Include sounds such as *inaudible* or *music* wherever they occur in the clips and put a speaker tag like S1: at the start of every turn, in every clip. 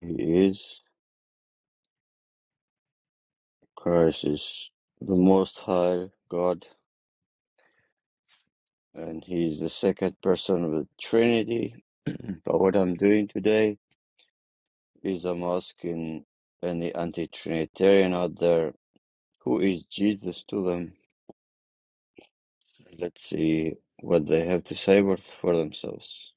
S1: He is Christ is the most high God and he is the second person of the Trinity. *clears throat* but what I'm doing today is I'm asking any anti Trinitarian out there who is Jesus to them. Let's see what they have to say for for themselves.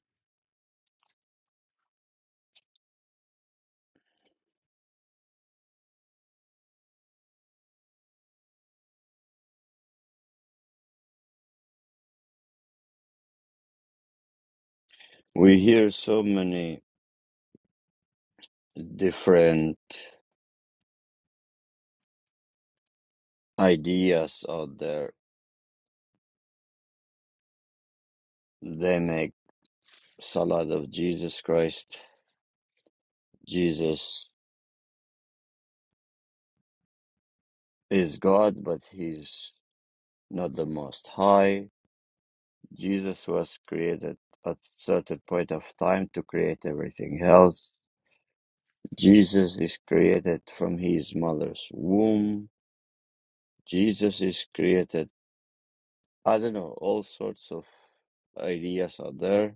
S1: We hear so many different ideas out there. They make salad of Jesus Christ. Jesus is God, but he's not the Most High. Jesus was created at a certain point of time to create everything else. Jesus is created from his mother's womb. Jesus is created. I don't know, all sorts of ideas are there.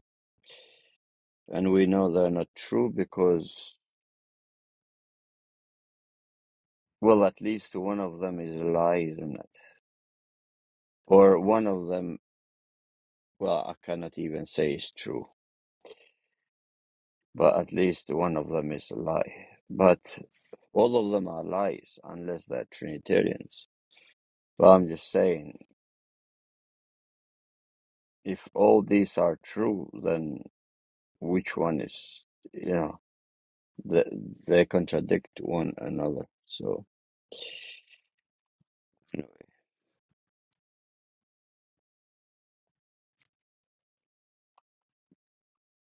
S1: And we know they're not true because, well, at least one of them is a lie, isn't it? Or one of them, well, I cannot even say is true, but at least one of them is a lie. But All of them are lies unless they're Trinitarians. But I'm just saying, if all these are true, then which one is, you know, they, they contradict one another. So anyway,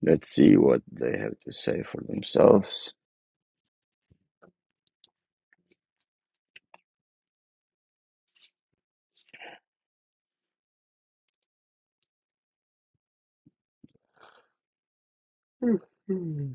S1: let's see what they have to say for themselves. Hmm.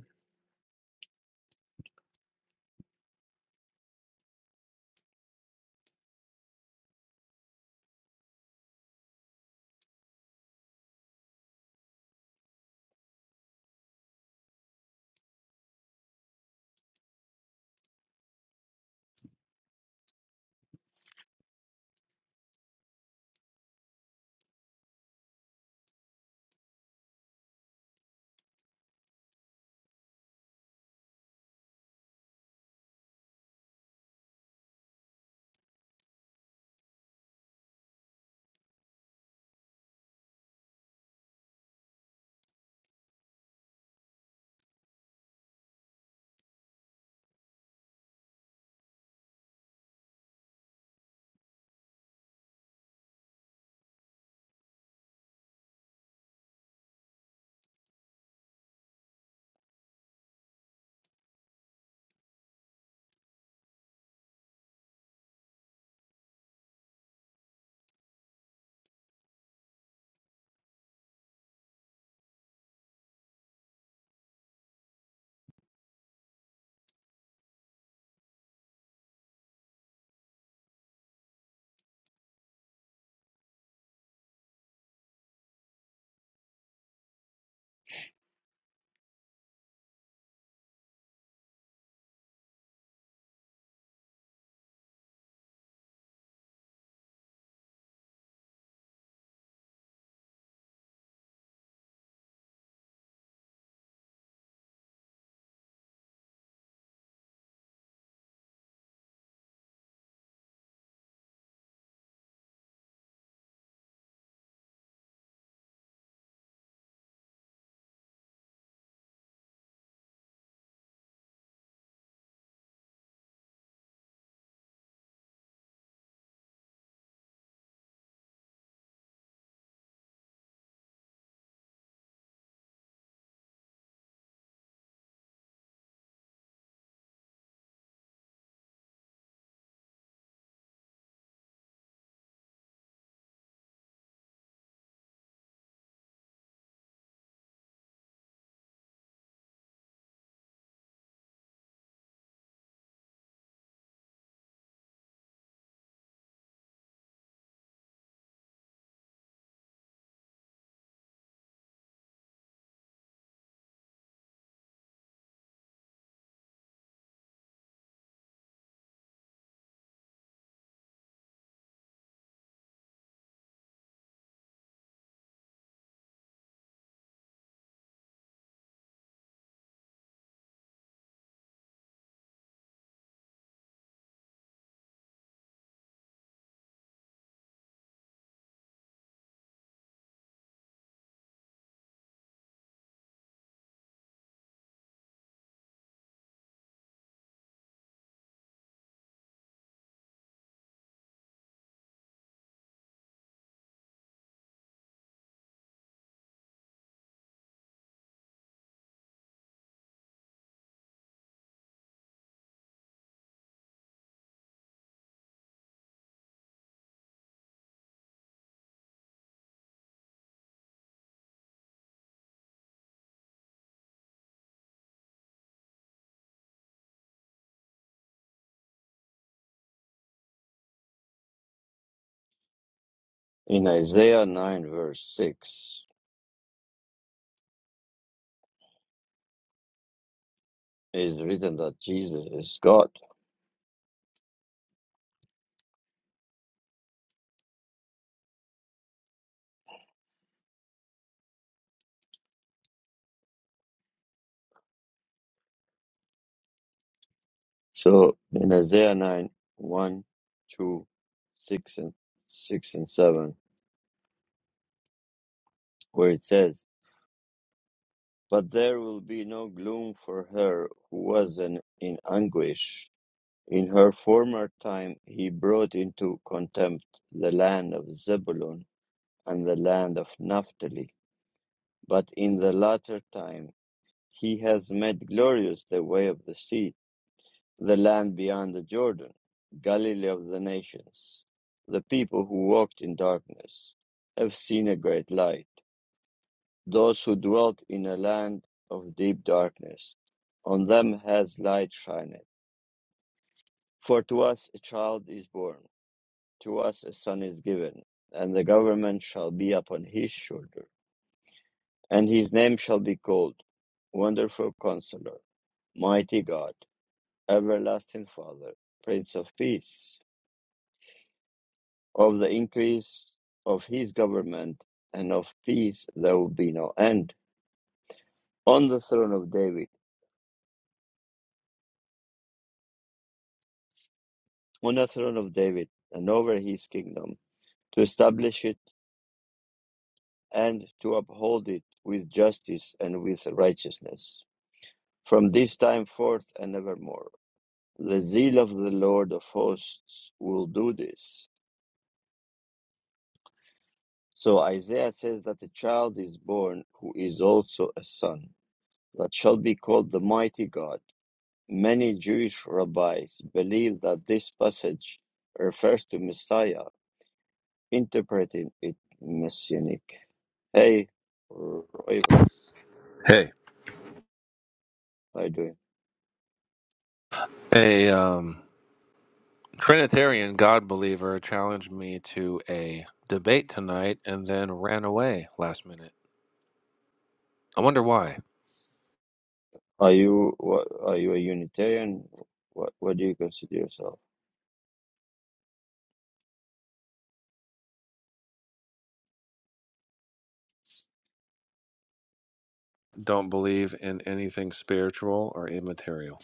S1: In Isaiah 9, verse 6, is written that Jesus is God. So in Isaiah nine one, two, six and, 6 and 7, where it says, But there will be no gloom for her who was an, in anguish. In her former time he brought into contempt the land of Zebulun and the land of Naphtali. But in the latter time he has made glorious the way of the sea, the land beyond the Jordan, Galilee of the nations. The people who walked in darkness have seen a great light. those who dwelt in a land of deep darkness. On them has light shined. For to us a child is born, to us a son is given, and the government shall be upon his shoulder. And his name shall be called Wonderful Counselor, Mighty God, Everlasting Father, Prince of Peace. Of the increase of his government and of peace there will be no end. On the throne of David on the throne of David and over his kingdom, to establish it and to uphold it with justice and with righteousness. From this time forth and evermore, the zeal of the Lord of hosts will do this. So Isaiah says that a child is born who is also a son, that shall be called the mighty God. Many Jewish rabbis believe that this passage refers to Messiah, interpreting it messianic. Hey, Rivas,
S2: Hey,
S1: how you doing?
S2: a um, Trinitarian God believer challenged me to a debate tonight and then ran away last minute. I wonder why.
S1: Are you what? Are you a Unitarian? What What do you consider yourself?
S2: Don't believe in anything spiritual or immaterial.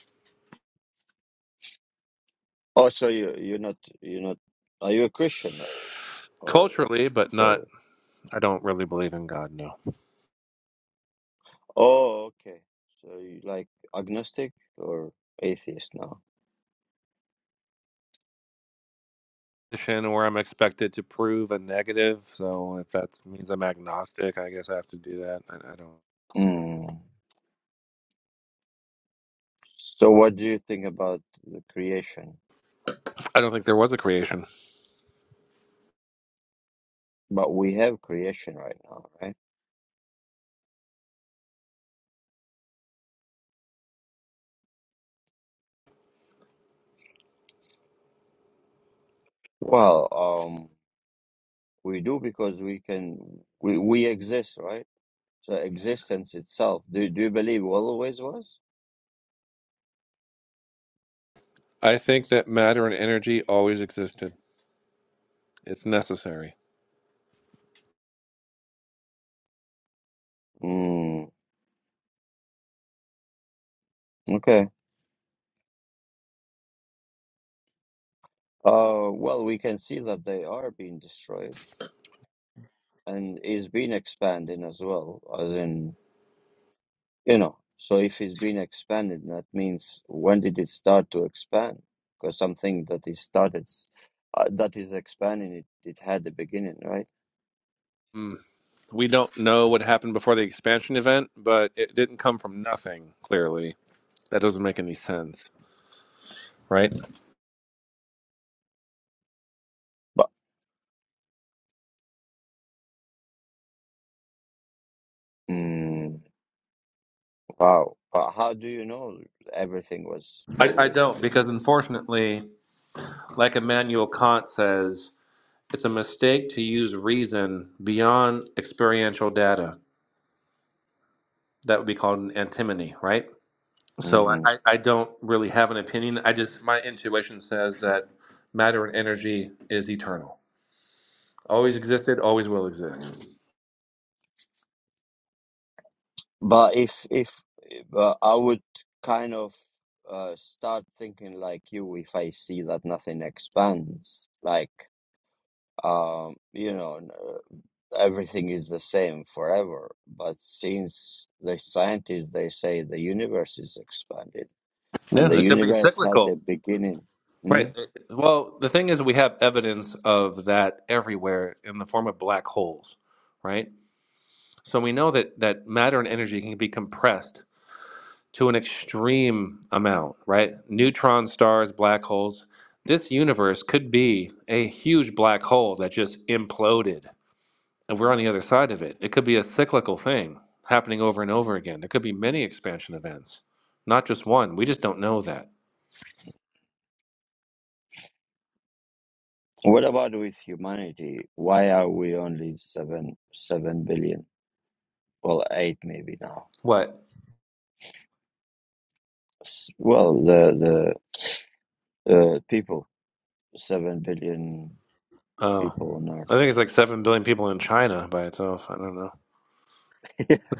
S1: Oh, so you you're not you're not. Are you a Christian? Or
S2: Culturally, but not,
S1: sorry.
S2: I don't really believe in God, no.
S1: Oh, okay. So you like agnostic or atheist now?
S2: Position Where I'm expected to prove a negative, so if that means I'm agnostic, I guess I have to do that. I, I don't.
S1: Mm. So what do you think about the creation?
S2: I don't think there was a creation.
S1: But we have creation right now, right? Well, um, we do because we can. We we exist, right? So existence itself. Do do you believe always was?
S2: I think that matter and energy always existed. It's necessary.
S1: Mm, okay. Uh, well, we can see that they are being destroyed and is being expanded as well, as in, you know. So if it's been expanded, that means when did it start to expand? Because something that is started, s- uh, that is expanding, it, it had a beginning, right?
S2: We don't know what happened before the expansion event, but it didn't come from nothing, clearly. That doesn't make any sense, right?
S1: But mm, wow, but how do you know everything was
S2: I, I
S1: always
S2: don't, because
S1: existed?
S2: unfortunately, like Immanuel Kant says, it's a mistake to use reason beyond experiential data. That would be called an antimony, right? So I, I I don't really have an opinion. I just, my intuition says that matter and energy is eternal. Always existed, always will exist.
S1: But if if but I would kind of uh start thinking like you if I see that nothing expands, like um you know n- uh, everything is the same forever. But since the scientists they say the universe is expanded and
S2: Yeah,
S1: the
S2: it could be
S1: universe had
S2: cyclical.
S1: a beginning. Hmm?
S2: Right. Uh, Well, the thing is, we have evidence of that everywhere in the form of black holes, right? So we know that that matter and energy can be compressed to an extreme amount, right? Neutron stars, black holes. This universe could be a huge black hole that just imploded, and we're on the other side of it. It could be a cyclical thing happening over and over again. There could be many expansion events, not just one. We just don't know that.
S1: What about with humanity? Why are we only seven seven billion? Well, eight maybe now.
S2: What?
S1: S- Well, the the uh, people. seven billion
S2: Oh,
S1: people on Earth.
S2: I think it's like seven billion people in China by itself. I don't know.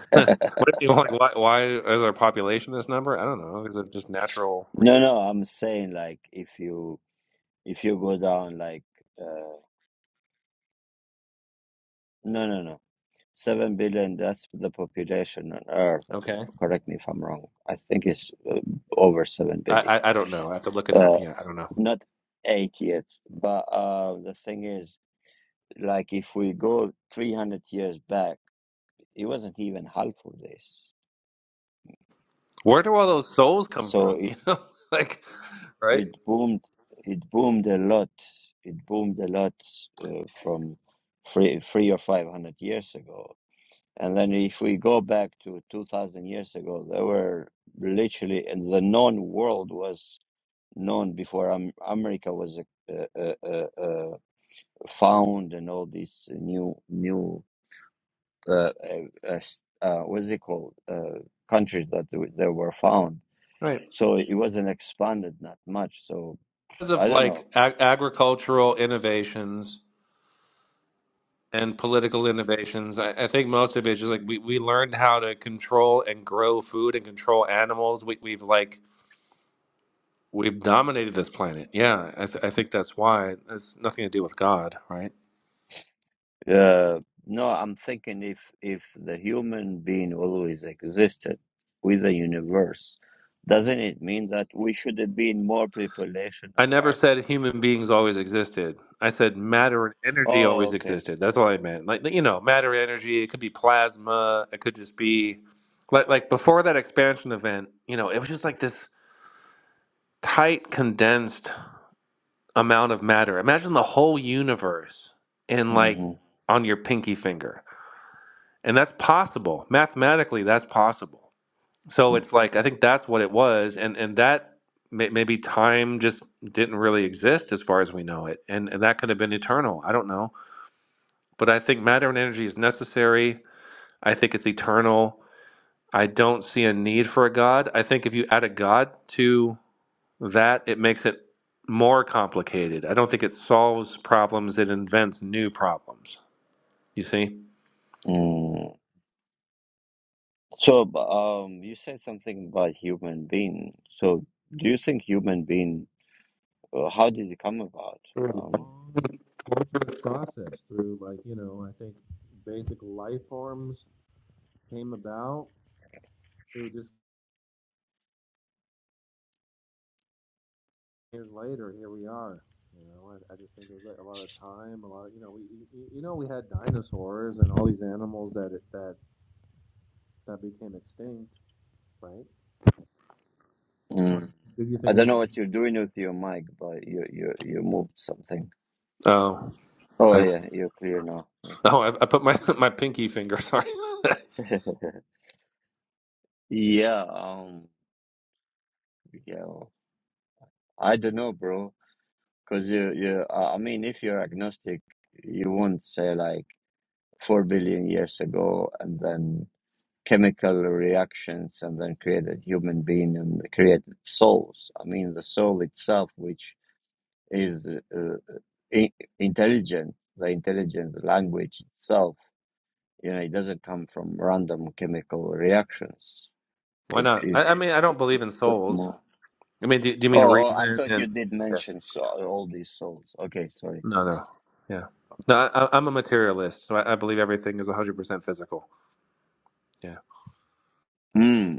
S2: *laughs* what if you like? Why, why is our population this number? I don't know. Is it just natural
S1: No,
S2: reason?
S1: no, I'm saying like if you if you go down like uh, no, no, no, seven billion. That's the population on Earth.
S2: Okay,
S1: Correct me if I'm wrong. I think it's uh, over seven
S2: I,
S1: billion.
S2: I I don't know. I have to look it up.
S1: Uh,
S2: Yeah, I don't know.
S1: not eight yet, but uh, the thing is, like if we go three hundred years back, it wasn't even half of this.
S2: Where do all those souls come
S1: So
S2: from? *laughs*
S1: it,
S2: You know, like right,
S1: it boomed it boomed a lot it boomed a lot uh, from three, three or five hundred years ago and then if we go back to 2000 years ago there were literally and the known world was known before Am- america was uh, uh, uh, uh, found and all these new new uh, uh, uh, uh, what's it called uh, countries that they were found
S2: right.
S1: so it wasn't expanded not much so
S2: Because
S1: i
S2: of
S1: don't know
S2: like ag- agricultural innovations and political innovations, I, I think most of it is just like we we learned how to control and grow food and control animals. We we've like We've dominated this planet. Yeah, I, th- I think that's why. It's nothing to do with God, right?
S1: Uh, no, I'm thinking if if the human being always existed with the universe, doesn't it mean that we should have been more population on
S2: I never
S1: Earth?
S2: said human beings always existed. I said matter and energy
S1: Oh,
S2: always
S1: okay.
S2: existed. That's all I meant. Like you know, matter, energy. It could be plasma. It could just be like like before that expansion event. You know, it was just like this tight, condensed amount of matter. Imagine the whole universe in like
S1: hmm
S2: on your pinky finger, and that's possible mathematically. That's possible. So it's like I think that's what it was, and and that may, maybe time just didn't really exist as far as we know it, and and that could have been eternal. I don't know, but I think matter and energy is necessary. I think it's eternal. I don't see a need for a god. I think if you add a god to that, it makes it more complicated. I don't think it solves problems. It invents new problems. You see?
S1: mm So, b- um, you said something about human being. So, do you think human being? Uh, how did it come about? Um,
S2: Going through a process through like you know I think basic life forms came about we were just years later, here we are. You know, I, I just think it was like a lot of time, a lot of you know, we you- know we had dinosaurs and all these animals that that that became extinct, right?
S1: mm.
S2: Did you
S1: I
S2: think
S1: don't
S2: it?
S1: know what you're doing with your mic, but you you you moved something.
S2: Oh,
S1: Oh
S2: I
S1: yeah, you're clear now.
S2: oh, I, I put my *laughs* my pinky finger. Sorry.
S1: Yeah. *laughs* Yeah, um, yeah, I don't know, bro. Because you, you, I I mean, if you're agnostic, you won't say like four billion years ago, and then chemical reactions, and then created human being and created souls. I mean, the soul itself, which is uh, i intelligent, the intelligent language itself, you know, it doesn't come from random chemical reactions.
S2: *laughs* Why
S1: It,
S2: not?
S1: it,
S2: I, I mean, I don't believe in
S1: it's got
S2: souls.
S1: more.
S2: I mean, do, do you mean
S1: Oh, oh, I
S2: reason?
S1: thought you
S2: And
S1: did
S2: yeah.
S1: mention so, all these souls. Okay, sorry.
S2: no, no, yeah, no. I, I- I'm a materialist, so I, I believe everything is 100 percent physical. Yeah,
S1: Hmm.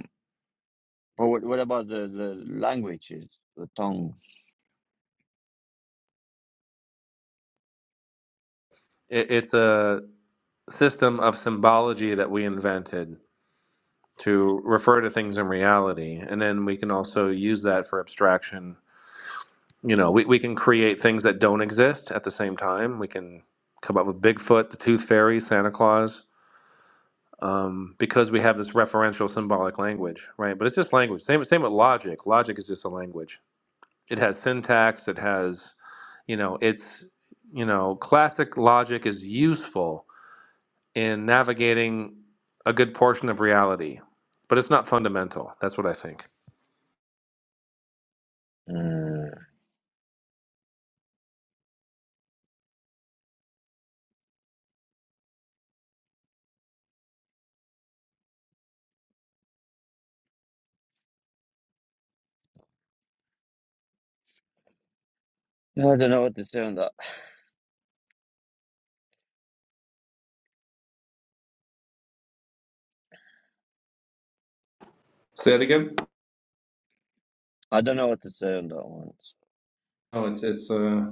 S1: But what, what about the, the languages, the tongues?
S2: it, it's a system of symbology that we invented to refer to things in reality. And then we can also use that for abstraction. You know, we, we can create things that don't exist at the same time. We can come up with Bigfoot, the Tooth Fairy, Santa Claus, um, because we have this referential symbolic language, right? But it's just language. Same, same with logic. Logic is just a language. It has syntax, it has, you know, it's, you know, classic logic is useful in navigating a good portion of reality, but it's not fundamental. That's what I think.
S1: Hmm. I don't know what to say on that.
S2: Say that again?
S1: I don't know what to say on that
S2: No, it's it's uh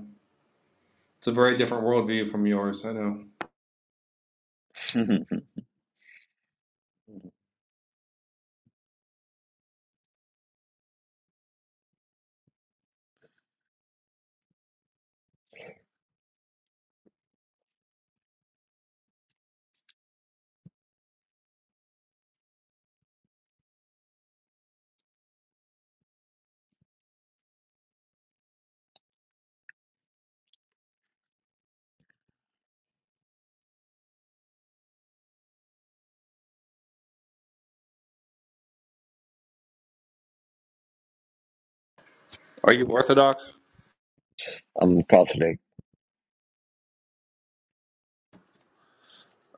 S2: it's a very different worldview from yours. I know.
S1: one.
S2: Are you Orthodox?
S1: *laughs* I'm Catholic.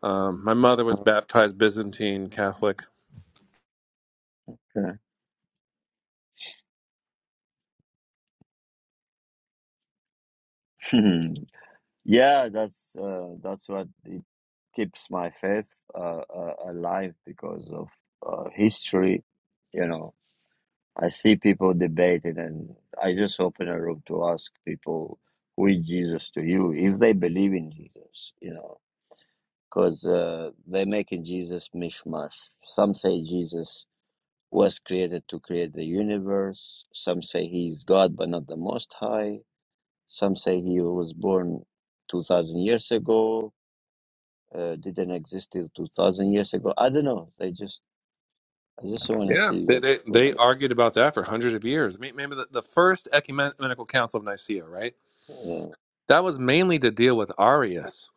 S2: Um, my mother was baptized Byzantine Catholic.
S1: Okay. *laughs* yeah, that's uh, that's what it keeps my faith uh, uh, alive because of uh, history. You know. I see people debating, and I just open a room to ask people, who is Jesus to you? If they believe in Jesus, you know, because uh, they're making Jesus mishmash. Some say Jesus was created to create the universe. Some say he is God, but not the Most High. Some say he was born 2,000 years ago, uh, didn't exist till 2,000 years ago. I don't know. They just, I just want to
S2: Yeah,
S1: see
S2: they
S1: what,
S2: they,
S1: what
S2: they
S1: they,
S2: argued about that for hundreds of years. I mean, remember the, the first ecumenical council of Nicaea, right?
S1: yeah.
S2: That was mainly to deal with Arius,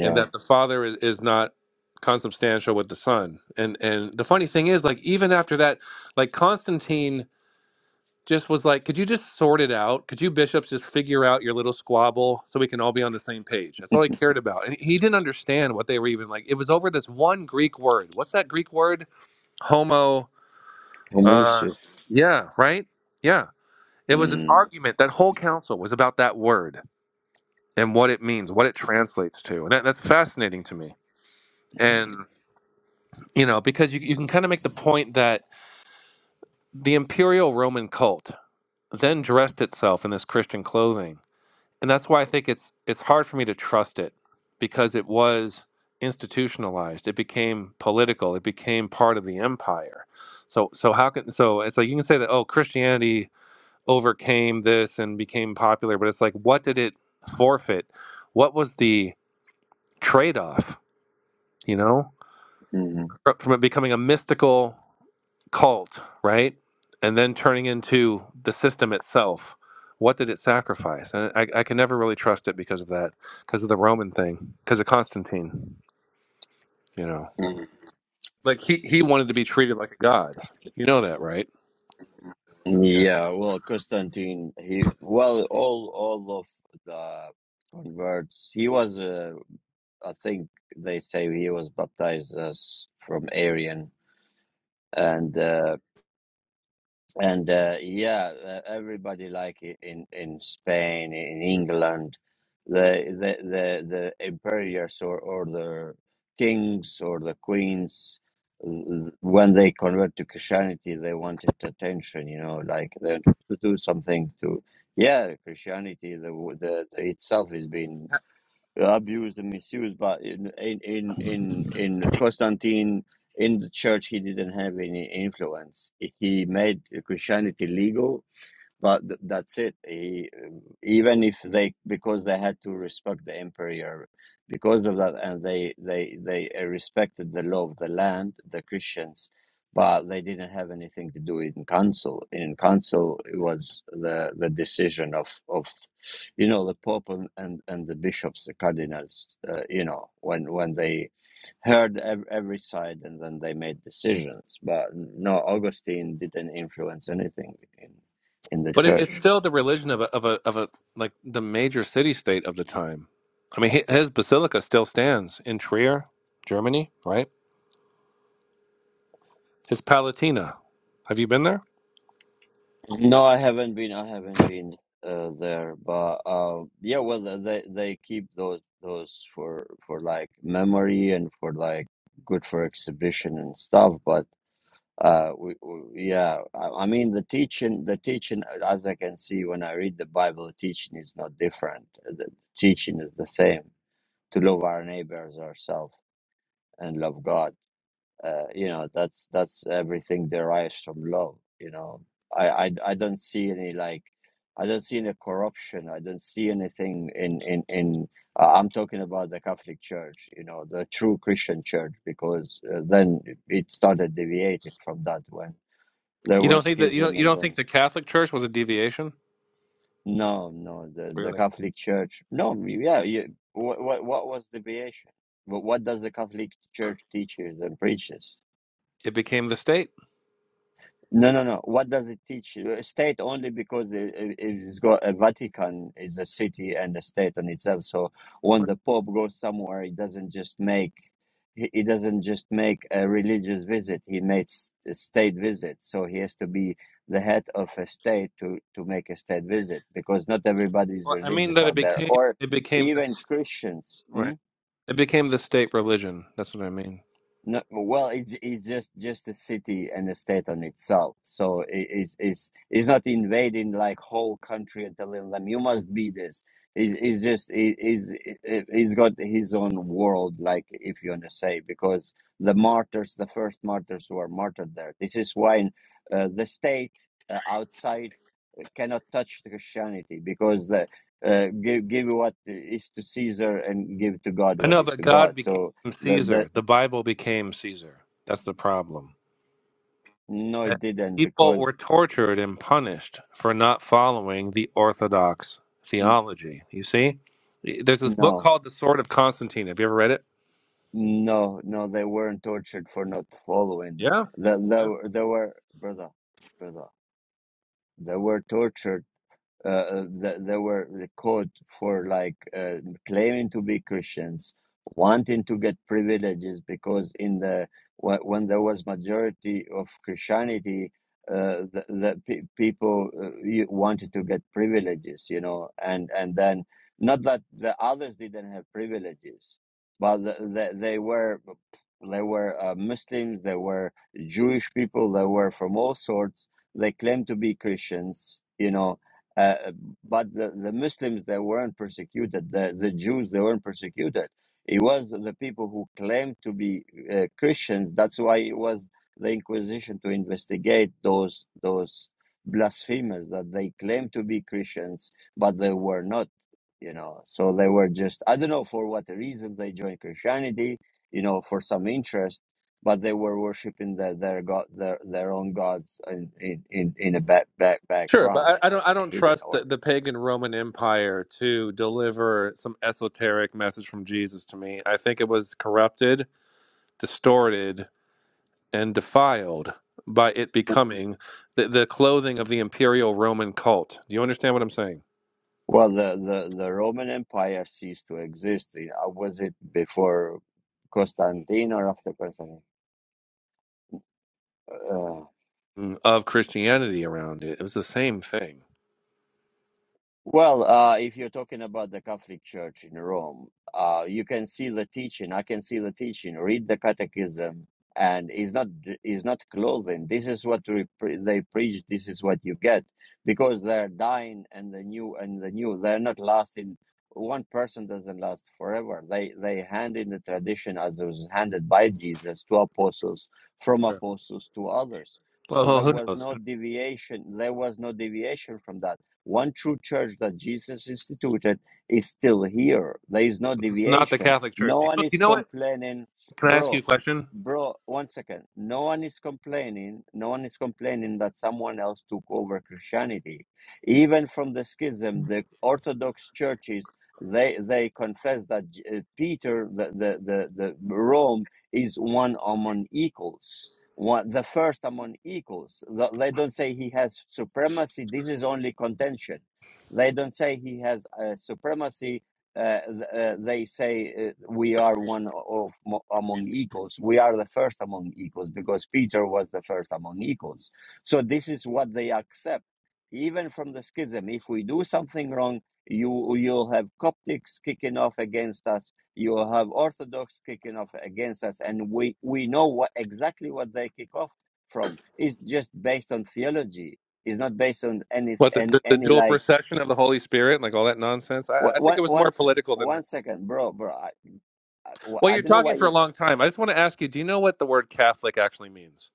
S2: in that the Father is, is not consubstantial with the Son. And and the funny thing is, like even after that, like Constantine. just was like, could you just sort it out? Could you bishops just figure out your little squabble so we can all be on the same page? That's all he cared about. And he didn't understand what they were even like. It was over this one Greek word. What's that Greek word? Homo. Uh,
S1: Humusu.
S2: yeah, right? Yeah. It was an argument. That whole council was about that word and what it means, what it translates to. And that, that's fascinating to me. And, you know, because you, you can kind of make the point that the imperial Roman cult then dressed itself in this Christian clothing and that's why I think it's it's hard for me to trust it because it was institutionalized. It became political. It became part of the empire. So so how can so it's like you can say that oh Christianity overcame this and became popular, but it's like what did it forfeit? What was the trade off? You know?
S1: Mhm.
S2: from it becoming a mystical cult, right? And then turning into the system itself. What did it sacrifice? And I, I can never really trust it because of that, because of the Roman thing, because of Constantine, you know.
S1: Mm.
S2: Like he, he wanted to be treated like a god. You know that, right? Yeah.
S1: Yeah, well, Constantine, he, well, all all of the converts, he was, uh, I think they say he was baptized as from Arian, and uh, and uh, yeah, uh, everybody like i- in in Spain, in England, the the the, the emperors or, or the kings or the queens, l- when they convert to Christianity, they wanted attention. You know, like they wanted to do something to. Yeah, Christianity, the, the, the itself is being uh, abused and misused. But in in in in, in Constantine in the church, he didn't have any influence. He made Christianity legal but th- that's it he, um, even if they because they had to respect the empire because of that and they they they uh, respected the law of the land the christians but they didn't have anything to do in council in council it was the the decision of of you know the pope and and, and the bishops the cardinals uh, you know when when they heard ev- every side and then they made decisions but no augustine didn't influence anything in the
S2: But it, it's
S1: church.
S2: still the religion of a, of a, of a, like the major city state of the time. I mean, hi- his basilica still stands in Trier, Germany, right? His Palatina. Have you been there?
S1: No, I haven't been. I haven't been uh, there, but uh, yeah, well, they they keep those those for for like memory and for like good for exhibition and stuff. But uh, we, we, yeah, I, I mean the teaching, the teaching, as I can see when I read the Bible, the teaching is not different. The teaching is the same: to love our neighbors ourselves and love God. uh, you know that's that's everything derives from love you know I, I i don't see any like i don't see any corruption i don't see anything in in in uh, i'm talking about the catholic church you know the true christian church because uh, then it started deviating from that when there
S2: You
S1: were
S2: don't think that you don't
S1: schism
S2: you
S1: and
S2: don't think
S1: then
S2: the Catholic Church was a deviation?
S1: no no the the
S2: Really?
S1: catholic church no yeah you, what, what what was deviation But what does the catholic church teaches and preaches
S2: It became the state.
S1: No, no, no. What does it teach? Uh, State only because it, it- it's got a Vatican is a city and a state on itself. So when the Pope goes somewhere, he doesn't just make he he doesn't just make a religious visit. He makes a state visit. So he has to be the head of a state to to make a state visit because not everybody is
S2: Well, I mean
S1: religious
S2: that it
S1: out there,
S2: became
S1: or
S2: it became the
S1: even
S2: s-
S1: Christians. hmm?
S2: right. It became the state religion. That's what I mean.
S1: No, well, it's it's just just a city and a state on itself. So it is is it's not invading like whole country and telling them you must be this. it's just it is he's got his own world, like if you want to say, because the martyrs, the first martyrs who are martyred there. This is why uh, the state uh, outside uh, cannot touch the Christianity because the uh, give give what is to Caesar and give to God
S2: I
S1: what
S2: know,
S1: is
S2: but
S1: to
S2: God
S1: God.
S2: became
S1: So. the
S2: Caesar. The Bible became Caesar. That's the problem.
S1: No,
S2: And
S1: it didn't
S2: People
S1: because
S2: were tortured and punished for not following the orthodox
S1: n-
S2: theology. You see, there's this book
S1: no,
S2: called The Sword of Constantine. Have you ever read it?
S1: no, no, they weren't tortured for not following.
S2: Yeah.
S1: That there, there were, brother, brother, they were tortured uh, th- they were caught for like uh, claiming to be Christians, wanting to get privileges because in the wh- when there was majority of Christianity, uh, the, the pe- people uh, you- wanted to get privileges, you know, and and then not that the others didn't have privileges, but the, the, they were they were uh, Muslims, they were Jewish people, they were from all sorts. They claimed to be Christians, you know, uh, but the, the Muslims, they weren't persecuted. The, the Jews, they weren't persecuted. It was the people who claimed to be uh, Christians. That's why it was the Inquisition to investigate those those blasphemers that they claimed to be Christians, but they were not. You know, so they were just I don't know for what reason they joined Christianity. You know, for some interest but they were worshiping their their god their their own gods in in in, in a back, back
S2: Sure,
S1: background
S2: but
S1: you
S2: I, I
S1: know
S2: don't. I
S1: in a
S2: don't
S1: hidden
S2: trust the,
S1: order.
S2: the pagan Roman Empire to deliver some esoteric message from Jesus to me. I think it was corrupted, distorted, and defiled by it becoming the, the clothing of the imperial Roman cult. Do you understand what I'm saying?
S1: well the the the roman empire ceased to exist You was it before constantine or after constantine Uh,
S2: Mm, Of Christianity around it, it was the same thing.
S1: Well, uh, if you're talking about the Catholic Church in Rome, uh, you can see the teaching. I can see the teaching. Read the Catechism, and it's not it's not clothing. This is what we pre- they preach. This is what you get because they're dying, and the new and the new. They're not lasting. One person doesn't last forever. They they hand in the tradition as it was handed by Jesus to apostles, from
S2: Sure.
S1: apostles to others. So
S2: Well,
S1: there
S2: who
S1: was
S2: knows?
S1: no deviation. There was no deviation from that one true church that Jesus instituted is still here. There is no
S2: It's not the
S1: deviation.
S2: Catholic Church.
S1: No
S2: Do
S1: one
S2: you, you
S1: is
S2: know what?
S1: complaining,
S2: Can I ask you a
S1: bro.
S2: question?
S1: Bro, one second. No one is complaining. No one is complaining that someone else took over Christianity. Even from the schism, the Orthodox churches they they confess that J- uh, Peter, the, the the the Rome, is one among equals one, the first among equals. They don't say he has supremacy. This is only contention. They don't say he has uh, supremacy. Uh, uh, they say uh, we are one of mo- among equals. We are the first among equals because Peter was the first among equals. So this is what they accept, even from the schism. If we do something wrong, you you'll have Coptics kicking off against us you have Orthodox kicking off against us, and we, we know what, exactly what they kick off from. It's just based on theology. It's not based on any
S2: What the,
S1: any,
S2: the, the
S1: any
S2: dual
S1: like
S2: procession of the Holy Spirit, like all that nonsense? I, I think
S1: one
S2: it was
S1: one
S2: more
S1: one second,
S2: political than that.
S1: bro, bro. I, I
S2: Well, you're
S1: don't know
S2: talking
S1: why
S2: for a
S1: you
S2: long time. I just want to ask you, do you know what the word Catholic actually means?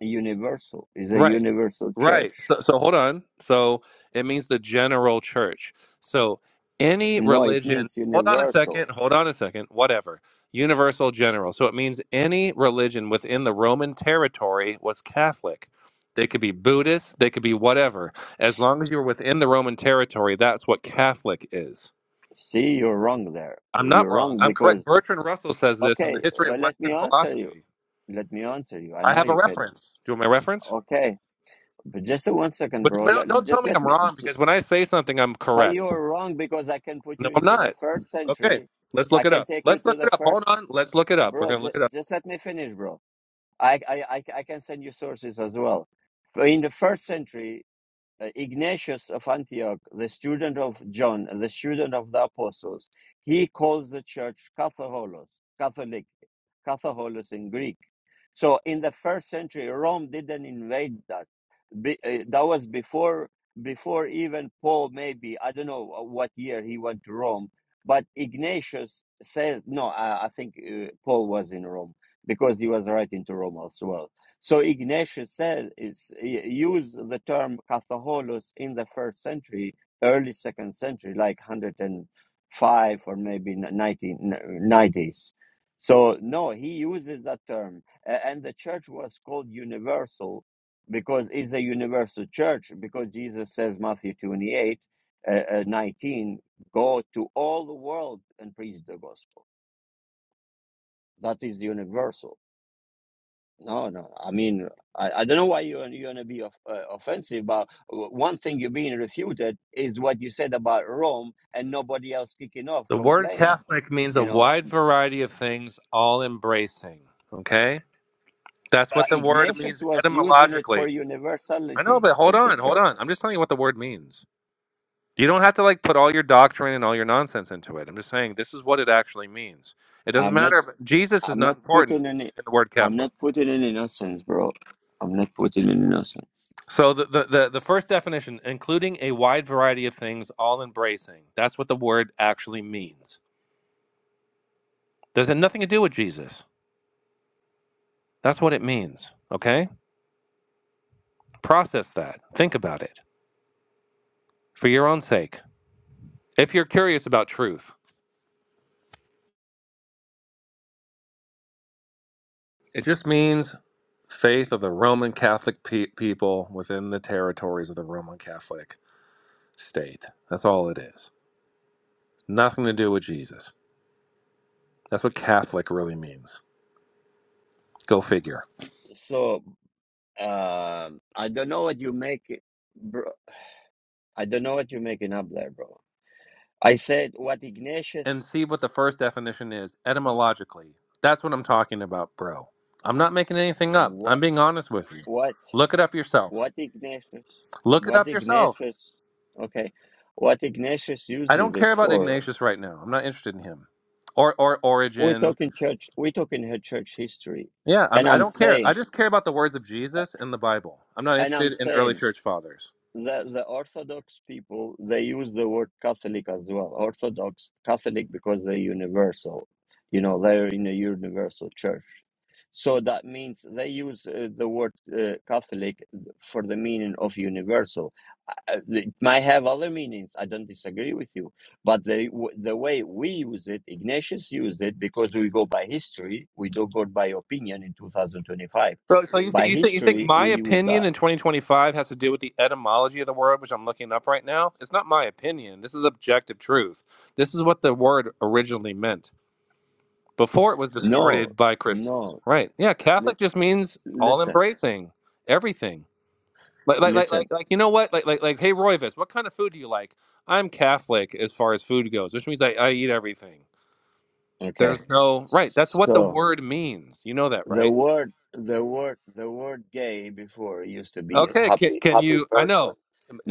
S1: universal is a
S2: Right.
S1: universal
S2: Right.
S1: church.
S2: So so hold on. So it means the general church. So any
S1: No, it
S2: religion,
S1: means
S2: hold on a
S1: universal.
S2: second, hold on a second, whatever. Universal general. So it means any religion within the Roman territory was Catholic. They could be Buddhist, they could be whatever. As long as you're within the Roman territory, that's what Catholic is.
S1: See, you're wrong there.
S2: I'm not
S1: You're
S2: wrong.
S1: wrong
S2: I'm correct.
S1: because
S2: Bertrand Russell says this in the
S1: okay,
S2: history
S1: uh,
S2: of
S1: let me
S2: Western
S1: answer you.
S2: philosophy.
S1: Let me answer you. I
S2: I
S1: know
S2: have a
S1: you can.
S2: reference. Do you want my reference?
S1: Okay, but just a one second,
S2: But,
S1: bro.
S2: but don't,
S1: Let,
S2: don't tell
S1: just
S2: me
S1: let
S2: I'm
S1: me.
S2: wrong because when I say something, I'm
S1: But you
S2: correct.
S1: are wrong because I can put you
S2: No, I'm
S1: into the
S2: not.
S1: first
S2: Okay,
S1: century.
S2: let's
S1: I
S2: look it
S1: can
S2: up.
S1: take you
S2: Let's
S1: to
S2: look
S1: the
S2: it up. Hold
S1: first,
S2: on. Let's look it up. We're
S1: bro.
S2: going to
S1: J-
S2: look it up.
S1: just let me finish, bro. I, I, I, I can send you sources as well. But In the first century, uh, Ignatius of Antioch, the student of John, the student of the apostles, he calls the church Catholos, Catholic, Catholos in Greek. So in the first century, Rome didn't invade that be, uh, that was before before even Paul. Maybe I don't know uh, what year he went to Rome, but Ignatius says no. I, I think uh, Paul was in Rome because he was writing to Rome as well. So Ignatius says is y- use the term Catholicos in the first century, early second century, like hundred and five or maybe nineteen nineties. So no, he uses that term, A- and the church was called universal because it's a universal church because jesus says matthew 28 uh, uh, 19 go to all the world and preach the gospel that is the universal no no i mean i, I don't know why you're, you're going to be off, uh, offensive but one thing you're being refuted is what you said about rome and nobody else kicking off
S2: The word
S1: complained
S2: Catholic means a
S1: you know
S2: wide variety of things, all embracing. Okay? That's what
S1: but
S2: the word
S1: ignatius
S2: means
S1: was using it for
S2: etymologically. I know,
S1: universality
S2: but hold
S1: of the
S2: on. Hold
S1: church
S2: on. I'm just telling you what the word means. You don't have to like put all your doctrine and all your nonsense into it. I'm just saying this is what it actually means. It doesn't
S1: I'm not.
S2: matter if Jesus is
S1: I'm
S2: not
S1: not
S2: important
S1: putting any.
S2: in the word
S1: I'm
S2: Catholic.
S1: not putting in innocence, bro. I'm not putting in innocence.
S2: So the, the, the, the first definition, including a wide variety of things, all embracing. That's what the word actually means. There's nothing to do with Jesus? That's what it means. Okay? Process that. Think about it for your own sake. If you're curious about truth, it just means faith of the Roman Catholic pe- people within the territories of the Roman Catholic state. That's all it is. Nothing to do with Jesus. That's what Catholic really means. Go figure.
S1: So um, I don't know what you make, bro. I don't know what you're making up there, bro. I said what
S2: and
S1: Ignatius,
S2: see what the first definition is etymologically. That's what I'm talking about, bro. I'm not making anything up. I'm
S1: what,
S2: being honest with you.
S1: what,
S2: Look it up yourself.
S1: what Ignatius,
S2: Look it
S1: what
S2: up yourself.
S1: Ignatius. Okay, what Ignatius
S2: I
S1: uses
S2: don't care
S1: it
S2: about
S1: for?
S2: Ignatius right now. I'm not interested in him or or
S1: We're
S2: Origin.
S1: talking church. We're talking her church history,
S2: Yeah, I'm,
S1: and
S2: I
S1: I'm
S2: don't care. I
S1: saying,
S2: just care about the words of Jesus and the Bible. I'm not
S1: and I'm
S2: interested in early
S1: saying
S2: church fathers.
S1: the the Orthodox people they use the word Catholic as well. Orthodox Catholic because they're universal. You know, they're in a universal church, so that means they use uh, the word uh, Catholic for the meaning of universal. Uh, It might have other meanings. I don't disagree with you, but the w- the way we use it, Ignatius used it because we go by history. We don't go by opinion in 2025.
S2: So, so you, th-
S1: By
S2: you think you think
S1: history,
S2: my
S1: we use
S2: opinion
S1: that.
S2: in 2025 has to do with the etymology of the word, which I'm looking up right now? It's not my opinion. This is objective truth. This is what the word originally meant. Before it was
S1: No,
S2: distorted by Christians.
S1: no.
S2: Right. Yeah,
S1: li-
S2: Catholic just means all
S1: listen,
S2: embracing, everything. Like like like like
S1: listen.
S2: like you know what? Like like like hey Royvis, what kind of food do you like? I'm Catholic as far as food goes, which means I, I eat everything. There's
S1: Okay.
S2: no right. That's what the
S1: So
S2: word means. You know that,
S1: the
S2: right?
S1: word, the word, the word "gay" before used to be
S2: Okay, can,
S1: happy,
S2: can
S1: happy
S2: you I
S1: person.
S2: know.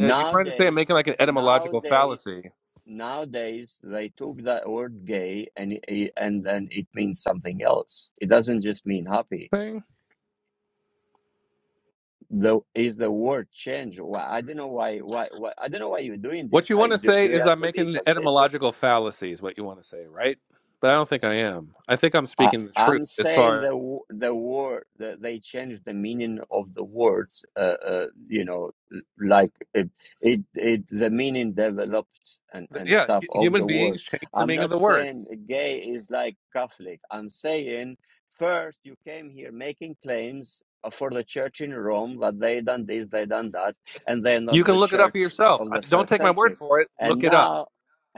S2: uh, You're trying to say I'm making like an etymological
S1: nowadays,
S2: fallacy
S1: nowadays, they took that word "gay" and it- and then it means something else. It doesn't just mean happy.
S2: thing.
S1: The is the word change? Why I don't know why why, why I don't know why you're doing
S2: What
S1: this.
S2: you
S1: I
S2: want to
S1: do,
S2: say
S1: do you
S2: is
S1: want
S2: I'm
S1: to be
S2: making an
S1: contagious?
S2: etymological fallacy is what you want to say, right? But I don't think I am. I think I'm
S1: I,
S2: speaking the truth
S1: I'm
S2: as
S1: saying the
S2: far
S1: w- the word the, they changed the meaning of the words. Uh, uh, you know, l- like it, it it the meaning developed and and
S2: Yeah,
S1: stuff
S2: hu-
S1: of
S2: human
S1: the
S2: beings
S1: word.
S2: change the
S1: I'm
S2: meaning of
S1: not
S2: the word.
S1: saying gay is like Catholic. I'm saying first you came here making claims uh, for the church in Rome that they done this, they done that, and they're
S2: You
S1: not
S2: can
S1: the
S2: look it up for
S1: church
S2: yourself.
S1: of
S2: I,
S1: the
S2: don't
S1: first
S2: take my word
S1: century.
S2: for it.
S1: And
S2: Look it up.
S1: now,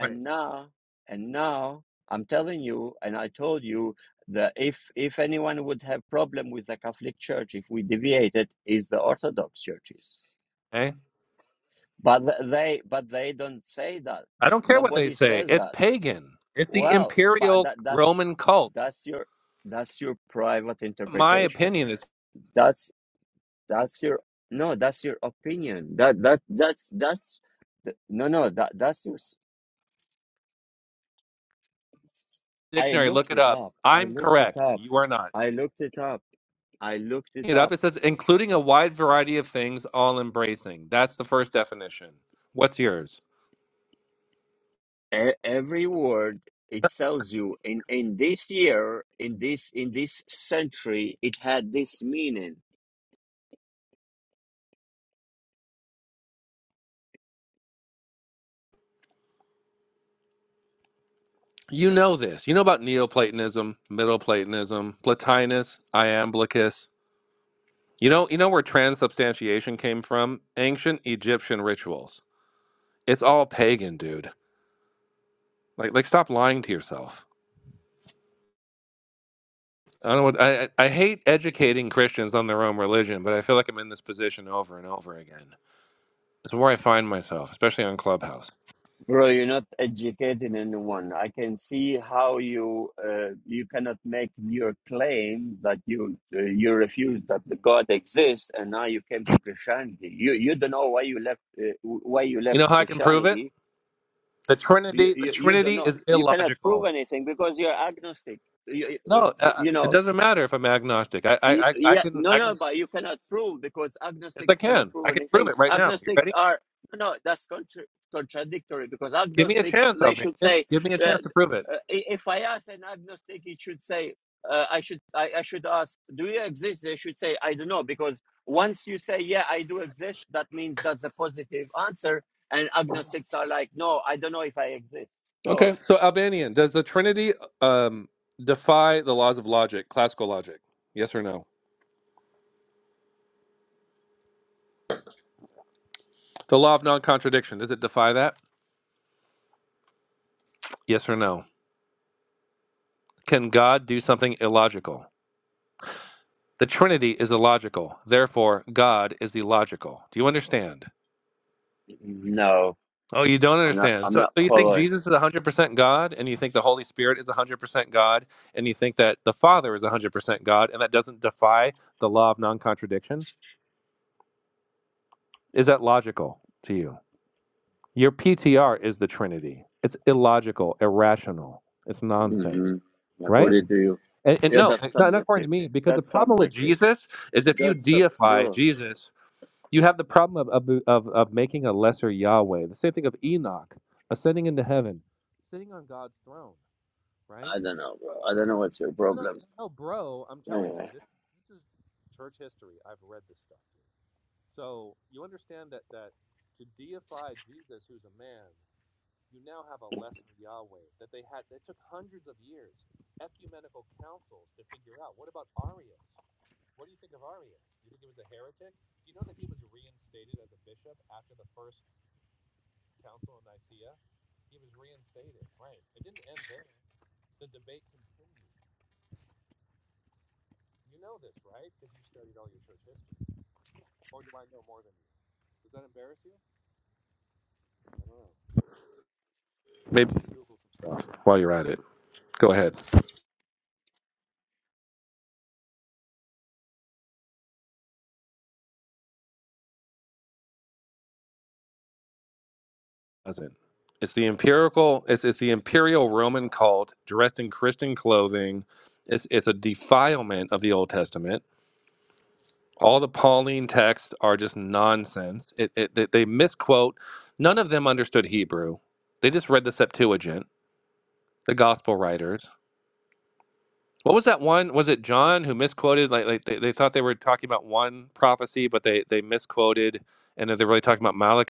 S2: Right.
S1: now, and now. I'm telling you, and I told you the if if anyone would have problem with the Catholic Church if we deviate it is the Orthodox churches.
S2: Okay.
S1: But they but they don't say that.
S2: I don't care what they
S1: Nobody
S2: say.
S1: says
S2: It's
S1: that.
S2: pagan. It's the
S1: Well, but
S2: imperial
S1: that that's
S2: Roman cult.
S1: that's your that's your private
S2: My
S1: interpretation.
S2: opinion is
S1: That's that's your no. That's your opinion. That that that's that's no no. That that's your. s- I
S2: dictionary. Look
S1: looked
S2: it
S1: it
S2: up.
S1: up. I
S2: I'm
S1: looked it
S2: correct.
S1: up.
S2: You are not.
S1: I looked it up. I looked
S2: Look
S1: it
S2: It up.
S1: up.
S2: It says including a wide variety of things, all embracing. That's the first definition. What's yours?
S1: e- every word it tells you in in this year in this in this century it had this meaning
S2: You know this. You know about Neoplatonism, Middle Platonism, Plotinus, Iamblichus. You know, you know where transubstantiation came from? Ancient Egyptian rituals. It's all pagan, dude. Like, like, stop lying to yourself. I don't. I I I hate educating Christians on their own religion, but I feel like I'm in this position over and over again. It's where I find myself, especially on Clubhouse.
S1: bro you're not educating anyone i can see how you uh, you cannot make your claim that you uh, you refuse that the god exists and now you came to christianity you you don't know why you left uh, why you
S2: You
S1: left
S2: know how I can prove it?
S1: christianity
S2: The
S1: you,
S2: Trinity. The
S1: you you don't
S2: Trinity
S1: know
S2: is
S1: you cannot prove
S2: illogical.
S1: anything because you're agnostic you,
S2: No,
S1: you,
S2: uh,
S1: you know
S2: it doesn't matter if I'm agnostic. I I
S1: Y-
S2: I, I
S1: Yeah,
S2: can
S1: no,
S2: I can
S1: no, but
S2: yes
S1: you cannot prove because
S2: I
S1: agnostics cannot
S2: can I
S1: prove
S2: can prove
S1: anything.
S2: it right now. You
S1: Agnostics
S2: ready?
S1: are no, no, that's contra- contradictory because
S2: Give me a
S1: agnostics
S2: chance,
S1: they should
S2: Albanian.
S1: say
S2: Give me a
S1: uh,
S2: chance to prove it.
S1: uh, i- if I ask an agnostic, it should say uh, I should I, I should ask, do you exist? They should say I don't know because once you say yeah, I do exist, that means that's a positive answer, and agnostics are like no, I don't know if I exist. So
S2: Okay, so Albanian, does the Trinity um, defy the laws of logic, classical logic? Yes or no? The law of non contradiction, does it defy that? Yes or no? Can God do something illogical? The Trinity is illogical, therefore, God is illogical. Do you understand?
S1: no,
S2: Oh, you don't
S1: I'm not.
S2: understand.
S1: I'm
S2: So,
S1: not
S2: so you think
S1: following.
S2: Jesus is 100% God, and you think the Holy Spirit is 100% God, and you think that the Father is 100% God, and that doesn't defy the law of non contradiction? Is that logical to you? Your PTR is the Trinity. It's illogical, irrational. It's nonsense,
S1: hmm
S2: right?
S1: According to you.
S2: And, and
S1: Yeah,
S2: no,
S1: that's
S2: not, not according to
S1: subjective.
S2: me, because the
S1: That's
S2: problem with
S1: subjective.
S2: Jesus is if you
S1: That's, sub-
S2: deify
S1: bro.
S2: Jesus, you have the problem of, of, of, of making a lesser Yahweh. The same thing of Enoch ascending into heaven, sitting on God's throne, right?
S1: I don't know, bro. I don't know what's your
S2: No, no,
S1: problem.
S2: no, bro, I'm telling you,
S1: Anyway.
S2: this, this is church history. I've read this stuff. So you understand that, that to deify Jesus, who's a man, you now have a lesser Yahweh that they had that took hundreds of years, ecumenical councils to figure out. What about Arius? What do you think of Arius? Do you think he was a heretic? Do you know that he was reinstated as a bishop after the first council in Nicaea? He was reinstated, right? It didn't end there. The debate continued. You know this, right? Because you studied all your church history. Or do I know more than you? Does that embarrass you? I don't know. Maybe Google some stuff. while you're at it, go ahead. doesn't. It's the empirical. It's it's the imperial Roman cult dressed in Christian clothing. It's it's a defilement of the Old Testament. All the Pauline texts are just nonsense. It, it they they misquote. None of them understood Hebrew. They just read the Septuagint, the Gospel writers. What was that one? Was it John who misquoted? Like, like they, they thought they were talking about one prophecy, but they they misquoted, and then they're really talking about Malachi.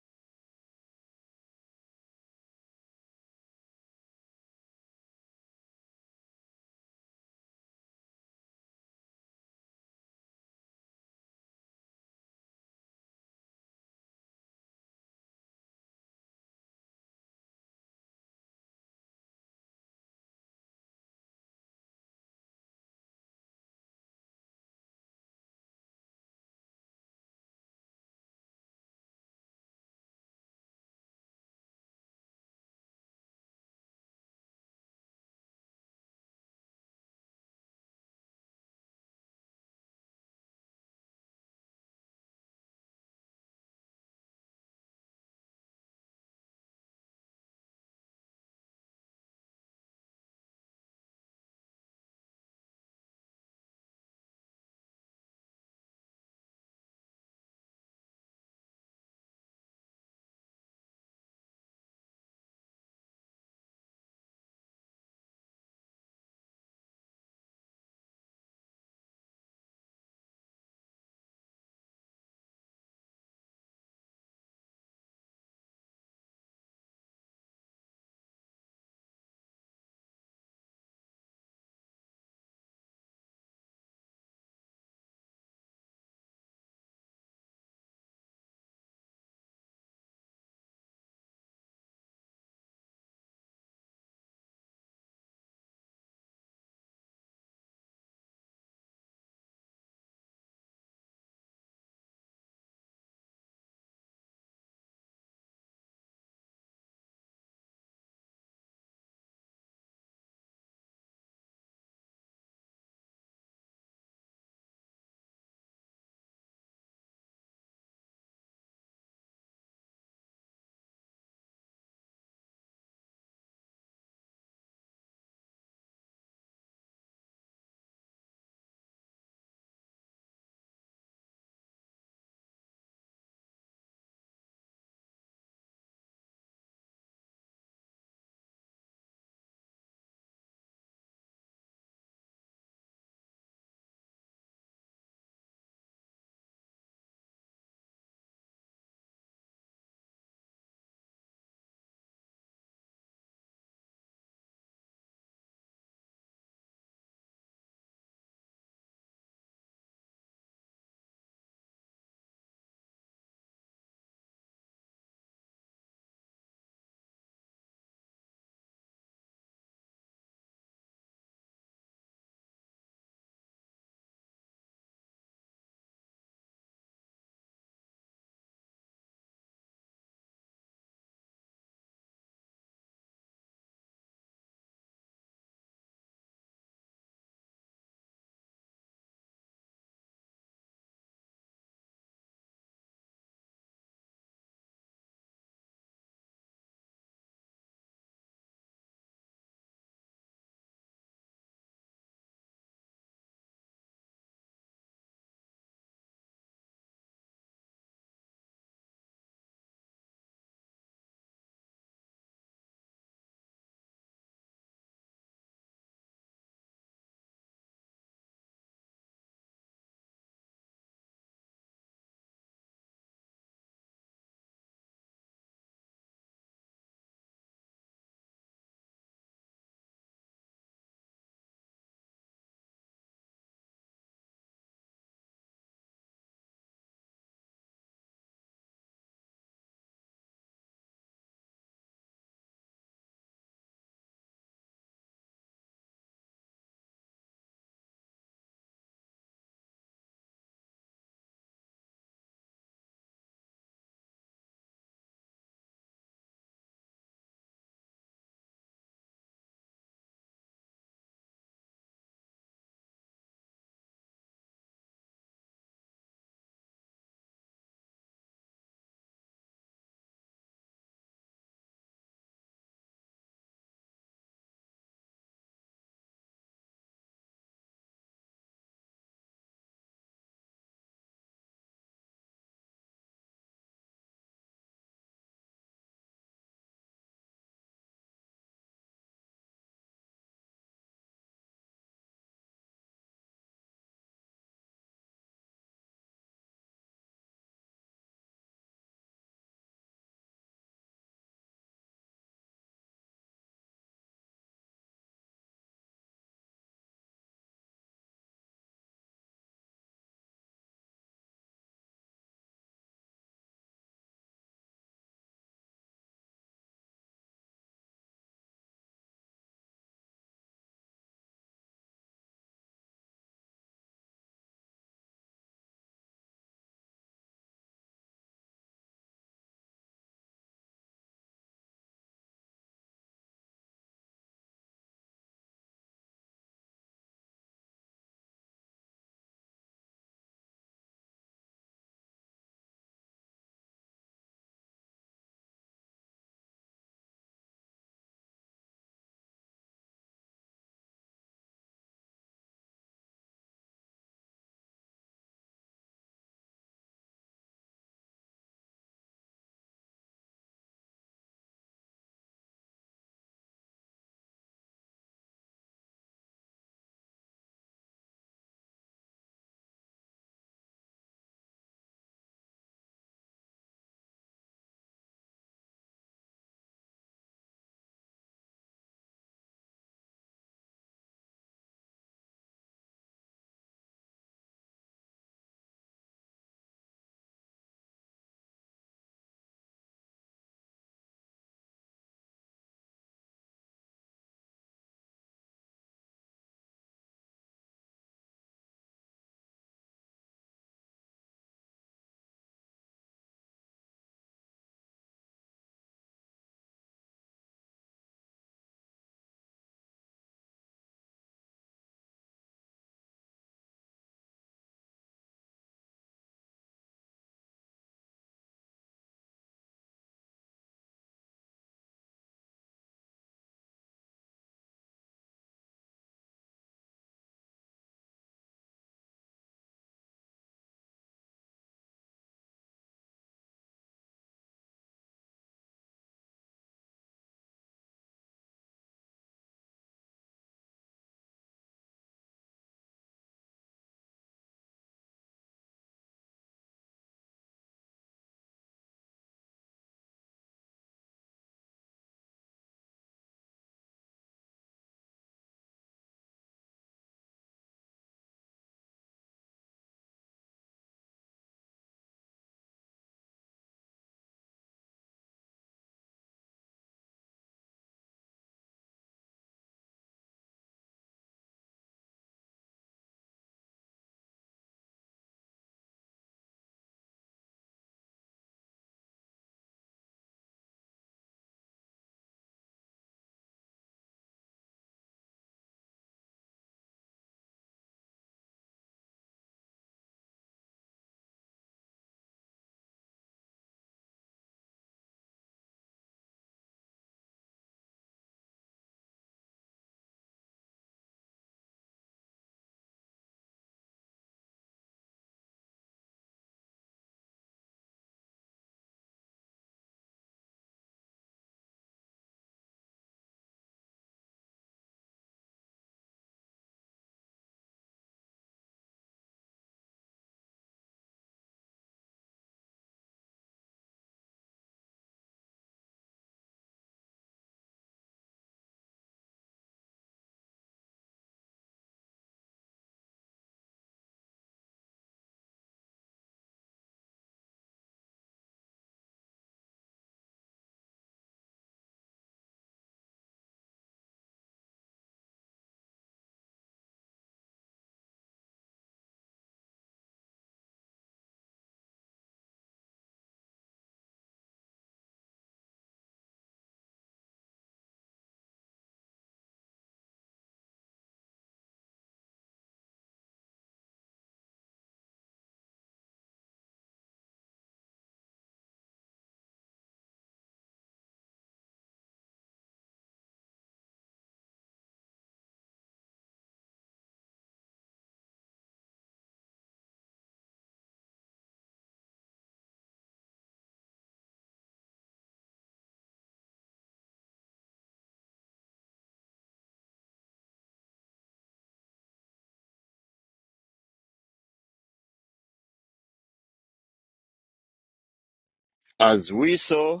S1: As we saw,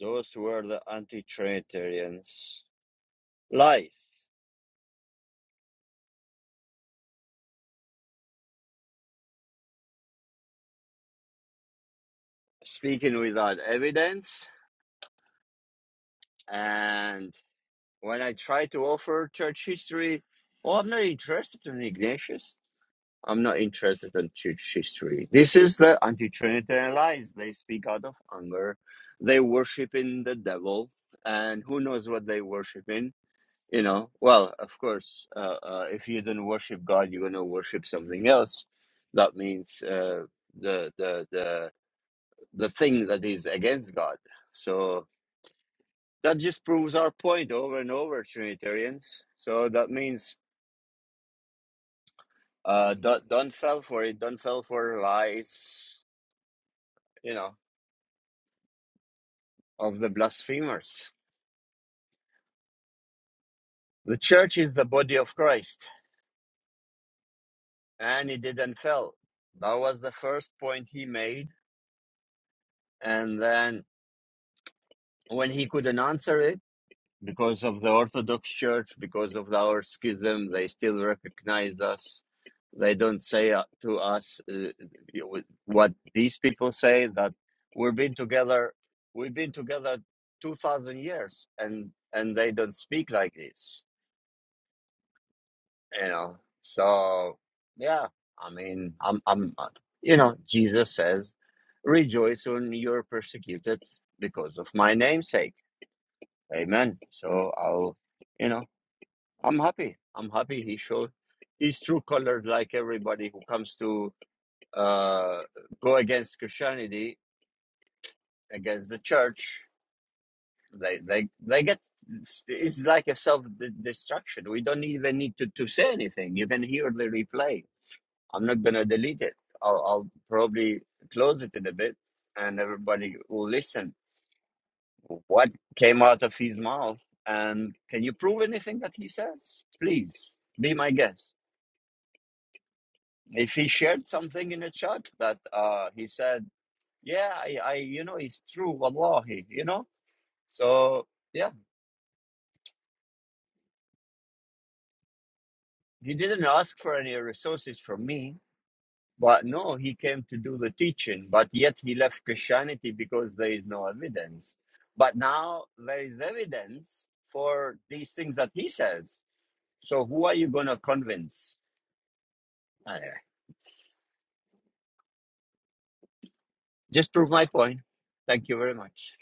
S1: those were the anti Trinitarians' lies. Speaking without evidence, and when I try to offer church history, well, I'm not interested in Ignatius. I'm not interested in church history. This is the anti-Trinitarian lies. They speak out of anger. They worship in the devil, and who knows what they worship in? You know. Well, of course, uh, uh, if you don't worship God, you're gonna worship something else. That means uh, the the the the thing that is against God. So that just proves our point over and over, Trinitarians. So that means uh, don't don't fall for it. Don't fall for lies. You know of the blasphemers. The church is the body of Christ, and it didn't fail. That was the first point he made. And then when he couldn't answer it, because of the Orthodox Church, because of our schism, they still recognize us. They don't say uh, to us uh, what these people say that we've been together, we've been together two thousand years, and and they don't speak like this you know. So yeah, I mean, I'm, I'm, uh, you know, Jesus says, "Rejoice when you're persecuted because of my name's sake." Amen. So I'll, you know, I'm happy. I'm happy he showed his true colors, like everybody who comes to uh, go against Christianity, against the church. they they they get it's like a self de- destruction. We don't even need to, to say anything. You can hear the replay. I'm not gonna delete it. I'll, I'll probably close it in a bit, and everybody will listen. What came out of his mouth, and can you prove anything that he says? Please be my guest. If he shared something in the chat that uh, he said, yeah, I, I, you know, it's true, wallahi, you know. So yeah. He didn't ask for any resources from me, but no, he came to do the teaching, but yet he left Christianity because there is no evidence. But now there is evidence for these things that he says. So who are you going to convince? Anyway, just prove my point. Thank you very much.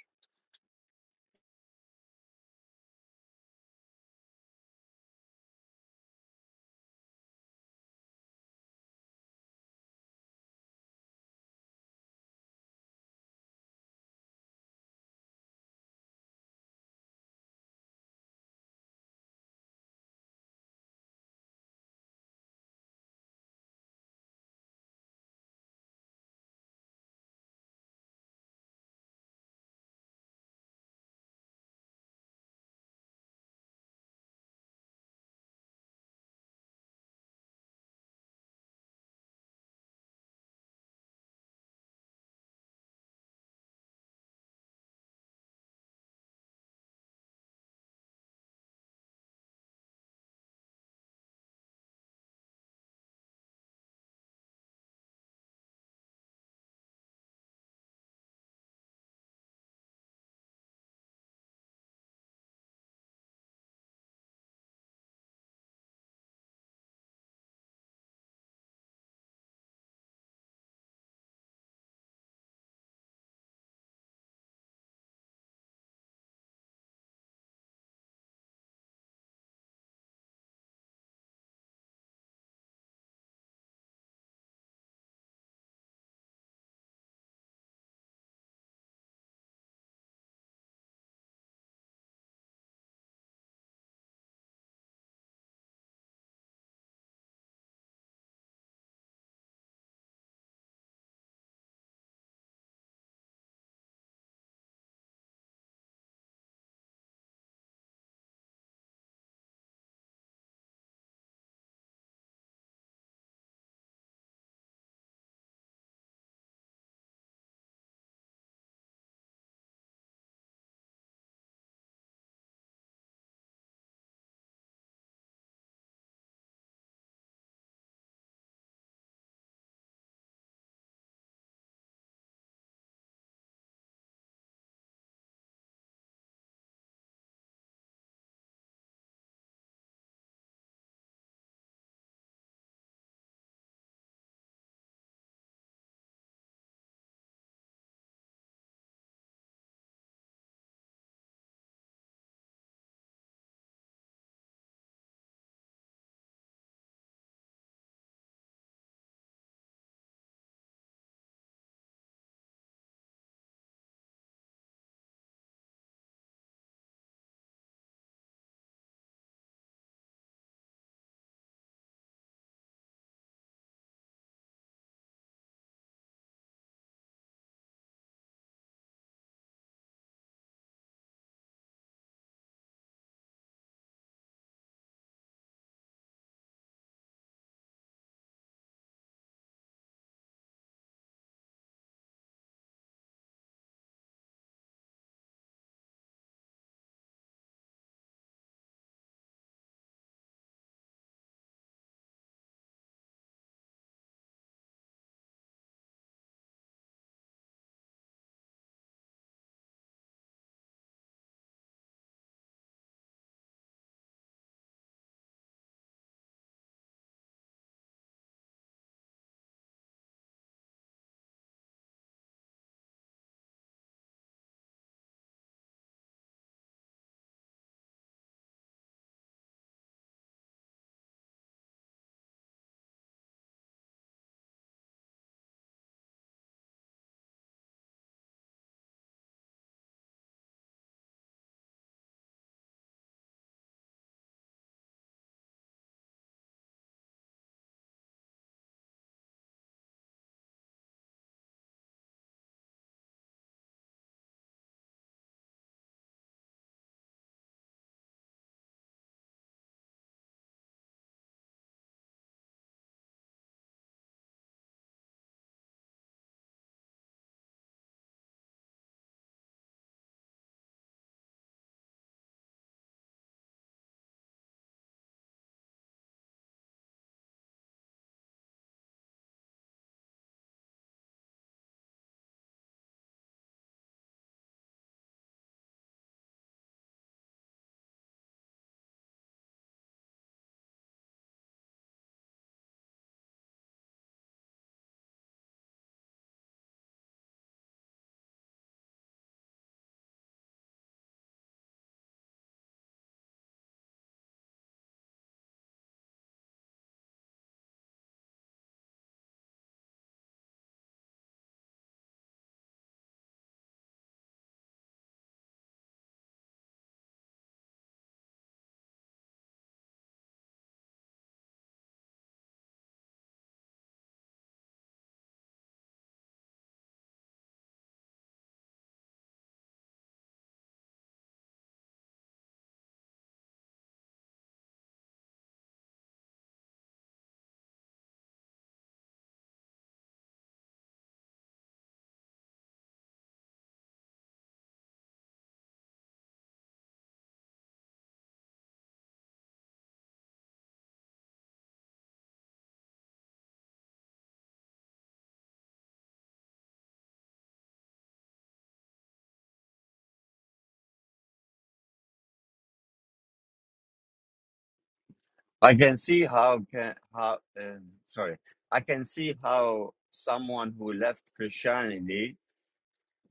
S1: I can see how can how um, sorry. I can see how someone who left Christianity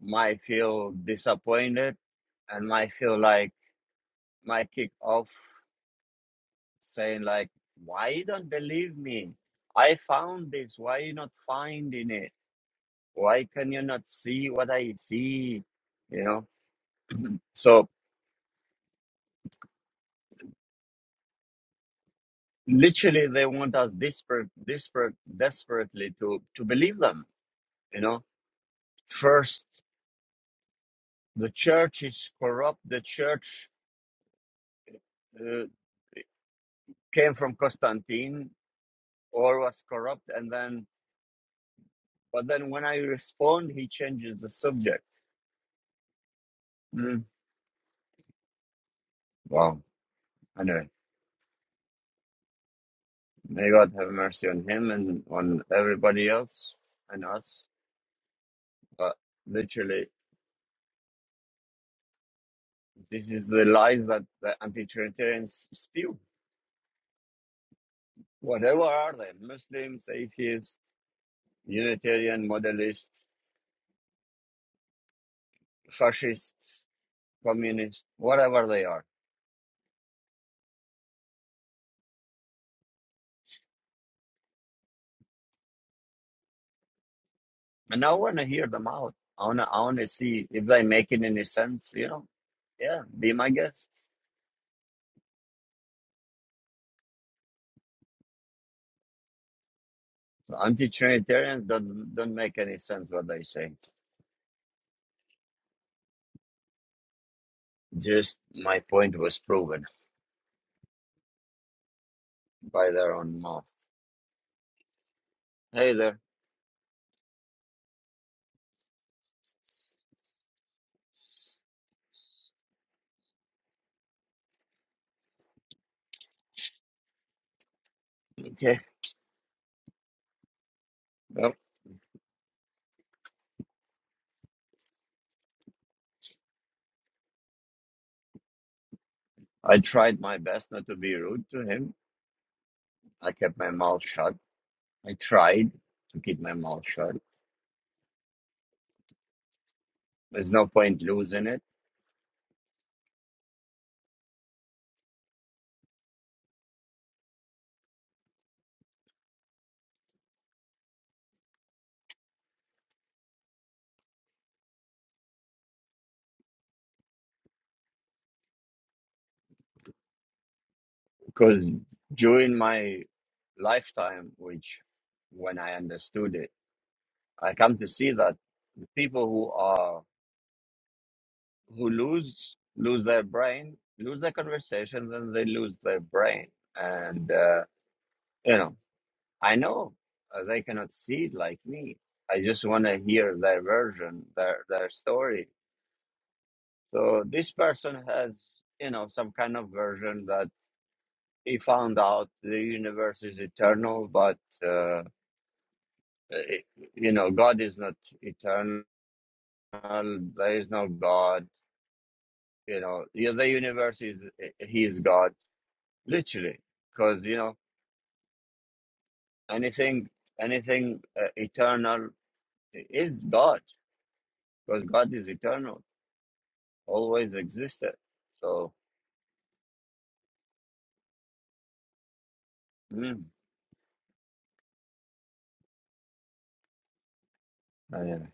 S1: might feel disappointed and might feel like my kick off saying like why you don't believe me i found this why you not finding it why can you not see what i see you know so literally they want us desperate desperate desperately to to believe them you know first the church is corrupt the church uh, came from constantine or was corrupt and then but then when i respond he changes the subject mm. wow anyway May God have mercy on him and on everybody else and us. But literally, this is the lies that the anti-Trinitarians spew. Whatever are they, Muslims, atheists, Unitarian, modelists, fascists, communists, whatever they are. And I want to hear them out. I want to I wanna see if they make it any sense, you know? Yeah, be my guest. Anti-Trinitarians don't, don't make any sense what they say. Just my point was proven. by their own mouth. Hey there. Okay. Well, I tried my best not to be rude to him. I kept my mouth shut. I tried to keep my mouth shut. There's no point losing it because during my lifetime, which when I understood it, I come to see that people who are who lose lose their brain, lose their conversations, and they lose their brain. And uh, you know. I know uh, they cannot see it like me. I just want to hear their version, their their story. So this person has, you know, some kind of version that he found out the universe is eternal, but uh, it, you know, God is not eternal. There is no God. You know, yeah, the universe is he is God, literally, because you know anything anything uh, eternal is God, because God is eternal always existed. So, mm, anyway.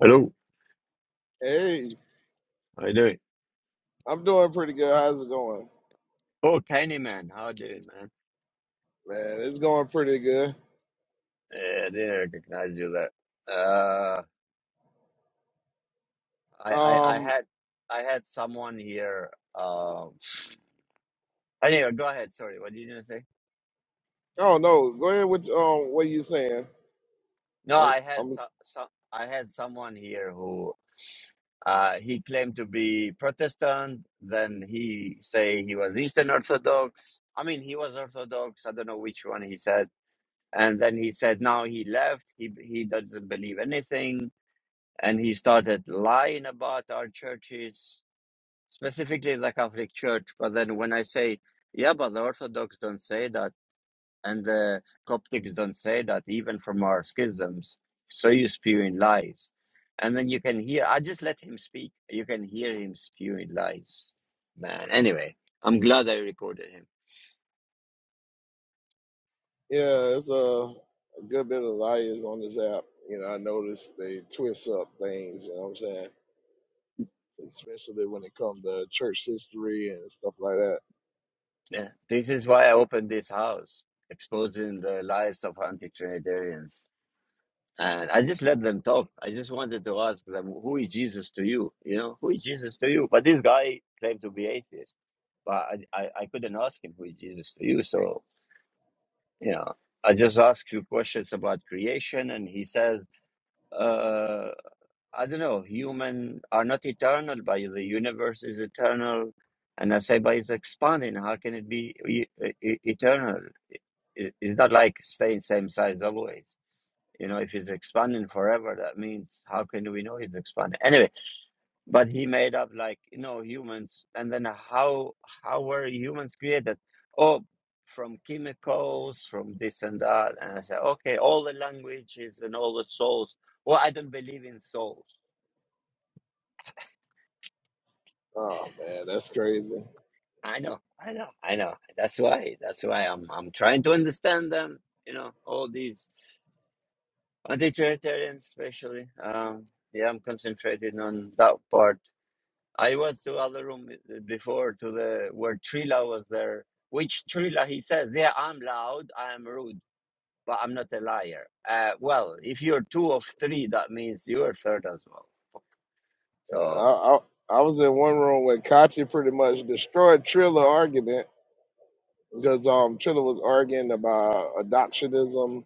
S1: Hello,
S3: Hey,
S1: how you doing?
S3: I'm doing pretty good. How's it going?
S1: Oh, Tiny Man, how you doing, man?
S3: Man, it's going pretty good.
S1: Yeah, I didn't recognize you there. Uh, I, I, I
S3: Um,
S1: had, I had someone here. Um, anyway, go ahead. Sorry, what did you gonna say?
S3: I don't know. Go ahead with um what you saying.
S1: No,
S3: I'm
S1: I had
S3: I'm
S1: some, some, I had someone here who, uh, he claimed to be Protestant. Then he say he was Eastern Orthodox. I mean, he was Orthodox. I don't know which one he said and then he said now he left he he doesn't believe anything and he started lying about our churches specifically the catholic church but then when i say yeah but the orthodox don't say that and the coptics don't say that even from our schisms so you spewing lies and then you can hear i just let him speak you can hear him spewing lies man anyway i'm glad i recorded him
S3: yeah, it's a, a good bit of liars on this app. You know, I notice they twist up things, you know what I'm saying? Especially when it comes to church history and stuff like that.
S1: Yeah. This is why I opened this house, exposing the lies of anti-Trinitarians. And I just let them talk. I just wanted to ask them, who is Jesus to you? You know, who is Jesus to you? But this guy claimed to be atheist, but I, I, I couldn't ask him who is Jesus to you. So, you know, I just asked few questions about creation, and he says, uh, I don't know, human are not eternal, but the universe is eternal. And I say, but it's expanding. How can it be e- e- e, eternal? It- it- It's not like staying same size always. You know, if it's expanding forever, that means how can we know it's expanding? Anyway, but he made up like, you know, humans. And then how how were humans created? Oh, from chemicals, from this and that. And I said, okay, all the languages and all the souls. Well, I don't believe in souls
S3: Oh man, that's crazy.
S1: I know, I know, I know. That's why, that's why I'm I'm trying to understand them, you know, all these anti-authoritarians especially. Um, yeah, I'm concentrating on that part. I was to other room uh, before to the where Trila was there, which Trila he says, yeah, I'm loud, I'm rude, but I'm not a liar. Uh, well, if you're two of three, that means you're third as well.
S3: Yeah,
S1: So,
S3: I, I I was in one room where Kachi pretty much destroyed Triller argument because um Triller was arguing about adoptionism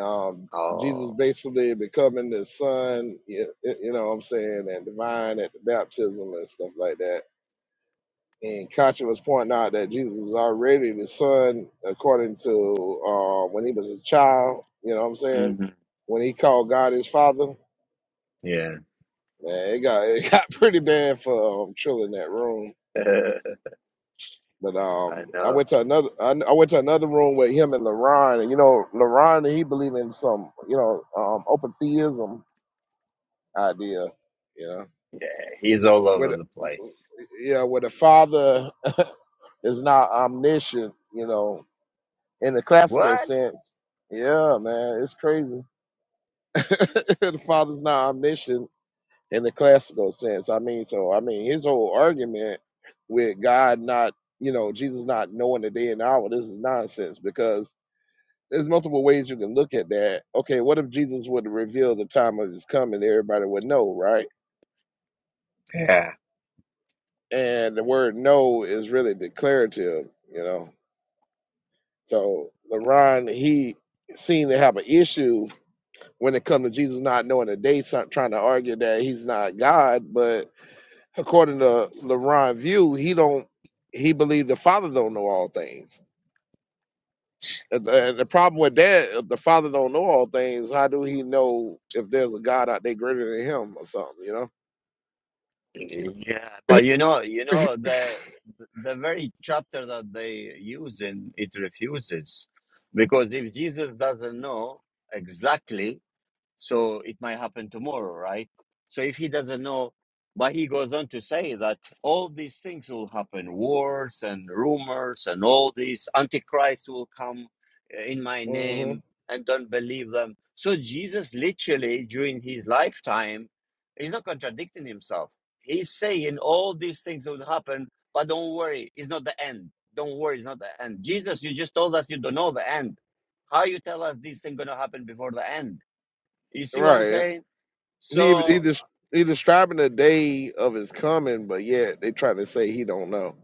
S3: Um, Jesus
S1: oh,
S3: basically becoming the son, you, you know what I'm saying, and divine at the baptism and stuff like that. And Katya was pointing out that Jesus is already the son according to uh, when he was a child, you know what I'm saying?
S1: mhm,
S3: When he called God his father,
S1: yeah,
S3: man, it got it *laughs* got pretty bad for um, Trill in that room.
S1: *laughs* I
S3: But um, I
S1: know.
S3: went to another I, I went to another room with him and LaRon, and you know LaRon he believe in some you know um, open theism idea. You know,
S1: Yeah, he's all
S3: where
S1: over
S3: the,
S1: the place.
S3: yeah, where the father *laughs* is not omniscient. You know, in the classical
S1: What?
S3: sense. Yeah, man, it's crazy. *laughs* the father's not omniscient in the classical sense. I mean, so I mean, his whole argument with God not, you know, Jesus not knowing the day and hour. This is nonsense because. There's multiple ways you can look at that. Okay, what if Jesus would reveal the time of his coming? Everybody would know, right?
S1: Yeah.
S3: and the word no is really declarative, you know. So LeRon, he seemed to have an issue when it comes to Jesus not knowing the day, some- trying to argue that he's not God. But according to LeRon's view, he don't he believed the Father don't know all things. And the, and the problem with that, if the Father don't know all things, how do he know if there's a God out there greater than him or something, you know?
S1: Yeah, but you know, you know the the very chapter that they use in it refuses, because if Jesus doesn't know exactly. So it might happen tomorrow, right? So if he doesn't know, but he goes on to say that all these things will happen wars and rumors and all these antichrist will come uh, in my
S3: hmm
S1: name and don't believe them. So Jesus literally during his lifetime is not contradicting himself. He's saying all these things will happen, but don't worry, it's not the end. Don't worry, it's not the end. Jesus, you just told us you don't know the end. How you tell us these things gonna happen before the end? You see what I'm
S3: Right.
S1: saying?
S3: He he,
S1: So
S3: des- he describing the day of his coming, but yet they try to say he don't know.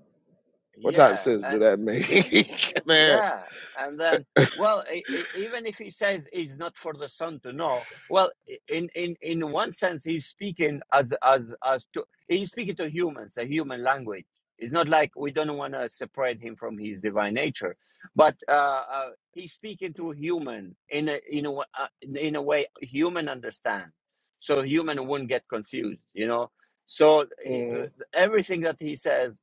S3: What type of
S1: yeah,
S3: sense
S1: and
S3: do that make, *laughs* man?
S1: Yeah, and then well, e- e- even if he says it's not for the son to know, well, i- in in in one sense, he's speaking as as as to he's speaking to humans, a human language. It's not like we don't want to separate him from his divine nature, but uh, uh, he's speaking to human in a in a wa- uh, in a way human understand, so human wouldn't get confused, you know. So uh,
S3: Mm,
S1: everything that he says,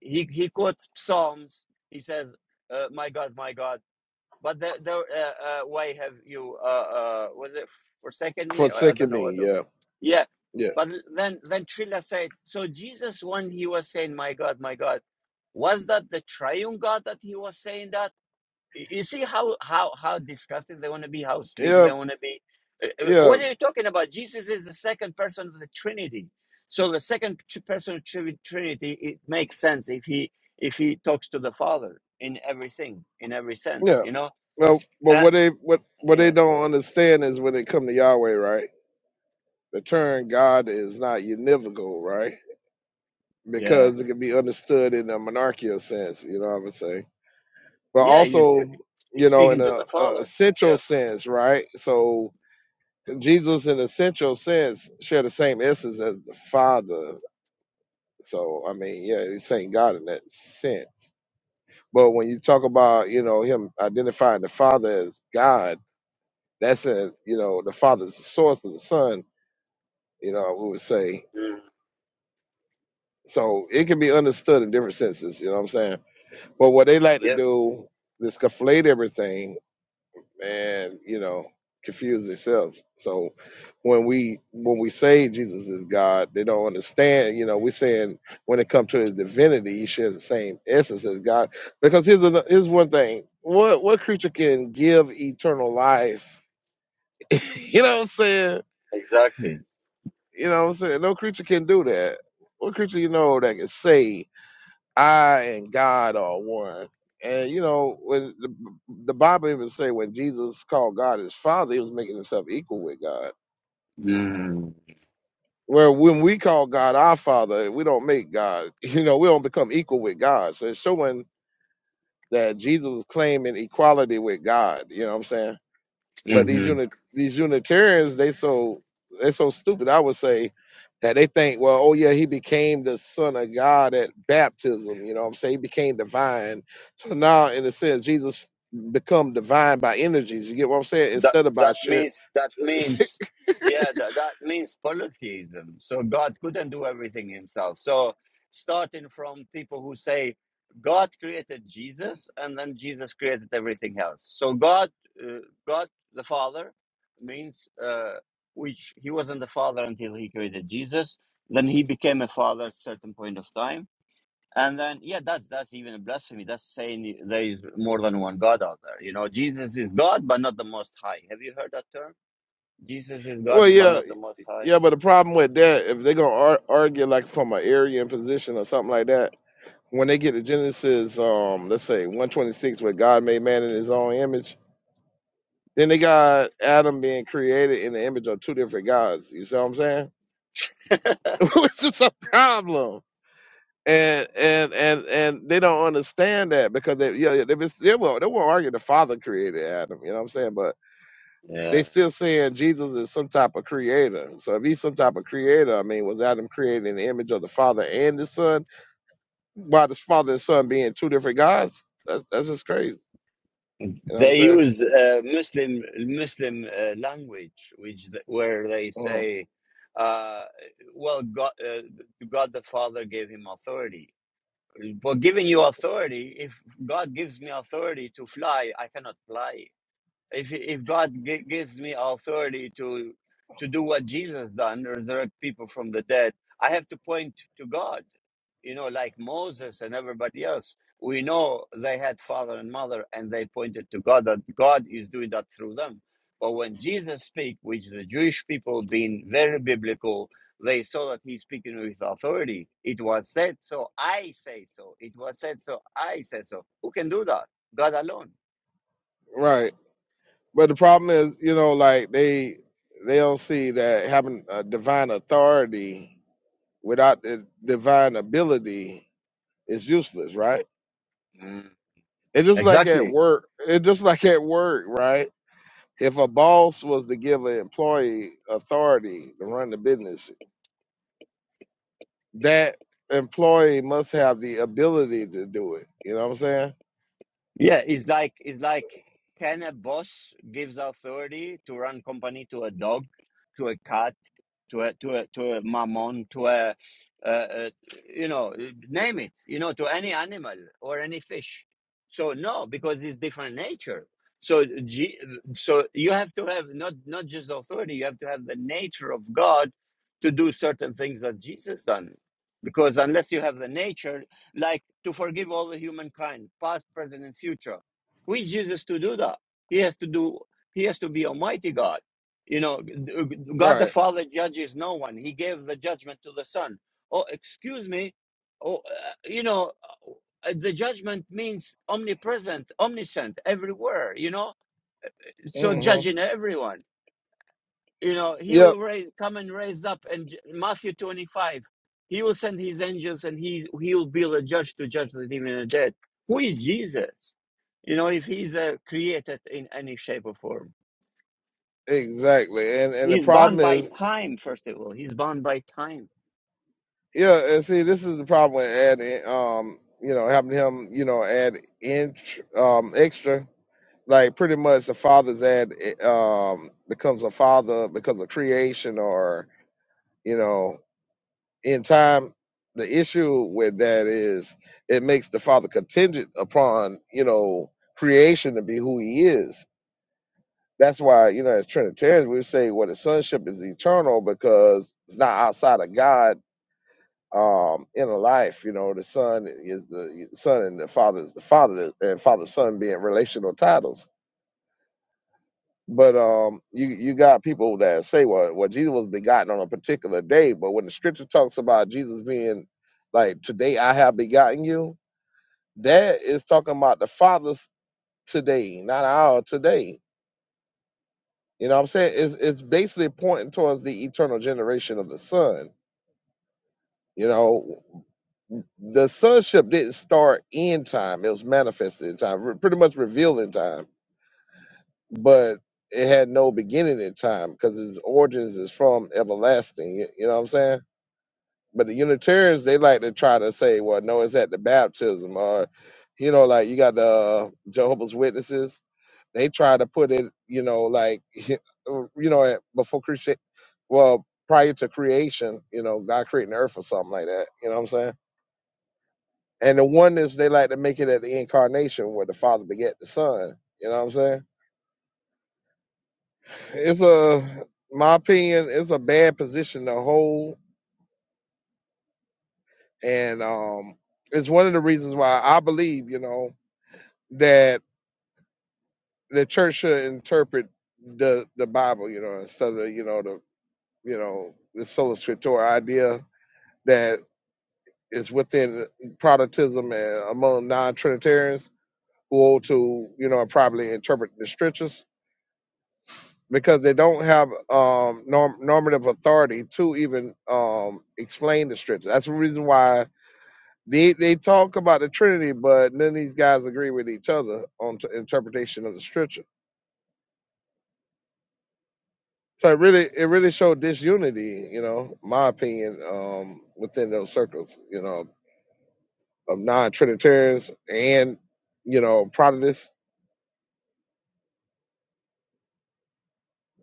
S1: he he quotes psalms. He says. Uh, my God, my God. But the, the, uh, uh, why have you, uh, uh, was it forsaken me? Or I
S3: forsaken
S1: don't know
S3: me,
S1: what the,
S3: yeah,
S1: yeah.
S3: yeah,
S1: But then, then Trilla said, so Jesus, when he was saying, my God, my God, was that the triune God that he was saying that? Y- You see how how how disgusting they want to be, how slick
S3: yeah,
S1: they want to be. Uh, uh,
S3: yeah,
S1: What are you talking about? Jesus is the second person of the Trinity, so the second tr- person of Tri- Trinity it makes sense if he if he talks to the Father in everything, in every sense,
S3: yeah.
S1: you know.
S3: Well, but
S1: Uh,
S3: what they what what they
S1: yeah,
S3: don't understand is when it come to Yahweh, right? The term God is not univocal, right?
S1: yeah,
S3: Because it can be understood in a monarchical sense, you know what I'm saying? But
S1: yeah. You, you
S3: also,
S1: he's
S3: you know, in
S1: speaking to
S3: a,
S1: the
S3: a
S1: Father.
S3: essential
S1: Yeah,
S3: sense, right? So Jesus, in a central sense, share the same essence as the Father. So, I mean, yeah, he's saying God in that sense. But when you talk about, you know, him identifying the Father as God, that's a, you know, the Father's the source of the Son, you know, we would say.
S1: mm,
S3: So it can be understood in different senses, you know what I'm saying? But what they like to
S1: yeah,
S3: do is conflate everything and you know confuse themselves so when we when we say jesus is god they don't understand you know we're saying when it comes to his divinity he shares the same essence as god because here's another, here's one thing what what creature can give eternal life *laughs* you know what i'm saying
S1: exactly.
S3: you know what i'm saying no creature can do that what creature you know that can save I and God are one. And you know, when the, the Bible even say when Jesus called God his father, he was making himself equal with God.
S1: Mm,
S3: Where when we call God our father, we don't make God, *laughs* you know, we don't become equal with God. So it's showing that Jesus was claiming equality with God. You know what I'm saying? But these
S1: Mm-hmm.
S3: unit these Unitarians, they so they so stupid. I would say that they think, well, oh yeah, he became the son of God at baptism. You know, what I'm saying he became divine. So now, in a sense, Jesus become divine by energies. You get what I'm saying?
S1: That
S3: Instead of by
S1: that
S3: shit.
S1: means that
S3: *laughs*
S1: means yeah that that means polytheism. So God couldn't do everything himself. So starting from people who say God created Jesus and then Jesus created everything else. So God uh, God the Father means uh, which he wasn't the Father until he created Jesus. Then he became a Father at certain point of time and then, yeah, that's that's even a blasphemy. That's saying there is more than one God out there. You know, Jesus is God, but not the Most High. Have you heard that term? Jesus is God,
S3: well,
S1: but
S3: yeah,
S1: not the Most High.
S3: yeah. But the problem with that, if they're gonna ar- argue like from an Aryan position or something like that. When they get to Genesis, um, let's say 126, where God made man in His own image, Then they got Adam being created in the image of two different gods. You see what I'm saying? *laughs* Which is a problem. And and and and they don't understand that because they yeah, yeah, they, be- they will they won't argue the father created Adam, you know what I'm saying? But they
S1: Yeah.
S3: still saying Jesus is some type of creator. So if he's some type of creator, I mean, was Adam created in the image of the father and the son? By the father and son being two different gods? That, that's just crazy. You know what I'm
S1: They
S3: saying?
S1: use uh, Muslim Muslim uh, language, which where they
S3: Uh,
S1: say, uh, "Well, God, uh, God the Father gave him authority." Well, giving you authority, if God gives me authority to fly, I cannot fly if if God gi- gives me authority to to do what Jesus done, resurrect people from the dead, I have to point to God. You know, like Moses and everybody else, we know they had father and mother, and they pointed to God. That God is doing that through them. But when Jesus speak, which the Jewish people being very biblical, they saw that he's speaking with authority. It was said, so I say so. It was said, so I say so. Who can do that? God alone.
S3: right. But the problem is, you know, like they they don't see that having a divine authority without the divine ability is useless, right?
S1: Mm.
S3: It's just like
S1: Exactly.
S3: at work. It's just like at work, right? If a boss was to give an employee authority to run the business, that employee must have the ability to do it. You know what I'm saying?
S1: Yeah, it's like it's like can a boss gives authority to run company to a dog, to a cat, to a to a to a mammon, to a uh, uh, you know name it, you know, to any animal or any fish. So no, because it's different nature. So G, so you have to have not not just authority, you have to have the nature of God to do certain things that Jesus done. Because unless you have the nature, like to forgive all the humankind, past, present, and future. We Jesus to do that. He has to do. He has to be Almighty God. You know, God the
S3: Right.
S1: Father judges no one. He gave the judgment to the Son. Oh, excuse me. Oh, uh, you know, uh, the judgment means omnipresent, omniscient, everywhere. You know, so
S3: Mm-hmm.
S1: judging everyone you know he
S3: Yep.
S1: will raise, come and raised up and matthew 25 he will send his angels and he he will be the judge to judge the living and the dead who is jesus you know if he's uh, created in any shape or form
S3: Exactly. And and the
S1: he's
S3: problem
S1: bound by
S3: is
S1: time first of all he's bound by time
S3: Yeah, and see, this is the problem with adding, um, you know, having him, you know, add int um, extra. Like pretty much the father's ad eh, um, becomes a father because of creation or, you know, in time. The issue with that is it makes the father contingent upon, you know, creation to be who he is. That's why, you know, as Trinitarians, we say, well, the sonship is eternal because it's not outside of God um, in a life. You know, the son is the son, and the father is the father, and father son being relational titles. But um, you you got people that say, well, well, Jesus was begotten on a particular day, but when the scripture talks about Jesus being like, today I have begotten you, that is talking about the father's today, not our today. You know what I'm saying? It's, it's basically pointing towards the eternal generation of the son You know, the sonship didn't start in time; it was manifested in time, re- pretty much revealed in time. But it had no beginning in time because its origins is from everlasting. You, you know what I'm saying? But the Unitarians they like to try to say, well, no, it's at the baptism, or you know, like you got the uh, Jehovah's Witnesses. They try to put it, you know, like *laughs* you know, at- before creation, well, prior to creation, you know, God creating the earth or something like that. You know what I'm saying? And the oneness they like to make it at the incarnation where the father beget the son. You know what I'm saying? It's a my opinion, it's a bad position to hold. And um it's one of the reasons why I believe, you know, that the church should interpret the the Bible, you know, instead of, you know, the you know, the sola scriptura idea that is within Protestantism and among non Trinitarians who hold to, you know, probably interpret the scriptures because they don't have um, norm- normative authority to even um, explain the scripture. That's the reason why they, they talk about the Trinity, but none of these guys agree with each other on t- interpretation of the scripture. So it really it really showed disunity, you know, my opinion, um, within those circles, you know, of non-Trinitarians and you know Protestants.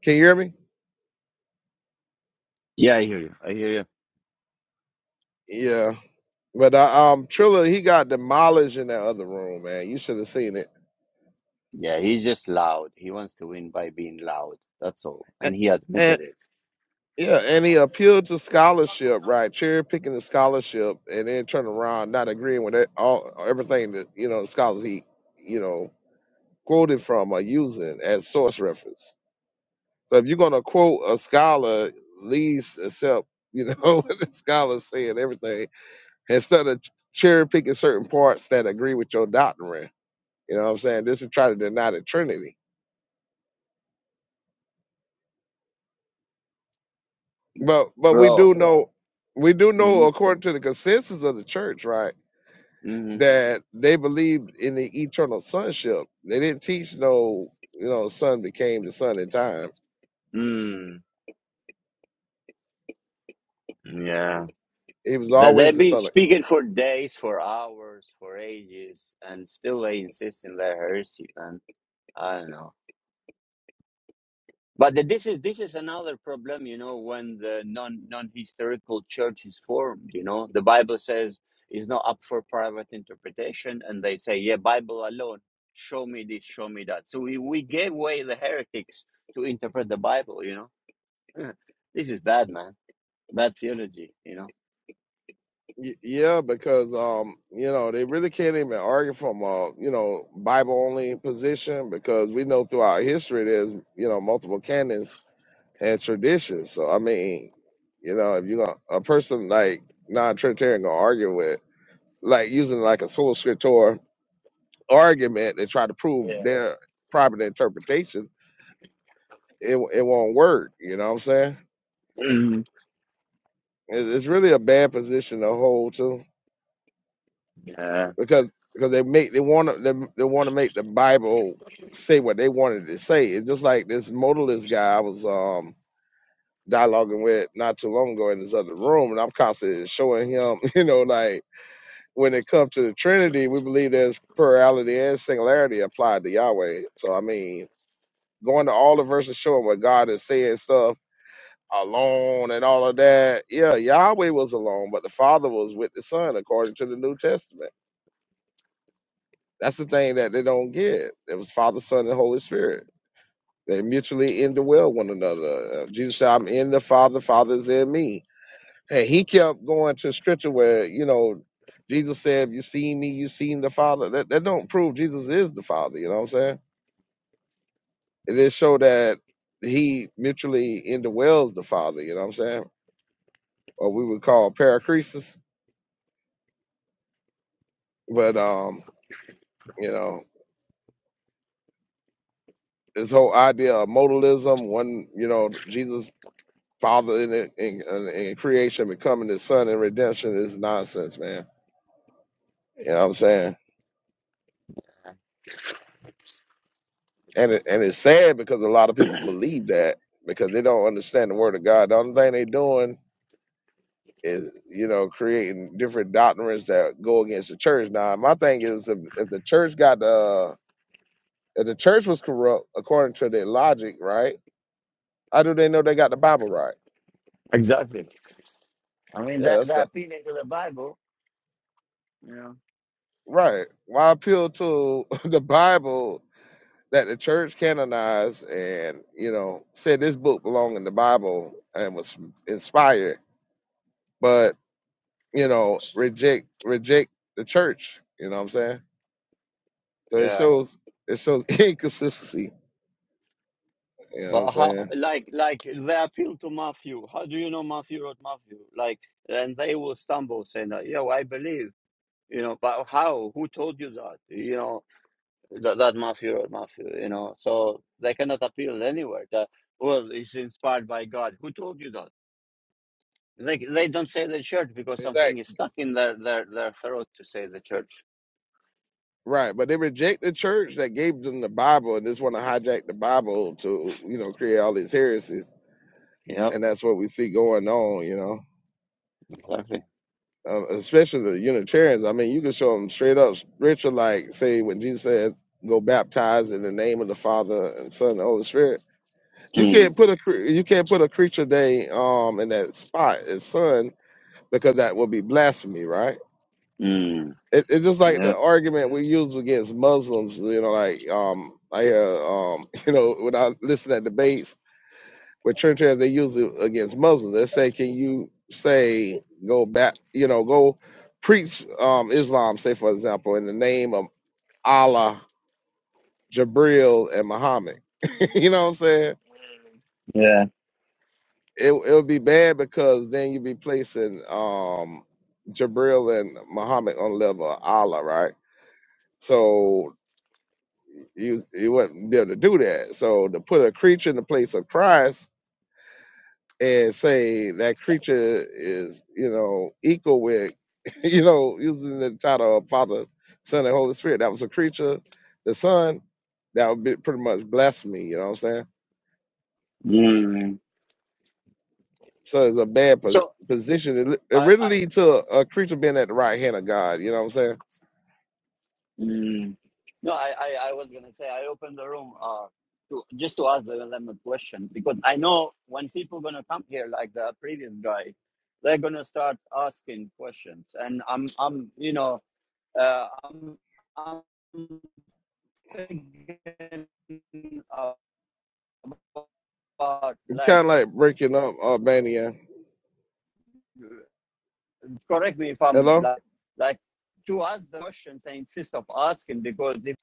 S3: Can you hear me?
S1: yeah i hear you i hear you
S3: Yeah. But uh, um, Triller, he got demolished in that other room, man. You should have seen it
S1: yeah he's just loud he wants to win by being loud that's all and he
S3: And
S1: admitted it
S3: Yeah, and he appealed to scholarship, right? Cherry picking the scholarship, and then turn around not agreeing with it, all everything that you know the scholars he you know quoted from are using as source reference. So if you're gonna quote a scholar, at least accept you know *laughs* what the scholar saying everything instead of cherry picking certain parts that agree with your doctrine. You know what I'm saying? This is try to deny the Trinity, but but we
S1: bro
S3: do know we do know
S1: mm-hmm,
S3: according to the consensus of the church, right?
S1: mm-hmm,
S3: that they believed in the eternal sonship. They didn't teach no, you know, son became the son in time.
S1: mm, yeah
S3: He was
S1: That
S3: always
S1: they've
S3: the
S1: been
S3: son. Of,
S1: speaking for days, for hours, for ages, and still they insist in their heresy, man. I don't know. But th- this is this is another problem, you know, when the non non historical church is formed, you know. The Bible says it's not up for private interpretation, and they say, Yeah, Bible alone, show me this, show me that. So we, we gave way the heretics to interpret the Bible, you know. *laughs* this is bad, man. Bad theology, you know. *clears throat*
S3: y- yeah, because um, you know, they really can't even argue from a you know Bible only position because we know throughout history there's you know multiple canons and traditions. So I mean, you know, if you gonna a person like non-Trinitarian gonna argue with like using like a sola scriptura argument to try to prove their private interpretation it it won't work. You know what I'm saying?
S1: Mhm.
S3: It, it's really a bad position to hold to
S1: Yeah,
S3: because because they make they want to they, they want to make the Bible say what they wanted to say. It's just like this modalist guy I was um dialoguing with not too long ago in this other room, and I'm constantly showing him, *laughs* you know, like when it comes to the Trinity, we believe there's plurality and singularity applied to Yahweh. So I mean, going to all the verses showing what God is saying stuff alone and all of that. Yeah, Yahweh was alone, but the Father was with the Son, according to the New Testament. That's the thing that they don't get. It was Father, Son, and Holy Spirit. They mutually indwell one another. Uh, Jesus said, I'm in the Father, Father is in me. And he kept going to scripture where, you know, Jesus said, if You seen me, you seen the Father. That, that don't prove Jesus is the Father, you know what I'm saying? It just show that he mutually indwells the Father, you know what I'm saying? Or we would call paracresis. But um You know, this whole idea of modalism, one, you know, Jesus father in, it- in, in, in creation becoming his son in redemption is nonsense, man. You know what I'm saying? And it, and it's sad because a lot of people believe that because they don't understand the word of God. The only thing they are doing is, you know, creating different doctrines that go against the church. Now, my thing is if, if the church got the uh, if the church was corrupt according to their logic, right? How do they know they got the Bible right?
S1: exactly. I mean,
S3: Yeah,
S1: that
S3: that's the.
S1: the appeal into the Bible, you know.
S3: Right. Why appeal to *laughs* the Bible that the church canonized and, you know, said this book belonged in the Bible and was inspired, but, you know, reject reject the church. You know what I'm saying? So it
S1: Yeah.
S3: shows it shows *laughs* inconsistency. You know what I'm
S1: But how,
S3: saying?
S1: like, like they appeal to Matthew. How do you know Matthew wrote Matthew? Like, and they will stumble saying that, yeah, well, I believe, you know, but how? Who told you that? You know, that, that Matthew wrote Matthew, you know, so they cannot appeal anywhere. That, well, it's inspired by God. Who told you that? They, they don't say the church because
S3: It's like
S1: something is stuck in their, their, their throat to say the church.
S3: right, but they reject the church that gave them the Bible and just want to hijack the Bible to, you know, create all these heresies.
S1: Yeah,
S3: And that's what we see going on, you know.
S1: exactly.
S3: um, especially the Unitarians. I mean, you can show them straight up scripture, like say when Jesus said, "Go baptize in the name of the Father and Son and the Holy Spirit." You
S1: Mm,
S3: can't put a cre- you can't put a creature day um in that spot as son because that would be blasphemy, right? It, it's just like
S1: mm,
S3: the argument we use against Muslims. You know, like um I hear um *laughs* you know when I listen at debates with church as they use it against Muslims. They say, can you say go back, you know, go preach um, Islam, say for example, in the name of Allah, Jabril, and Muhammad. *laughs* you know what I'm saying?
S1: yeah.
S3: It it would be bad because then you'd be placing um, Jabril and Muhammad on the level of Allah, right? So you you wouldn't be able to do that. So to put a creature in the place of Christ and say that creature is, you know, equal with, *laughs* you know, using the title of Father, Son, and Holy Spirit. That was a creature, the Son, that would be pretty much blasphemy, you know what I'm saying?
S1: Mm.
S3: So it's a bad pos-
S1: So
S3: position. It, li- it
S1: I,
S3: really
S1: I
S3: leads to a, a creature being at the right hand of God, you know what I'm saying?
S1: mm. no, I, I, I was gonna say I opened the room uh to just to ask them them a question because I know when people gonna come here like the previous guy, they're gonna start asking questions, and I'm I'm you know uh, I'm I'm thinking about
S3: It's kind
S1: like
S3: of like breaking up Albania.
S1: correct me if I'm
S3: Hello?
S1: like like to ask the questions and insist of asking because if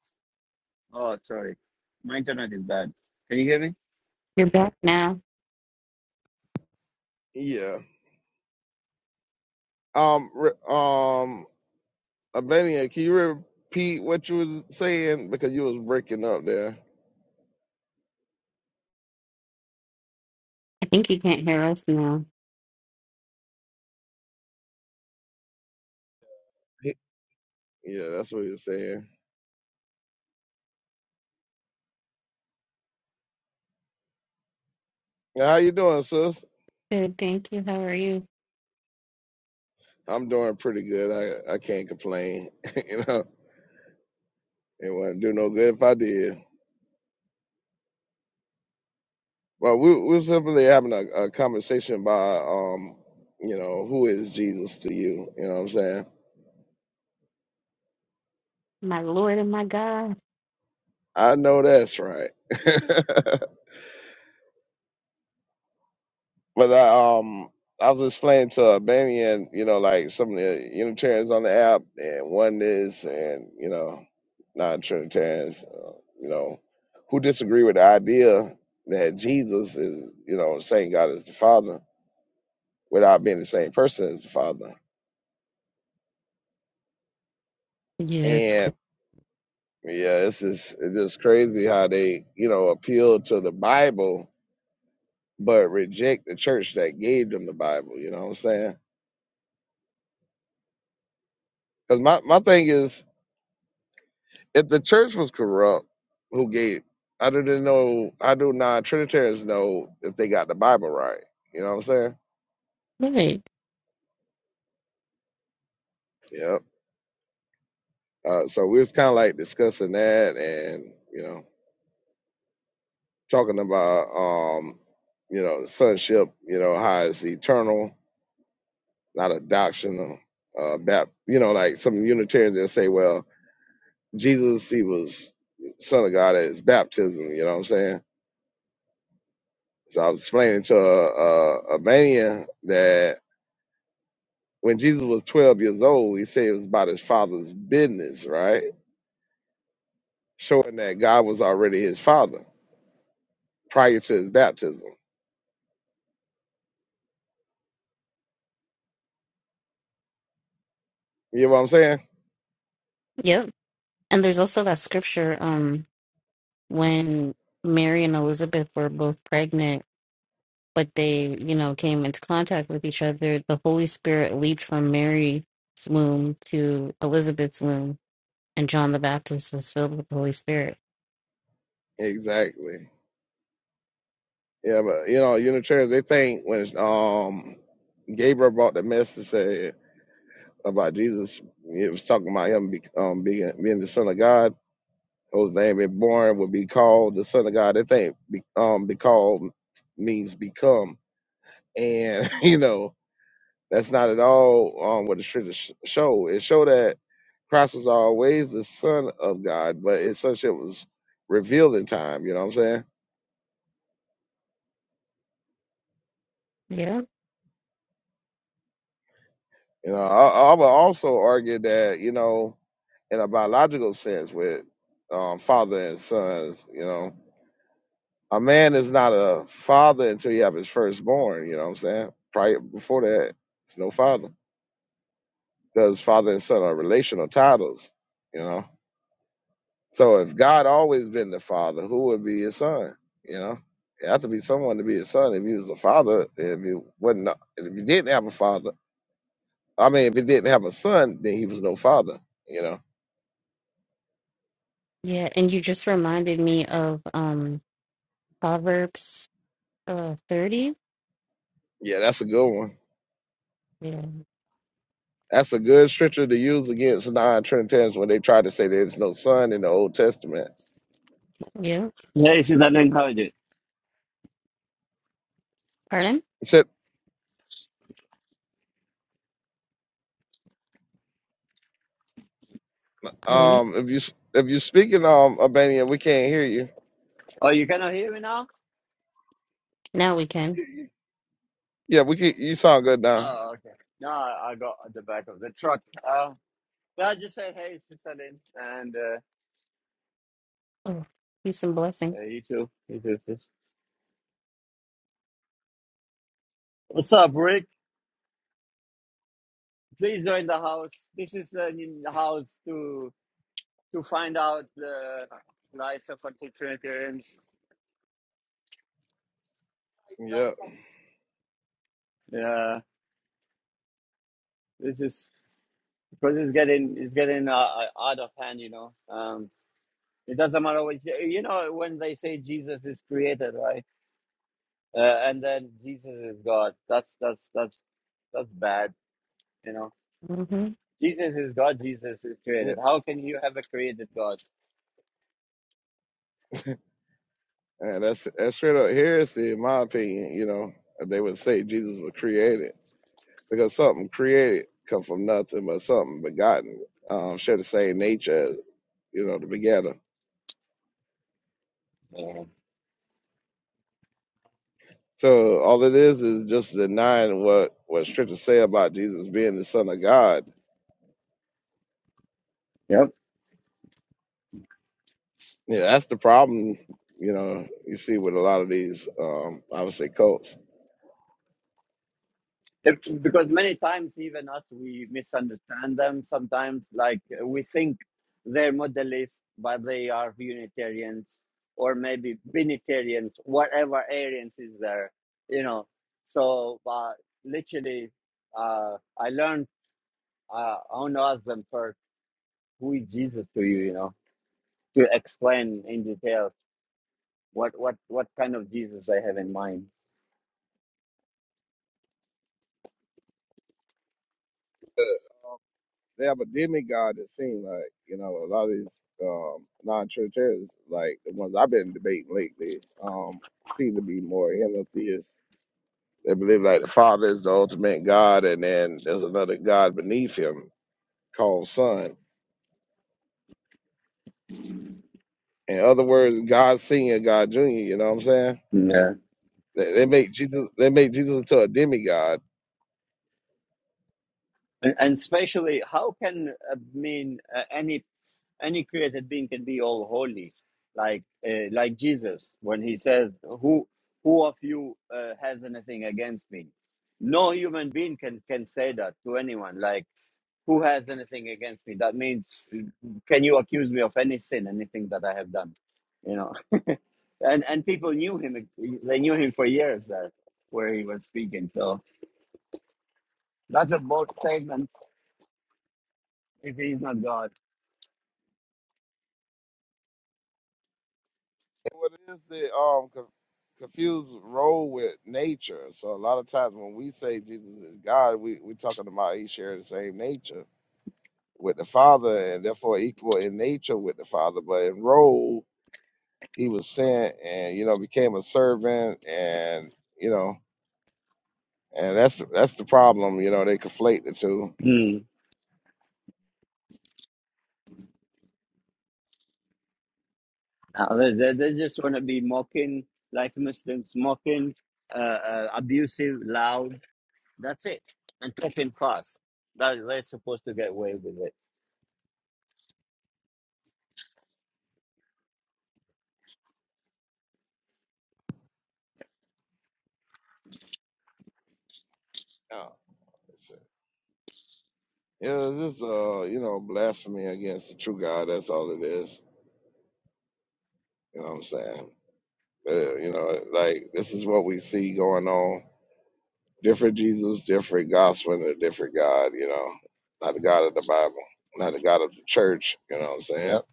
S1: Oh, sorry. My internet is bad. Can you hear me?
S4: You're back now.
S3: Yeah. Um, re- um, Albania, can you repeat what you was saying? Because you was breaking up there.
S4: I think you can't hear us now.
S3: He- Yeah, that's what he was saying. Yeah, How you doing, sis?
S4: Good, thank you. How are you?
S3: I'm doing pretty good. I I can't complain. *laughs* you know, it wouldn't do no good if I did. Well, we we're simply having a, a conversation about um, you know, who is Jesus to you? You know what I'm saying?
S4: My Lord and my God.
S3: I know that's right. *laughs* But I um I was explaining to Albanian, you know, like some of the Unitarians on the app and oneness and you know non-Trinitarians, uh, you know, who disagree with the idea that Jesus is, you know, the same God as the Father without being the same person as the Father.
S4: Yeah, it's great.
S3: And yeah, it's just it's just crazy how they, you know, appeal to the Bible but reject the church that gave them the Bible. You know what I'm saying? Because my, my thing is if the church was corrupt, who gave? I didn't know. I do not Trinitarians know if they got the Bible right. You know what I'm saying?
S4: Right.
S3: Yep. Uh, so we was kind of like discussing that, and you know, talking about um, you know, the sonship. You know, how it's eternal, not a doctrinal. Uh, bap, you know, like some Unitarians that say, well, Jesus, he was son of God at his baptism. You know what I'm saying? So I was explaining to a, a, a mania that When Jesus was 12 years old, he said it was about his father's business, right? Showing that God was already his father prior to his baptism. You know what I'm saying?
S4: Yep. And there's also that scripture, um, when Mary and Elizabeth were both pregnant, but they, you know, came into contact with each other, the Holy Spirit leaped from Mary's womb to Elizabeth's womb, and John the Baptist was filled with the Holy Spirit.
S3: Exactly. Yeah, but you know, Unitarians, they think when it's, um Gabriel brought the message said about Jesus. It was talking about him be, um, being being the Son of God, whose name is born would be called the Son of God. They think be, um, be called means become, and *laughs* you know That's not at all um, what the scriptures sh- show. It showed that Christ was always the Son of God, but it's such it was revealed in time. You know what I'm saying?
S4: Yeah.
S3: You know, I, I would also argue that you know in a biological sense with um, father and sons. You know, a man is not a father until he have his firstborn. You know what I'm saying? Prior before that, it's no father because father and son are relational titles. You know. So if God always been the father, who would be his son? You know, it had to be someone to be his son. If he was a father, if he wasn't, if he didn't have a father, I mean, if he didn't have a son, then he was no father. You know,
S4: Yeah. And you just reminded me of um Proverbs uh thirty.
S3: yeah, that's a good one.
S4: Yeah.
S3: That's a good scripture to use against non-Trinitarians when they try to say there's no son in the Old Testament.
S4: Yeah,
S1: Yeah, this is not encourage it.
S4: Pardon?
S3: Except,
S4: Danny?
S3: um, if you s- if you're speaking um Albania, we can't hear you.
S1: Oh, you cannot hear me now?
S4: Now we can.
S3: Yeah, we can. You sound good now.
S1: Oh, okay. No, I I got at the back of the truck. Uh, but I just said, hey, Sister Lynn, and uh,
S4: Oh, peace and blessing.
S1: uh, you too. You too, sis. What's up, Rick? Please join the house. This is the new house to to find out the lives of Trinitarians.
S3: Yeah.
S1: Yeah, this is because it's getting it's getting uh, uh, out of hand, you know. Um, It doesn't matter which, you know, when they say Jesus is created, right? Uh, and then Jesus is God. That's that's that's that's bad, you know.
S4: Mm-hmm.
S1: Jesus is God. Jesus is
S3: yeah.
S1: created. How can you have a created God?
S3: And that's that's straight up heresy, in my opinion. You know, they would say Jesus was created because something created come from nothing, but something begotten um, share the same nature as you know the begetter.
S1: Yeah.
S3: So all it is is just denying what what scriptures say about Jesus being the Son of God.
S1: Yep.
S3: Yeah, that's the problem. You know, you see with a lot of these, um, I would say, cults.
S1: If- because many times even us we misunderstand them sometimes like uh, we think they're modelists but they are unitarians or maybe binitarians whatever arians is there you know so uh, literally uh, i learned uh, i want to ask them first who is jesus to you you know to explain in detail what what what kind of jesus they have in mind
S3: they have a demigod that seems like you know a lot of these um, non-trinitarians, like the ones I've been debating lately, um, seem to be more henotheists. They believe like the Father is the ultimate God, and then there's another God beneath him called Son. In other words, God Senior, God Junior. You know what I'm saying?
S1: yeah
S3: They, they make Jesus. They make Jesus into a demigod
S1: and, and especially how can uh, mean uh, any any created being can be all holy like uh, like jesus when he says who who of you uh, has anything against me no human being can can say that to anyone like who has anything against me that means can you accuse me of any sin anything that i have done you know *laughs* and and people knew him they knew him for years there where he was speaking so that's a bold statement if he's not god
S3: What it is the um co- confused role with nature? So a lot of times when we say Jesus is God, we we talking about he share the same nature with the Father and therefore equal in nature with the Father, but in role he was sent and you know became a servant and you know and that's that's the problem. You know they conflate the two.
S1: Uh, they, they they just want to be mocking, like Muslims, mocking, uh, uh, abusive, loud. That's it. And talking fast. That, they're supposed to get away with it.
S3: Yeah, it's- yeah, this is uh you know blasphemy against the true God. That's all it is. You know what I'm saying? Uh, you know, like this is what we see going on. Different Jesus, different gospel, and a different God, you know. Not the God of the Bible, not the God of the church, you know what I'm saying?
S1: Yep.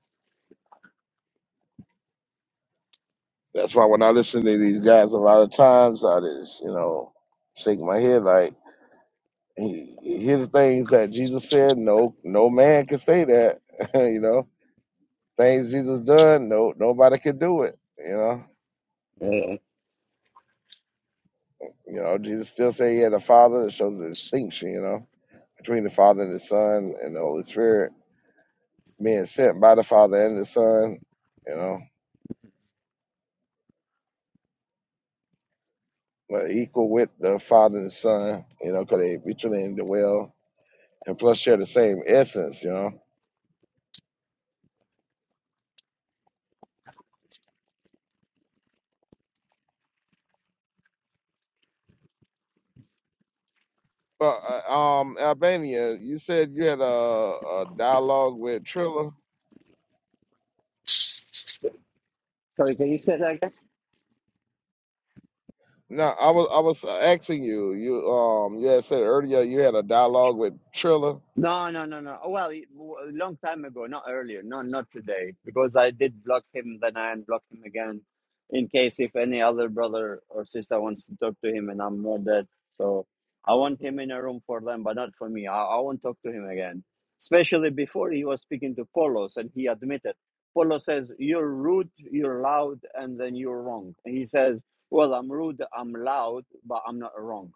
S3: That's why when I listen to these guys a lot of times I just, you know, shake my head like he- hear the things that Jesus said, no no man can say that. *laughs* you know, things Jesus done, no nobody could do it, you know.
S1: Yeah.
S3: You know, Jesus still say he had a father that shows distinction, you know between the Father and the Son and the Holy Spirit, being sent by the Father and the Son, you know, but equal with the Father and the Son, you know, because they mutually indwell and plus share the same essence, you know. But uh, um, Albania, you said you had a, a dialogue with Trilla.
S1: Sorry, can you say that again?
S3: No, I was I was asking you. You um, you had said earlier you had a dialogue with Trilla.
S1: No, no, no, no. Oh, Well, it- w- a long time ago, not earlier, no, not today, because I did block him, then I unblocked him again, in case if any other brother or sister wants to talk to him, and I'm not dead. So I want him in a room for them, but not for me. I, I won't talk to him again. Especially before he was speaking to Polos, and he admitted. Polo says you're rude, you're loud, and then you're wrong. And he says, "Well, I'm rude, I'm loud, but I'm not wrong."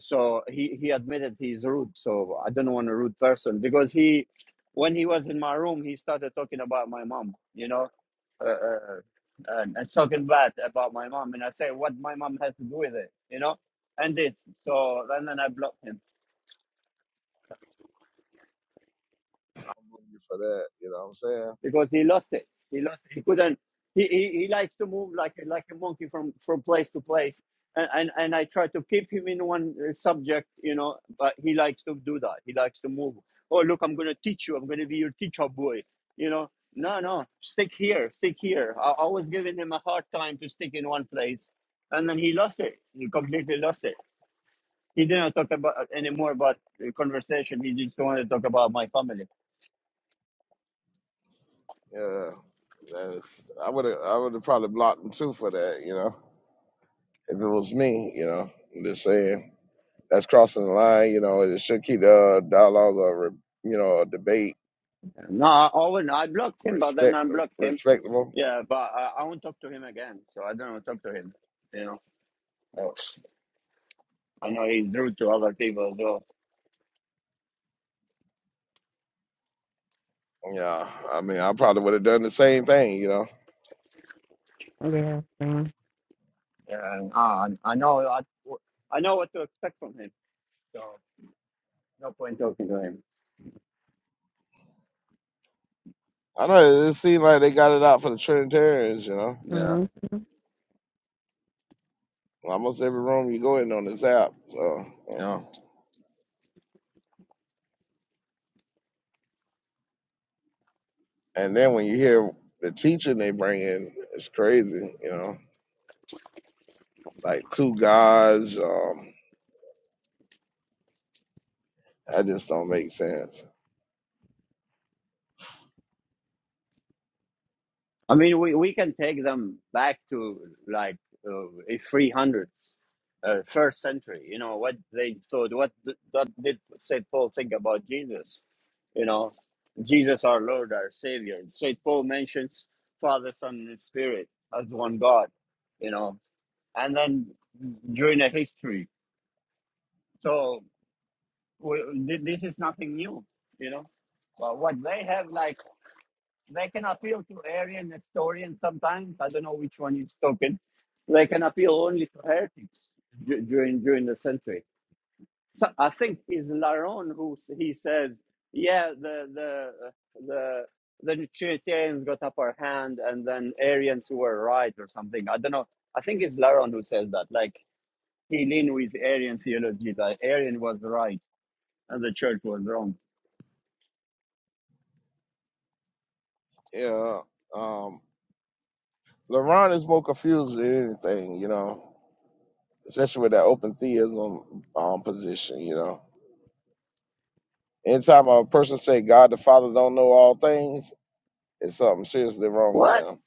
S1: so he he admitted he's rude so i don't want a rude person because he when he was in my room he started talking about my mom you know uh, uh, and, and talking bad about my mom and i say what my mom has to do with it you know and this so and then i blocked him
S3: I believe you for that. You know what I'm saying?
S1: because he lost it. He lost. He couldn't. He, he, he likes to move like a- like a monkey from from place to place, and and, and I try to keep him in one uh, subject, you know. But he likes to do that. He likes to move. Oh look, I'm gonna teach you. I'm gonna be your teacher boy. You know. No, no, stick here, stick here. I, I was giving him a hard time to stick in one place, and then he lost it. He completely lost it. He didn't talk about anymore about the conversation. He just wanted to talk about my family
S3: Yeah, that's I would I would have probably blocked him too for that. You know. if it was me, you know, I'm just saying that's crossing the line. You know, it should keep the uh, dialogue or re- you know a debate
S1: No, I- Owen, I blocked him, but then
S3: respect
S1: unblocked him.
S3: respectable.
S1: Yeah, but I, I won't talk to him again. So I don't want to talk to him. You know, So, I know he's rude to other people as well.
S3: Yeah, I mean, I probably would have done the same thing. You know,
S4: Yeah.
S1: Yeah, and I, I know I, I know what to expect from him. So no point talking to him.
S3: I don't know it seemed like they got it out for the Trinitarians. You know,
S1: Yeah,
S4: Mm-hmm.
S3: almost every room you go in on this app. So you know, and then when you hear the teaching they bring in, it's crazy. You know, like two gods. Um, that just don't make sense.
S1: I mean we, we can take them back to like uh, a three hundreds, uh, first century. You know what they thought. What th- that did Saint Paul think about Jesus? you know, Jesus our Lord, our Savior. And St. Paul mentions Father, Son, and Spirit as one God, you know, and then during the history. So we, thi- this is nothing new, you know. But what they have, like, they can appeal to Arian historians sometimes. I don't know which one you is talking. They can appeal only to heretics du- during during the century So I think it's Laron who s- he says, yeah, the the the the Trinitarians got upper hand, and then Arians who were right or something. I don't know. I think it's Laron who says that. Like he leaned with Arian theology that Arian was right and the church was wrong.
S3: Yeah. Um, LeBron is more confused than anything, you know, especially with that open theism um, position, you know. Anytime a person say God the Father don't know all things, it's something seriously wrong with
S1: What
S3: them.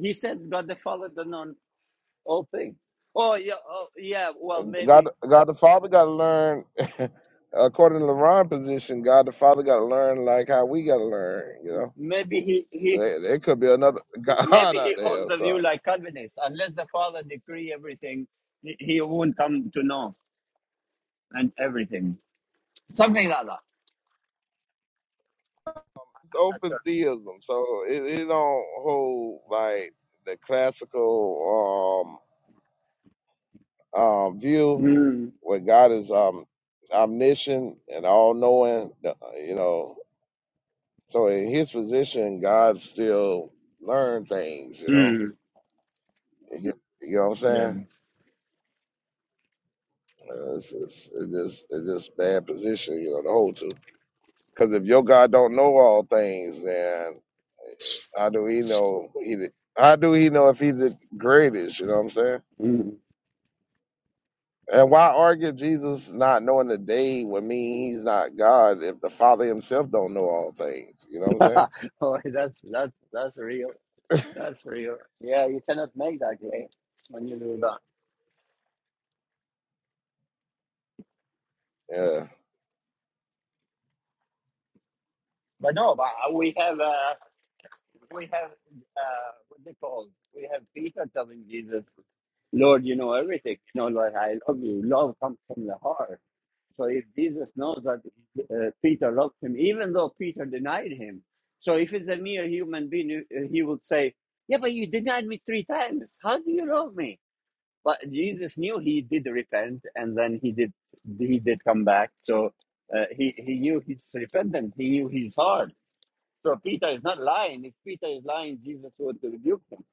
S1: he said, God the Father the non all thing. Oh yeah, oh, yeah. Well,
S3: And God,
S1: maybe
S3: God the Father got to learn, *laughs* according to LeBron's position, God the Father got to learn like how we got to learn, you know.
S1: maybe he
S3: So
S1: he
S3: there, there could be another *laughs* God
S1: maybe
S3: out
S1: he
S3: there
S1: holds
S3: or
S1: the view
S3: something.
S1: like Calvinists. Unless the Father decree everything, he, he won't come to know. and everything. Something like that.
S3: It's
S1: I'm not
S3: open
S1: sure.
S3: theism, so it, it don't hold like the classical. um uh, view
S1: Mm.
S3: where God is um, omniscient and all knowing, you know. So in his position, God still learn things, you know.
S1: Mm.
S3: You, you know what I'm
S1: Yeah.
S3: saying? Uh, It's just, it's just, it's just bad position, you know, to hold to. Because if your God don't know all things, then how do he know? He, the- how do he know if he's the greatest? You know what I'm saying?
S1: Mm.
S3: And why argue Jesus not knowing the day would mean he's not God if the Father himself don't know all things? You know what I'm
S1: *laughs* oh, that's that's that's real. That's real. Yeah, you cannot make that game when you do that.
S3: saying?
S1: But no, but uh, we have uh, we have uh, what they call we have Peter telling Jesus, Lord, you know everything. You know, like I love you. Love comes from the heart. So if Jesus knows that uh, Peter loved him, even though Peter denied him, so if it's a mere human being, uh, he would say, "Yeah, but you denied me three times. How do you love me?" But Jesus knew he did repent, and then he did he did come back. So uh, he he knew His repentance. He knew his heart. So Peter is not lying. If Peter is lying, Jesus would rebuke him.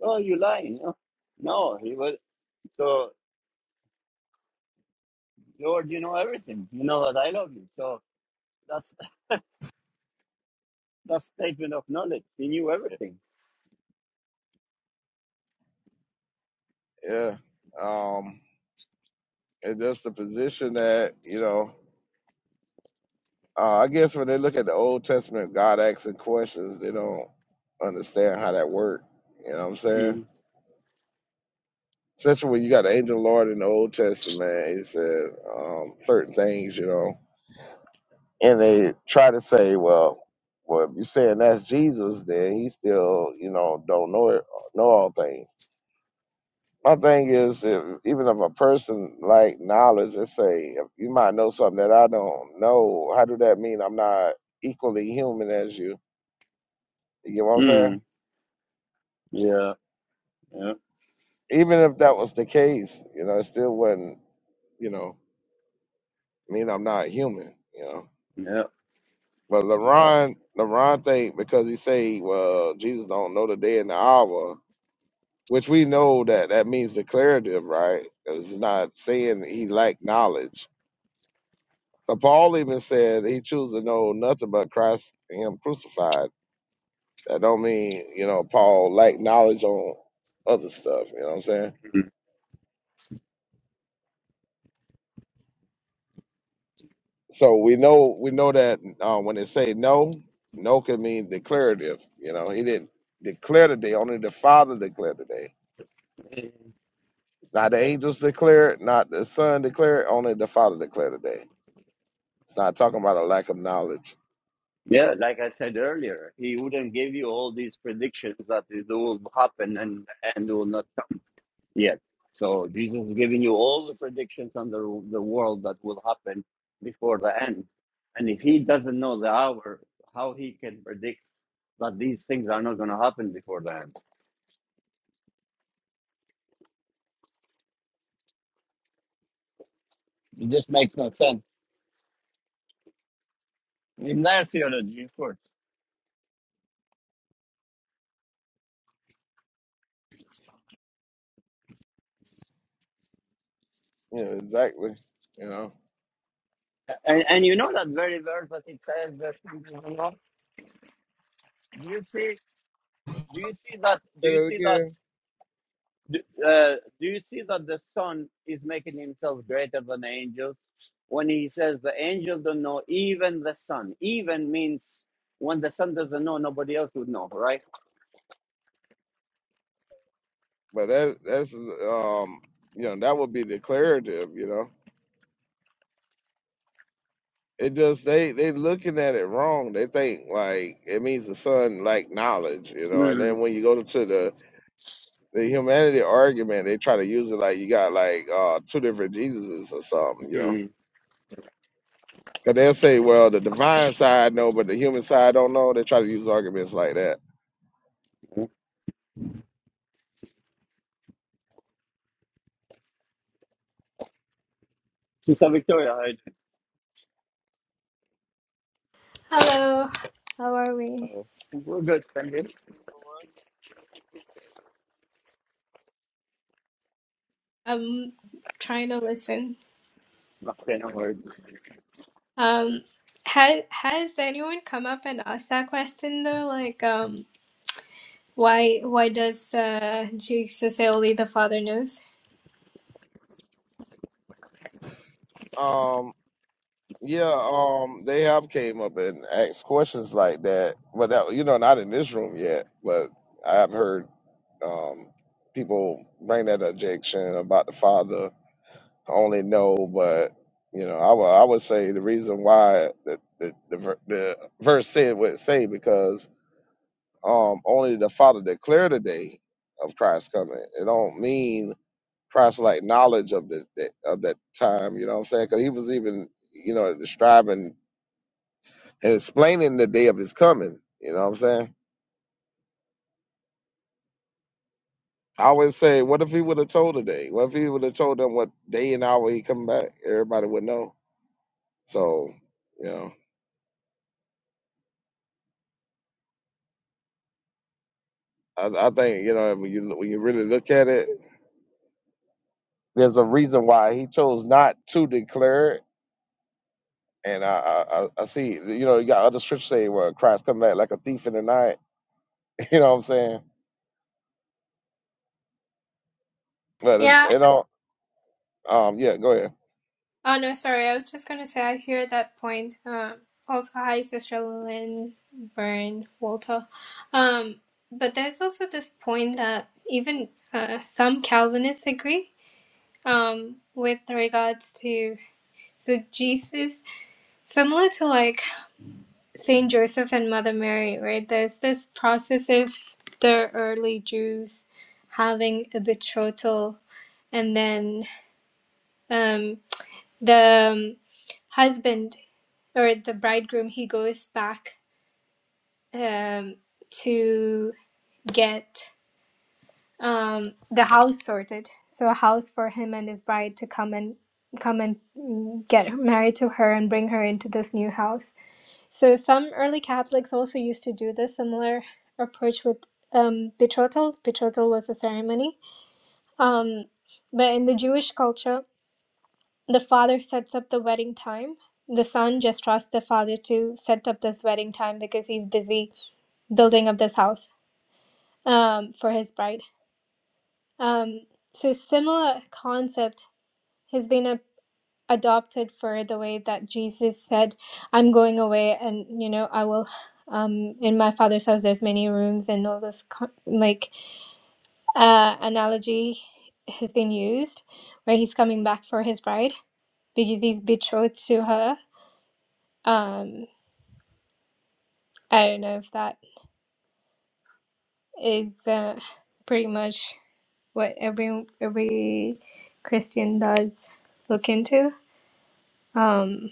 S1: Oh, you lying? No, no, he was. So Lord, you know everything. You know that I love you. So that's. that statement of knowledge. He knew
S3: Yeah.
S1: everything.
S3: Yeah. Um, it's just the position that, you know, uh, I guess when they look at the Old Testament, God asking questions, they don't understand how that worked. You know what I'm saying?
S1: Mm.
S3: Especially when you got the angel of the Lord in the Old Testament, he said um, certain things, you know. and they try to say, well, well, if you're saying that's Jesus, then he still, you know, don't know it, know all things. My thing is, if, even if a person like knowledge, let's say, if you might know something that I don't know, how do that mean I'm not equally human as you? You get what I'm saying?
S1: Mm. Yeah, yeah,
S3: Even if that was the case, you know, it still wouldn't, you know, mean I'm not human, you know.
S1: yeah.
S3: But LeRon, LeRon think because he say, well, Jesus don't know the day and the hour, which we know that that means declarative, right? 'Cause It's not saying that he lacked knowledge. But Paul even said he chose to know nothing but Christ and him crucified. That don't mean, you know, Paul lacked knowledge on other stuff, you know what I'm saying? So we know we know that um, when they say no, no can mean declarative. You know, he didn't declare the day. only the Father declared the day.
S1: Mm.
S3: Not the angels declare it. not the Son declare it. only the Father declared the day. It's not talking about a lack of knowledge.
S1: Yeah, like I said earlier, he wouldn't give you all these predictions that it will happen and and will not come yet. So Jesus is giving you all the predictions on the the world that will happen before the end. And if he doesn't know the hour, how he can predict that these things are not going to happen before the end? It just makes no sense. In their theology, of course.
S3: Yeah, exactly. You know,
S1: And, and you know that very verse that it says there's something going on. Do you see? Do you see that? Do
S3: say
S1: you
S3: that
S1: see that?
S3: again.
S1: Do, uh, do you see that the Son is making himself greater than the angels? When he says the angels don't know, even the Son. Even means when the Son doesn't know, nobody else would know, right?
S3: But that that's um, you know, that would be declarative. You know, it just they they looking at it wrong. They think like it means the sun like knowledge. You know, and then when you go to the the humanity argument, they try to use it like you got like uh two different Jesuses or something. You know
S1: Mm-hmm.
S3: Cause they'll say, well, the divine side know, but the human side don't know. They try to use arguments like that.
S1: Sister Victoria, how are you
S5: Hello, how are we?
S1: doing? We're good, thank you.
S5: I'm trying to listen.
S1: Okay, no worries.
S5: Um, has has anyone come up and asked that question though? Like, um, why why does uh, Jesus say only the Father knows?
S3: Um, yeah, um, they have came up and asked questions like that, but that you know, not in this room yet. But I've heard um people bring that objection about the father I only know, but you know, I would I would say the reason why the the the, ver- the verse said what it say because um only the Father declared the day of Christ's coming. It don't mean Christ like knowledge of the the- of that time. You know what I'm saying? Because he was even you know describing and explaining the day of his coming. You know what I'm saying? I always say, what if he would have told today? What if he would have told them what day and hour he come back? Everybody would know. So, you know. I, I think you know when you when you really look at it, there's a reason why he chose not to declare it. And I I, I I see you know you got other scriptures say where Christ come back like a thief in the night. *laughs* You know what I'm saying? But it
S5: Yeah.
S3: it don't. Um, yeah, go ahead.
S5: Oh no, sorry. I was just gonna say I hear that point. Um, also, hi, Sister Lynn, Vern, Walter. Um, but there's also this point that even uh, some Calvinists agree um, with regards to. So Jesus similar to like Saint Joseph and Mother Mary, right? There's this process of the early Jews having a betrothal, and then um, the um, husband or the bridegroom he goes back um, to get um, the house sorted, so a house for him and his bride to come and come and mm, get married to her and bring her into this new house So some early Catholics also used to do this similar approach with um, betrothal. Betrothal was a ceremony, um, but in the Jewish culture, the father sets up the wedding time. The son just trusts the father to set up this wedding time because he's busy building up this house um, for his bride. Um, so similar concept has been a. adopted for the way that Jesus said, I'm going away and you know, I will um in my father's house there's many rooms and all this co- like uh analogy has been used where he's coming back for his bride because he's betrothed to her. Um I don't know if that is uh, pretty much what every every Christian does look into. Um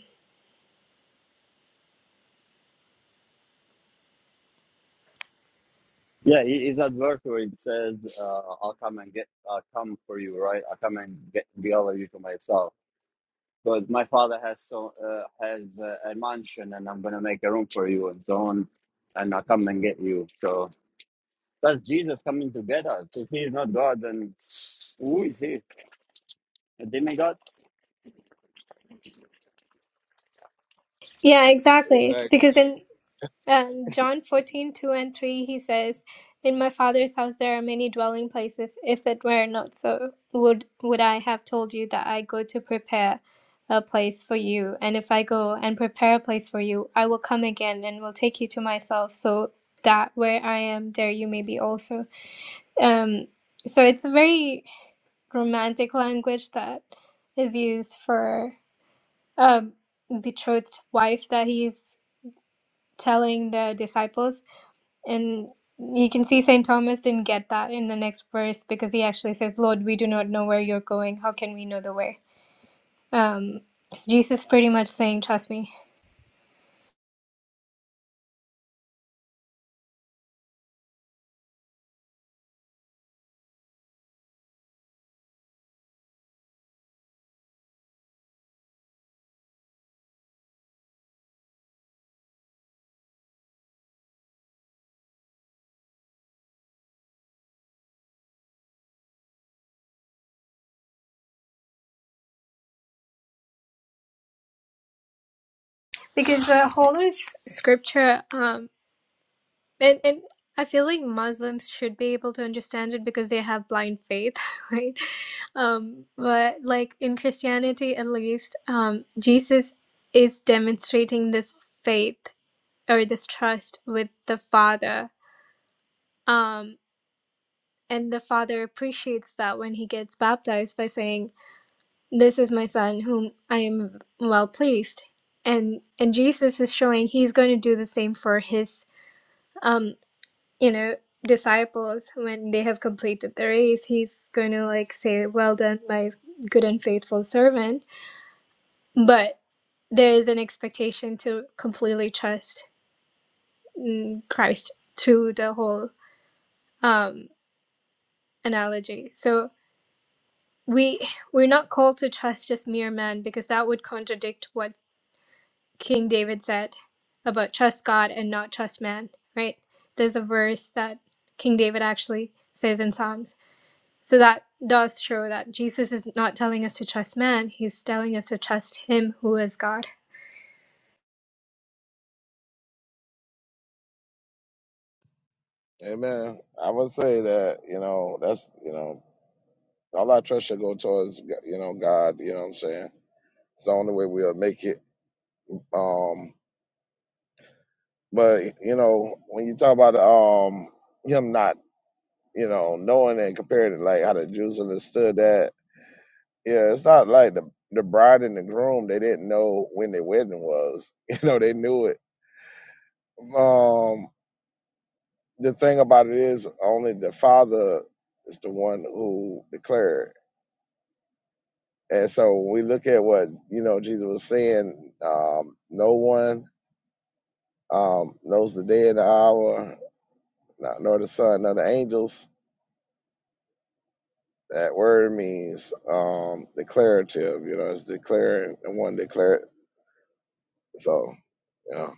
S1: Yeah, he- he's at verse where it says, uh, "I'll come and get, I'll come for you, right? I'll come and get gather you to myself." But my father has so uh, has uh, a mansion, and I'm gonna make a room for you, and so on, and I'll come and get you. So that's Jesus coming to get us. If he's not God, then who is he? A demigod?
S5: yeah, exactly.
S3: Exactly.
S5: Because then Um, John 14 2 and 3, he says, In my father's house there are many dwelling places. If it were not so, would, would I have told you that I go to prepare a place for you? And if I go and prepare a place for you, I will come again and will take you to myself, so that where I am, there you may be also. Um, so it's a very romantic language that is used for a betrothed wife that he's telling the disciples and you can see St. Thomas didn't get that in the next verse because he actually says, Lord, we do not know where you're going. How can we know the way? Um, so Jesus pretty much saying, Trust me. Because the whole of scripture, um, and, and I feel like Muslims should be able to understand it because they have blind faith, *laughs* right? Um, but like in Christianity, at least, um, Jesus is demonstrating this faith or this trust with the Father. Um, And the father appreciates that when he gets baptized by saying, This is my son whom I am well pleased. And and Jesus is showing he's going to do the same for his um, you know, disciples when they have completed the race. He's going to like say, Well done, my good and faithful servant. But there is an expectation to completely trust mm, Christ through the whole um analogy. So we we're not called to trust just mere man because that would contradict what King David said about trust God and not trust man, right? There's a verse that King David actually says in Psalms. So that does show that Jesus is not telling us to trust man, he's telling us to trust him who is God.
S3: Amen. I would say that you know that's you know all our trust should go towards you know God. You know what I'm saying? It's the only way we'll make it. Um, but you know when you talk about um him not you know, knowing and compared to like how the Jews understood that. Yeah, it's not like the the bride and the groom they didn't know when their wedding was. *laughs* You know, they knew it. Um, the thing about it is only the father is the one who declared. And so when we look at what you know Jesus was saying, um, no one um, knows the day and the hour, not- nor the son, nor the angels that word means um declarative you know it's declaring the one declared So yeah.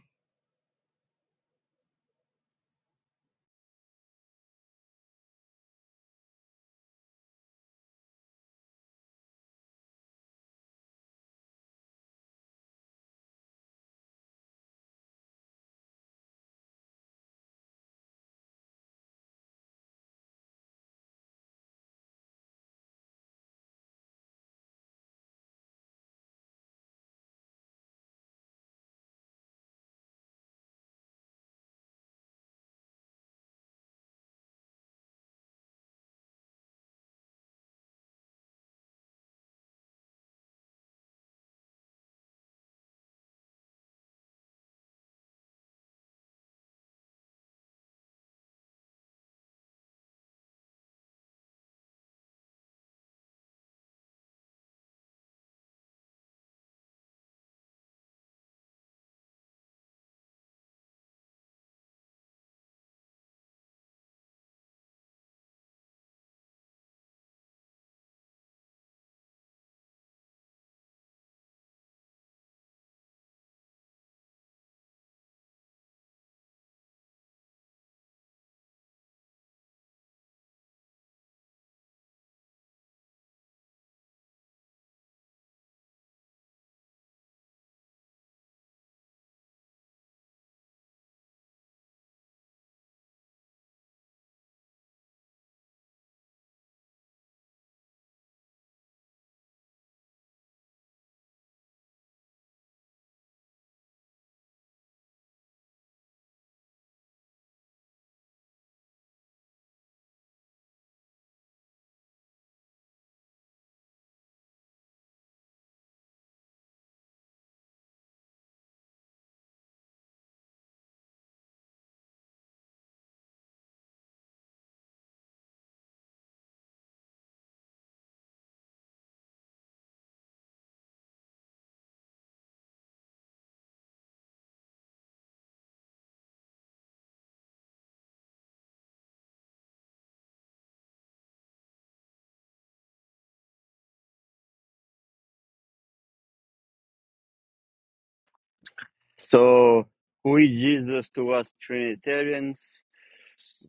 S1: So who is Jesus to us Trinitarians?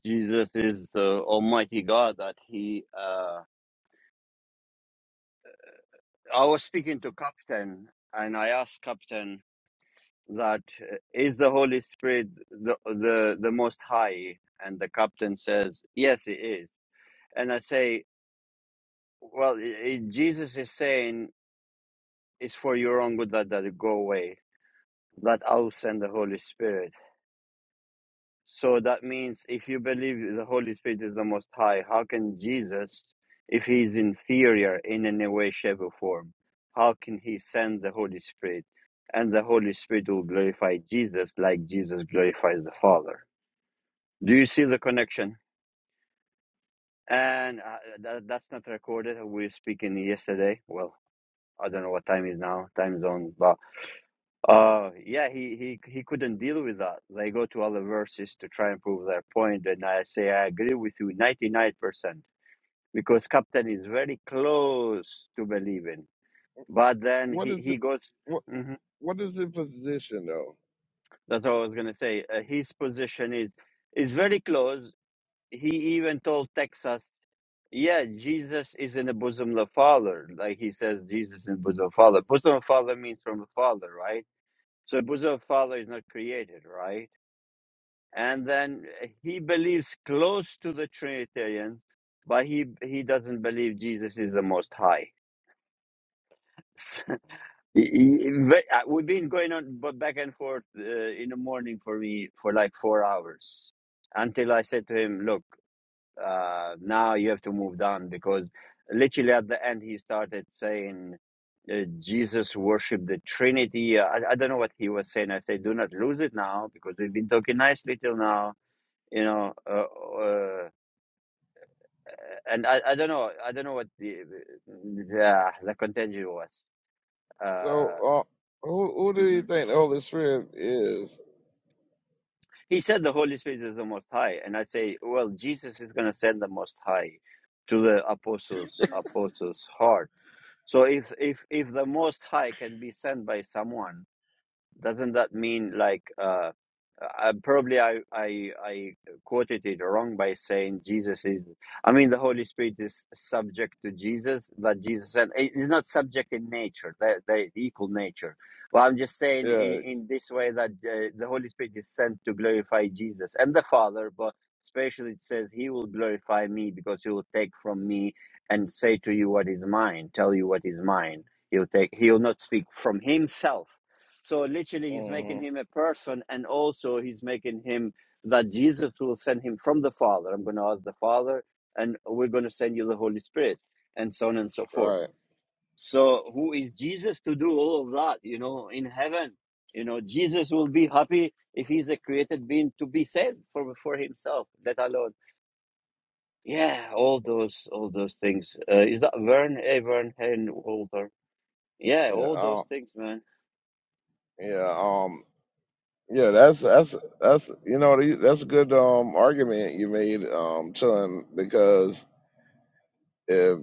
S1: Jesus is the Almighty God that He uh, I was speaking to Captain, and I asked Captain that uh, is the Holy Spirit the the the Most High, and the Captain says yes, it is. And I say, well, i i- Jesus is saying it's for your own good that that it go away, that I'll send the Holy Spirit. So that means if you believe the Holy Spirit is the Most High, how can Jesus, if he is inferior in any way, shape, or form, how can he send the Holy Spirit? And the Holy Spirit will glorify Jesus like Jesus glorifies the Father. Do you see the connection? And uh, that, that's not recorded. We were speaking yesterday. Well, I don't know what time is now, time zone, but Uh, yeah, he, he, he couldn't deal with that. They go to other verses to try and prove their point, and I say I agree with you 99% because Captain is very
S3: Well,
S1: close to believing. But then
S3: what
S1: he,
S3: is
S1: he
S3: it?
S1: goes,
S3: What
S1: Mhm.
S3: what is the position though?
S1: that's what I was going to say. Uh, his position is, is very close. He even told Texas, yeah, Jesus is in the bosom of the Father. Like he says, Jesus in the bosom of the Father. Bosom of Father means from the Father, right? So bosom of Father is not created, right? and then he believes close to the Trinitarian, but he he doesn't believe Jesus is the Most High. *laughs* He- he- ve- uh, We've been going on b- back and forth uh, in the morning for me for like four hours until I said to him, "Look, uh, now you have to move down because literally at the end he started saying." Uh, Jesus worshiped the Trinity. Uh, I, I don't know what he was saying. I said, "Do not lose it now, because we've been talking nicely till now." you know uh, uh, and I, I don't know i don't know what the the, the contention was uh
S3: So uh, who who do you
S1: mhm.
S3: think the Holy Spirit is?
S1: he said the holy spirit is the most high and i say well jesus is going to send the most high to the apostles apostles heart so if if if the most high can be sent by someone doesn't that mean like uh, uh probably I, I i quoted it wrong by saying jesus is i mean the holy spirit is subject to jesus that jesus and it is not subject in nature they they equal nature well i'm just saying
S3: Yeah.
S1: in, in this way that uh, the holy spirit is sent to glorify jesus and the father but especially it says he will glorify me because he will take from me and say to you what is mine tell you what is mine he'll take he'll not speak from himself so literally, he's
S3: hmm
S1: making him a person, and also he's making him that Jesus will send him from the Father. I'm going to ask the Father, and we're going to send you the Holy Spirit, and so on and so forth.
S3: Right.
S1: So, who is Jesus to do all of that? You know, in heaven, you know, Jesus will be happy if he's a created being to be saved for for himself, let alone. Yeah, all those, all those things. Uh, is that Vern? Hey, Vern, hey, Walter. Yeah,
S3: Yeah.
S1: all
S3: Um,
S1: those things, man.
S3: yeah. Um. Yeah. That's that's that's you know the- that's a good um argument you made um Chun because if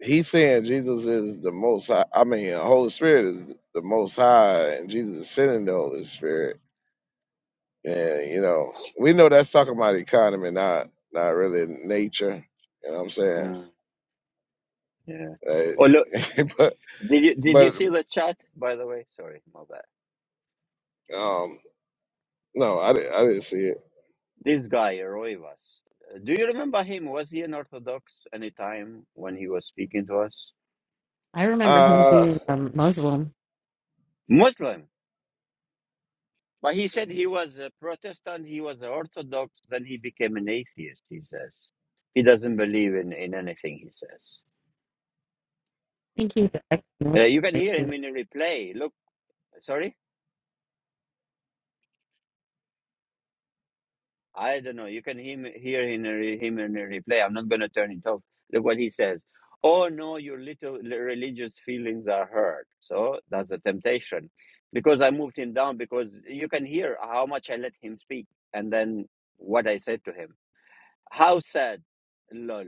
S3: he's saying Jesus is the most high, I mean Holy Spirit is the most high and Jesus is sending the Holy Spirit And you know, we know that's talking about economy, not not really nature. You know what I'm saying?
S1: Mm, yeah. Oh, look,
S3: Uh, *laughs* but
S1: Did you did you
S3: but
S1: see the chat? By the way, sorry, my bad.
S3: um, no, I didn't I didn't see it.
S1: This guy Roivas, uh, do you remember him? Was he an Orthodox any time when he was speaking to us?
S4: I remember him
S3: Uh,
S4: being
S3: I
S4: a Muslim.
S1: Muslim, but he said he was a Protestant. He was an Orthodox. Then he became an atheist. He says he doesn't believe in in anything. He says
S4: I think he's an ex-Muslim.
S1: uh, you can hear him in a replay. Look, sorry. I don't know. You can him, hear him, in re- him in a replay. I'm not going to turn it off. Look what he says. Oh no, your little religious feelings are hurt. So that's a temptation, because I moved him down because you can hear how much I let him speak and then what I said to him. How sad, lol.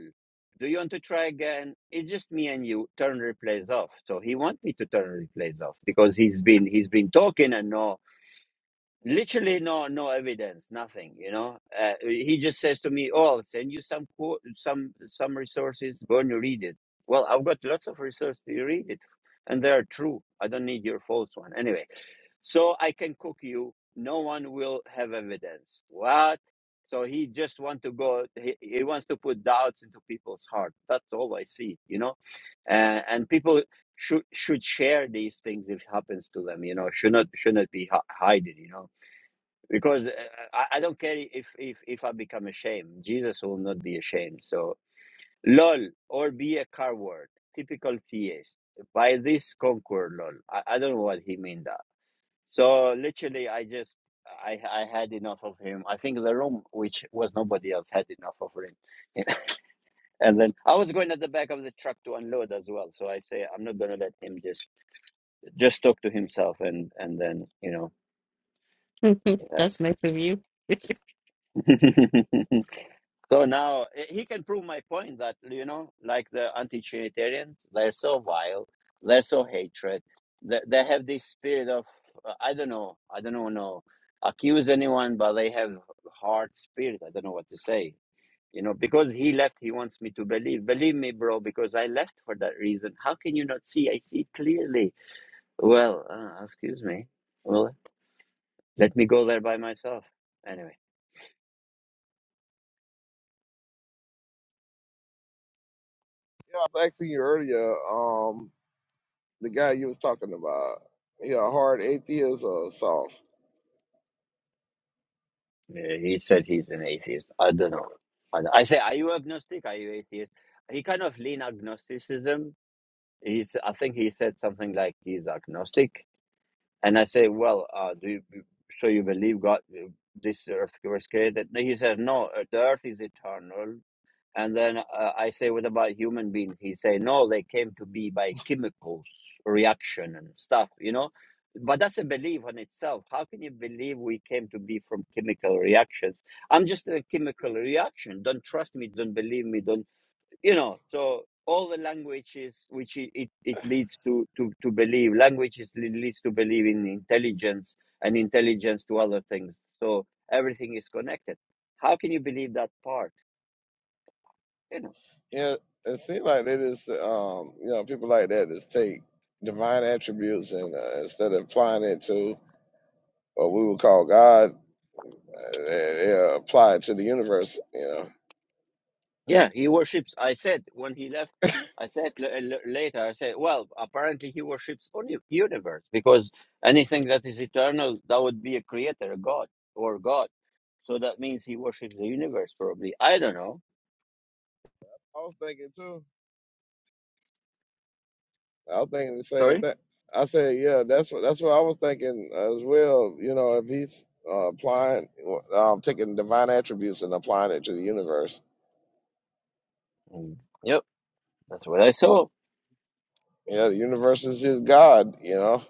S1: Do you want to try again? It's just me and you. Turn replays off. So he wants me to turn replays off because he's been he's been talking and no literally no no evidence nothing you know uh, he just says to me oh i'll send you some quote some some resources go and read it well i've got lots of resources to read it and they are true i don't need your false one anyway so i can cook you no one will have evidence what so he just want to go he, he wants to put doubts into people's heart that's all i see you know uh, and people should should share these things if it happens to them you know should not should not be hi- hiding you know because uh, I, I don't care if if if I become ashamed. Jesus will not be ashamed. So lol or be a coward, typical theist. By this conquer lol. I, I don't know what he mean that. So literally, I just I I had enough of him. I think the room, which was nobody else, had enough of him. *laughs* and then I was going at the back of the truck to unload as well. So I say I'm not gonna let him just just talk to himself and and then you know.
S4: *laughs* That's nice of you.
S1: yeah. *laughs* So now eh, he can prove my point that you know, like the anti-Trinitarians, they're so vile, they're so hatred, they, they have this spirit of uh, I don't know, I don't know, no, accuse anyone, but they have hard spirit. I don't know what to say. You know, because he left, he wants me to believe. Believe me, bro, because I left for that reason. How can you not see? I see clearly. Well, uh, excuse me. Well, let me go there by myself. Anyway.
S3: was asking you earlier. Um, the guy you was talking about, he a hard atheist or soft?
S1: Yeah, he said he's an atheist. I don't know. I, I say, are you agnostic? Are you atheist? He kind of lean agnosticism. He's, I think he said something like he's agnostic. And I say, well, uh, do you, so you believe God, uh, this earth was created? No, He said, no, the earth is eternal. And then uh, I say, what about human beings?" He say, no, they came to be by chemicals, reaction and stuff, you know. But that's a belief on itself. How can you believe we came to be from chemical reactions? I'm just a chemical reaction. Don't trust me. Don't believe me. Don't, you know. So all the languages which it, it, it leads to, to, to believe, languages leads to believe in intelligence and intelligence to other things. So everything is connected. How can you believe that part? You know.
S3: Yeah, it seems like they just um, you know, people like that just take divine attributes and uh, instead of applying it to what we would call God, uh, they, they apply it to the universe. You know
S1: Yeah, he worships. I said when he left, I said l- l- later, I said, well, apparently he worships only universe because anything that is eternal, that would be a creator, a god, or God. So that means he worships the universe, probably. I don't know.
S3: I was thinking too. I was thinking the same
S1: Sorry?
S3: thing. I said, yeah, that's what that's what I was thinking as well. You know, if he's uh, applying, um, taking divine attributes and applying it to the universe.
S1: Mm. Yep, that's what I saw.
S3: Yeah, the universe is his God. You know,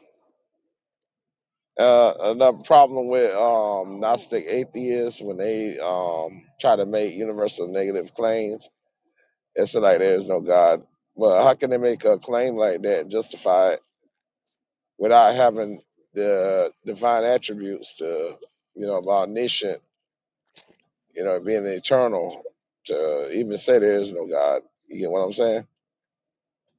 S3: uh, another problem with um, Gnostic atheists when they um, try to make universal negative claims, it's like there is no God. But how can they make a claim like that justify it? without having the divine attributes to you know of omniscient you know being eternal to even say there is no god you get what i'm saying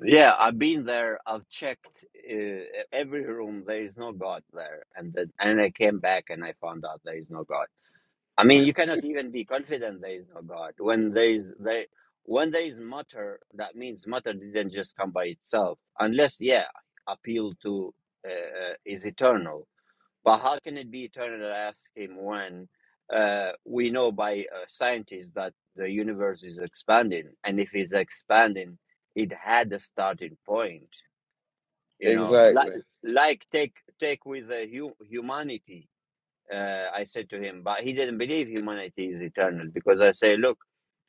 S1: Yeah, I've been there. I've checked uh, every room. There is no God there. And then, and I came back and I found out there is no God. I mean, you cannot even be confident there is no God when there is there when there is matter. That means matter didn't just come by itself, unless yeah, appeal to uh, uh, is eternal. But how can it be eternal? I ask him when uh, we know by uh, scientists that the universe is expanding, and if it's expanding, it had a starting point. You know, like
S3: exactly
S1: like take take with the hu- humanity uh, I said to him, but he didn't believe humanity is eternal because I say, look,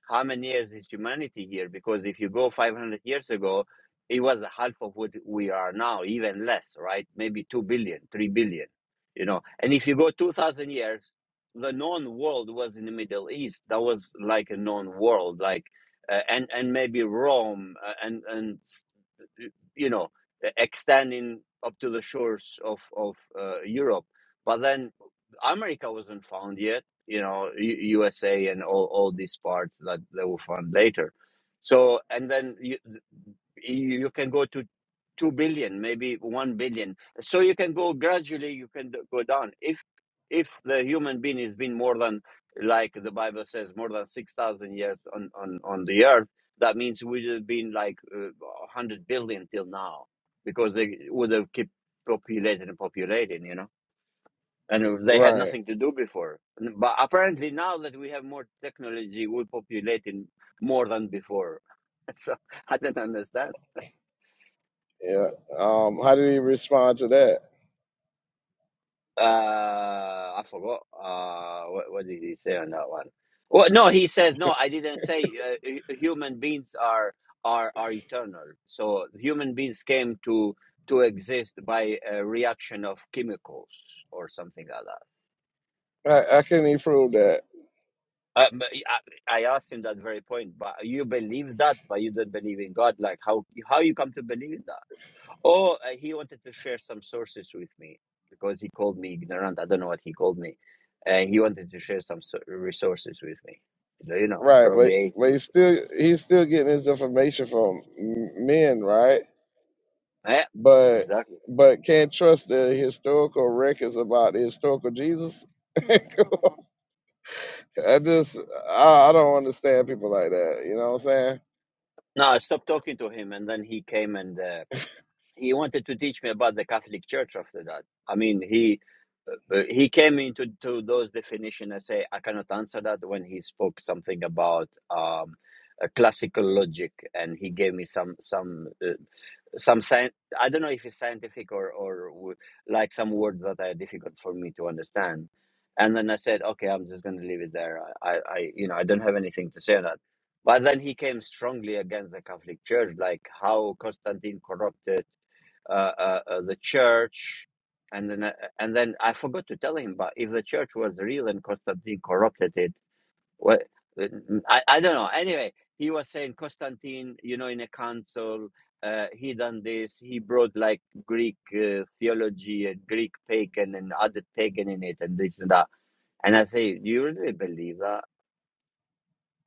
S1: how many years is humanity here? Because if you go 500 years ago, it was half of what we are now, even less, right? Maybe two billion, three billion, you know. And if you go 2,000 years, the known world was in the Middle East. That was like a known world, like, uh, and, and maybe Rome uh, and, and you know, extending up to the shores of of uh, Europe. But then America wasn't found yet. You know, U- USA and all all these parts that they were found later. So and then you, you you can go to 2 billion maybe 1 billion so you can go gradually you can go down if if the human being has been more than like the bible says more than 6000 years on on on the earth that means we would have been like uh, 100 billion till now because they would have kept populating and populating you know and they had
S3: right
S1: nothing to do before but apparently now that we have more technology we're populating more than before *laughs* so i don't understand
S3: yeah um how did he respond to that
S1: Uh, I forgot. Uh, what, what did he say on that one? Well, no, he says no. I didn't say uh, hu- human beings are are are eternal. So human beings came to to exist by a reaction of chemicals or something like that.
S3: i, I couldn't even prove that
S1: Uh, but I, I asked him that very point. But you believe that, but you don't believe in God. Like how how you come to believe in that? Oh, uh, he wanted to share some sources with me because he called me ignorant. I don't know what he called me. Uh, he wanted to share some so- resources with me. So, You know,
S3: right but
S1: probably
S3: but he's
S1: atheistic.
S3: still he's still getting his information from m- men right
S1: Yeah,
S3: but
S1: exactly.
S3: but can't trust the historical records about the historical jesus *laughs* I just I, I don't understand people like that. You know what I'm saying?
S1: No, I stopped talking to him, and then he came and uh, he wanted to teach me about the Catholic Church. After that, I mean, he uh, he came into to those definition. I say I cannot answer that when he spoke something about um, uh, classical logic, and he gave me some some uh, some science i don't know if it's scientific or or w- like some words that are difficult for me to understand and then i said okay i'm just going to leave it there I, I i you know i don't have anything to say on that but then he came strongly against the catholic church like how constantine corrupted uh, uh, uh, the church and then I- and then i forgot to tell him but if the church was real and constantine corrupted it well, I, I don't know. Anyway, he was saying Constantine, you know, in a council, uh, he done this. He brought like Greek uh, theology and Greek pagan and other pagan in it and this and that. And I say, do you really believe that?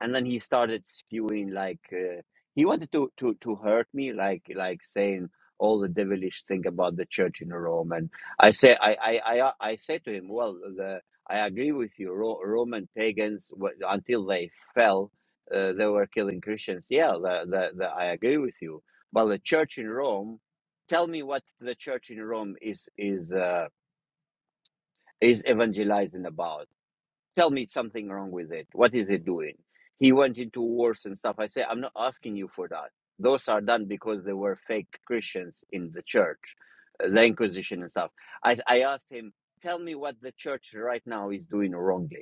S1: and then he started spewing like uh, he wanted to, to to hurt me like like saying all the devilish thing about the church in rome and i say i i i, uh, I say to him well the i agree with you Ro- roman pagans wa- until they fell uh, they were killing christians yeah the, the, the, i agree with you but the church in rome tell me what the church in rome is is uh, is evangelizing about tell me something wrong with it. What is it doing? He went into wars and stuff. I say, I'm not asking you for that. Those are done because they were fake Christians in the church, uh, the Inquisition and stuff. I, I asked him, tell me what the church right now is doing wrongly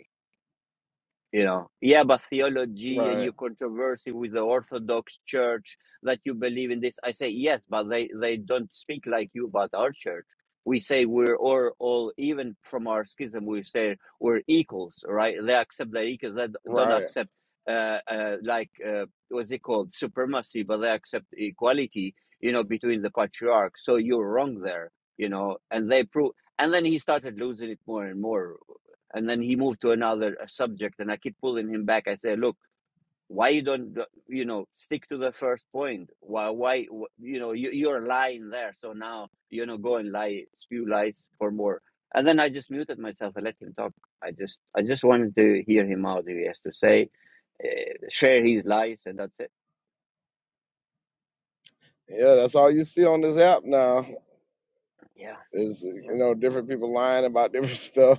S1: you know yeah but theology and
S3: Right.
S1: your controversy with the orthodox church that you believe in this i say yes but they they don't speak like you about our church we say we're all, all even from our schism we say we're equals right they accept their equals they don't
S3: Right.
S1: accept uh, uh like uh what's it called supremacy but they accept equality you know between the patriarchs so you're wrong there you know and they prove and then he started losing it more and more and then he moved to another uh, subject and i keep pulling him back i say look why you don't uh, you know stick to the first point why why you know you, you're lying there so now you know go and lie spew lies for more and then i just muted myself and let him talk i just i just wanted to hear him out he has to say uh, share his lies and that's it
S3: Yeah, that's all you see on this app now
S1: yeah
S3: is you
S1: yeah bro.
S3: know different people lying about different *laughs* stuff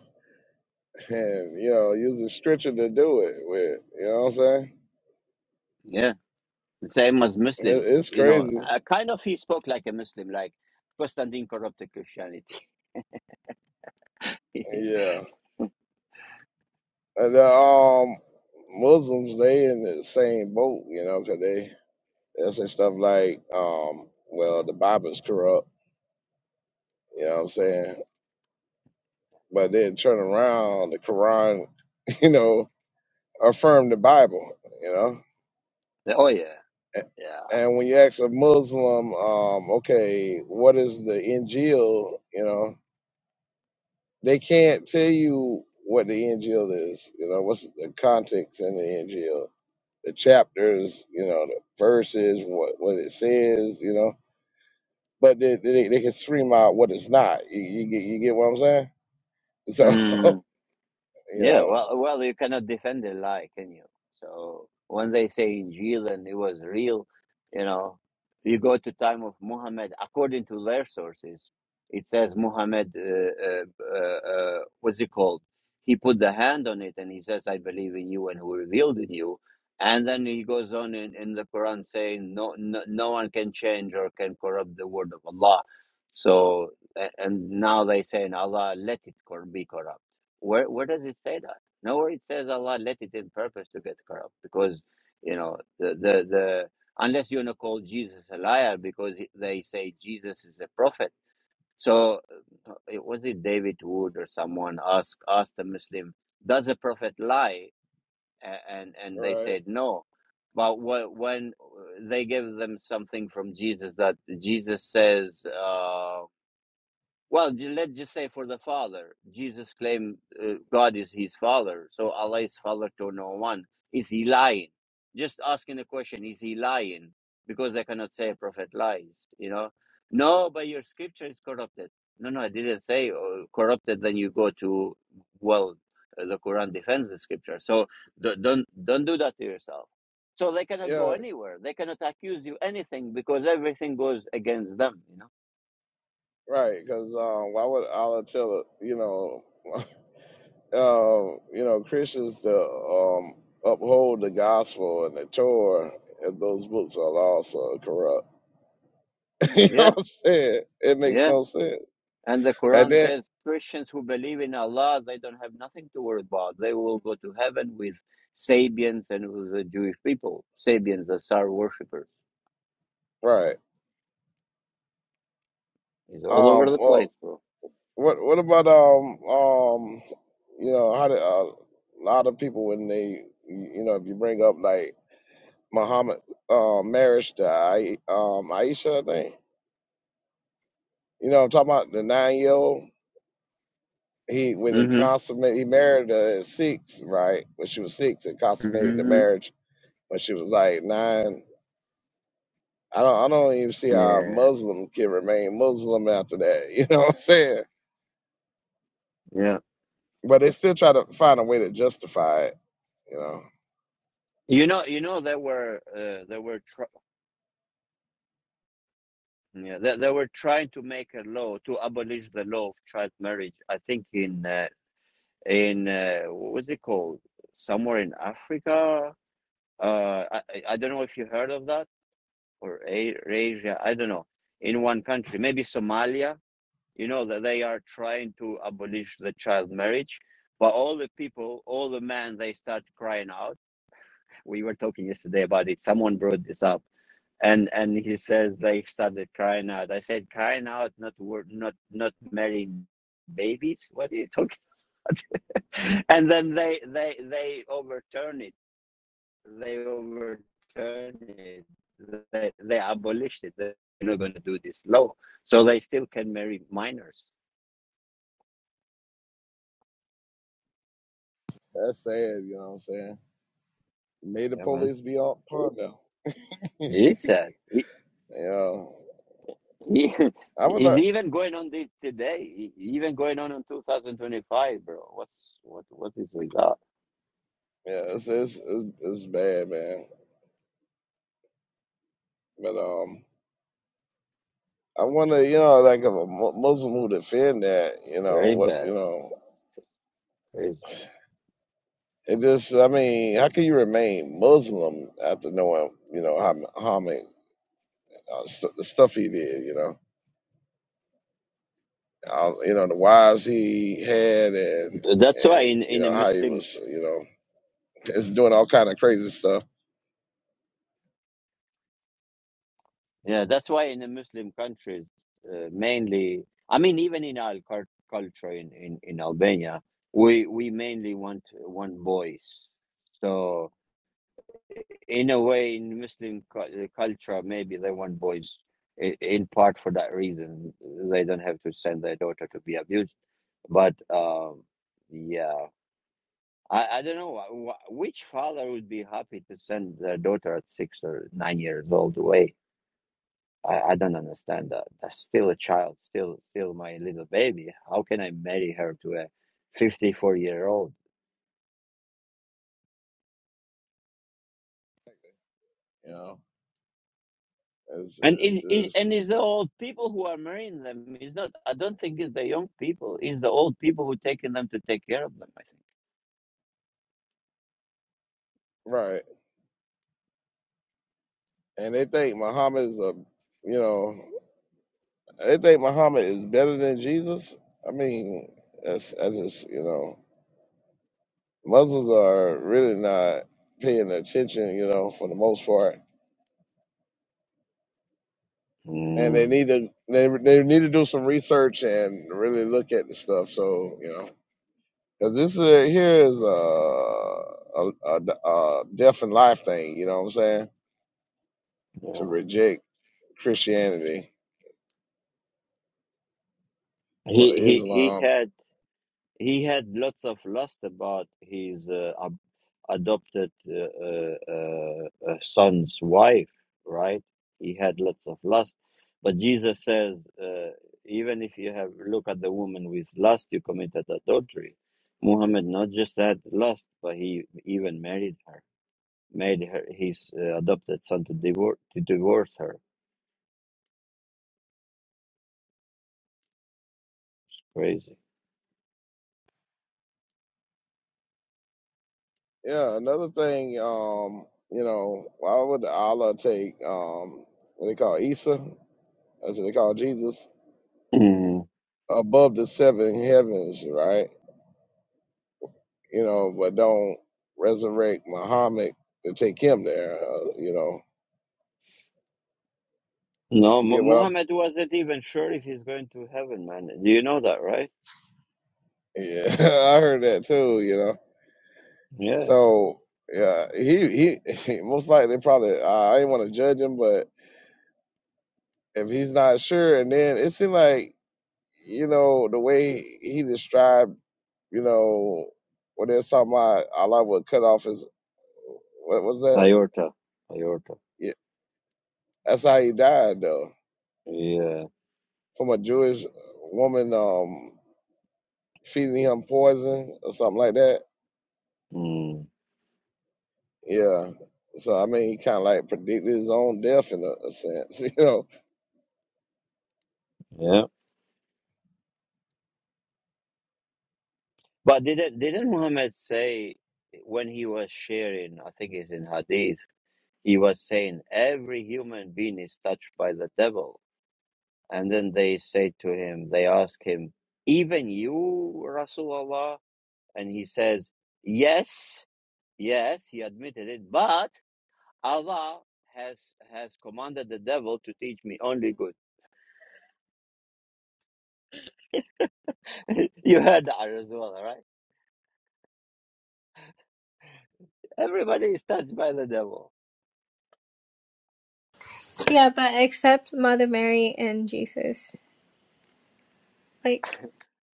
S3: and you know using stretcher to do it with. You know what I'm saying?
S1: yeah same as
S3: It,
S1: muslims
S3: it's
S1: you know
S3: crazy.
S1: uh, kind of he spoke like a muslim like constantine corrupted christianity *laughs*
S3: Yeah. And the um Muslims they in the same boat. You know, 'cause they they say stuff like um well the Bible's corrupt. You know what I'm saying? But then turn around the Quran. *laughs* You know affirm the Bible, you know.
S1: oh yeah
S3: A-
S1: yeah
S3: And when you ask a Muslim, um, okay, what is the Injil, you know, they can't tell you what the Injil is, you know, what's the context in the Injil, the chapters, you know, the verses, what what it says, you know, but they they, they can scream out what it's not. You, you get you get what I'm saying? So
S1: Mm,
S3: *laughs* you
S1: yeah,
S3: know,
S1: well, well, you cannot defend a lie, can you? So when they say Injil and it was real, you know, you go to time of Muhammad. According to their sources, it says Muhammad uh, uh, uh, uh, what's it called? He put the hand on it and he says, "I believe in you and who revealed in you." And then he goes on in, in the Quran saying, no, "No, no one can change or can corrupt the word of Allah." So a- and now they say, "Allah let it cor- be corrupt." Where where does it say that? Nowhere it says Allah let it in purpose to get corrupt because you know the the, the unless you want to call Jesus a liar because he- they say Jesus is a prophet. So uh, it was it David Wood or someone asked asked a Muslim, does a prophet lie? A- And and they
S3: right?
S1: said no. But wh- when uh, they gave them something from Jesus that Jesus says. uh. Well, ju- let's just say for the Father, Jesus claimed uh, God is his Father, so Allah is Father to no one. Is he lying? Just asking the question, is he lying? Because they cannot say a prophet lies, you know? No, but your scripture is corrupted. No, no, I didn't say uh, corrupted. Then you go to, well, uh, the Quran defends the scripture. So d- don't, don't do that to yourself. So they cannot go
S3: Yeah,
S1: anywhere. They cannot accuse you anything because everything goes against them, you know?
S3: right. Because um, why would Allah tell it, you know? *laughs* um, you know, Christians to um, uphold the gospel and the Torah, and those books are also corrupt. *laughs* you know
S1: Yeah,
S3: what I'm saying? It makes
S1: yeah.
S3: no sense.
S1: And the
S3: And
S1: Quran
S3: then,
S1: says Christians who believe in Allah, they don't have nothing to worry about. They will go to heaven with Sabians and with the Jewish people. Sabians, the star worshippers.
S3: right?
S1: It's all over
S3: Um,
S1: the
S3: well,
S1: place, bro.
S3: what what about um um, you know, how do uh, a lot of people when they you you know if you bring up like Muhammad um marriage to I, um Aisha, I think you know, I'm talking about the nine year old he when he
S1: hmm
S3: consummated he married her at six, right? When she was six and consummated the
S1: hmm
S3: marriage when she was like nine. I don't I don't even see how a
S1: Yeah.
S3: Muslim can remain Muslim after that. *laughs* You know what I'm saying?
S1: Yeah.
S3: But they still try to find a way to justify it, you know.
S1: You know, you know, they were, uh, they were, tr- yeah, they, they were trying to make a law to abolish the law of child marriage. I think in, uh, in uh, what was it called? Somewhere in Africa. Uh, I I don't know if you heard of that or Asia, I don't know, in one country, maybe Somalia, you know, that they are trying to abolish the child marriage. But all the people, all the men, they start crying out. We were talking yesterday about it. Someone brought this up, and and he says they started crying out. I said, crying out, not word, not not marrying babies. What are you talking? *laughs* And then they they they overturn it they overturned it. They, they abolished it. They're not going to do this law. So they still can marry minors.
S3: That's sad, you know what I'm saying? May the
S1: Yeah, man.
S3: police be on par now. *laughs* you
S1: It's sad. It,
S3: know.
S1: it-
S3: I would
S1: it's *laughs*
S3: like
S1: even going on this today. Even going on in 2025, bro. What's what? What is we got?
S3: yeah, it's it's, it's it's bad, man. But um I wonder, you know, like if a Mu- Muslim who defend that, you know,
S1: Very
S3: what
S1: bad.
S3: you know.
S1: Crazy.
S3: It just, I mean, how can you remain Muslim after knowing, you know, how Muhammad, uh, st- the stuff he did, you know, uh, you know, the wives he had, and
S1: That's why
S3: and
S1: in
S3: you
S1: in a
S3: know how he
S1: Muslim
S3: was, you know, *laughs* is doing all kind of crazy stuff,
S1: Yeah, that's why in the Muslim countries, uh, mainly, I mean, even in our cul- culture in, in, in Albania, we we mainly want want boys. So in a way, in Muslim cu- uh, culture, maybe they want boys i- in part for that reason. They don't have to send their daughter to be abused. But um, yeah, I, I don't know wh- wh- which father would be happy to send their daughter at six or nine years old away I, I don't understand that. That's still a child, still still my little baby. How can I marry her to a 54 year old?
S3: you know, it's
S1: And in,
S3: it's,
S1: in
S3: it's
S1: and it's the old people who are marrying them. It's not. I don't think it's the young people. It's the old people who taking them to take care of them. I think.
S3: right, and they think Muhammad is a, you know, they think Muhammad is better than Jesus. I mean, that's I just, you know, Muslims are really not paying attention, you know, for the most part and they
S1: Mm,
S3: need to they, they need to do some research and really look at the stuff. So you know, because this is, here is a, a a a death and life thing. You know what I'm saying? To
S1: yeah.
S3: reject Christianity for
S1: He he he
S3: Islam.
S1: had he had lots of lust about his uh, adopted uh, uh, uh, uh, son's wife, right? He had lots of lust. But Jesus says, uh, even if you have look at the woman with lust, you committed adultery. Muhammad not just had lust, but he even married her, made her his uh, adopted son to divorce to divorce her. Crazy.
S3: Yeah. Another thing, um, you know, why would Allah take um what they call Isa? That's what they call Jesus
S1: Mm.
S3: above the seven heavens, right? You know, but don't resurrect Muhammad to take him there. Uh, you know,
S1: No,
S3: Yeah,
S1: Mu-
S3: what I'm.
S1: Muhammad wasn't even sure if he's going to heaven, man. Do you know that, right?
S3: Yeah, *laughs* I heard that too. You know,
S1: Yeah,
S3: so yeah, he he *laughs* most likely probably. I I didn't want to judge him, but if he's not sure, and then it seemed like you know the way he described, you know, when they're talking about Allah would cut off his. What was that?
S1: aorta, aorta.
S3: Yeah, that's how he died though,
S1: Yeah.
S3: from a Jewish woman um feeding him poison or something like that.
S1: Mm.
S3: Yeah. So I mean, he kind of like predicted his own death in a, a sense, *laughs* you know
S1: Yeah. But didn't didn't Muhammad say when he was sharing, I think it's in Hadith, he was saying every human being is touched by the devil. And then they say to him, they ask him, even you, Rasulullah? And he says, yes, yes, he admitted it, but Allah has has commanded the devil to teach me only good. *laughs* you heard that as well, right? Everybody is touched by the devil.
S5: Yeah, but except Mother Mary and Jesus. Like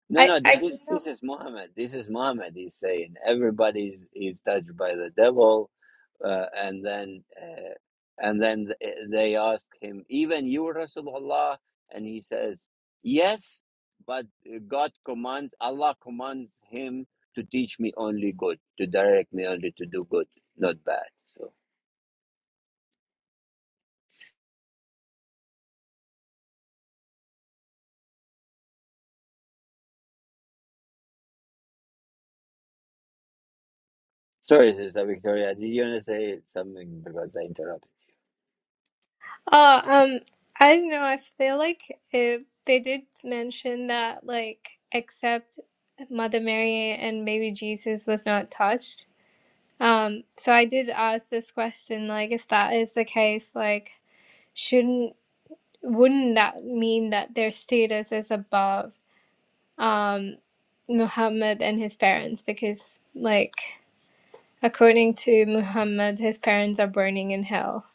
S1: No,
S5: I
S1: no,
S5: I
S1: th- th-
S5: don't know.
S1: this is Muhammad. This is Muhammad. He's saying everybody is touched by the devil, uh, and then uh, and then th- eh, they ask him, even you, Rasulullah, and he says, yes, but God commands, Allah commands him to teach me only good, to direct me only to do good, not bad. So, sorry, Sister Victoria, did you want to say something because I interrupted?
S5: Oh, um, I don't know. I feel like it, they did mention that, like, except Mother Mary and maybe Jesus was not touched. Um, so I did ask this question, like, if that is the case, like, shouldn't, wouldn't that mean that their status is above, um, Muhammad and his parents? Because, like, according to Muhammad, his parents are burning in hell.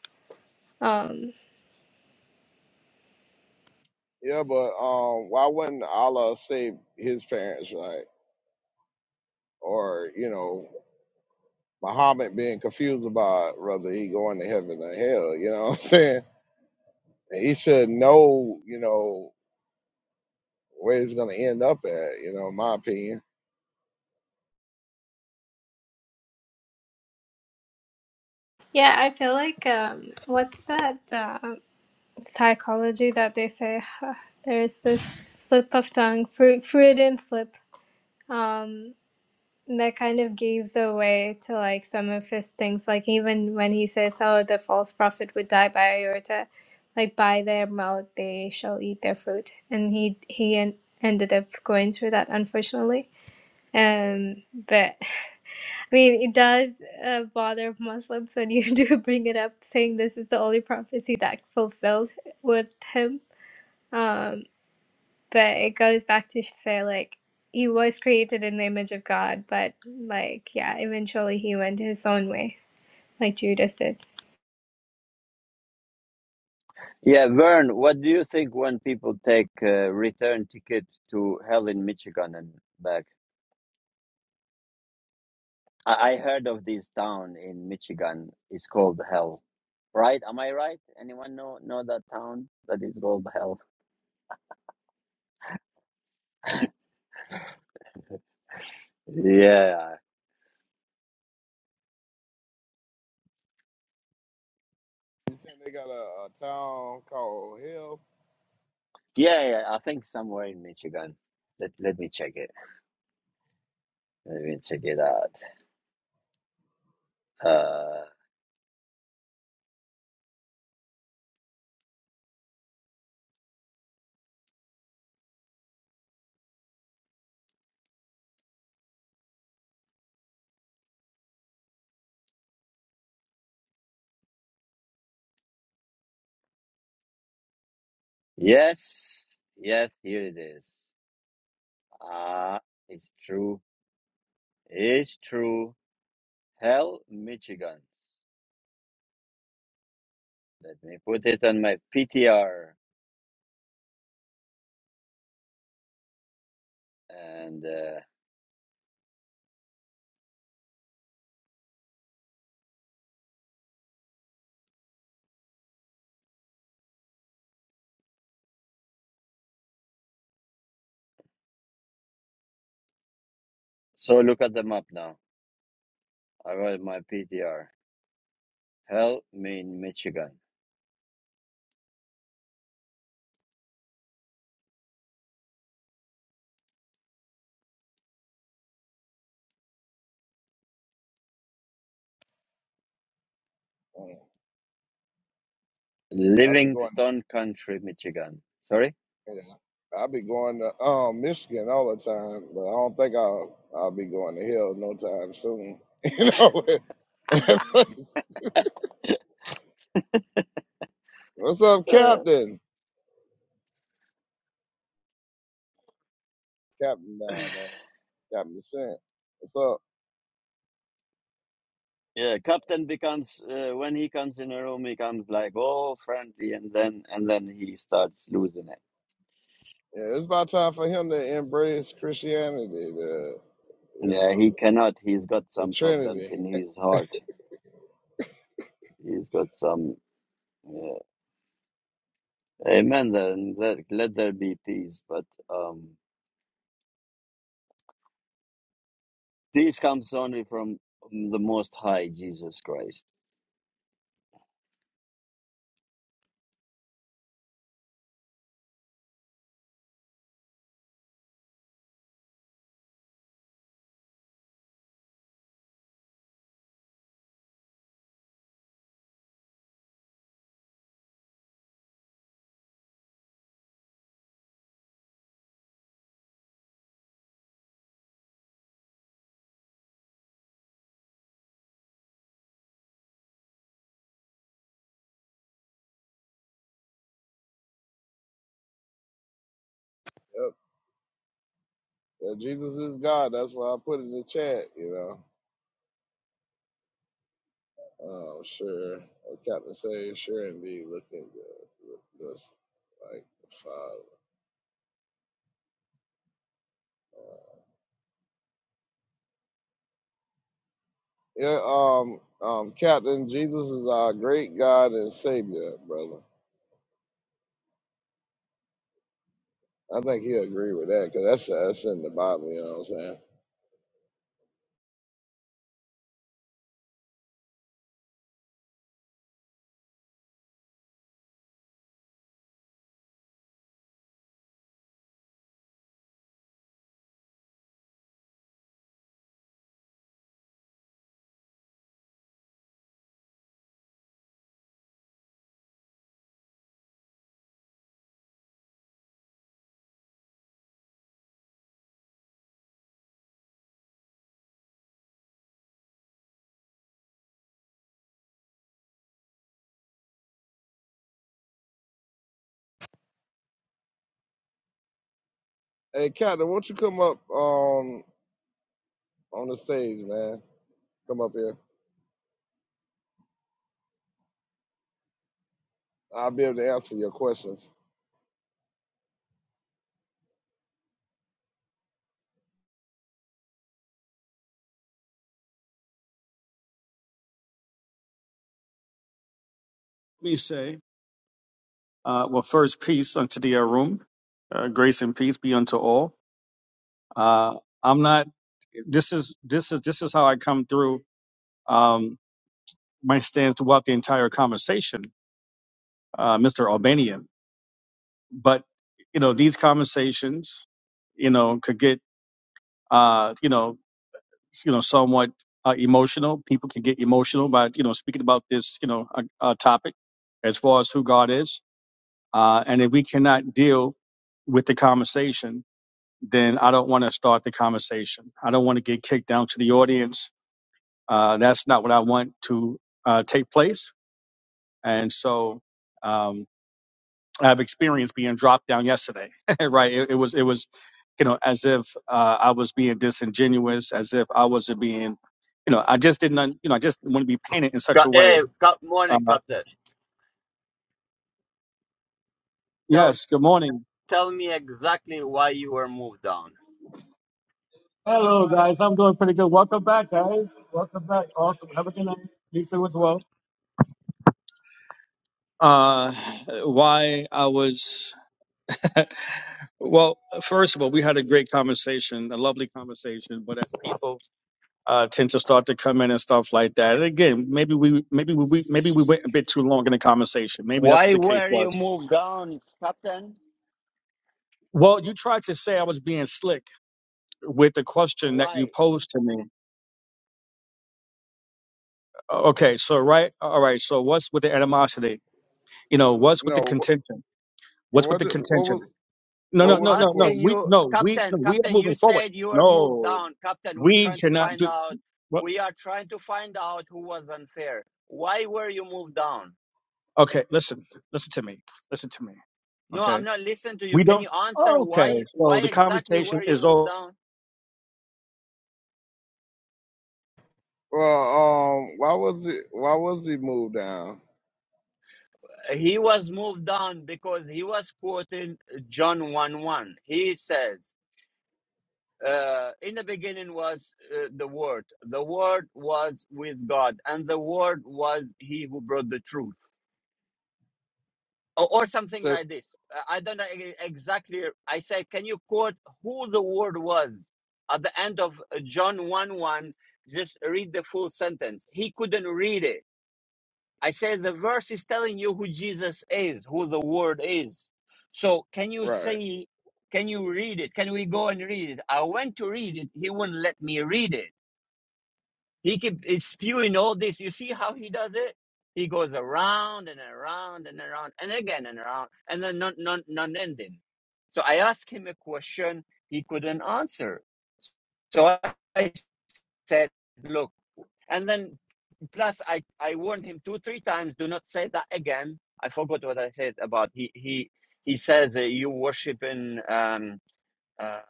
S5: Um,
S3: Yeah, but um, why wouldn't Allah say his parents, right? Or you know, Muhammad being confused about whether he going to heaven or hell. You know what I'm *laughs* saying? And he should know, you know, where he's gonna end up at. You know, in my opinion.
S5: Yeah, I feel like um, what's that uh, psychology that they say huh, there's this slip of tongue, fruit, fruit and slip. Um, that kind of gives away to like some of his things, like even when he says, "Oh, the false prophet would die by iota," like by their mouth they shall eat their fruit, and he he en- ended up going through that unfortunately. Um, but *laughs* I mean, it does uh, bother Muslims when you *laughs* do bring it up, saying this is the only prophecy that fulfilled with him. Um, but it goes back to say, like, he was created in the image of God, but, like, yeah, eventually he went his own way, like Judas did.
S1: Yeah, Vern, what do you think when people take uh, return tickets to hell in Michigan and back? I, I heard of this town in Michigan. It's called Hell, right? Am I right? Anyone know know that town that is called Hell? Yeah,
S3: You saying they got a, a town called Hell?
S1: yeah, yeah. I think somewhere in Michigan. Let Let me check it. Let me check it out. Uh, yes, yes. Here it is. Ah, it's true. It's true. Hell, Michigan. Let me put it on my PTR. And uh, so look at the map now. I wrote my PTR. Hell mean Michigan.
S3: Mm, I be going.
S1: Livingston County, Michigan. Sorry?
S3: Yeah, I be going to um, Michigan all the time, but I don't think I'll I'll be going to Hell no time soon. *laughs* you know. *laughs* What's up,
S1: Uh,
S3: Captain? Captain down there, Captain Sent. What's up?
S1: yeah, Captain becomes, uh, when he comes in a room, he comes like, oh, friendly, and then and then he starts losing it.
S3: yeah, it's about time for him to embrace Christianity, the you
S1: Yeah,
S3: know,
S1: he cannot. He's got
S3: the
S1: some problems
S3: Trinity.
S1: in
S3: *laughs*
S1: his heart. He's got some. Yeah. Amen. Then let, let there be peace. But um, This comes only from the Most High, Jesus Christ.
S3: Yep. That Jesus is God. That's why I put in the chat. You know, oh sure, oh, Captain say sure indeed, looking good, just like the Father. Uh, Yeah, um, um, Captain, Jesus is our great God and Savior, brother. I think he'll agree with that because that's that's in the Bible. You know what I'm saying? Hey, Captain, won't you come up? Um, on the stage, man. Come up here. I'll be able to answer your questions.
S6: we say, uh, well, first, peace unto the room, uh, grace and peace be unto all. Uh, I'm not. This is this is this is how I come through um, my stance throughout the entire conversation, uh, Mr. Albanian. But you know, these conversations, you know, could get uh, you know, you know, somewhat uh, emotional. People can get emotional by you know speaking about this you know uh, uh, topic as far as who God is, uh, and if we cannot deal with the conversation then I don't want to start the conversation. I don't want to get kicked down to the audience. Uh, that's not what I want to uh, take place. And so um, I have experienced being dropped down yesterday, *laughs* right? It, it was it was you know as if uh, I was being disingenuous, as if I wasn't being you know I just didn't un- you know I just want to be painted in such a
S1: Ca-
S6: way.
S1: Hey, good
S6: Uh,
S1: morning, Captain. Tell
S6: yes. Good morning.
S1: tell me exactly why you were moved down.
S6: Hello guys, I'm doing pretty good. Welcome back, guys. Welcome back. Awesome. Have a good night. You too as well. uh, why I was. *laughs* well, first of all, we had a great conversation, a lovely conversation. But as people uh, tend to start to come in and stuff like that, and again, maybe we, maybe we, we- maybe we went a bit too long in the conversation. Maybe that's what
S1: Why
S6: the case
S1: were
S6: was.
S1: you moved down, Captain?
S6: Well, you tried to say I was being slick with the question that you
S1: Why?
S6: posed to me. Okay, so right, all right. So what's with the animosity? You know, what's with
S3: No,
S6: the
S3: what
S6: contention? What's with
S3: what,
S6: the
S3: did- what
S6: contention?
S3: was
S6: No,
S3: what
S6: no,
S1: I'm
S3: was
S6: no,
S3: the
S6: no, no.
S1: asking
S3: question?
S6: We
S1: you,
S6: no, we no,
S1: Captain.
S6: we are
S1: Captain, you
S6: moving forward.
S1: said you were moved
S6: No,
S1: down. Captain, we're
S6: we
S1: trying to
S6: cannot
S1: find
S6: do.
S1: out.
S6: Well,
S1: We are trying to find out who was unfair. Why were you moved down?
S6: okay, listen, listen to me, listen to me.
S1: No,
S6: Okay,
S1: I'm not listening to you.
S6: we
S1: Can
S6: don't.
S1: you answer
S6: Okay,
S1: why? Why
S6: so the
S1: exactly
S6: conversation
S1: were you
S6: is
S1: moved
S6: all.
S1: down?
S3: Well, um, why was it why was he moved down?
S1: he was moved on because he was quoting John 1 1. He says, uh, In the beginning was uh, the Word, the Word was with God, and the Word was he who brought the truth. Or, or something
S3: So
S1: like this. Uh, I don't know e- exactly. I say, Can you quote who the Word was at the end of uh, John 1 1? Just read the full sentence. He couldn't read it I said the verse is telling you who Jesus is, who the Word is. So can you
S3: right,
S1: say, can you read it? Can we go and read it? I went to read it. He wouldn't let me read it. He kept spewing all this. You see how he does it? He goes around and around and around and again and around and then non non non ending. So I asked him a question he couldn't answer. So I said, look, and then Plus, I, I warned him two, three times, do not say that again. I forgot what I said about he he he says uh, you worship in um uh,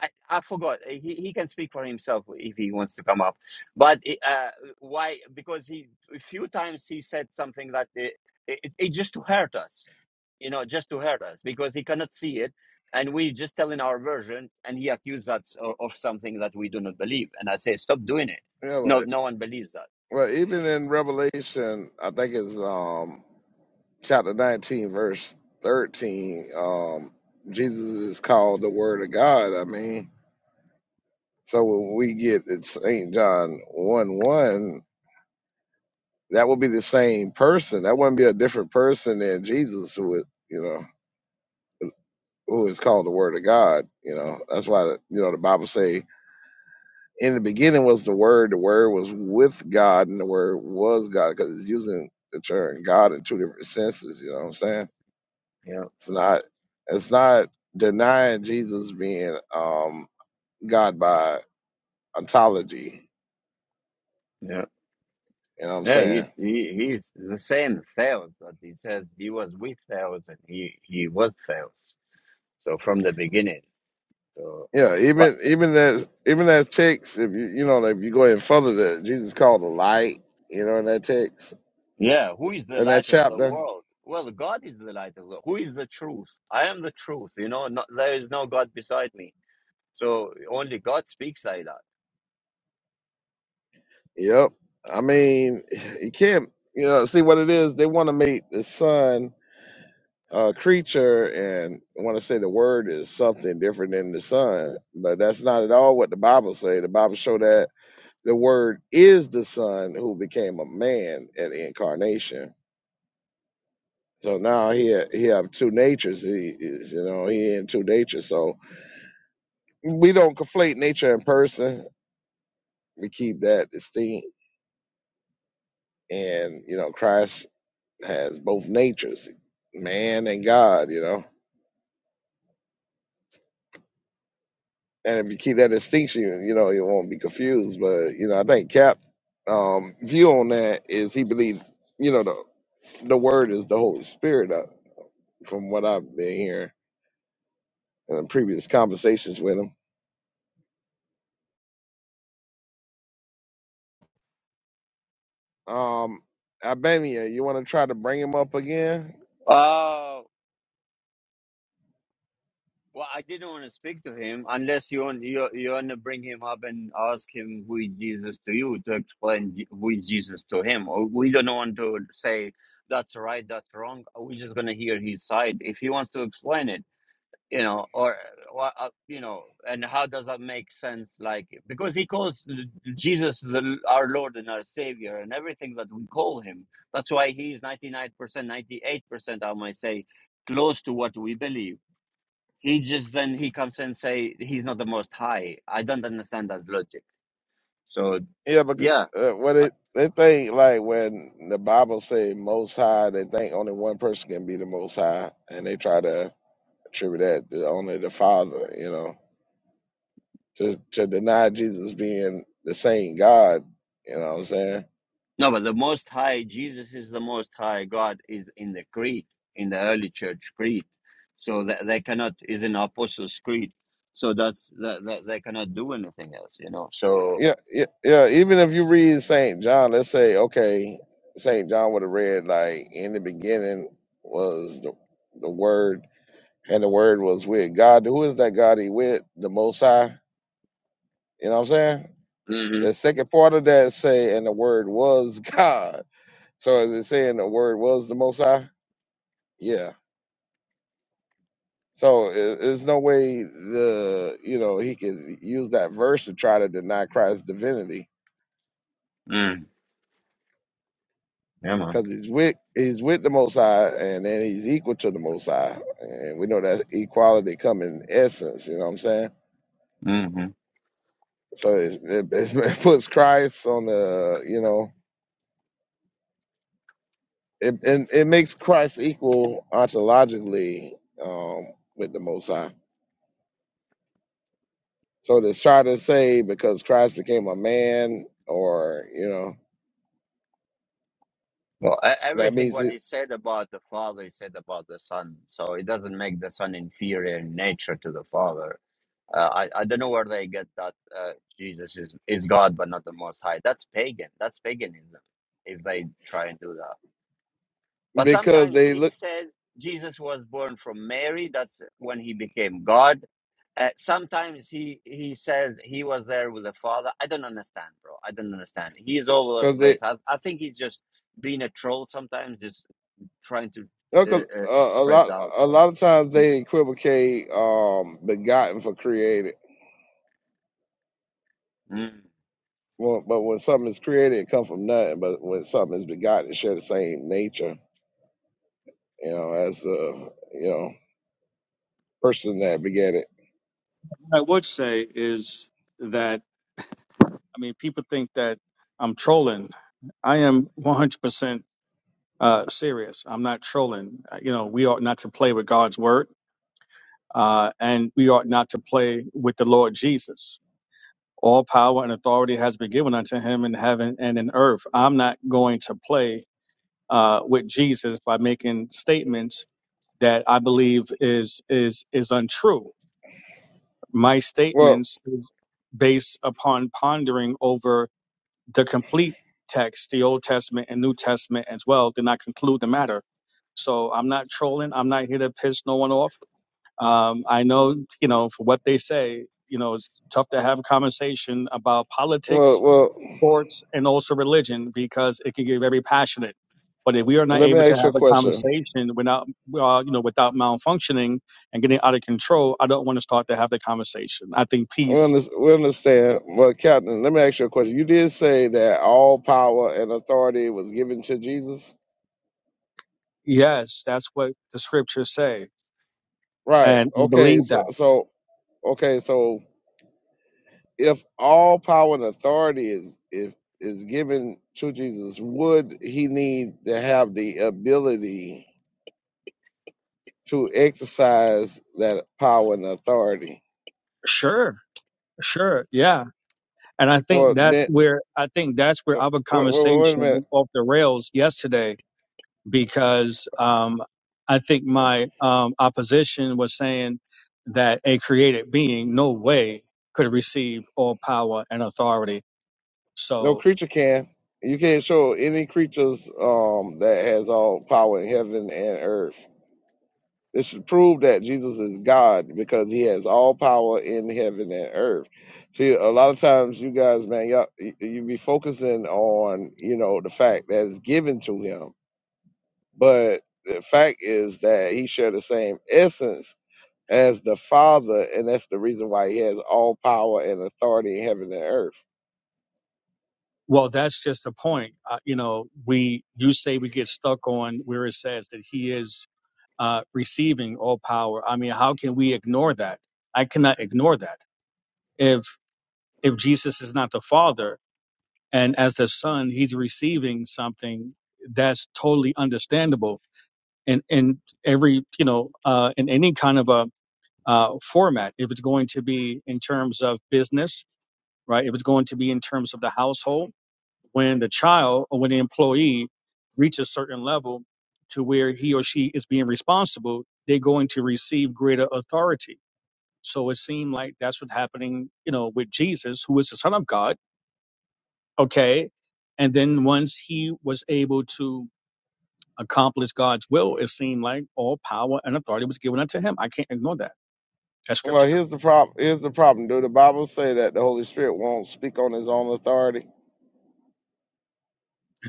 S1: I, I forgot. He he can speak for himself if he wants to come up. But uh, why? Because he a few times he said something that uh, it, it, it just to hurt us, you know, just to hurt us because he cannot see it, and we just telling our version, and he accused us of, of something that we do not believe. And I say, stop doing it.
S3: yeah,
S1: No,
S3: but
S1: no one believes that.
S3: well, even in Revelation, I think it's um chapter nineteen, verse thirteen. Um, Jesus is called the Word of God. I mean, so when we get in Saint John one one. that would be the same person. That wouldn't be a different person than Jesus, who would you know, who is called the Word of God. You know, that's why the, you know the Bible say, "In the beginning was the Word. The Word was with God, and the Word was God." Because it's using the term God in two different senses. You know what I'm saying?
S1: Yeah.
S3: It's not. It's not denying Jesus being um, God by ontology.
S1: Yeah.
S3: You know what I'm
S1: Yeah,
S3: saying?
S1: he's he, he's the same Theos that he says he was with Theos and he, he was Theos. So from the beginning. So
S3: Yeah,
S1: but
S3: even even that even that text, if you you know, like, if you go ahead further that Jesus called the light, you know, in that text.
S1: yeah, who is the
S3: In that
S1: light of the
S3: chapter.
S1: world? Well God is the light of the world. who is the truth? I am the truth, you know, not, there is no God beside me. So only God speaks like
S3: Yep. I mean, *sighs* you can't you know, see what it is, they wanna make the sun a creature and wanna say the word is something different than the sun. But that's not at all what the Bible say. The Bible show that the word is the son who became a man at the incarnation So now he he have two natures. He is, you know, he in two natures. So we don't conflate nature and person. We keep that distinct. And you know, Christ has both natures, man and God. You know, and if you keep that distinction, you you know, you won't be confused. But you know, I think Cap um, view on that is he believed, you know, the the word is the Holy Spirit. Uh, from what I've been hearing in previous conversations with him. Um, Albania, you want to try to bring him up again?
S1: that. Well, I didn't want to speak to him unless you want you you want to bring him up and ask him who is Jesus to you to explain Je- who is Jesus to him. Or We don't want to say that's right, that's wrong. We're just gonna hear his side if he wants to explain it, you know, or or, uh, you know, and how does that make sense? Like because he calls Jesus the, our Lord and our Savior and everything that we call him. That's why he's ninety nine percent, ninety eight percent, I might say, close to what we believe he just then he comes and say he's not the most high i don't understand that logic so
S3: Yeah, but
S1: yeah
S3: uh, what
S1: I-
S3: it they think like when the Bible say Most High, they think only one person can be the Most High, and they try to attribute that to only the Father. You know, to to deny Jesus being the same God. You know what I'm saying?
S1: no but the most high jesus is the most high god is in the creed in the early church creed so that they cannot is in apostles creed so that's that, that they cannot do anything else you know so
S3: Yeah, yeah, yeah. Even if you read Saint John, let's say okay, Saint John would have read like in the beginning was the the Word and the word was with God. Who is that God he with? The Most High. You know what I'm saying?
S1: hmm
S3: The second part of that say, and the word was *laughs* God. So is it saying the word was the Most High? Yeah. So i- there's no way the you know he can use that verse to try to deny Christ's divinity
S1: mm, yeah man
S3: because he's with he's with the Most High and then he's equal to the Most High and we know that equality come in essence. You know what I'm saying?
S1: hmm
S3: So it, it, *laughs* it puts Christ on the you know It, and it makes Christ equal ontologically um, with the Most High. So to try to say because Christ became a man, or you know,
S1: well e-
S3: that
S1: everything
S3: means
S1: what
S3: it
S1: he said about the father he said about the son so it doesn't make the son inferior in nature to the father Uh, I, I don't know where they get that uh, Jesus is, is God but not the Most High. That's pagan. That's paganism if they try and do that. But
S3: because
S1: sometimes
S3: they
S1: he
S3: look
S1: says Jesus was born from Mary. That's when he became God. Uh, sometimes he, he says he was there with the Father. I don't understand, bro. I don't understand. He is all over
S3: because
S1: the
S3: they
S1: place. I, I think he's just being a troll sometimes, just trying to
S3: because
S1: uh, uh,
S3: uh, a
S1: spread
S3: lot
S1: doubt.
S3: a lot of times
S1: Mm.
S3: they equivocate um, begotten for created.
S1: Mm.
S3: Well, but when something is created, it comes from nothing. But when something is begotten, it share the same nature, you know, as the you know person that begat it.
S6: What I would say is that I mean, people think that I'm trolling. I am 100% uh, serious. I'm not trolling. Uh, You know, we ought not to play with God's word, uh, and we ought not to play with the Lord Jesus. All power and authority has been given unto him in heaven and in earth. I'm not going to play uh, with Jesus by making statements that I believe is is is untrue. My
S3: Well,
S6: statements is based upon pondering over the complete text, the Old Testament and New Testament as well. Then I conclude the matter. So I'm not trolling. I'm not here to piss no one off. Um, I know, you know, for what they say, you know, it's tough to have a conversation about politics
S3: well, well.
S6: sports, and also religion because it can get very passionate. But if we are not
S3: Let me
S6: able to
S3: ask you a
S6: have a
S3: question
S6: conversation without, uh, you know, without malfunctioning and getting out of control, I don't want to start to have the conversation. I think
S3: We
S6: peace,
S3: under- we understand. Well, Captain, let me ask you a question. You did say that all power and authority was given to Jesus,
S6: yes, that's what the scriptures say,
S3: right?
S6: and we
S3: Okay,
S6: believe
S3: so
S6: that.
S3: so okay, so if all power and authority is if is given to Jesus, would he need to have the ability to exercise that power and authority?
S6: Sure, sure, yeah. And I think
S3: Well,
S6: that's
S3: then,
S6: where I think that's where
S3: uh,
S6: our
S3: wait, wait, wait
S6: conversation
S3: a minute.
S6: went off the rails yesterday because um, I think my um, opposition was saying that a created being, no way, could receive all power and authority.
S3: No
S6: So,
S3: creature can. You can't show any creatures um, that has all power in heaven and earth. This should prove that Jesus is God because He has all power in heaven and earth. See, a lot of times you guys, man, y'all, y- you be focusing on you know the fact that's given to Him, but the fact is that He share the same essence as the Father, and that's the reason why He has all power and authority in heaven and earth.
S6: well, that's just the point. Uh, you know, we you say we get stuck on where it says that he is uh, receiving all power. I mean, how can we ignore that? I cannot ignore that. If if Jesus is not the Father, and as the Son, he's receiving something that's totally understandable in in every you know uh, in any kind of a uh, format. If it's going to be in terms of business, right? If it's going to be in terms of the household, when the child or when the employee reaches a certain level to where he or she is being responsible, they're going to receive greater authority. So it seemed like that's what's happening, you know, with Jesus, who is the Son of God. Okay. And then once he was able to accomplish God's will, it seemed like all power and authority was given unto him. I can't ignore that. That's
S3: Well,
S6: scripture.
S3: here's the problem. Here's the problem. Do the Bible say that the Holy Spirit won't speak on His own authority?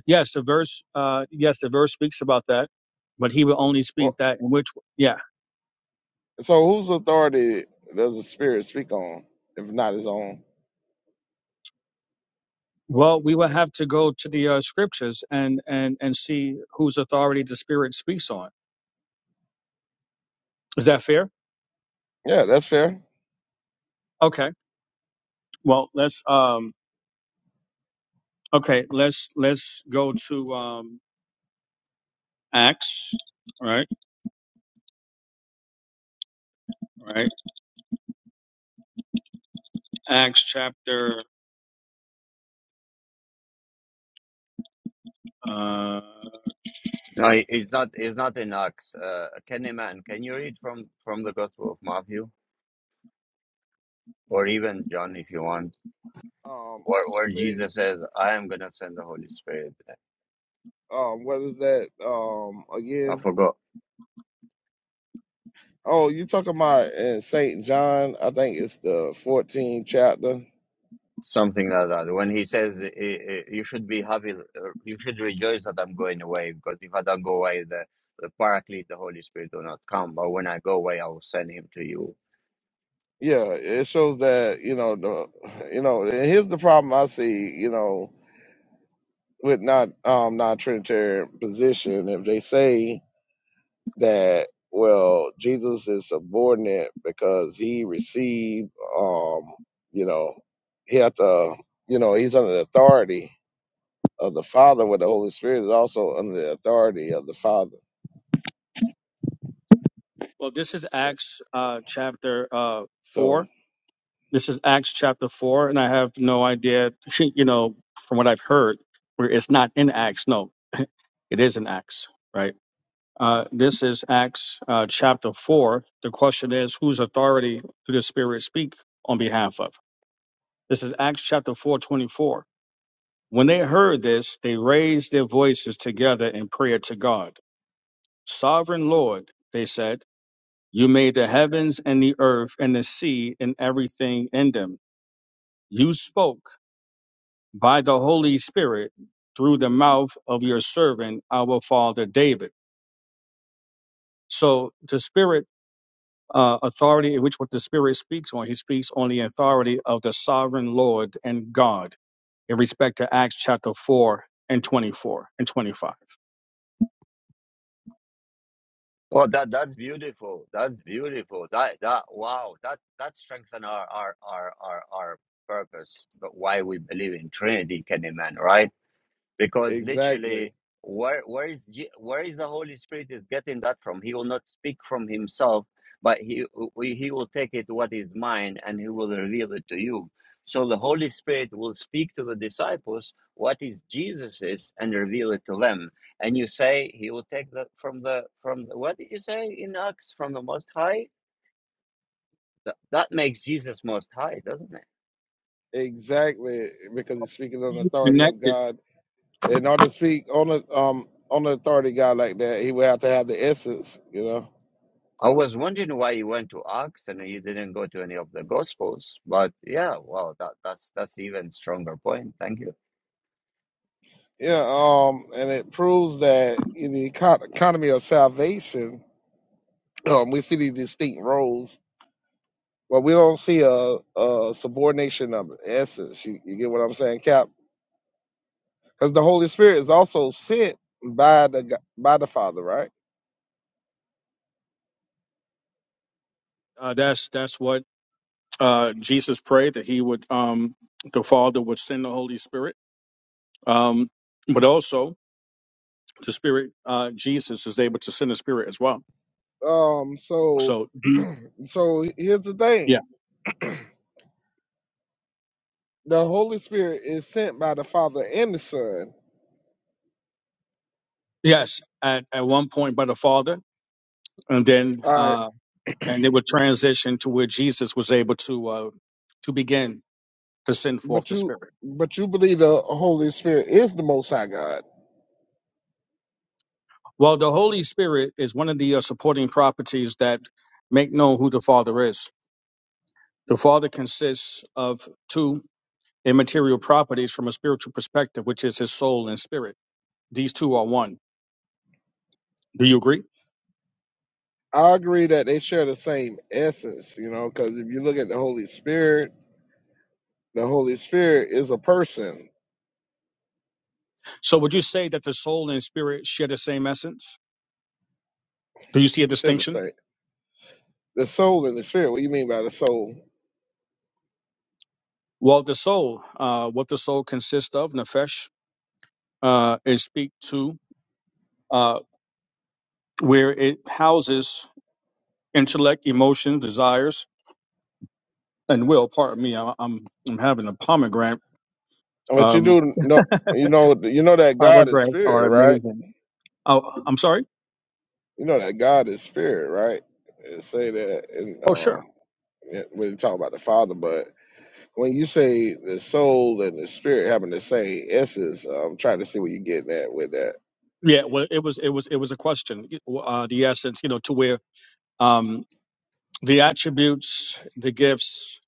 S6: Yes, the verse uh yes, the verse speaks about that, but he will only speak
S3: Well,
S6: that in which yeah.
S3: so whose authority does the Spirit speak on if not His own?
S6: Well, we will have to go to the uh, scriptures and and and see whose authority the spirit speaks on. Is that fair?
S3: Yeah, that's fair.
S6: Okay. Well, let's um okay, let's let's go to um Acts, Right. Right. Acts chapter uh
S1: No, it- it's not. It's not in Acts. Uh, Kennyman, can you read from from the Gospel of Matthew or even John, if you want,
S3: Um,
S1: where where
S3: say,
S1: Jesus says, "I am gonna send the Holy Spirit."
S3: um, what is that? Um,
S1: I
S3: again?
S1: forgot
S3: Oh, you talking about in Saint John? I think it's the 14th chapter.
S1: something like that. When he says, "I- I- "You should be happy. uh, You should rejoice that I'm going away, because if I don't go away, the the Paraclete, the Holy Spirit, will not come. But when I go away, I will send him to you."
S3: Yeah, it shows that you know the, you know. And here's the problem I see. You know, with not um non-Trinitarian position, if they say that well jesus is subordinate because he received um you know he had to you know he's under the authority of the father where the holy spirit is also under the authority of the father
S6: Well, this is Acts uh, chapter uh,
S3: so
S6: 4. This is Acts chapter 4, and I have no idea, *laughs* you know, from what I've heard, where it's not in Acts. No, *laughs* it is in Acts, right? Uh, this is Acts uh, chapter 4. The question is, whose authority do the Spirit speak on behalf of? This is Acts chapter 4 24. When they heard this, they raised their voices together in prayer to God. Sovereign Lord, they said. You made the heavens and the earth and the sea and everything in them. You spoke by the Holy Spirit through the mouth of your servant, our father David. So the Spirit uh, authority, in which what the Spirit speaks on, he speaks on the authority of the sovereign Lord and God. in respect to Acts chapter 4 and 24 and 25.
S1: Well, that that's beautiful. That's beautiful. That that wow. That that strengthens our our our our, our purpose. But why we believe in Trinity, Kenny man, right? because
S3: exactly
S1: literally where where is Je- where is the holy spirit is getting that from he will not speak from himself but he we- he will take it what is mine and he will reveal it to you so the holy spirit will speak to the disciples what is jesus's and reveal it to them and you say he will take that from the from the, what did you say in acts from the most high That that makes jesus most high doesn't it
S3: exactly because he's speaking on the
S6: You
S3: authority of
S6: connected.
S3: god in order to speak on the um on the authority of god like that he would have to have the essence you know
S1: I was wondering why you went to Acts and you didn't go to any of the Gospels, but yeah, well, that that's that's even stronger point. Thank you.
S3: yeah um and it proves that in the eco- economy of salvation Um, we see these distinct roles, but we don't see a, a subordination of essence. You, you get what I'm saying, Cap? Because the Holy Spirit is also sent by the g- by the Father, right?
S6: Uh, that's that's what uh, Jesus prayed that he would um, the Father would send the Holy Spirit. Um, but also the Spirit uh, Jesus is able to send the Spirit as well.
S3: Um, so
S6: So Mhm.
S3: so here's the thing: the Holy Spirit is sent by the Father and the Son.
S6: Yes, at, at one point by the Father, and then
S3: All right,
S6: uh, and it would transition to where Jesus was able to uh, to begin to send forth
S3: but
S6: the
S3: you
S6: Spirit.
S3: but you believe the Holy Spirit is the Most High God.
S6: Well, the Holy Spirit is one of the uh, supporting properties that make known who the Father is. The Father consists of two immaterial properties from a spiritual perspective, which is His soul and spirit. These two are one. Do you agree?
S3: I agree that they share the same essence, you know, because if you look at the Holy Spirit, the Holy Spirit is a person.
S6: So, would you say that the soul and spirit share the same essence? Do you see a
S3: Should have
S6: distinction?
S3: said. The soul and the spirit. What do you mean by the soul?
S6: Well, the soul, uh, what the soul consists of, nefesh, uh, is speak to uh, where it houses intellect, emotions, desires, and will. Pardon me, I, I'm I'm having a pomegranate.
S3: But you
S6: Um,
S3: do know, you know, you know that God is
S6: Pomegranates are
S3: spirit, right?
S6: amazing. Oh, I'm sorry.
S3: You know that God is spirit, right? It say that, and
S6: Oh, sure.
S3: um, yeah, when you talk about the Father, but when you say the soul and the spirit having the same essence, I'm trying to see what you're getting at with that.
S6: Yeah. Well, it was it was it was a question. Uh, the essence, you know, to where um, the attributes, the gifts,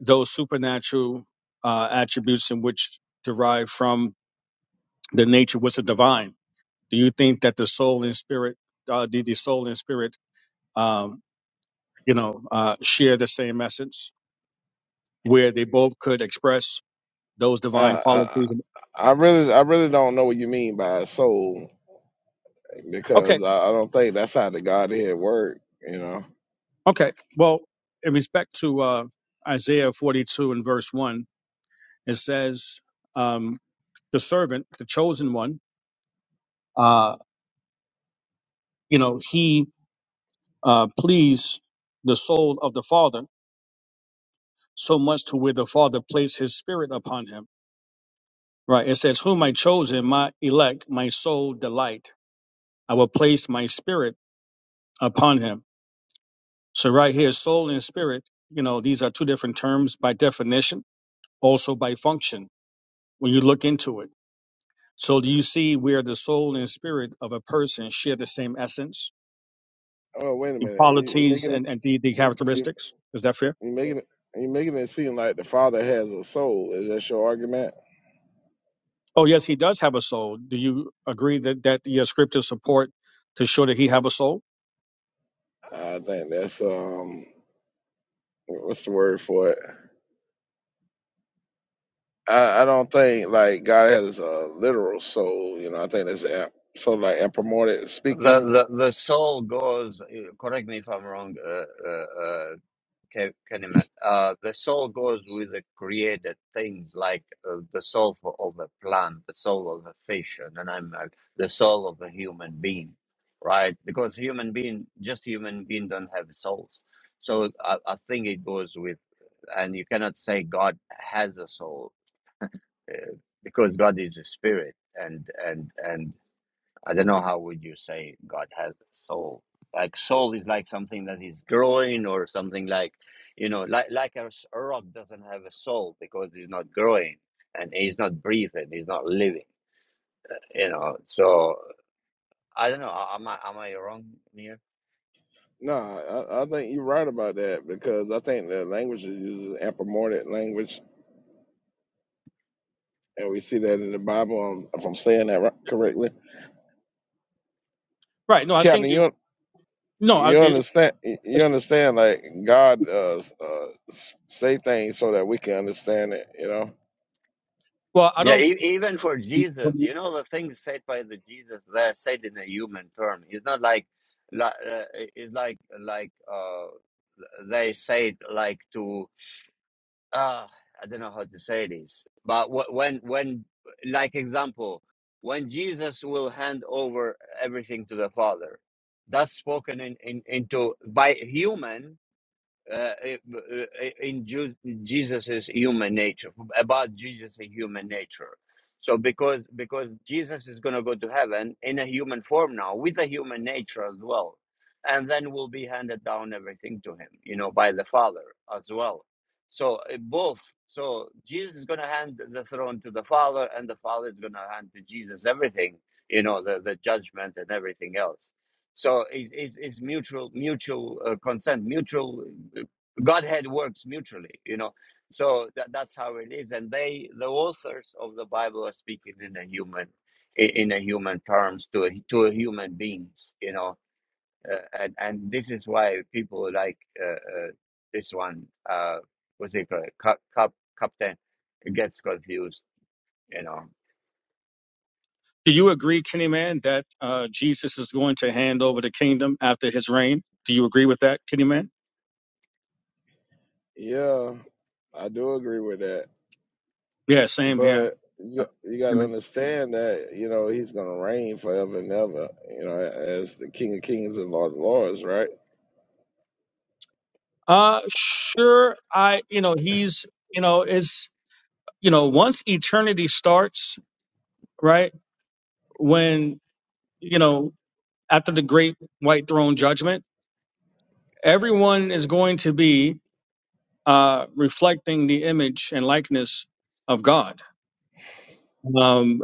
S6: those supernatural uh, attributes in which derive from the nature was the divine Do you think that the soul and spirit, uh, the, the soul and spirit, um, you know, uh, share the same essence where they both could express those divine
S3: Uh, I,
S6: qualities?
S3: I I really, I really don't know what you mean by soul
S6: Okay,
S3: because I, I don't think that's how the Godhead work. You know.
S6: okay. Well, in respect to uh, Isaiah 42 and verse 1, it says, um, the servant, the chosen one, uh, you know, he uh, pleased the soul of the Father so much to where the Father placed his spirit upon him Right. It says, Whom I chose him, my elect, my soul delight. I will place my spirit upon him. So right here, soul and spirit, you know, these are two different terms by definition, also by function when you look into it. So do you see where the soul and spirit of a person share the same essence,
S3: Oh wait a
S6: the
S3: minute, you, you
S6: qualities
S3: making it?
S6: and, and the, the
S3: You,
S6: characteristics? Is that fair?
S3: you making it you making it seem like the father has a soul. Is that your argument?
S6: Oh yes, he does have a soul. Do you agree that, that your scriptures support to show that he have a soul?
S3: I think that's um what's the word for it? I, I don't think like God has a literal soul, you know, I think that's a- so like anthropomorphic speaking.
S1: The the, the soul goes. uh, Correct me if I'm wrong, uh, uh, uh, Ke- Kennyman. Uh, the soul goes with the created things, like uh, the soul for, of a plant, the soul of a fish, and an animal, the soul of a human being, right? Because human being, just human being, don't have souls. So I, I think it goes with. and you cannot say God has a soul uh, because God is a spirit, and and and I don't know how would you say God has a soul. Like soul is like something that is growing or something like, you know, like like a a rock doesn't have a soul because it's not growing and it's not breathing, it's not living. You know, so I don't know. Am I am I wrong here?
S3: No, I, I think you're right about that because I think the language is used is anthropomorphic language, and we see that in the Bible. um, If I'm saying that right, correctly,
S6: Right. No, I think
S3: Captain,
S6: it,
S3: you
S6: no, I, it,
S3: you understand you understand like God uh, uh, s- say things so that we can understand it. You know?
S6: well, I
S1: Yeah,
S6: don't.
S1: e- even for Jesus, you know, the things said by the Jesus, they're said in a human term. It's not like, li- uh, it's like, like, uh, they say it like to, uh, I don't know how to say this, but wh- when, when, like example, when Jesus will hand over everything to the Father, that's spoken in, in, into by human, uh, in Jesus's human nature, about Jesus' human nature. So because because Jesus is going to go to heaven in a human form now, with a human nature as well, and then will be handed down everything to him, you know, by the Father as well. So uh, both. So Jesus is going to hand the throne to the Father, and the Father is going to hand to Jesus everything, you know, the the judgment and everything else. So it's, it's, it's mutual, mutual uh, consent, mutual. uh, Godhead works mutually, you know. So that, that's how it is. And they, the authors of the Bible, are speaking in a human, in, in a human terms to a, to a human beings, you know. Uh, and and this is why people like uh, uh, this one, uh, what's it called, Cap, Cap, Captain, gets confused, you know.
S6: Do you agree, Kenny Man, that uh, Jesus is going to hand over the kingdom after his reign? Do you agree with that, Kenny Man?
S3: Yeah, I do agree with that,
S6: Yeah, same here.
S3: but you,
S6: Uh,
S3: you got to
S6: Amen.
S3: understand that you know He's gonna reign forever and ever. You know, as the King of Kings and Lord of Lords, right?
S6: Uh, sure. I, you know, he's, you know, it's, you know, once eternity starts, right? When, you know, after the great white throne judgment, everyone is going to be uh, reflecting the image and likeness of God. Um,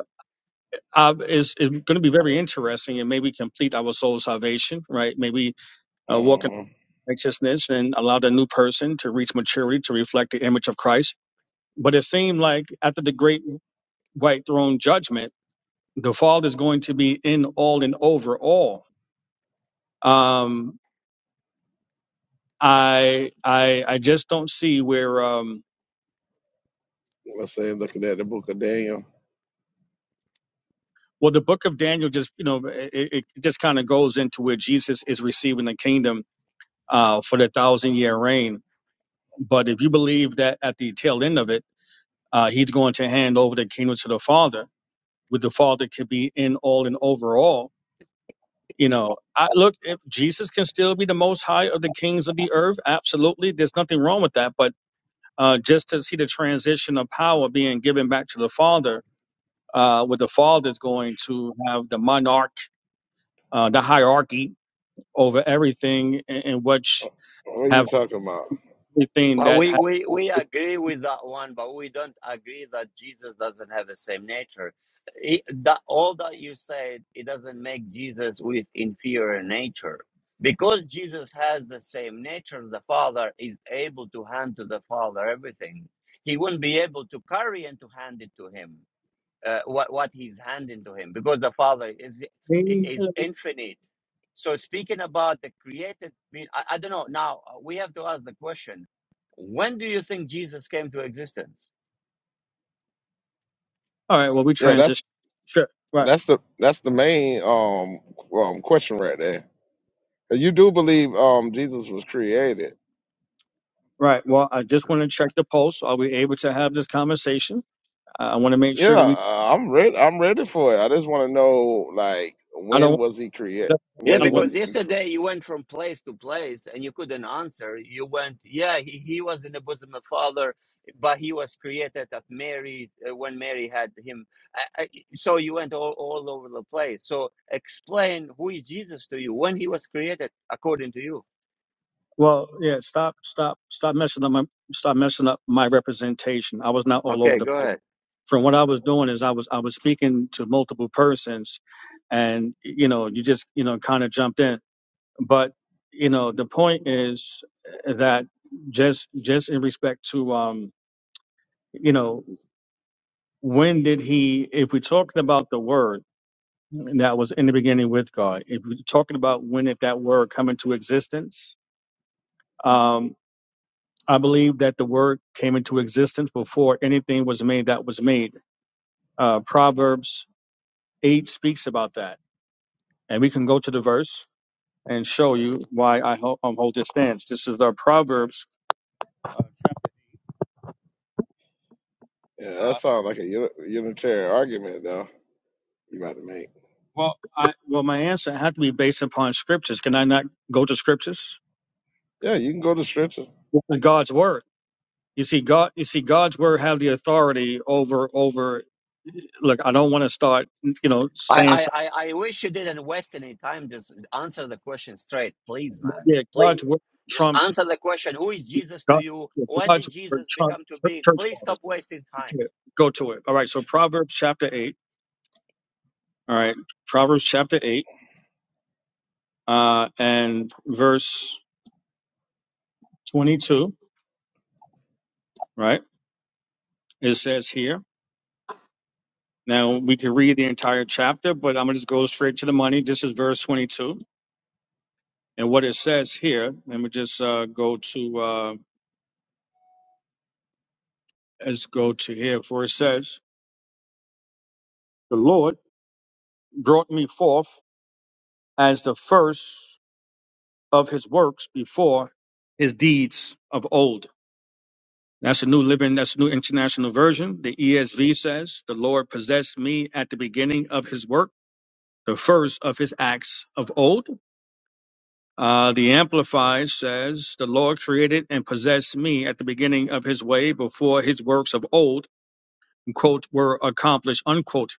S6: uh, is, is going to be very interesting and maybe complete our soul salvation, right? Maybe uh, walk in
S3: hmm
S6: righteousness and allow the new person to reach maturity to reflect the image of Christ. But it seemed like after the great white throne judgment, the fall is going to be in all and over all. Um, I, I, I just don't see where, um,
S3: Let's say looking at the Book of Daniel.
S6: well, the book of Daniel just, you know, it, it just kind of goes into where Jesus is receiving the kingdom uh, for the thousand year reign But if you believe that at the tail end of it, uh, he's going to hand over the kingdom to the Father, with the Father could be in all and overall. You know, I look if Jesus can still be the most high of the kings of the earth, absolutely. There's nothing wrong with that. But uh, just to see the transition of power being given back to the Father, uh, where the Father's going to have the monarch, uh, the hierarchy over everything, and, and which
S3: What are you
S6: have
S3: talking about?
S6: everything
S1: Well,
S6: that
S1: we,
S6: has.
S1: we, we agree with that one, but we don't agree that Jesus doesn't have the same nature. It, that, all that you said, it doesn't make Jesus with inferior nature. Because Jesus has the same nature, the Father is able to hand to the Father everything. He wouldn't be able to carry and to hand it to him uh, what what he's handing to him because the father is is infinite so speaking about the created being I, I don't know now uh, we have to ask the question when do you think jesus came to existence
S6: All right, well, we
S3: Yeah, that's
S6: transition. Sure. Right.
S3: that's the that's the main um um question right there. And You do believe um Jesus was created?
S6: Right. Well, I just want to check the pulse. Are we able to have this conversation? I I want to make
S3: Yeah,
S6: sure that we.
S3: uh, I'm ready. I'm ready for it. I just want to know like
S6: I
S3: when
S6: don't.
S3: was he created?
S1: yeah
S6: I
S3: When
S6: don't want.
S1: because
S3: was he cre-
S1: yesterday you went from place to place and you couldn't answer you went yeah he, he was in the bosom of father but he was created at mary uh, when mary had him I, I, so you went all, all over the place so explain who is jesus to you when he was created according to you
S6: Well, yeah. Stop. Stop. Stop messing up my. Stop messing up my representation. I was not all over
S1: Okay,
S6: the
S1: go
S6: place.
S1: ahead.
S6: From what I was doing is I was I was speaking to multiple persons, and you know you just you know kind of jumped in. But you know the point is eh, that just just in respect to um you know when did he if we're talking about the word that was in the beginning with God. If we're talking about when if that word come into existence, um, I believe that the word came into existence before anything was made that was made. Uh, Proverbs eight speaks about that, and we can go to the verse and show you why I ho- um, hold this stance. This is our Proverbs. Uh,
S3: yeah, that sounds like a uni- unitarian argument though. You about to make?
S6: well, I, well, my answer had to be based upon scriptures. Can I not go to scriptures?
S3: Yeah, you can go to scripture.
S6: God's word. You see, God. You see, God's word have the authority over over look, I don't want to start, you know,
S1: I,
S6: saying
S1: I,
S6: something.
S1: I I wish you didn't waste any time. Just answer the question straight, please, man.
S6: Yeah, God's
S1: Please.
S6: word
S1: Just
S6: trumps
S1: answer the question Who is Jesus to
S6: God,
S1: you?
S6: yeah,
S1: When
S6: God's
S1: did
S6: word
S1: Jesus
S6: trumps
S1: become to
S6: church
S1: be?
S6: church
S1: Please
S6: fathers.
S1: stop wasting time.
S6: Okay, Go to it. All right. So Proverbs chapter eight. All right. Proverbs chapter eight, uh, and verse twenty-two. Right. It says here. Now we can read the entire chapter, but I'm gonna just go straight to the money. This is verse twenty-two, and what it says here. Let me just uh, go to. Uh, let's go to here. For it says, "The Lord brought me forth." as the first of his works before his deeds of old. That's a new living, that's a new international version. The ESV says, The Lord possessed me at the beginning of his work, the first of his acts of old. Uh, the Amplified says, The Lord created and possessed me at the beginning of his way before his works of old quote, were accomplished, unquote.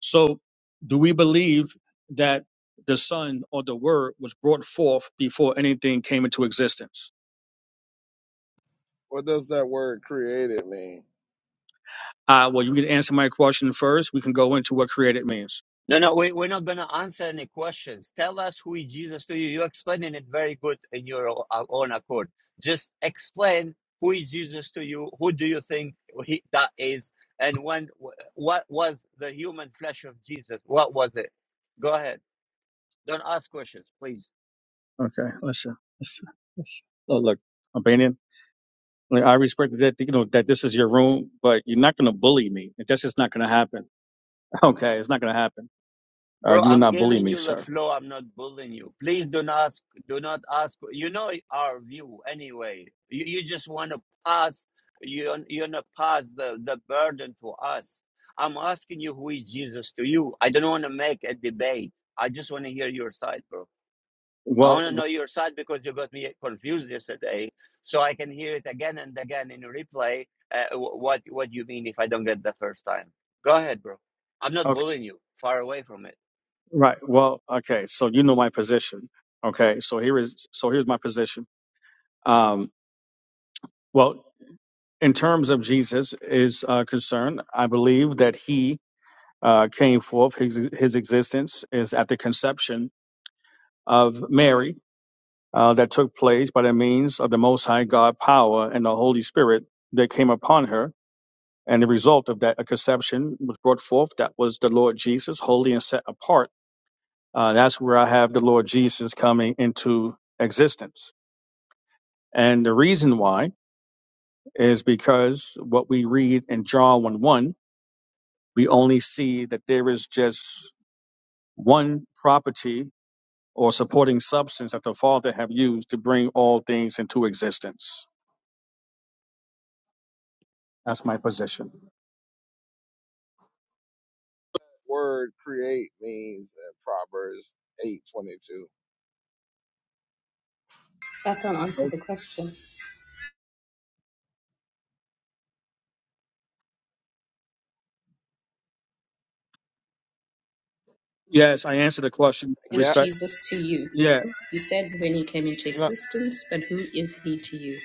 S6: So do we believe that the Son or the Word was brought forth before anything came into existence?
S3: What does that word created mean?
S6: Uh, well, you can answer my question first. We can go into what created means.
S1: No, no, we, we're not going to answer any questions. Tell us who is Jesus to you. You're explaining it very good in your o- uh, own accord. Just explain who is Jesus to you. Who do you think he, that is? And when, wh- what was the human flesh of Jesus? What was it? Go ahead. Don't ask questions, please.
S6: Okay, listen, listen, listen. Oh, look, Albanian, like, I respect that, you know, that this is your room, but you're not going to bully me. That's just not going to happen. *laughs* Okay, it's not going to happen. Uh,
S1: Bro,
S6: you will
S1: I'm
S6: not bully
S1: giving
S6: me,
S1: you the
S6: sir.
S1: flow. I'm not bullying you. Please don't ask. Do not ask. You know our view anyway. You, you just want to pass. You you want to pass the the burden to us. I'm asking you who is Jesus to you. I don't want to make a debate. I just want to hear your side, bro. I
S6: Well,
S1: want to know your side because you got me confused yesterday. So I can hear it again and again in replay. Uh, what what you mean if I don't get the first time? Go ahead, bro. I'm not bullying you. Far away from it.
S6: Right. Well, okay. So you know my position. Okay. So here is so here's my position. Um, well, in terms of Jesus is uh, concerned, I believe that he uh, came forth. His his existence is at the conception of Mary uh, that took place by the means of the Most High God power and the Holy Spirit that came upon her. And the result of that a conception was brought forth. That was the Lord Jesus, holy and set apart. Uh, that's where I have the Lord Jesus coming into existence And the reason why is because what we read in John 1 1, we only see that there is just one property or supporting substance that the Father have used to bring all things into existence. That's my position.
S3: Word create means in Proverbs eight twenty two.
S7: I can answer the question. "Who
S6: Yes, I answered the question with
S7: Is
S3: Cap.
S6: respect.
S7: Jesus to you?
S6: Yeah.
S7: You said when he came into
S3: no,
S7: existence, but who is he to you?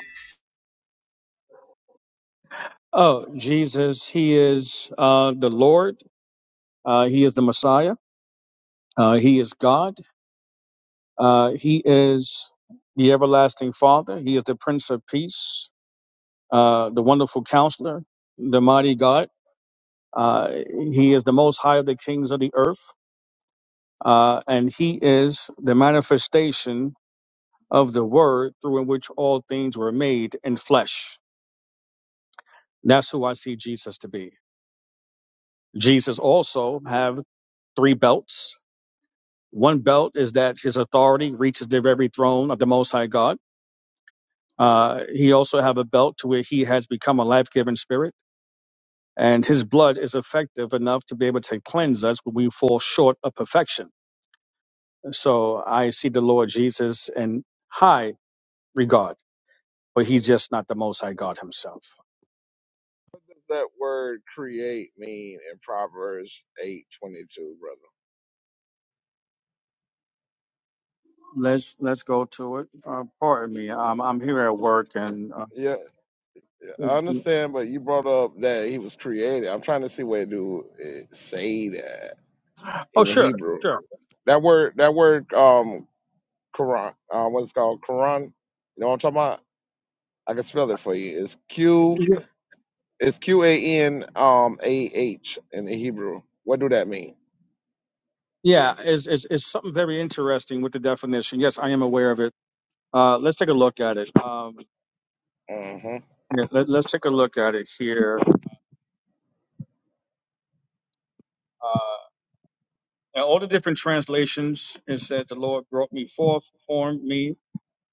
S6: Oh, Jesus, he is uh, the Lord. Uh, he is the Messiah. Uh, he is God. Uh, he is the everlasting Father. He is the Prince of Peace. uh, the wonderful counselor, the mighty God. Uh, he is the most high of the kings of the earth, uh, and he is the manifestation of the word through in which all things were made in flesh. That's who I see Jesus to be. Jesus also have three belts. One belt is that his authority reaches the very throne of the Most High God. Uh, he also have a belt to where he has become a life-giving spirit and his blood is effective enough to be able to cleanse us when we fall short of perfection. So I see the Lord Jesus in high regard, but he's just not the Most High God himself.
S3: that word create mean in Proverbs eight twenty two, brother?
S6: Let's let's go to it. Uh, pardon me, I'm I'm here at work, and uh,
S3: Yeah, I understand, but you brought up that he was created. I'm trying to see where to uh, say that
S6: oh
S3: in the
S6: sure,
S3: Hebrew.
S6: sure,
S3: That word, that word, um, Quran, uh, what it's called, Quran. You know what I'm talking about? I can spell it for you. It's Q,
S6: yeah,
S3: it's Q A N um A H in the Hebrew. What do that mean?
S6: yeah. Is is is something very interesting with the definition? Yes, I am aware of it. Uh, let's take a look at it. Um,
S3: hmm
S6: yeah, let, let's take a look at it here. Uh, Now, all the different translations, it says, The Lord brought me forth, formed me,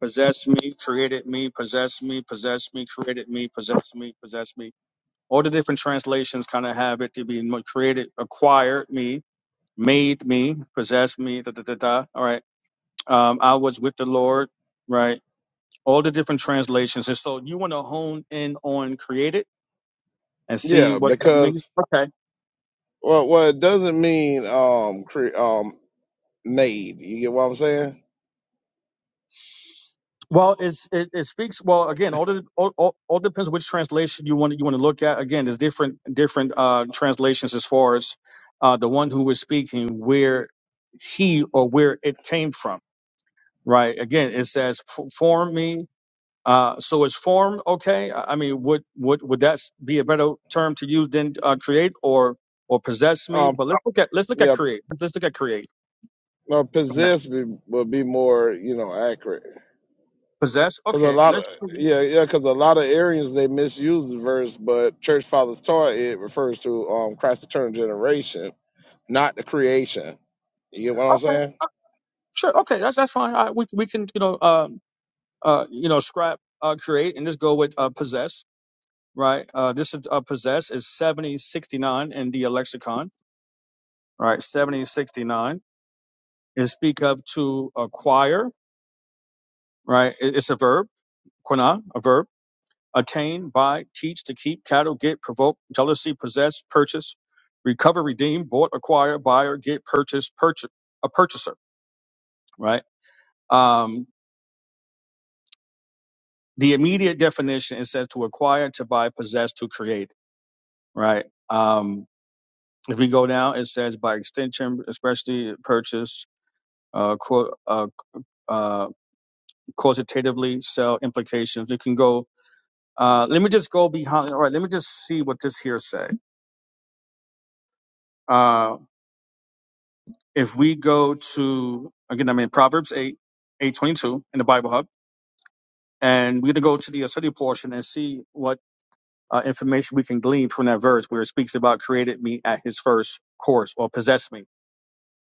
S6: possessed me, created me, possessed me, possessed me, created me, possessed me, possessed me. All the different translations kind of have it to be mo- created, acquired me, made me, possessed me, da da da da. All right. Um, I was with the Lord, right? All the different translations. And so you want to hone in on created and see
S3: Yeah,
S6: what that means.
S3: because
S6: Okay.
S3: well, what it doesn't mean um cre- um made. You get what I'm saying?
S6: Well, it's, it, it speaks well again. All, the, all, all all depends which translation you want you want to look at. Again, there's different different uh, translations as far as uh, the one who was speaking, where he or where it came from. Right. Again, it says "F- form me. Uh, so is form okay? I I mean, would would would that s- be a better term to use than uh, create or or possess me?
S3: Um,
S6: But let's look at let's look at
S3: yeah,
S6: create. Let's look at create.
S3: uh,
S6: Okay.
S3: possessed be, would be more, you know, accurate.
S6: Possess.
S3: Cause a
S6: Okay.
S3: lot of
S6: Let's.
S3: yeah, yeah, cause a lot of Arians they misuse the verse, but church fathers taught it refers to um Christ's eternal generation, not the creation. You get what I'm
S6: Okay.
S3: saying?
S6: Sure. Okay. That's that's fine. I, we we can you know. Uh, uh, you know, scrap, uh, create, and just go with uh, possess, right? Uh, this is uh, possess is 7069 in the lexicon, right? 7069 is speak of to acquire, right? It- It's a verb, quina, a verb, attain, buy, teach, to keep, cattle, get, provoke, jealousy, possess, purchase, recover, redeem, bought, acquire, buyer, get, purchase, purchase, a purchaser, right? Um, the immediate definition is says to acquire, to buy, possess, to create, right? Um, If we go down, it says by extension, especially purchase, uh, quote, uh, uh, quantitatively sell implications. It can go. Uh, let me just go behind. All right, let me just see what this here say. Uh, if we go to again, I mean Proverbs eight, eight twenty two in the Bible Hub, and we're gonna go to the study portion and see what uh, information we can glean from that verse where it speaks about created me at His first course or possessed me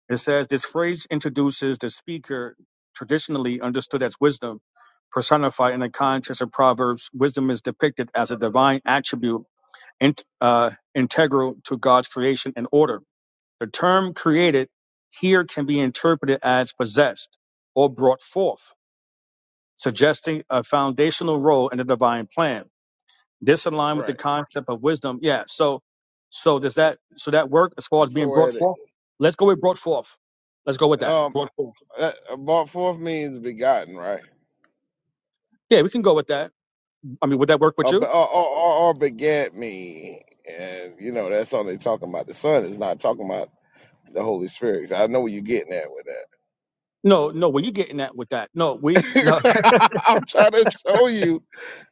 S6: It says this phrase introduces the speaker traditionally understood as wisdom, personified in the context of Proverbs. Wisdom is depicted as a divine attribute in- uh, integral to God's creation and order. The term created here can be interpreted as possessed or brought forth, suggesting a foundational role in the divine plan. This align with the
S3: Right.
S6: concept of wisdom. Yeah. So, so does that, so that work as far as
S3: It's
S6: being brought
S3: poetic.
S6: forth? Let's go with brought forth. Let's go with that.
S3: Um,
S6: Brought forth.
S3: that, brought forth means begotten, right?
S6: Yeah, we can go with that. I mean, would that work with
S3: Or, be-
S6: you?
S3: or, or, or or begat me, and you know that's only talking about the Son. It's not talking about the Holy Spirit. I know what you're getting at with that.
S6: No, no. Were you getting that with that? No, we, no. *laughs*
S3: *laughs* I'm trying to show you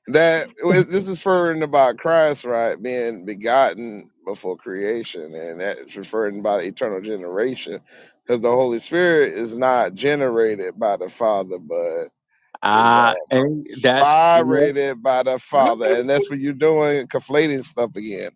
S3: that it- was- this is referring about Christ, right, being begotten before creation, and that's referring about eternal generation, because the Holy Spirit is not generated by the Father, but is
S6: Ah,
S3: um
S6: and that's, you know.
S3: spirated by the Father, and that's what you're doing, conflating stuff again.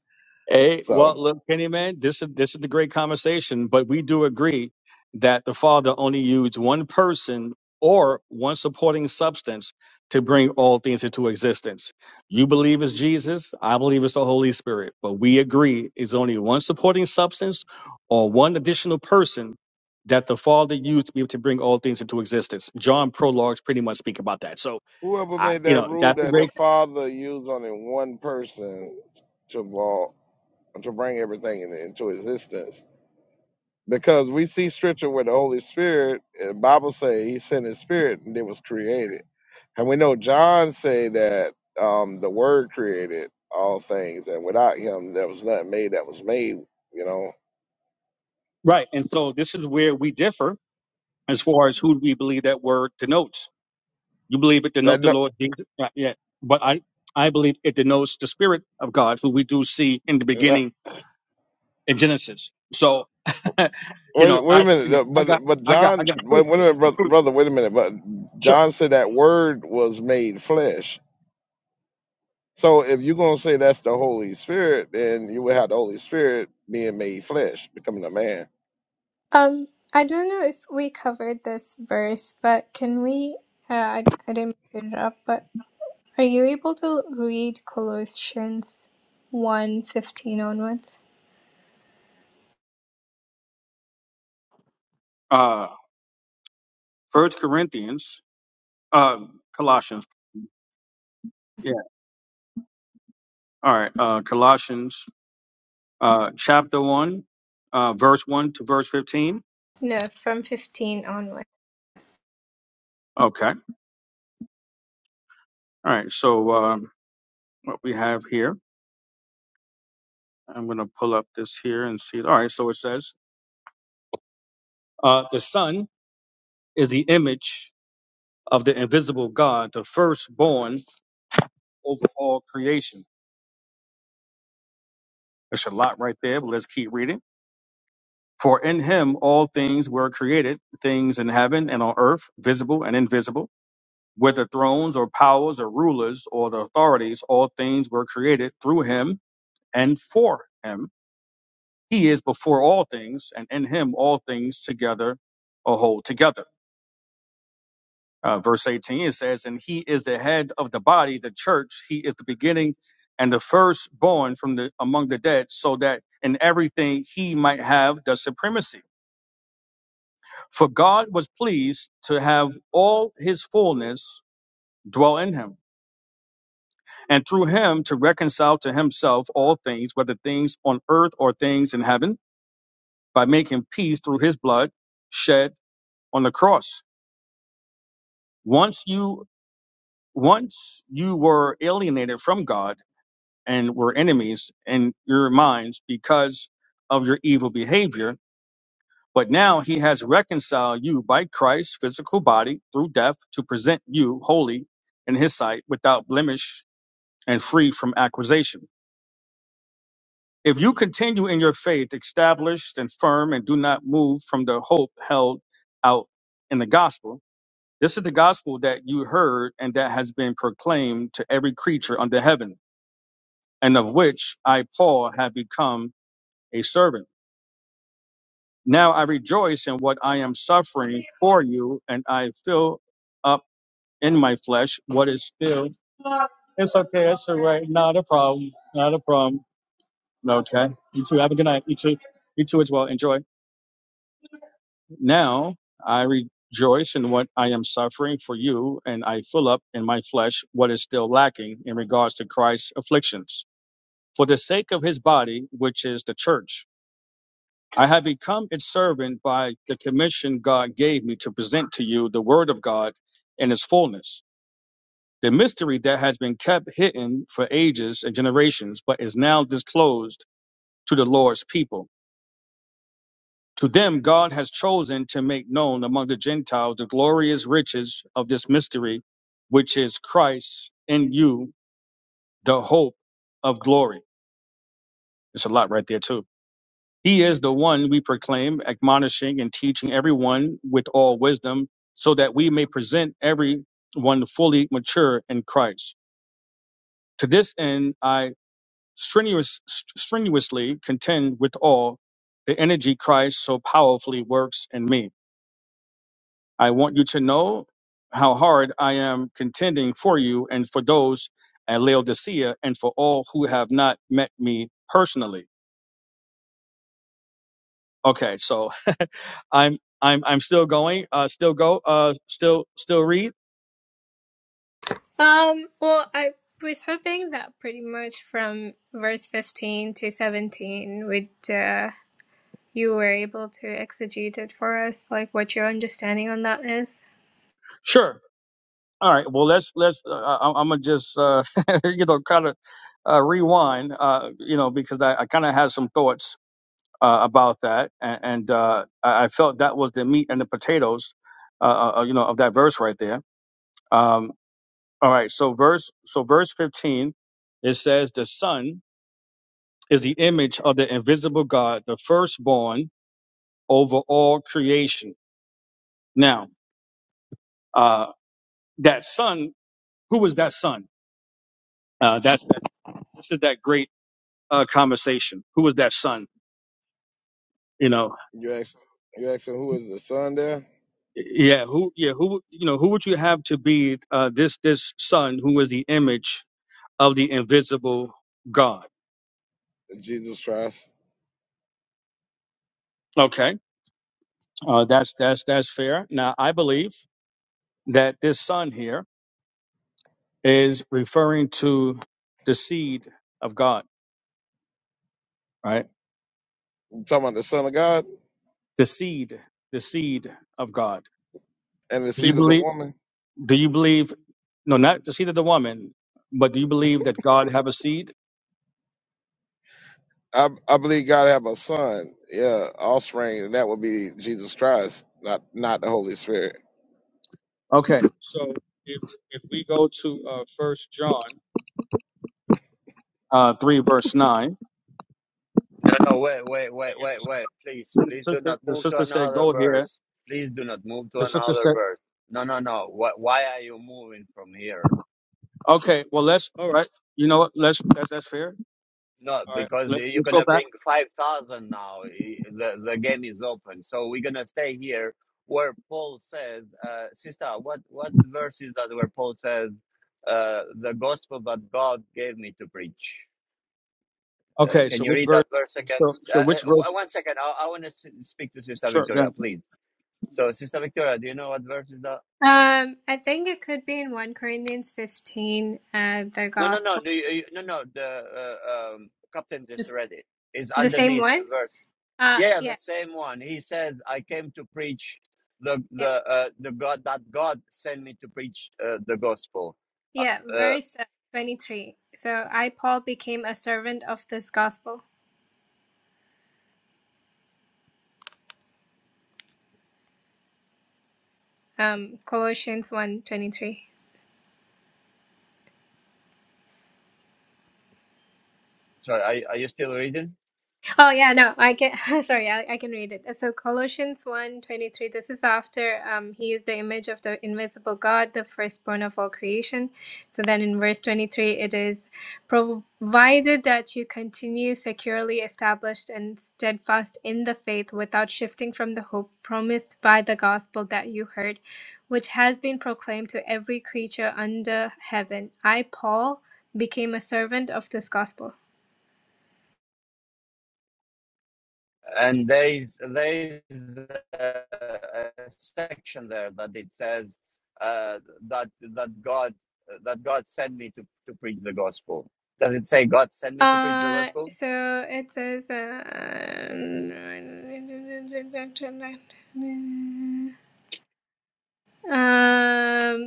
S6: Hey,
S3: So
S6: well, look, Kenny, man, this is this is the great conversation, but we do agree that the Father only used one person or one supporting substance to bring all things into existence. You believe it's Jesus, I believe it's the Holy Spirit, but we agree it's only one supporting substance or one additional person that the Father used to be able to bring all things into existence. John prologues pretty much speak about that. So
S3: whoever
S6: I,
S3: made
S6: you
S3: that
S6: know,
S3: rule
S6: that's a
S3: that the
S6: great
S3: Father used only one person to walk, to bring everything in- into existence Because we see scripture with the Holy Spirit, and Bible say he sent his spirit and it was created. And we know John say that um, the word created all things and without him there was nothing made that was made, you know.
S6: right. And so this is where we differ as far as who we believe that word denotes. You believe it denotes
S3: That
S6: the
S3: no,
S6: Lord Jesus, yeah, yeah. but I I believe it denotes the Spirit of God, who we do see in the
S3: that-
S6: beginning in Genesis. So, *laughs* you
S3: wait,
S6: know,
S3: wait a
S6: I you
S3: minute,
S6: know,
S3: uh,
S6: I got
S3: but but
S6: I got I
S3: John
S6: got
S3: wait,
S6: proof.
S3: wait a minute,
S6: I
S3: bro-
S6: proof.
S3: brother, wait a minute, but
S6: Sure.
S3: John said that word was made flesh. So if you're gonna say that's the Holy Spirit, then you would have the Holy Spirit being made flesh, becoming a man
S5: Um, I don't know if we covered this verse, but can we? Uh, I, I didn't put it up, but are you able to read Colossians one fifteen onwards?
S6: Uh, First Corinthians, uh, Colossians. Yeah. All right. Uh, Colossians, uh, chapter one, uh, verse one to verse fifteen.
S5: No, from 15 onward.
S6: Okay. All right. So um, what we have here. I'm going to pull up this here and see. All right, so it says, uh, the Son is the image of the invisible God, the firstborn over all creation. There's a lot right there, but let's keep reading. For in him all things were created, things in heaven and on earth, visible and invisible, whether thrones or powers or rulers or the authorities, all things were created through him and for him. He is before all things, and in him all things together are whole together. Uh, verse 18 it says, And he is the head of the body, the church. He is the beginning and the firstborn from the among the dead, so that in everything he might have the supremacy. For God was pleased to have all his fullness dwell in him, and through him to reconcile to himself all things, whether things on earth or things in heaven, by making peace through his blood shed on the cross. Once you once you were alienated from God and were enemies in your minds because of your evil behavior. But now he has reconciled you by Christ's physical body through death to present you holy in his sight without blemish and free from accusation. If you continue in your faith, established and firm, and do not move from the hope held out in the gospel, this is the gospel that you heard and that has been proclaimed to every creature under heaven, and of which I, Paul, have become a servant Now I rejoice in what I am suffering for you, and I fill up in my flesh what is still. It's okay. It's all right. Not a problem. Not a problem. Okay. You too. Have a good night. You too. You too as well. Enjoy. Now I rejoice in what I am suffering for you, and I fill up in my flesh what is still lacking in regards to Christ's afflictions for the sake of his body, which is the church I have become its servant by the commission God gave me to present to you the Word of God in its fullness, the mystery that has been kept hidden for ages and generations, but is now disclosed to the Lord's people. To them, God has chosen to make known among the Gentiles the glorious riches of this mystery, which is Christ in you, the hope of glory. It's a lot right there, too. He is the one we proclaim, admonishing and teaching everyone with all wisdom, so that we may present everyone fully mature in Christ. To this end, I strenuous, st- strenuously contend with all the energy Christ so powerfully works in me. I want you to know how hard I am contending for you and for those at Laodicea and for all who have not met me personally Okay, so *laughs* I'm I'm I'm still going. Uh, still go. Uh, still still read.
S5: Um, well, I was hoping that pretty much from verse 15 to 17 would uh, you were able to exegete it for us, like what your understanding on that is.
S6: Sure. All right. Well, let's let's. Uh, I'm, I'm gonna just uh, *laughs* you know kind of uh, rewind. Uh, you know because I, I kind of had some thoughts uh, about that, and, and uh, I I felt that was the meat and the potatoes. Uh, uh, uh, you know of that verse right there. Um. All right. So verse so verse 15, it says the son is the image of the invisible God, the firstborn over all creation. Now, uh, that son, who was that son? Uh, that's that, this is that great uh, conversation. Who was that son? You know,
S3: You asking, you asking who is the son there?
S6: yeah, who, yeah, who, you know, who would you have to be uh, this this son who is the image of the invisible God?
S3: Jesus Christ.
S6: Okay, uh, that's that's that's fair. Now, I believe that this son here is referring to the seed of God, right?
S3: You talking about the son of God
S6: The seed, the seed of God.
S3: and the
S6: Do you
S3: seed of the
S6: believe?
S3: woman?
S6: Do you believe No, not the seed of the woman, but do you believe that God have a seed?
S3: I, I believe God have a son, yeah, offspring, and that would be Jesus Christ, not not the Holy Spirit.
S6: Okay. So if if we go to uh First John uh three verse nine
S1: No, no, wait, wait, wait,
S6: again,
S1: wait, wait. Please,
S6: the
S1: please do
S6: sister,
S1: not
S6: the
S1: move to
S6: sister said
S1: another
S6: go here.
S1: verse. Please do not move to
S6: The sister
S1: another
S6: said,
S1: verse. No, no, no. Why, why are you moving from here?
S6: okay, well let's all right. You know what? Let's that's that's fair.
S1: No,
S6: All right,
S1: because
S6: let's
S1: you- are
S6: let's go
S1: gonna
S6: back.
S1: bring five thousand now. I- The the game is open, so we're gonna stay here where Paul says, uh, "Sister, what what verse is that where Paul says uh, the gospel that God gave me to preach?" Uh,
S6: Okay,
S1: can
S6: so
S1: you
S6: which
S1: read
S6: verse?
S1: that verse again?
S6: So so
S1: Uh,
S6: which verse?
S1: uh, one second, I, I want to s- speak to Sister
S6: Sure, go
S1: Victoria,
S6: ahead.
S1: please. So, Sister Victoria, do you know what verse is that?
S5: Um, I think it could be in 1 Corinthians 15, uh, the
S1: No, no, no,
S5: gospel,
S1: the, uh, no, no. The uh, um, captain
S5: the,
S1: just read it. It's
S5: the same
S1: underneath
S5: one.
S1: the verse.
S5: Uh,
S1: Yeah,
S5: yeah,
S1: the same one. He says, "I came to preach the
S5: yeah,
S1: the uh, the God that God sent me to preach uh, the gospel."
S5: yeah,
S1: Uh, uh,
S5: verse uh, 23. So I, Paul, became a servant of this gospel. Um, Colossians one twenty-three.
S1: sorry, are, are you still reading?
S5: Oh yeah, no, I can. *laughs* Sorry, I, I can read it. So Colossians one twenty three. This is after um, he is the image of the invisible God, the firstborn of all creation. So then in verse twenty three, it is provided that you continue securely established and steadfast in the faith, without shifting from the hope promised by the gospel that you heard, which has been proclaimed to every creature under heaven. I Paul became a servant of this gospel.
S1: And there is there is a, a section there that it says uh, that that God that God sent me to to preach the gospel. Does it say God sent me to preach the
S5: Uh,
S1: gospel?
S5: so it says, uh, um,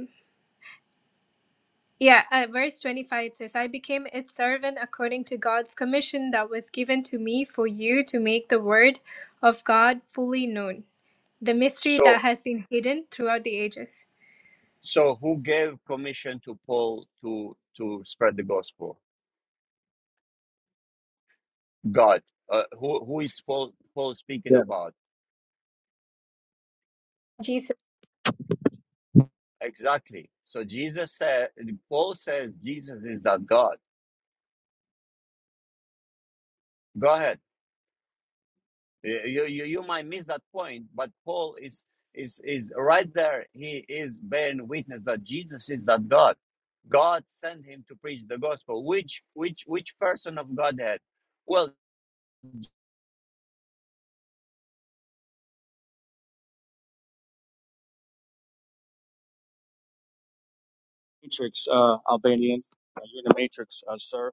S5: yeah, uh, verse 25 it says, I became its servant according to God's commission that was given to me for you to make the word of God fully known, the mystery
S1: So
S5: that has been hidden throughout the ages.
S1: So who gave commission to Paul to to spread the gospel? God. Uh, who who is Paul Paul speaking
S6: yeah.
S1: about?
S5: Jesus.
S1: Exactly. So Jesus said Paul says Jesus is that God. Go ahead. You you you might miss that point, but Paul is is is right there. He is bearing witness that Jesus is that God. God sent him to preach the gospel. Which which which person of Godhead? Well.
S6: Matrix, uh, Albanian. Uh, you're in the matrix, uh, sir.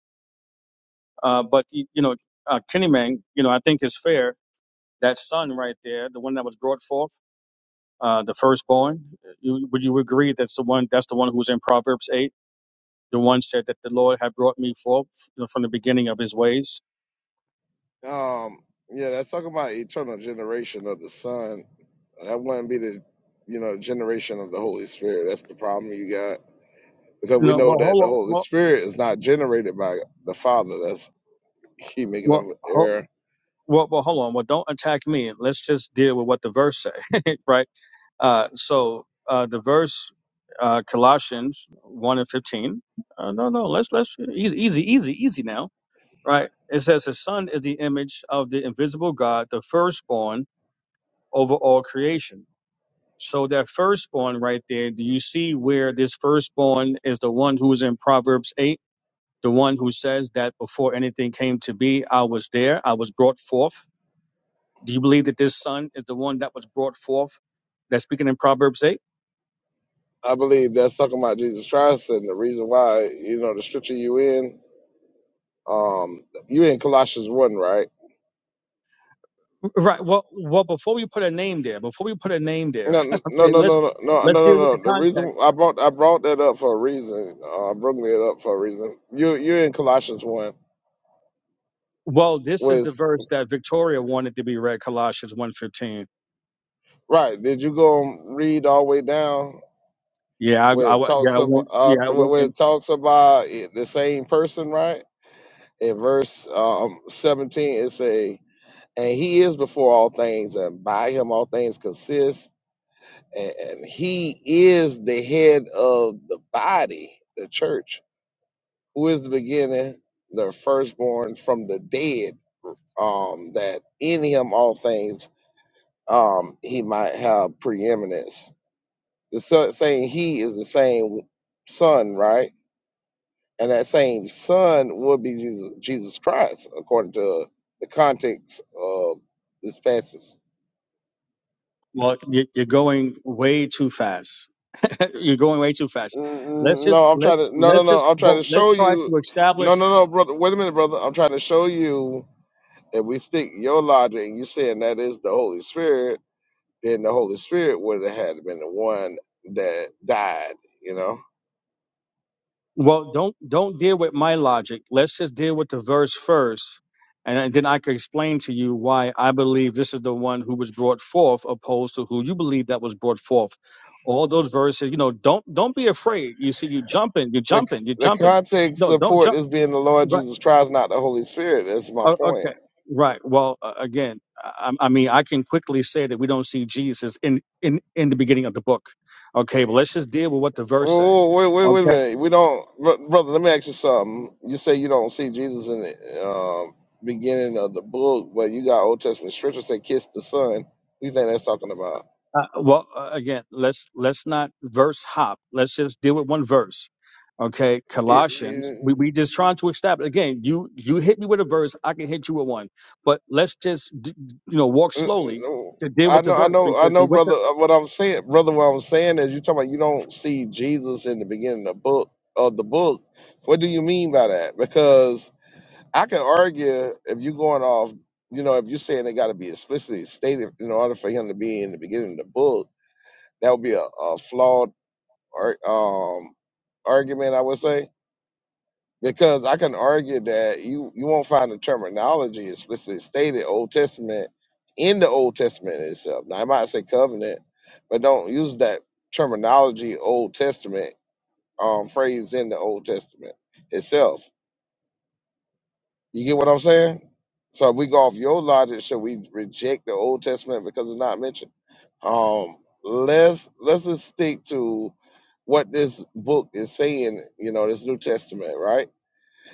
S6: Uh, but you, you know, uh, Kenny Man, you know, I think is fair That son right there, the one that was brought forth, uh, the firstborn, you, would you agree that's the one? That's the one who's in Proverbs eight. The one said that the Lord had brought me forth you know, from the beginning of His ways.
S3: Um, yeah, that's talking about eternal generation of the Son. That wouldn't be the, you know, generation of the Holy Spirit. That's the problem you got because we
S6: No,
S3: know
S6: well,
S3: that
S6: hold
S3: the
S6: on.
S3: Holy
S6: Well,
S3: Spirit is not generated by the Father. That's keep making
S6: well,
S3: them
S6: ho-
S3: error.
S6: well, well, hold on. Well, don't attack me. Let's just deal with what the verse say, *laughs* right? Uh, so uh, the verse, uh, Colossians one and fifteen. Uh, no, no. Let's let's easy, easy, easy, easy now, right? It says, "His son is the image of the invisible God, the firstborn." over all creation. So that firstborn right there, do you see where this firstborn is the one who is in Proverbs 8? The one who says that before anything came to be, I was there, I was brought forth. Do you believe that this son is the one that was brought forth? That's speaking in Proverbs 8?
S3: I believe that's talking about Jesus Christ and the reason why, you know, the scripture you in, um, you in Colossians one, right?
S6: Right. Well, well, before we put a name there, before we put a name there,
S3: No,
S6: *laughs*
S3: no,
S6: okay,
S3: no, no,
S6: let's
S3: no, no, no,
S6: let's deal with
S3: no.
S6: the
S3: no. The
S6: context.
S3: reason I brought I brought that up for a reason. Uh, I brought it up for a reason. You you're in Colossians one,
S6: Well, this is the
S3: was
S6: verse that Victoria wanted to be read, Colossians one fifteen.
S3: right? Did you go and read all the way down
S6: Yeah, I,
S3: where
S6: I,
S3: it
S6: wa-
S3: talks
S6: yeah, I
S3: about
S6: went,
S3: uh,
S6: yeah, I went,
S3: where
S6: and.
S3: it talks about it- the same person, right? In verse um, seventeen, it say, "And he is before all things, and by him all things consist." and he is the head of the body, the church, who is the beginning, the firstborn from the dead, um, that in him all things um, he might have preeminence. The son, saying he is the same son, right? And that same son would be Jesus, Jesus Christ, according to the context of this passage.
S6: Well, you- you're going way too fast. *laughs* you're going way too fast.
S3: Mm,
S6: Let's
S3: mm,
S6: just
S3: No, I'm
S6: let
S3: trying to. No, no,
S6: let's just
S3: no. I'm trying
S6: well,
S3: to
S6: let's
S3: show
S6: try
S3: you.
S6: to
S3: No,
S6: establish.
S3: no, no, brother. Wait a minute, brother. I'm trying to show you. If we stick your logic, and you saying that is the Holy Spirit, then the Holy Spirit would have had been the one that died. You know,
S6: Well, don't don't deal with my logic. Let's just deal with the verse first, and then I can explain to you why I believe this is the one who was brought forth, opposed to who you believe that was brought forth. All those verses, you know, don't don't be afraid. You see, you jumping, you're
S3: the
S6: jumping, you're
S3: the
S6: jumping.
S3: context
S6: No, don't
S3: support is
S6: jump.
S3: being the Lord Jesus Christ, not the Holy Spirit. That's my
S6: Oh,
S3: point.
S6: okay. Right. Well, uh, again, I, I mean, I can quickly say that we don't see Jesus in in in the beginning of the book. Okay, but let's just deal with what the verse say.
S3: Whoa, wait, wait, wait a
S6: Okay.
S3: minute. We don't, bro- brother. Let me ask you something. You say you don't see Jesus in the um, beginning of the book, but you got Old Testament scriptures that kiss the Son. Who you think that's talking about?
S6: Uh, well, uh, again, let's let's not verse hop. Let's just deal with one verse. Okay,
S3: It-
S6: Colossians.
S3: it-
S6: We we just trying to establish again. You you hit me with a verse, I can hit you with one. But let's just d- d- you know walk
S3: it-
S6: slowly
S3: it-
S6: to deal
S3: I
S6: with the
S3: know, I
S6: verse
S3: know, I
S6: because we
S3: know,
S6: went. to
S3: brother. uh, What I'm saying, brother, what I'm saying is, you talking about you don't see Jesus in the beginning of the book of the book. What do you mean by that? Because I can argue if you're going off, you know, if you're saying they got to be explicitly stated in order for him to be in the beginning of the book, that would be a, a flawed ar- um, argument, I would say, because I can argue that you you won't find the terminology explicitly stated Old Testament in the Old Testament itself. Now I might say covenant, but don't use that terminology Old Testament um, phrase in the Old Testament itself. You get what I'm saying? So if we go off your logic, should we reject the Old Testament because it's not mentioned? Um, let's let's just stick to what this book is saying. You know, this New Testament, right?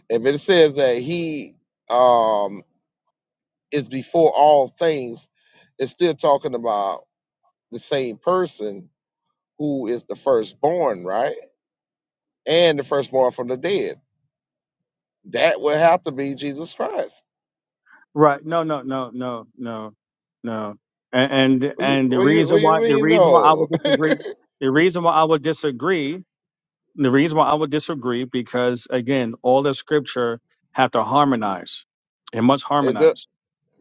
S3: If it says that He um, is before all things, it's still talking about the same person who is the firstborn, right? And the firstborn from the dead. That would have to be Jesus Christ.
S6: Right. No, no, no, no, no, no. And, and
S3: What you
S6: and the
S3: what you
S6: reason
S3: what you
S6: why the
S3: mean?
S6: reason why I
S3: No.
S6: would
S3: *laughs*
S6: disagree the reason why I would disagree the reason why I would disagree because again all the scripture have to harmonize. It must
S3: It do,
S6: harmonize.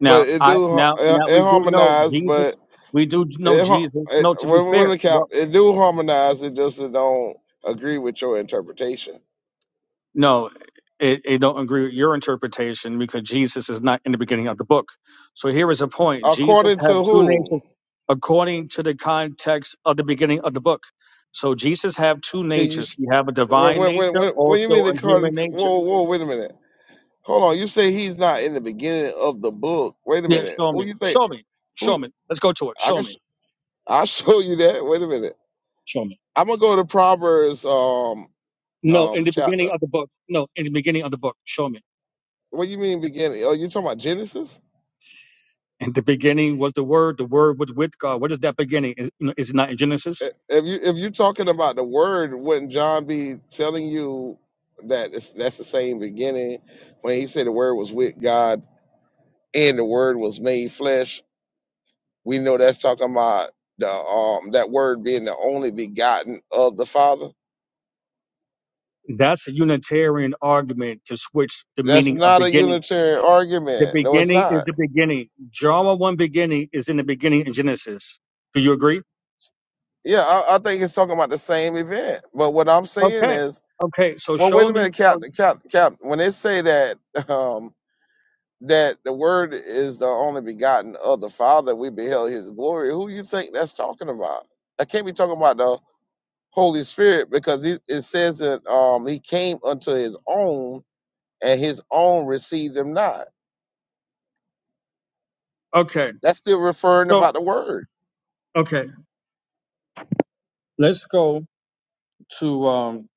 S3: but it
S6: I
S3: do
S6: now
S3: it,
S6: now
S3: it
S6: we do know
S3: harmonize,
S6: Jesus
S3: but
S6: we do know
S3: it, har-
S6: Jesus.
S3: it
S6: No, to be
S3: when when
S6: fair.
S3: the cap it do harmonize. It just it don't agree with your interpretation.
S6: No, it, it don't agree with your interpretation because Jesus is not in the beginning of the book. So here is a point: Jesus
S3: According
S6: had
S3: to
S6: two
S3: who?
S6: natures according to the context of the beginning of the book. So Jesus have two
S3: Can you?
S6: natures.
S3: s-
S6: He have a
S3: When
S6: divine
S3: when when
S6: nature,
S3: when, when you
S6: also
S3: mean
S6: a
S3: according?
S6: human nature.
S3: Whoa whoa wait a minute. Hold on. You say he's not in the beginning of the book. Wait a
S6: Yeah,
S3: minute.
S6: show
S3: Who
S6: me,
S3: you say?
S6: show me, show
S3: Who?
S6: me. Let's go to it.
S3: I
S6: Show
S3: can.
S6: me,
S3: Sh- I'll *laughs* show you that. Wait a minute.
S6: show me.
S3: I'm gonna go to Proverbs um
S6: No, in
S3: um
S6: the
S3: chapter.
S6: beginning of the book. No, in the beginning of the book. Show me.
S3: What do you mean beginning? Oh, you talking about Genesis?
S6: In the beginning was the Word. The Word was with God. What is that beginning? Is, is it not in Genesis?
S3: i- if you if you're talking about the word, wouldn't John be telling you that it's, that's the same beginning when he said the word was with God and the word was made flesh? We know that's talking about the um that word being the only begotten of the Father.
S6: That's a Unitarian argument to switch the
S3: That's
S6: meaning of
S3: not a
S6: beginning.
S3: Unitarian
S6: The
S3: argument. No, it's
S6: beginning is
S3: not.
S6: the beginning. Drama one beginning is in the beginning in Genesis. Do you agree?
S3: Yeah, I, I think it's talking about the same event. But what I'm saying
S6: Okay.
S3: is,
S6: Okay. So
S3: well,
S6: show
S3: wait a
S6: me.
S3: minute, Captain, Captain, Captain. When they say that, *laughs* that the word is the only begotten of the Father, we beheld his glory. Who you think that's talking about? I can't be talking about the Holy Spirit because it, it says that um, he came unto his own and his own received him not.
S6: Okay.
S3: That's still referring
S6: So
S3: about the word.
S6: okay. Let's go to um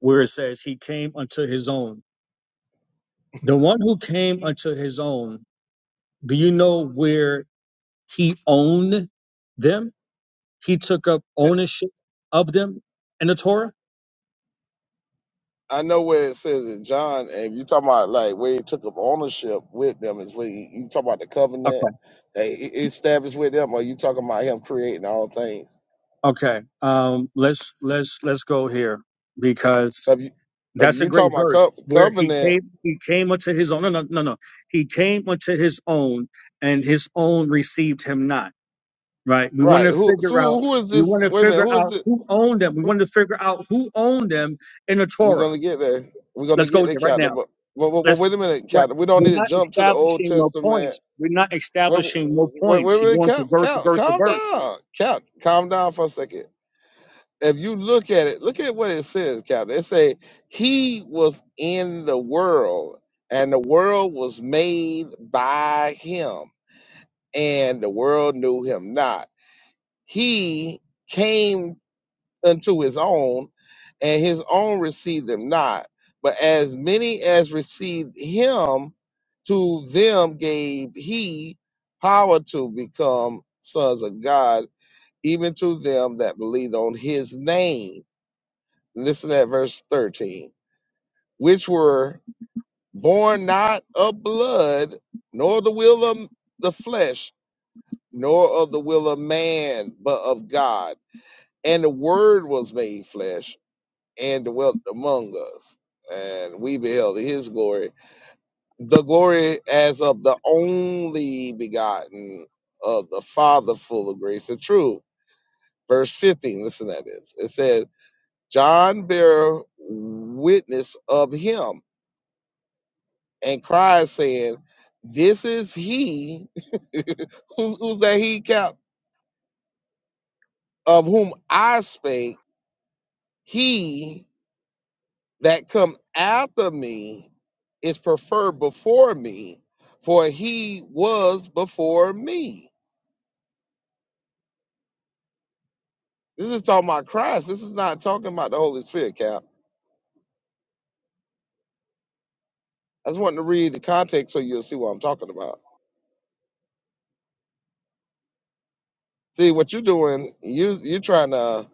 S6: where it says he came unto his own. The one who came unto his own. Do you know where he owned them? He took up
S3: Yeah,
S6: ownership of them in the Torah.
S3: I know where it says in John, and if you talking about like where he took up ownership with them, is where he, you talking about the
S6: Okay.
S3: covenant that he he established with them, or you talking about him creating all things?
S6: Okay. Um, let's let's let's go here because
S3: If you if
S6: that's a
S3: you
S6: great
S3: talking about
S6: verse
S3: co-
S6: where he
S3: covenant,
S6: came he came unto his own. No, no, no, no. He came unto his own, and his own received him not. Right. We want
S3: Right.
S6: to
S3: Who? So
S6: figure out.
S3: who who is
S6: We
S3: this?
S6: want to
S3: Wait a minute.
S6: figure
S3: Who is
S6: out
S3: this?
S6: who owned them. We
S3: who-
S6: want to figure out who owned them in the
S3: We're
S6: Torah.
S3: gonna get there. We're gonna
S6: Let's
S3: get
S6: go
S3: there,
S6: there right
S3: Captain.
S6: now.
S3: But but, but, but
S6: Let's
S3: wait a minute,
S6: right.
S3: Captain. We don't
S6: We're
S3: need to
S6: not
S3: jump to the Old
S6: establishing no
S3: Testament.
S6: points. We're not
S3: Wait
S6: establishing no
S3: wait
S6: points.
S3: wait,
S6: You're
S3: wait
S6: going to
S3: Cap,
S6: verse to
S3: Cap,
S6: verse to
S3: calm
S6: verse.
S3: down, Cap, calm down for a second. If you look at it, look at what it says, Captain. It say he was in the world, and the world was made by him, and the world knew him not. He came unto his own, and his own received them not. But as many as received him, to them gave he power to become sons of God, even to them that believed on his name. Listen at verse 13, which were born not of blood, nor the will of the flesh, nor of the will of man, but of God. And the word was made flesh and dwelt among us, and we beheld his glory, the glory as of the only begotten of the Father, full of grace and truth. Verse 15, listen to this. It says, John bare witness of him and cried, saying, This is he. *laughs* who's, who's that he, Cap? Of whom I spake. He. that come after me is preferred before me, for he was before me. This is talking about Christ. This is not talking about the Holy Spirit, Cap. I just wanted to read the context so you'll see what I'm talking about. See what you're doing, you you're trying to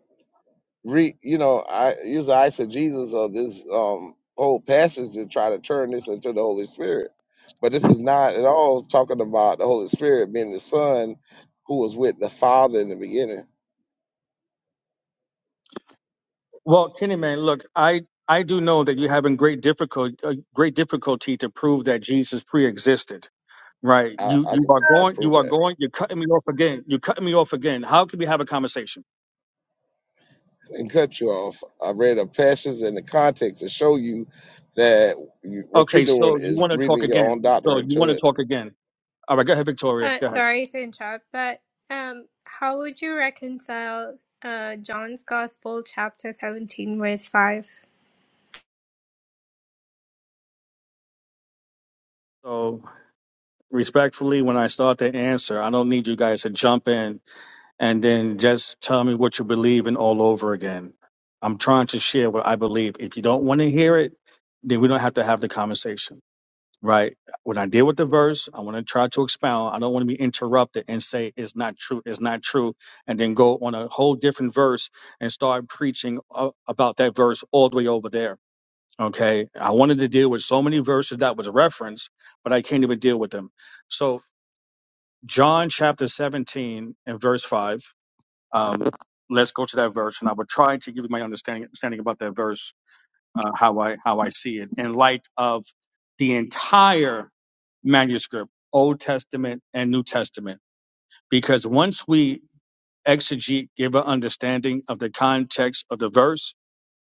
S3: re you know, I use the eisegesis of this um whole passage to try to turn this into the Holy Spirit. But this is not at all talking about the Holy Spirit being the Son who was with the Father in the beginning.
S6: Well, Kenny man, look, I I do know that you're having great difficult uh, great difficulty to prove that Jesus pre-existed, right?
S3: I,
S6: You
S3: I
S6: you
S3: can
S6: are going you
S3: approve
S6: are
S3: that
S6: going you're cutting me off again. You're cutting me off again. How can we have a conversation?
S3: and cut you off. I read the passages and the context to show you that you, what you're
S6: Okay,
S3: doing
S6: so you
S3: is
S6: want to talk
S3: reading your own
S6: again? So
S3: doctrine
S6: you
S3: to
S6: want to
S3: it.
S6: talk again? All right, go ahead, Victoria.
S5: Uh,
S6: Go ahead.
S5: sorry to interrupt, but um, how would you reconcile uh, John's Gospel, chapter 17, verse 5?
S6: So respectfully, when I start to answer, I don't need you guys to jump in and then just tell me what you believe in all over again. I'm trying to share what I believe. If you don't want to hear it, then we don't have to have the conversation, right? When I deal with the verse, I want to try to expound. I don't want to be interrupted and say it's not true, it's not true, and then go on a whole different verse and start preaching uh, about that verse all the way over there. Okay, I wanted to deal with so many verses that was a reference, but I can't even deal with them. So John chapter 17 and verse 5 um, let's go to that verse, and I will try to give you my understanding, understanding about that verse, uh, how I how I see it in light of the entire manuscript, Old Testament and New Testament, because once we exegete, give an understanding of the context of the verse,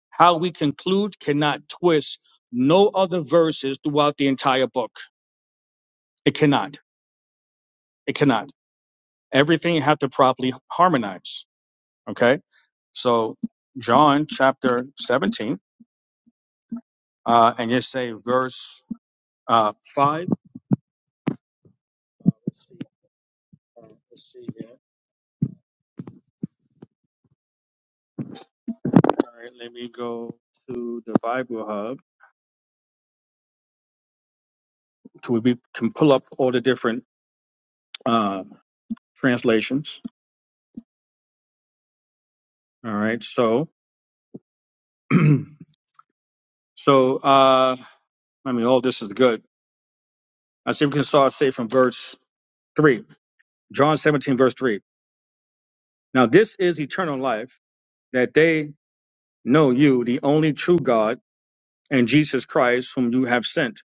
S6: how we conclude cannot twist no other verses throughout the entire book. It cannot. It cannot. Everything have to properly harmonize. Okay. So John chapter 17. uh, and just say verse uh, 5. Uh, let's, see. Uh, let's see here. All right, let me go to the Bible Hub. To where we can pull up all the different uh, translations. All right, so *clears throat* so uh, I mean, all this is good. I see we can start say from verse three, John seventeen verse three. Now this is eternal life, that they know you, the only true God, and Jesus Christ, whom you have sent.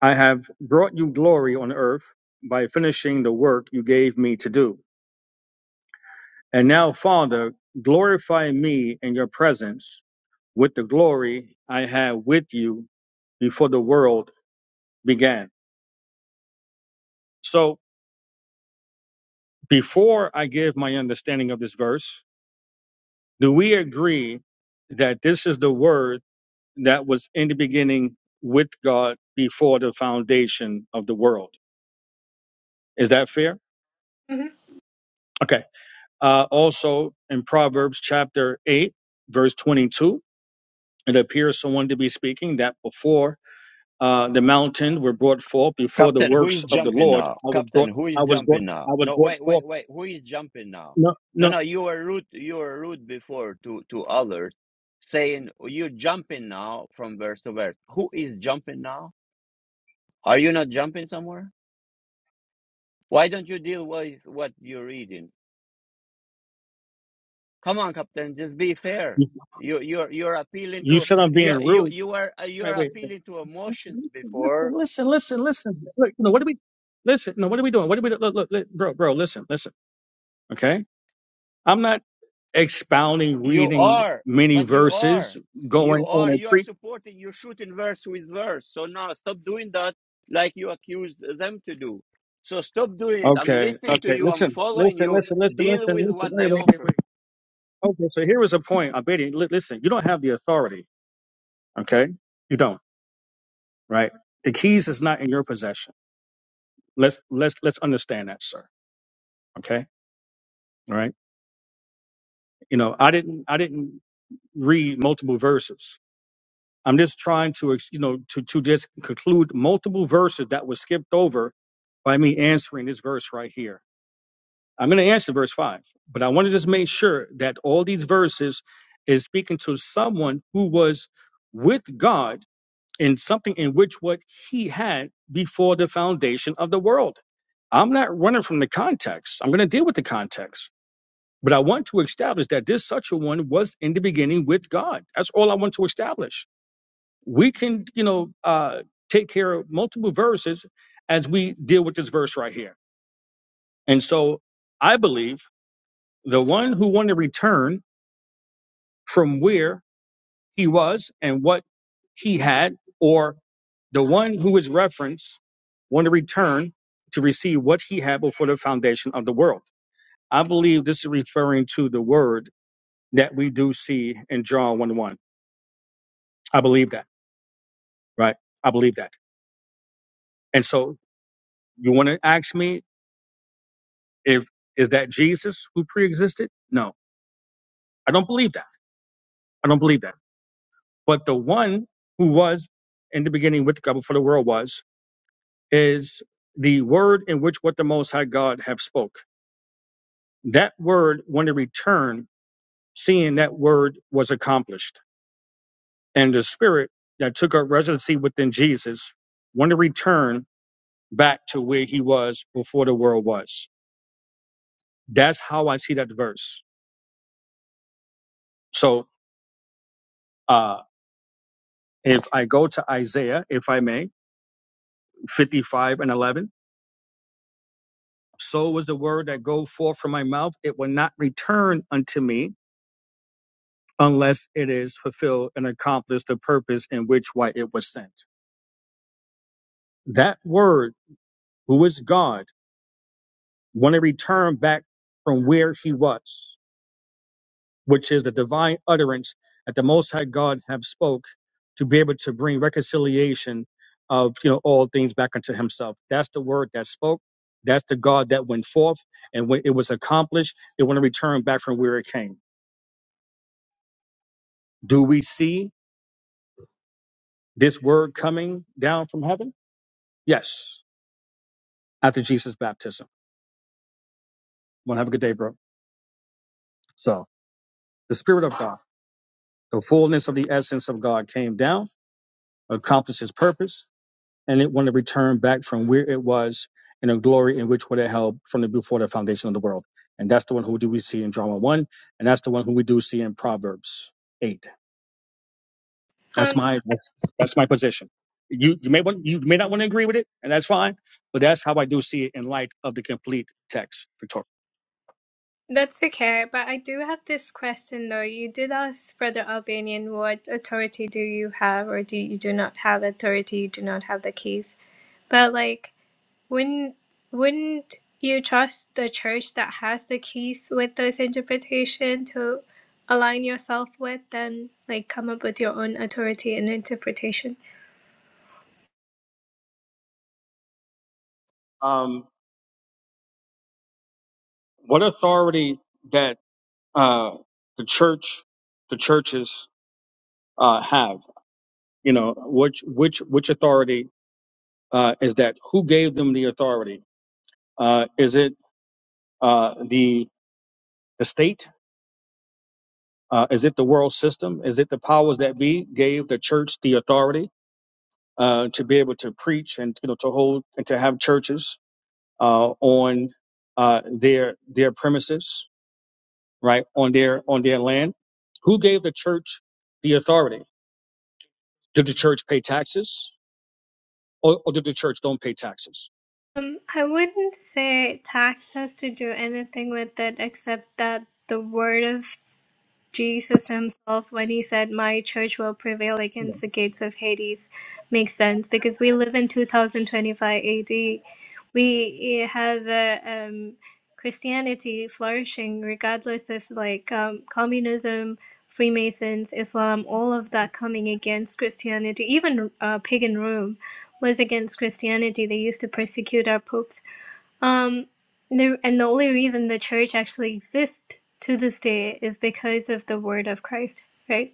S6: I have brought you glory on earth by finishing the work you gave me to do. And now, Father, glorify me in your presence with the glory I had with you before the world began. So, before I give my understanding of this verse, do we agree that this is the word that was in the beginning with God before the foundation of the world? Is that fair?
S5: hmm
S6: Okay. Uh, also in Proverbs chapter 8, verse 22, it appears someone to be speaking that before uh, the mountains were brought forth, before the
S1: Captain, who
S6: works
S1: is
S6: of the
S1: jumping
S6: Lord,
S1: now?
S6: I was
S1: Captain,
S6: brought,
S1: who
S6: I
S1: is
S6: was brought,
S1: jumping now?
S6: I was
S1: No,
S6: brought
S1: wait,
S6: forth.
S1: wait, wait. Who is jumping now?
S6: No,
S1: No,
S6: no,
S1: no, you were rude. You were rude before to to others, saying you're jumping now from verse to verse. Who is jumping now? Are you not jumping somewhere? Why don't you deal with what you're reading? Come on, Captain, just be fair.
S6: you
S1: You you're you're appealing to
S6: said I'm being
S1: you you
S6: rude.
S1: you were you
S6: Wait,
S1: are
S6: wait,
S1: appealing to emotions
S6: listen,
S1: before
S6: listen, listen, listen. Look, you know, what are we, listen, no, what are we doing? What are we, look, look, look, bro, bro, listen, listen, okay? I'm not expounding,
S1: You
S6: reading
S1: are,
S6: many
S1: but you
S6: verses,
S1: are, you
S6: going on
S1: are,
S6: a
S1: you are
S6: pre
S1: supporting. You're shooting verse with verse. So now stop doing that, like you accused them to do. So stop doing it. I'm
S6: Okay,
S1: listening to
S6: okay.
S1: you. I'm
S6: Listen,
S1: following
S6: listen,
S1: you.
S6: listen, listen,
S1: Deal
S6: listen,
S1: with
S6: listen.
S1: what
S6: Wait,
S1: they
S6: wait, wait,
S1: offered.
S6: wait. Okay, so here was a point. I'm betting. li- Listen, you don't have the authority. Okay, you don't. Right. The keys is not in your possession. Let's let's let's understand that, sir. Okay. All right. You know, I didn't I didn't read multiple verses. I'm just trying to ex- you know to to just conclude multiple verses that was skipped over by me answering this verse right here. I'm going to answer verse 5, but I want to just make sure that all these verses is speaking to someone who was with God in something in which what he had before the foundation of the world. I'm not running from the context. I'm going to deal with the context. But I want to establish that this such a one was in the beginning with God. That's all I want to establish. We can, you know, uh, take care of multiple verses as we deal with this verse right here. And so I believe the one who wanted to return from where he was and what he had, or the one who is referenced wanted to return to receive what he had before the foundation of the world. I believe this is referring to the word that we do see in John 1 1. I believe that, right? I believe that. And so you want to ask me if is that Jesus who preexisted? No, I don't believe that. I don't believe that. But the one who was in the beginning with God before the world was, is the word in which what the Most High God have spoke. That word, when it returned, seeing that word was accomplished, and the Spirit that took up residency within Jesus, when it returned back to where he was before the world was. That's how I see that verse. So, uh, if I go to Isaiah, if I may, 55 and 11, so was the word that go forth from my mouth; it will not return unto me unless it is fulfilled and accomplished the purpose in which why it was sent. That word, who is God, want to return back from where he was, which is the divine utterance that the Most High God have spoke to be able to bring reconciliation of you know all things back unto Himself. That's the word that spoke. That's the God that went forth, and when it was accomplished, it want to return back from where it came. Do we see this word coming down from heaven? Yes after Jesus' baptism. Want to have a good day, bro. So the Spirit of God, the fullness of the essence of God came down, accomplished His purpose, and it wanted to return back from where it was in a glory in which what it held from the before the foundation of the world. And that's the one who do we see in drama one, and that's the one who we do see in Proverbs eight. That's
S5: Um,
S6: my that's my position. You you may want you may not want to agree with it, and that's fine, but that's how I do see it in light of the complete text, Victoria.
S5: that's okay, but I do have this question though. You did ask Brother Albanian, what authority do you have, or do you do not have authority? You do not have the keys. But like, Wouldn't wouldn't you trust the church that has the keys with this interpretation to align yourself with and like come up with your own authority and interpretation?
S6: Um, what authority that? uh, the church, the churches uh, have. You know, which which which authority uh, is that? Who gave them the authority? Uh, is it uh, the the state? Uh, is it the world system? Is it the powers that be gave the church the authority uh, to be able to preach and you know to hold and to have churches uh, on uh, their their premises, right on their on their land? Who gave the church the authority? Did the church pay taxes? or, or did the church don't pay taxes?
S5: Um, I wouldn't say tax has to do anything with it except that the word of Jesus himself, when he said, My church will prevail
S6: Yeah.
S5: against the gates of Hades, makes sense because we live in 2025 AD. We have uh, um, Christianity flourishing regardless of like um, communism, Freemasons, Islam, all of that coming against Christianity. Even uh, pagan Rome was against Christianity. They used to persecute our popes um, the, and the only reason the church actually exists to this day is because of the word of Christ, right?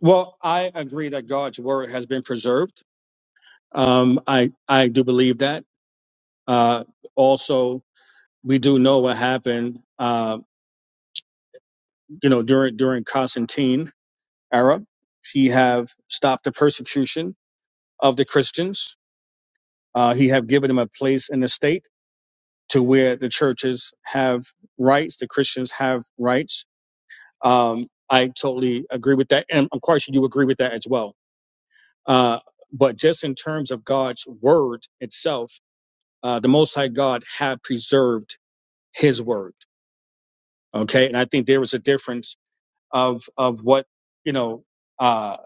S6: Well, I agree that God's word has been preserved. Um, I I do believe that. Uh, also, we do know what happened. Uh, you know, during during Constantine era, he have stopped the persecution of the Christians. Uh, he have given them a place in the state to where the churches have rights, the Christians have rights. Um, I totally agree with that, and I'm quite sure you agree with that as well Uh, but just in terms of God's word itself, uh, the Most High God had preserved His word. Okay, and I think there was a difference of of what you know uh,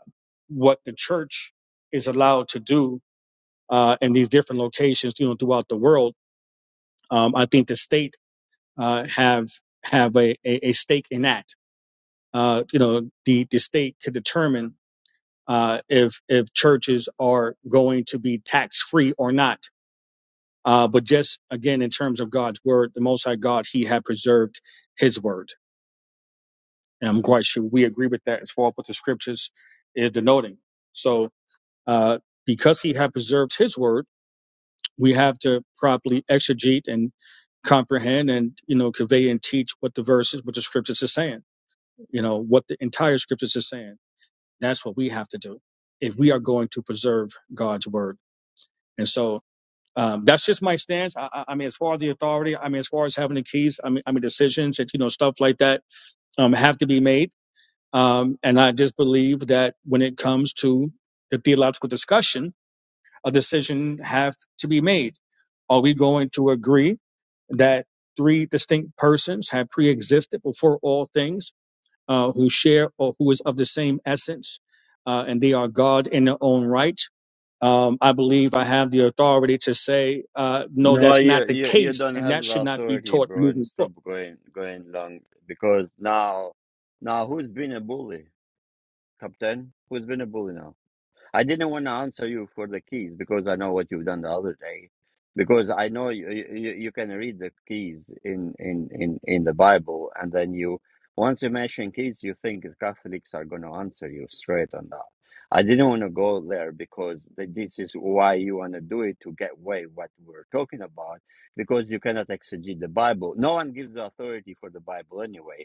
S6: what the church is allowed to do uh, in these different locations, you know, throughout the world. Um, I think the state uh, have have a, a, a stake in that. Uh, you know, the the state could determine uh, if if churches are going to be tax free or not Uh, but just again, in terms of God's word, the Most High God, He had preserved His word, and I'm quite sure we agree with that as far as what the scriptures is denoting. So, uh, because He had preserved His word, we have to properly exegete and comprehend, and you know, convey and teach what the verses, what the scriptures are saying. You know, what the entire scriptures are saying. That's what we have to do if we are going to preserve God's word. And so, Um, that's just my stance. I, I I mean, as far as the authority, I mean, as far as having the keys, I mean, I mean, decisions that you know stuff like that um, have to be made. Um, and I just believe that when it comes to the theological discussion, a decision have to be made. Are we going to agree that three distinct persons have pre-existed before all things? uh, who share or who is of the same essence, uh, and they are God in their own right. Um, I believe I have the authority to say, uh, no,
S1: No,
S6: that's
S1: you
S6: not the
S1: you, you
S6: case,
S1: don't
S6: and
S1: have
S6: that
S1: the
S6: should not be
S1: authority,
S6: taught
S1: bro. And
S6: moving forward.
S1: stop going going long because now now who's been a bully, Captain? Who's been a bully now? I didn't want to answer you for the keys because I know what you've done the other day. Because I know you, you, you can read the keys in, in, in, in the Bible, and then you, once you mention keys, you think the Catholics are going to answer you straight on that. I didn't want to go there because th- this is why you want to do it to get away what we're talking about because you cannot exegete the Bible. No one gives the authority for the Bible anyway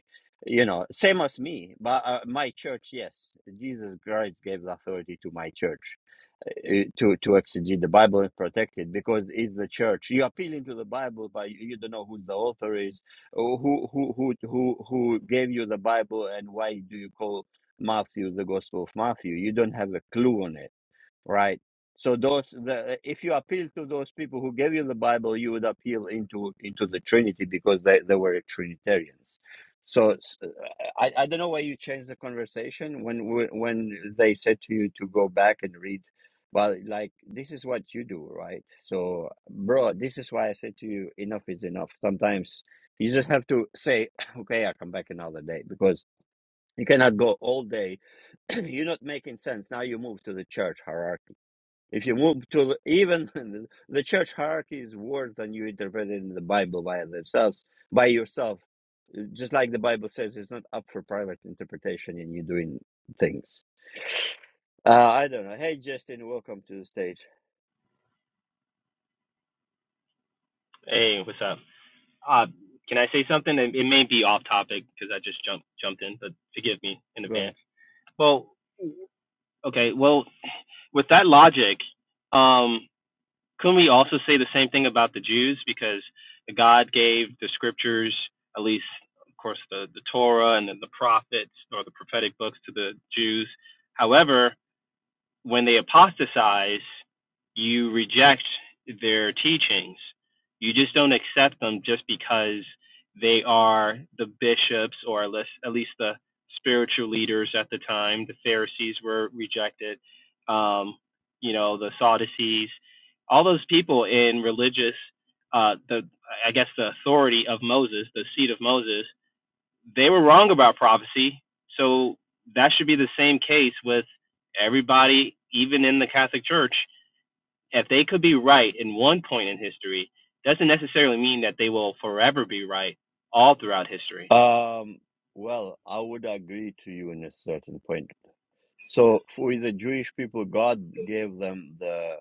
S1: you know, same as me, but uh, my church, yes, Jesus Christ gave the authority to my church uh, to to exegete the Bible and protect it because it's the church. You appeal into the Bible, but you you don't know who the author is, or who who who who who gave you the Bible, and why do you call Matthew the Gospel of Matthew? You don't have a clue on it right? So those, the, if you appeal to those people who gave you the Bible, you would appeal into into the Trinity because they, they were Trinitarians. So s- I, I don't know why you changed the conversation when when they said to you to go back and read. Well, like this is what you do, right? So, bro, this is why I said to you, enough is enough. Sometimes you just have to say, *clears throat* okay, I'll come back another day because you cannot go all day. *clears throat* You're not making sense. Now you move to the church hierarchy if you move to even *laughs* the church hierarchy is worse than you interpret it in the Bible by themselves, by yourself. Uh, Just like the Bible says, it's not up for private interpretation and you doing things. Uh, I don't know. Hey, Justin, welcome to the stage.
S8: Hey, what's up? Uh, can I say something? It, it may be off topic because I just jumped jumped in, but forgive me in
S1: Go ahead.
S8: advance. Well, okay. Well, with that logic, um, couldn't we also say the same thing about the Jews? Because God gave the scriptures, at least, of course, the the Torah and then the prophets or the prophetic books to the Jews. However, when they apostatize, you reject their teachings. You just don't accept them just because they are the bishops or at least, the spiritual leaders at the time. The Pharisees were rejected, um, you know, the Sadducees, all those people in religious, uh, the I guess the authority of Moses, the seat of Moses they were wrong about prophecy. So that should be the same case with everybody, even in the Catholic Church. If they could be right in one point in history, doesn't necessarily mean that they will forever be right all throughout history.
S1: Um, well, I would agree to you in a certain point. So, for the Jewish people, God gave them the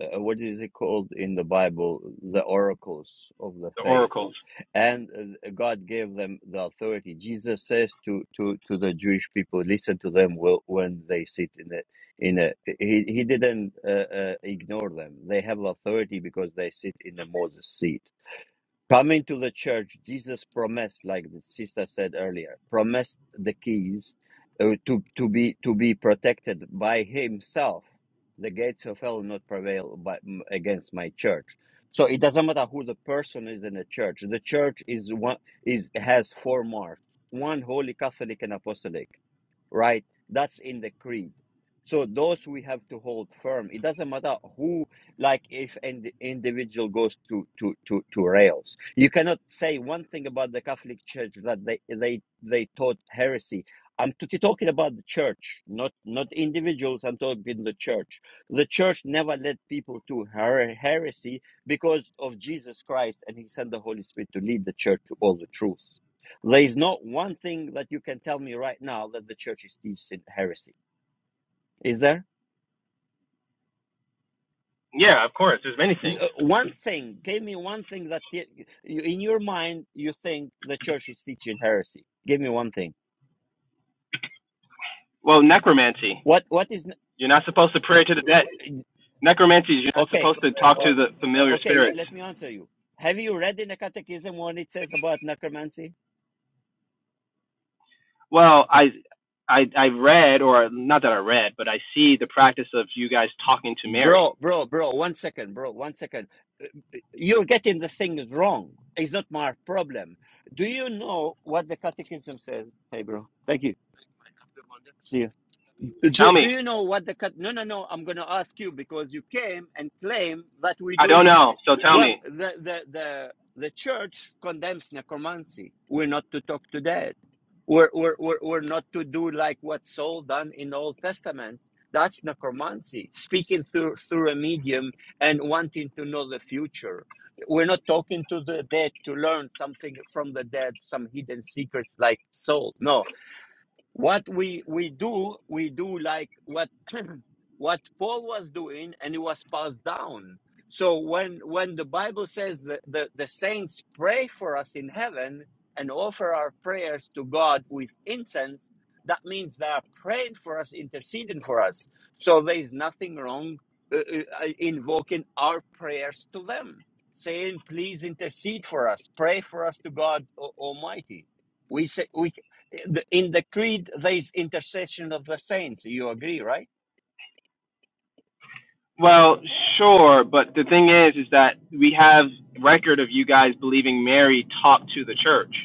S1: uh, what is it called in the Bible? The oracles of the
S8: The
S1: faith
S8: oracles.
S1: and uh, God gave them the authority. Jesus says to to to the Jewish people, "Listen to them wh- when they sit in a in a." He he didn't uh, uh, ignore them. They have authority because they sit in a Moses seat. Coming to the church, Jesus promised, like the sister said earlier, promised the keys uh, to, to be to be protected by himself. The gates of hell will not prevail by, m- against my church. So it doesn't matter who the person is in the church. The church is one is has four marks: one holy, Catholic, and apostolic right? That's in the creed. So those we have to hold firm. It doesn't matter who, like if an ind- individual goes to, to, to, to rails. You cannot say one thing about the Catholic Church that they, they, they taught heresy. I'm t- talking about the church, not, not individuals. I'm talking the church. The church never led people to her- heresy because of Jesus Christ and he sent the Holy Spirit to lead the church to all the truth. There is not one thing that you can tell me right now that the church is teaching heresy. Is there?
S8: Yeah, of course. There's many things.
S1: uh, One thing. Give me one thing that te- you, in your mind you think the church is teaching heresy. Give me one thing.
S8: Well, necromancy.
S1: What? What is?
S8: You're not supposed to pray to the dead. Necromancy is you're not
S1: Okay.
S8: supposed
S3: From
S8: to
S3: that
S8: talk
S1: o-
S8: to the
S3: argument.
S8: familiar
S1: Okay. Let,
S8: spirits.
S1: let me answer you. Have you read in the catechism what it says about necromancy?
S8: Well, I, I, I read, or not that I read, but I see the practice of you guys talking to Mary.
S1: Bro, bro, bro, one second, bro, one second. You're getting the things wrong. It's not my problem. Do you know what the catechism says? Hey, bro. Thank you. See you.
S8: Tell
S1: Do, do
S8: me,
S1: you know what the cut? No, no, no. I'm going to ask you because you came and claim that we're
S8: I
S1: doing
S8: don't know. So tell
S1: well.
S8: me.
S1: The the the the church condemns necromancy. We're not to talk to dead. We're we're we're, we're not to do like what Saul done in Old Testament. That's necromancy, speaking through through a medium and wanting to know the future. We're not talking to the dead to learn something from the dead, some hidden secrets like Saul. No, what we we do we do like what *clears throat* what paul was doing and it was passed down so when when the bible says that the, the saints pray for us in heaven and offer our prayers to god with incense that means they are praying for us interceding for us so there is nothing wrong uh, uh, uh, invoking our prayers to them saying please intercede for us pray for us to god Al- almighty we say we the- In the creed, there is intercession of the saints. You agree, right?
S8: Well, sure, but the thing is, is that we have record of you guys believing Mary talked to the church.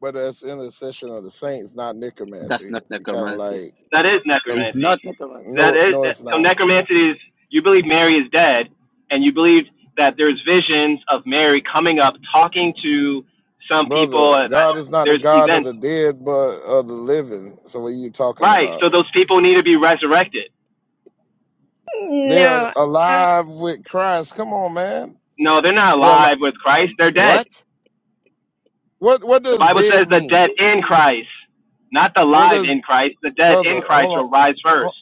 S3: But that's intercession of the saints, not
S1: That's
S3: necromancy.
S1: not
S3: You kind of
S1: necromancy.
S3: like,
S8: That is
S1: It's
S8: necromancy.
S3: conf-
S1: not necromancy.
S8: That
S3: no,
S8: is
S3: no,
S8: that,
S3: it's
S8: so
S3: not.
S8: necromancy is you believe Mary is dead, and you believe that there's visions of Mary coming up, talking to some people.
S3: Brother,
S8: uh, uh,
S3: God is not the
S8: There's
S3: God of
S8: events,
S3: the dead, but of the living. So what are you talking
S8: right?
S3: about?
S8: So those people need to be resurrected.
S3: They're
S5: No, uh,
S3: alive with Christ. Come on, man.
S8: No, they're not
S3: Yeah.
S8: alive with Christ. They're dead.
S1: What?
S3: What What
S8: The
S3: does
S8: Bible
S3: dead
S8: says the
S3: mean?
S8: dead in Christ, not the
S3: What
S8: live
S3: does
S8: in Christ, the dead
S3: brother?
S8: in Christ
S3: Hold
S8: will rise
S3: on.
S8: first.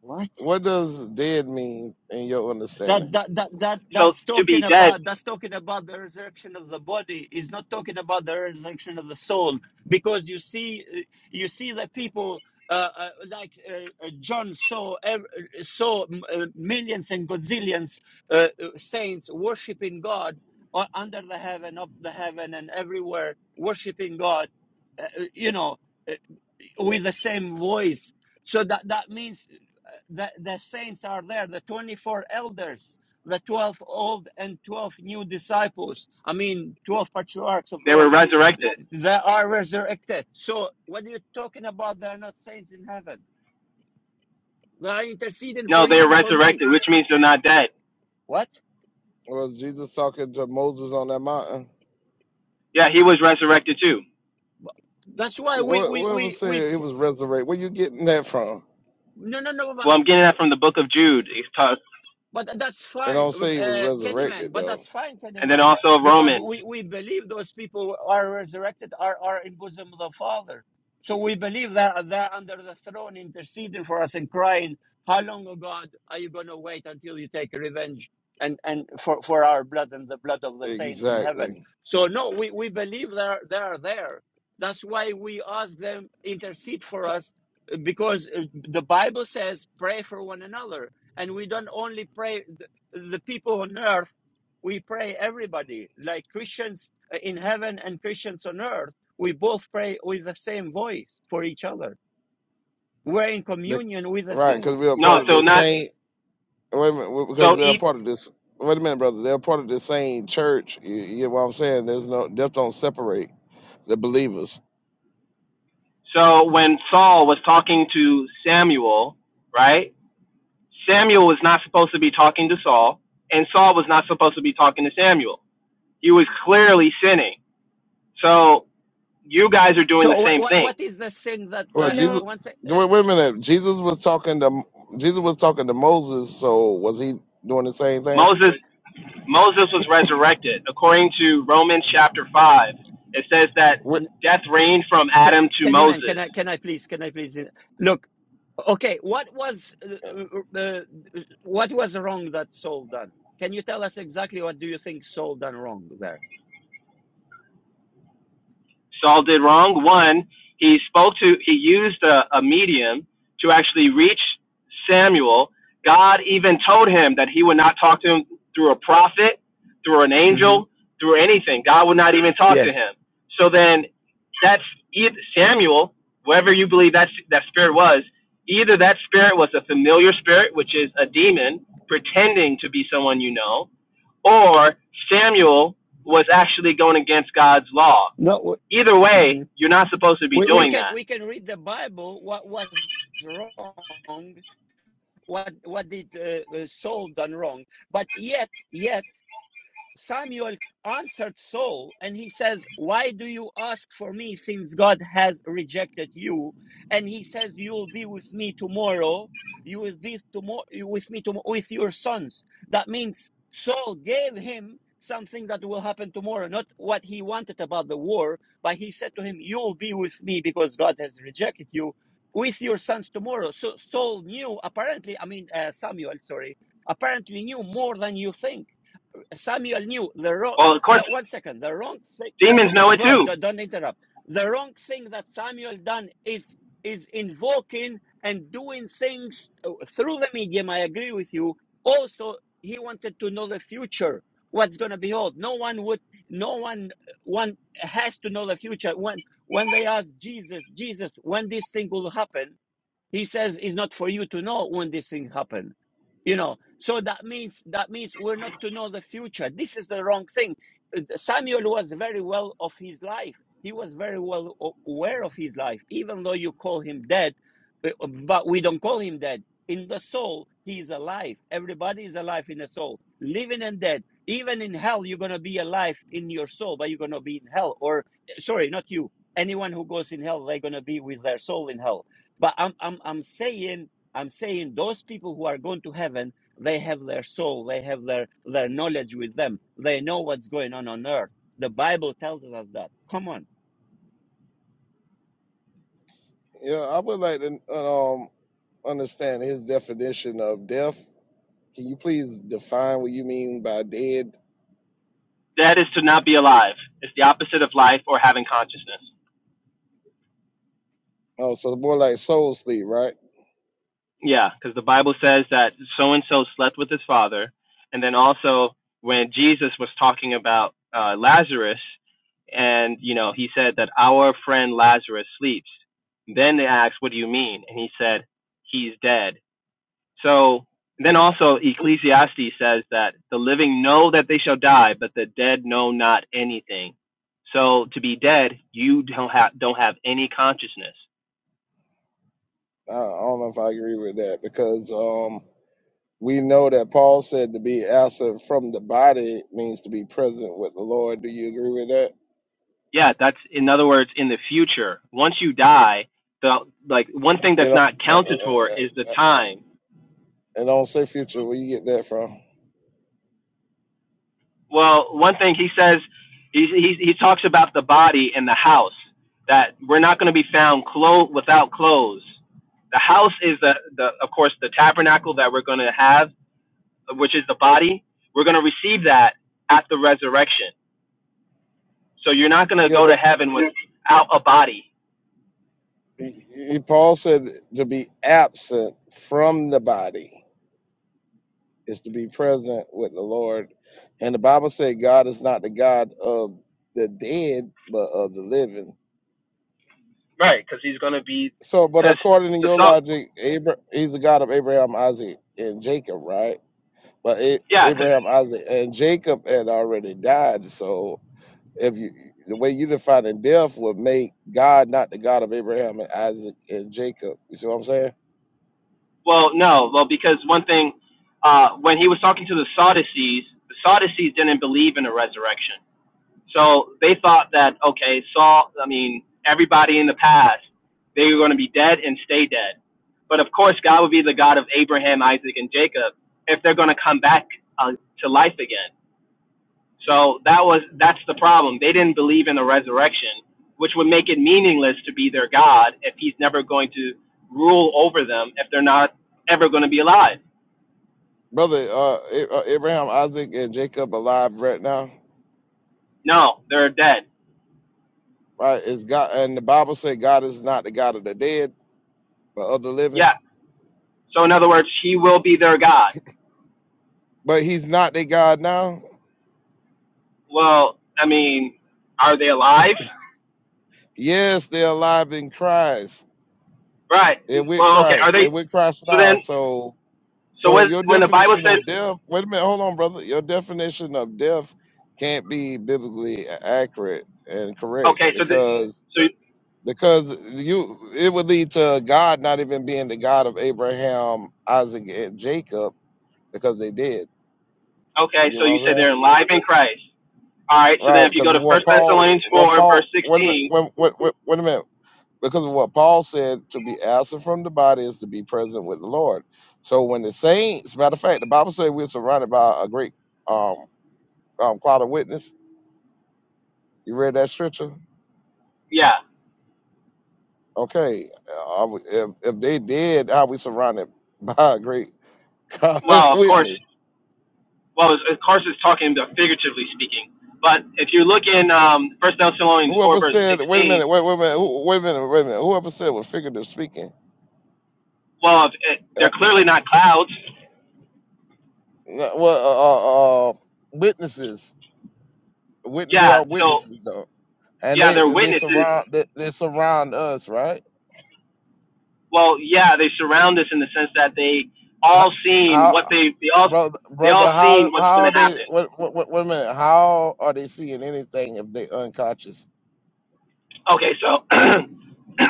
S1: What?
S3: What does dead mean in your
S1: that
S3: understanding?
S1: that that that
S8: So
S1: that's
S8: to
S1: talking
S8: be dead,
S1: about that's talking about the resurrection of the body is not talking about the resurrection of the soul because you see you see the people uh, uh, like uh, uh, John saw ev- saw mm, uh, millions and gazillions uh, uh, saints worshiping God uh, under the heaven, up the heaven, and everywhere worshiping God. Uh, uh, you know, uh, with the same voice. So that, that means uh, the, the saints are there, the 24 elders, the 12 old and 12 new disciples. I mean, 12 patriarchs of the
S8: they were
S1: old.
S8: resurrected.
S1: They are resurrected. So what are you talking about? They're not saints in heaven. They are interceding
S8: No,
S1: for
S8: they
S1: you
S8: are
S1: and for me.
S8: resurrected, which means they're not dead.
S1: What?
S3: Was Jesus talking to Moses on that mountain?
S8: Yeah, he was resurrected too.
S1: That's why we,
S3: What
S1: we,
S3: what was
S1: we, we,
S3: said it
S1: pr-
S3: was resurrected? Where you getting that from?
S1: no, no, no.
S8: Well, I'm getting that from the book of Jude, it's tough,
S1: But that's
S3: And
S1: fine,
S3: don't say he was
S1: uh, Candyman.
S3: resurrected
S1: But
S3: though.
S1: that's fine,
S8: and then
S1: Candyman,
S8: also
S1: because
S8: Romans.
S1: we, we believe those people are resurrected, are, are in bosom of the Father. So we believe that they're under the throne, interceding for us and crying, "How long, O God, are you going to wait until you take revenge and and for, for our blood and the blood of the saints in heaven?"
S3: Exactly.
S1: So no, we, we believe they are they are there. That's why we ask them intercede for us because uh, the Bible says, "Pray for one another." And we don't only pray the, the people on earth, we pray everybody, like Christians uh, in heaven and Christians on earth. We both pray with the same voice for each other. We're in
S3: Be-
S1: communion with the
S3: right, because we are
S1: saints.
S3: part
S8: No,
S3: of
S8: so
S3: the
S8: not
S3: same. Wait a minute, because
S8: so.
S3: they're
S8: E,
S3: part of this. Wait a minute, brother. They're part of the same church. You, you get what I'm saying? There's no death don't separate the believers.
S8: so when Saul was talking to Samuel, right? Samuel was not supposed to be talking to Saul, and Saul was not supposed to be talking to Samuel. He was clearly sinning. So you guys are doing
S1: So,
S8: the
S1: what,
S8: same
S1: what,
S8: thing.
S1: what is the sin that,
S3: Well,
S1: uh, w-
S5: no.
S3: Jesus.
S1: uh,
S3: Wait, wait a minute. Jesus was talking to Jesus was talking to Moses. So was he doing the same thing?
S8: Moses Moses was resurrected. According to Romans chapter 5, it says that
S3: What,
S8: death reigned from Adam to
S1: can you, man, can
S8: Moses.
S1: I, can I please, can I please? uh, Look, okay, what was, uh, uh, uh, what was wrong that Saul done? Can you tell us exactly what do you think Saul done wrong there?
S8: Saul did wrong. One, he spoke to, he used a, a medium to actually reach Samuel. God even told him that he would not talk to him through a prophet, through an
S1: hmm
S8: angel, through anything. God would not even talk to
S1: Yes.
S8: him. So then that's eith- Samuel, whoever you believe that's, that spirit was, either that spirit was a familiar spirit, which is a demon pretending to be someone you know, or Samuel was actually going against God's law.
S1: No.
S8: Either way,
S1: Mhm.
S8: you're not supposed to be
S1: We, we
S8: doing
S1: can
S8: that.
S1: we can read the Bible. What was wrong? What what did uh, uh, Saul done wrong? But yet yet Samuel answered Saul and he says, Why do you ask for me since God has rejected you? And he says, You'll be with me tomorrow. You will be tomorrow with me tomorrow with your sons. That means Saul gave him something that will happen tomorrow, not what he wanted about the war, but he said to him, You'll be with me because God has rejected you with your sons tomorrow. So Saul knew apparently, I mean uh, Samuel, sorry, apparently knew more than you think Samuel knew the wrong,
S8: Well, of course,
S1: the, one second, the wrong thing,
S8: demons know it
S1: bro,
S8: too.
S1: don't, don't interrupt. The wrong thing that Samuel done is, is invoking and doing things uh, through the medium. I agree with you. Also, he wanted to know the future, what's going to be old. No one would, no one, uh, one has to know the future. When, when they ask Jesus, Jesus, when this thing will happen, he says it's not for you to know when this thing happened. You know, so that means that means we're not to know the future. This is the wrong thing. Uh, Samuel was very well of his life. He was very well aware of his life, even though you call him dead. uh, But we don't call him dead. In the soul, he is alive. Everybody is alive in the soul, living and dead. Even in hell, you're gonna be alive in your soul, but you're gonna be in hell. Or eh, sorry, not you. Anyone who goes in hell, they're gonna be with their soul in hell but I'm I'm I'm saying I'm saying those people who are going to heaven, they have their soul, they have their their knowledge with them. They know what's going on on earth. The Bible tells us that. Come on.
S3: yeah, I would like to uh, um understand his definition of death. Can you please define what you mean by dead?
S8: That is to not be alive. It's the opposite of life or having consciousness.
S3: Oh, so more like soul sleep, right?
S8: Yeah, because the Bible says that so and so slept with his father, and then also when Jesus was talking about uh, Lazarus, and you know he said that our friend Lazarus sleeps. Then they asked, "What do you mean?" And he said, "He's dead." So
S3: Yeah,
S8: then also Ecclesiastes says that the living know that they shall die, but the dead know not anything. So to be dead, you don't have don't have any consciousness.
S3: I, I don't know if I agree with that because um we know that Paul said to be absent from the body means to be present with the Lord. Do you agree with that?
S8: Yeah, that's in other words, in the future, once you die, the like one thing
S3: It
S8: that's
S3: don't,
S8: not
S3: uh, uh,
S8: counted for is the
S3: uh, uh,
S8: time.
S3: it don't say future. Where you get that from?
S8: Well, one thing he says, he he, he talks about the body and the house that we're not going to be found clo- without clothes. The house is the, the of course the tabernacle that we're going to have which is the body, we're going to receive that at the resurrection. So you're not going to
S3: Yeah,
S8: go to
S3: but
S8: heaven without a body,
S3: he, he- Paul said to be absent from the body. is to be present with the Lord. And the Bible said God is not the God of the dead, but of the living.
S8: right? Because he's going to be,
S3: So, but
S8: because
S3: according to
S8: the
S3: your
S8: salt,
S3: logic, Abra- he's the God of Abraham, Isaac, and Jacob, right? But A-
S8: yeah. Cause,
S3: Abraham, Isaac, and Jacob had already died. So, if you the way you defining death would make God not the God of Abraham and Isaac and Jacob. You see what I'm saying,
S8: well, no, well because one thing, uh, when he was talking to the Sadducees, the Sadducees didn't believe in a resurrection. So they thought that okay, Saul. I mean, everybody in the past they were going to be dead and stay dead. But of course, God would be the God of Abraham, Isaac, and Jacob if they're going to come back uh, to life again. So that was that's the problem. They didn't believe in the resurrection, which would make it meaningless to be their God if He's never going to rule over them if they're not ever going to be alive.
S3: brother? Uh, A- uh, Abraham, Isaac, and Jacob alive right now?
S8: No, they're dead.
S3: right? It's God, and the Bible said God is not the God of the dead, but of the living.
S8: Yeah. So in other words, He will be their God.
S3: But He's not their God now.
S8: Well, I mean, are they alive?
S3: Yes, they're alive in Christ.
S8: Right.
S3: They're with
S8: Well, okay. Are
S3: Christ. They're
S8: they?
S3: with Christ
S8: So
S3: now.
S8: then,
S3: So,
S8: so
S3: so
S8: when
S3: your
S8: when the Bible
S3: definition
S8: says,
S3: of death. Wait a minute, hold on, brother. Your definition of death can't be biblically a- accurate and correct
S8: okay, so the,
S3: because
S8: so
S3: because you it would lead to God not even being the God of Abraham, Isaac, and Jacob because they did.
S8: okay,
S3: You know
S8: so
S3: what
S8: you
S3: I'm
S8: say
S3: saying?
S8: they're alive in Christ. All right. So then,
S3: Right,
S8: if you
S3: because
S8: go
S3: of
S8: to
S3: what
S8: First
S3: Paul,
S8: Thessalonians
S3: what
S8: four verse
S3: Paul, wait a minute,
S8: sixteen,
S3: wait, wait, wait, wait a minute, because of what Paul said, to be absent from the body is to be present with the Lord. So when the saints, matter of fact, the Bible says we're surrounded by a great um, um cloud of witness. You read that scripture?
S8: yeah.
S3: Okay, uh, if, if they did, how we surrounded *laughs* by a great cloud of
S8: Well, of course.
S3: witness?
S8: Well, it's- of course, it's talking about figuratively speaking. But if you look in um, First Thessalonians four
S3: Whoever
S8: verse
S3: said, wait a
S8: sixteen,
S3: minute, wait, wait a minute, who- wait a minute, wait a minute, whoever said was figurative speaking.
S8: well, if it,
S3: Uh,
S8: they're clearly not clouds.
S3: no, well, uh, uh, uh, witnesses wit- they
S8: Yeah.
S3: are
S8: So
S3: witnesses though, and
S8: yeah,
S3: they
S8: they're
S3: and they
S8: witnesses.
S3: surround they, they surround us, right?
S8: well, yeah, they surround us in the sense that they
S3: How,
S8: all seen what
S3: how
S8: they they all
S3: brother
S8: they all
S3: brother how
S8: seen what's
S3: how are
S8: going to
S3: they
S8: happen.
S3: what, what, what, wait a minute how are they seeing anything if they unconscious?
S8: Okay, so *clears throat*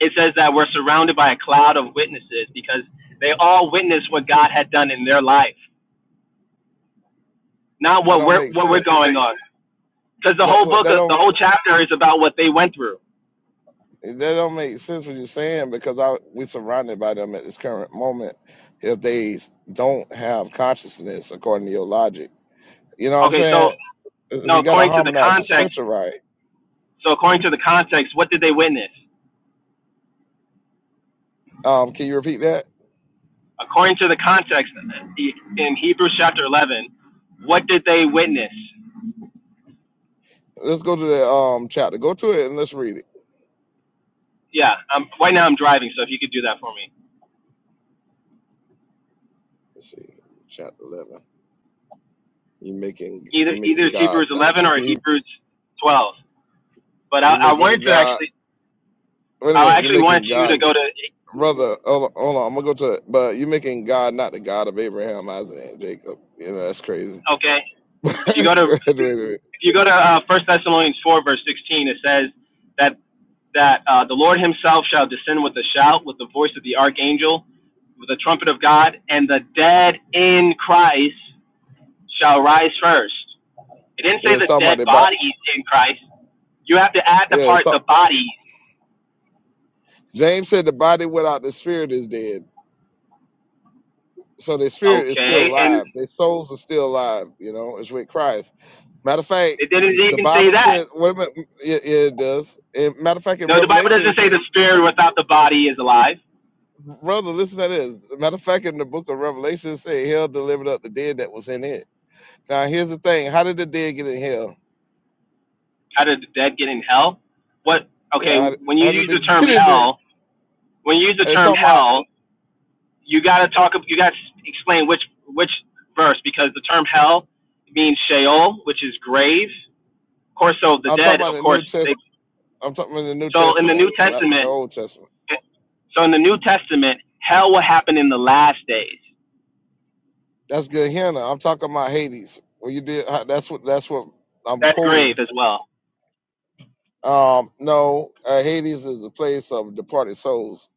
S8: it says that we're surrounded by a cloud of witnesses because they all witnessed what God had done in their life, not
S3: That
S8: what
S3: don't
S8: we're
S3: make
S8: what
S3: sense.
S8: we're going on. Because the
S3: That
S8: whole
S3: well,
S8: book,
S3: that
S8: the
S3: don't
S8: whole chapter is about what they went through.
S3: that don't make sense what you're saying because I we surrounded by them at this current moment if they don't have consciousness according to your logic. You know what I'm
S8: Okay, so
S3: saying?
S8: no,
S3: You got to
S8: according to the
S3: harmonize the
S8: context.
S3: stretcher right.
S8: So according to the context, what did they witness?
S3: Um, can you repeat that?
S8: According to the context in Hebrews chapter 11, what did they witness?
S3: Let's go to the um chapter. Go to it and let's read it.
S8: Yeah, I'm, right now I'm driving, so if you could do that for me.
S3: Let's see, chapter eleven. You making you
S8: Either either
S3: making
S8: it's
S3: God
S8: Hebrews
S3: not
S8: 11 or
S3: you
S8: Hebrews 12. But I,
S3: you
S8: I
S3: making
S8: wanted to
S3: God.
S8: actually,
S3: Wait a
S8: I
S3: minute. You're
S8: actually wanted
S3: making
S8: you
S3: God,
S8: to go to,
S3: brother. Hold on, hold on. I'm gonna go to it. But you're making God not the God of Abraham, Isaac, and Jacob. You know that's crazy.
S8: okay,
S3: *laughs*
S8: if you go to,
S3: wait a minute.
S8: if you go to uh, 1 Thessalonians 4, verse 16, it says that that uh, the Lord himself shall descend with a shout, with the voice of the archangel, with the trumpet of God, and the dead in Christ shall rise first. It didn't
S3: Yeah,
S8: say
S3: it's
S8: the
S3: talking about
S8: dead
S3: the body.
S8: bodies in Christ. You have to add the
S3: Yeah,
S8: part
S3: so
S8: the body,
S3: James said the body without the spirit is dead. So their spirit is still
S8: okay? And
S3: alive. Their souls are still alive. You know, it's with Christ. Matter of fact,
S8: it didn't
S3: the
S8: even say
S3: Bible
S8: that.
S3: said, wait a minute, yeah, yeah, it does. And matter of fact, in
S8: No, the Bible
S3: Revelation, it
S8: doesn't say the
S3: said,
S8: spirit without the body is alive.
S3: brother, listen to this. Matter of fact, in the book of Revelation, it said, hell delivered up the dead that was in it. Now, here's the thing how did the dead get in hell?
S8: How did the dead get in hell? What? Okay,
S3: Yeah,
S8: when
S3: how,
S8: you
S3: how did
S8: use
S3: they *laughs*
S8: the term
S3: get in it?
S8: hell, when you use the
S3: I'm
S8: term
S3: talking about,
S8: hell, you gotta talk. You gotta explain which which verse because the term hell means Sheol, which is grave. Of course, so the
S3: I'm
S8: dead,
S3: talking about
S8: of
S3: the
S8: course,
S3: New
S8: they.
S3: Test. I'm talking about the New
S8: So in the New
S3: Testament, not the
S8: Testament,
S3: Old Testament.
S8: So in the New Testament, hell will happen in the last days.
S3: That's good, Hannah. I'm talking about Hades. Well, you did. That's what. That's what I'm
S8: That's
S3: quoting
S8: grave as well.
S3: Um, no, uh, Hades is the place of departed souls,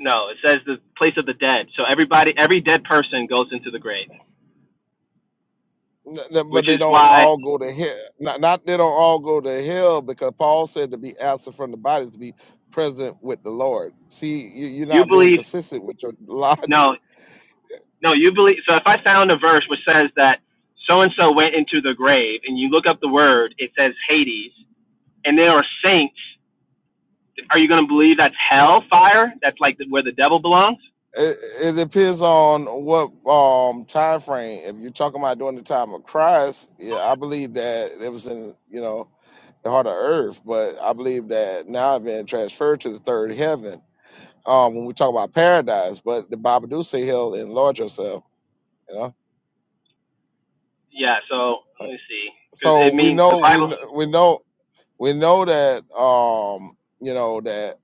S8: No, it says the place of the dead. So everybody, every dead person goes into the grave,
S3: N- n- but
S8: which
S3: they
S8: is
S3: don't
S8: why
S3: all go to hell. Not, not they don't all go to hell because Paul said to be absent from the body is to be present with the Lord. See, you, you're
S8: you
S3: not being
S8: believe.
S3: consistent with your *laughs* logic.
S8: No, no, you believe. So if I found a verse which says that so and so went into the grave, and you look up the word, it says Hades, and there are saints. Are you going to believe that's hell fire? That's like the, where the devil belongs.
S3: It, it depends on what um time frame. If you're talking about during the time of Christ, yeah, I believe that it was in you know the heart of earth, but I believe that now I've been transferred to the third heaven. um, when we talk about paradise, but the Bible do say he'll enlarge yourself, you know.
S8: Yeah. So let
S3: But-
S8: me see, because
S3: So
S8: it
S3: we
S8: means the
S3: know we
S8: Bible.
S3: kn- we know we know that um, you know that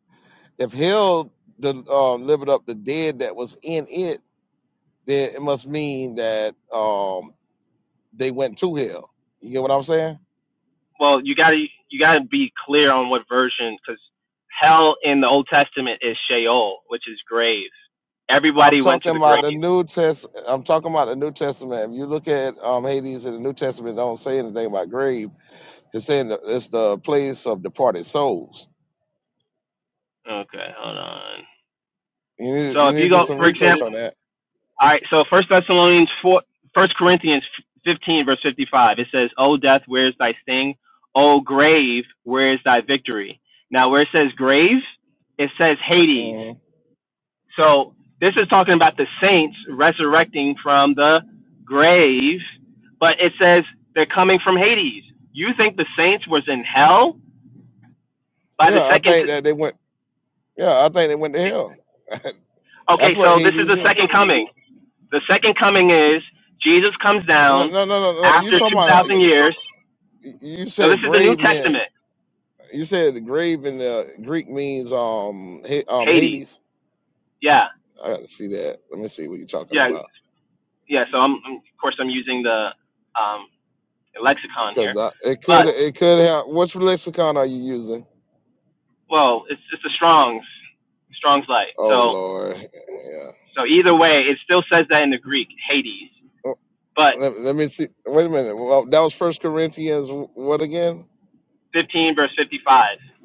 S3: if he'll the um, delivered up the dead that was in it, then it must mean that um, they went to hell. You get what I'm saying?
S8: well, you gotta you gotta be clear on what version, because hell in the Old Testament is Sheol, which is grave.
S3: I'm
S8: Everybody went to
S3: talking
S8: the
S3: about
S8: grave.
S3: the New Test. I'm talking about the New Testament. If you look at um, Hades in the New Testament, it don't say anything about grave. It's saying that it's the place of departed souls
S8: Okay, hold on.
S3: You need,
S8: So
S3: you
S8: if
S3: need
S8: you
S3: to do
S8: go,
S3: some
S8: for
S3: research
S8: example,
S3: on that.
S8: all right. So First Thessalonians four, First Corinthians fifteen verse fifty five, it says, "O death, where is thy sting? O grave, where is thy victory?" Now, where it says grave, it says Hades.
S3: hmm
S8: So this is talking about the saints resurrecting from the grave, but it says they're coming from Hades. You think the saints was in hell by the
S3: Yeah, I
S8: second?
S3: think that
S8: T-
S3: they went. Yeah, I think they went to hell. *laughs*
S8: okay,
S3: That's what
S8: so this is
S3: Hades
S8: the
S3: is.
S8: second coming. The second coming is Jesus comes
S3: No,
S8: down
S3: no, no, no, no. You
S8: after
S3: talking
S8: two
S3: about? Uh,
S8: thousand years.
S3: y- you
S8: No, this
S3: said
S8: is the New
S3: grave meant.
S8: Testament.
S3: You said the grave in the Greek means um Ha- um
S8: Hades.
S3: Hades.
S8: Yeah,
S3: I got to see that. Let me see what you're talking
S8: yeah,
S3: about
S8: yeah. So I'm, I'm of course I'm using the um, lexicon
S3: because
S8: here,
S3: I, it
S8: but
S3: could it could have. Which lexicon are you using?
S8: well, it's it's the Strong's Strong's light.
S3: Oh
S8: So
S3: Lord, yeah.
S8: So either way, it still says that in the Greek, Hades.
S3: Oh,
S8: But
S3: Let, let me see. Wait a minute. Well, that was First Corinthians. wh- What again?
S8: 15 verse 55. *sighs*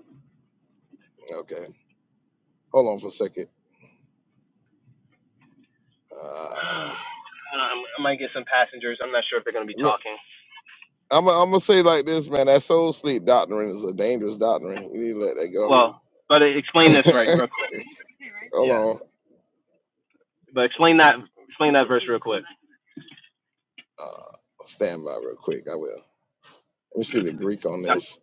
S3: Okay, hold on for a second. Uh,
S8: I, might get some passengers. I'm not sure if they're going to be talking.
S3: I'm I'm gonna say it like this, man. That soul sleep doctrine is a dangerous doctrine. You need to let that
S8: Well, but explain this right
S3: go.
S8: real quick.
S3: *laughs*
S8: Yeah.
S3: Hold on.
S8: But explain that explain that verse real quick.
S3: Uh, stand by real quick. I will. Let me see the Greek on this.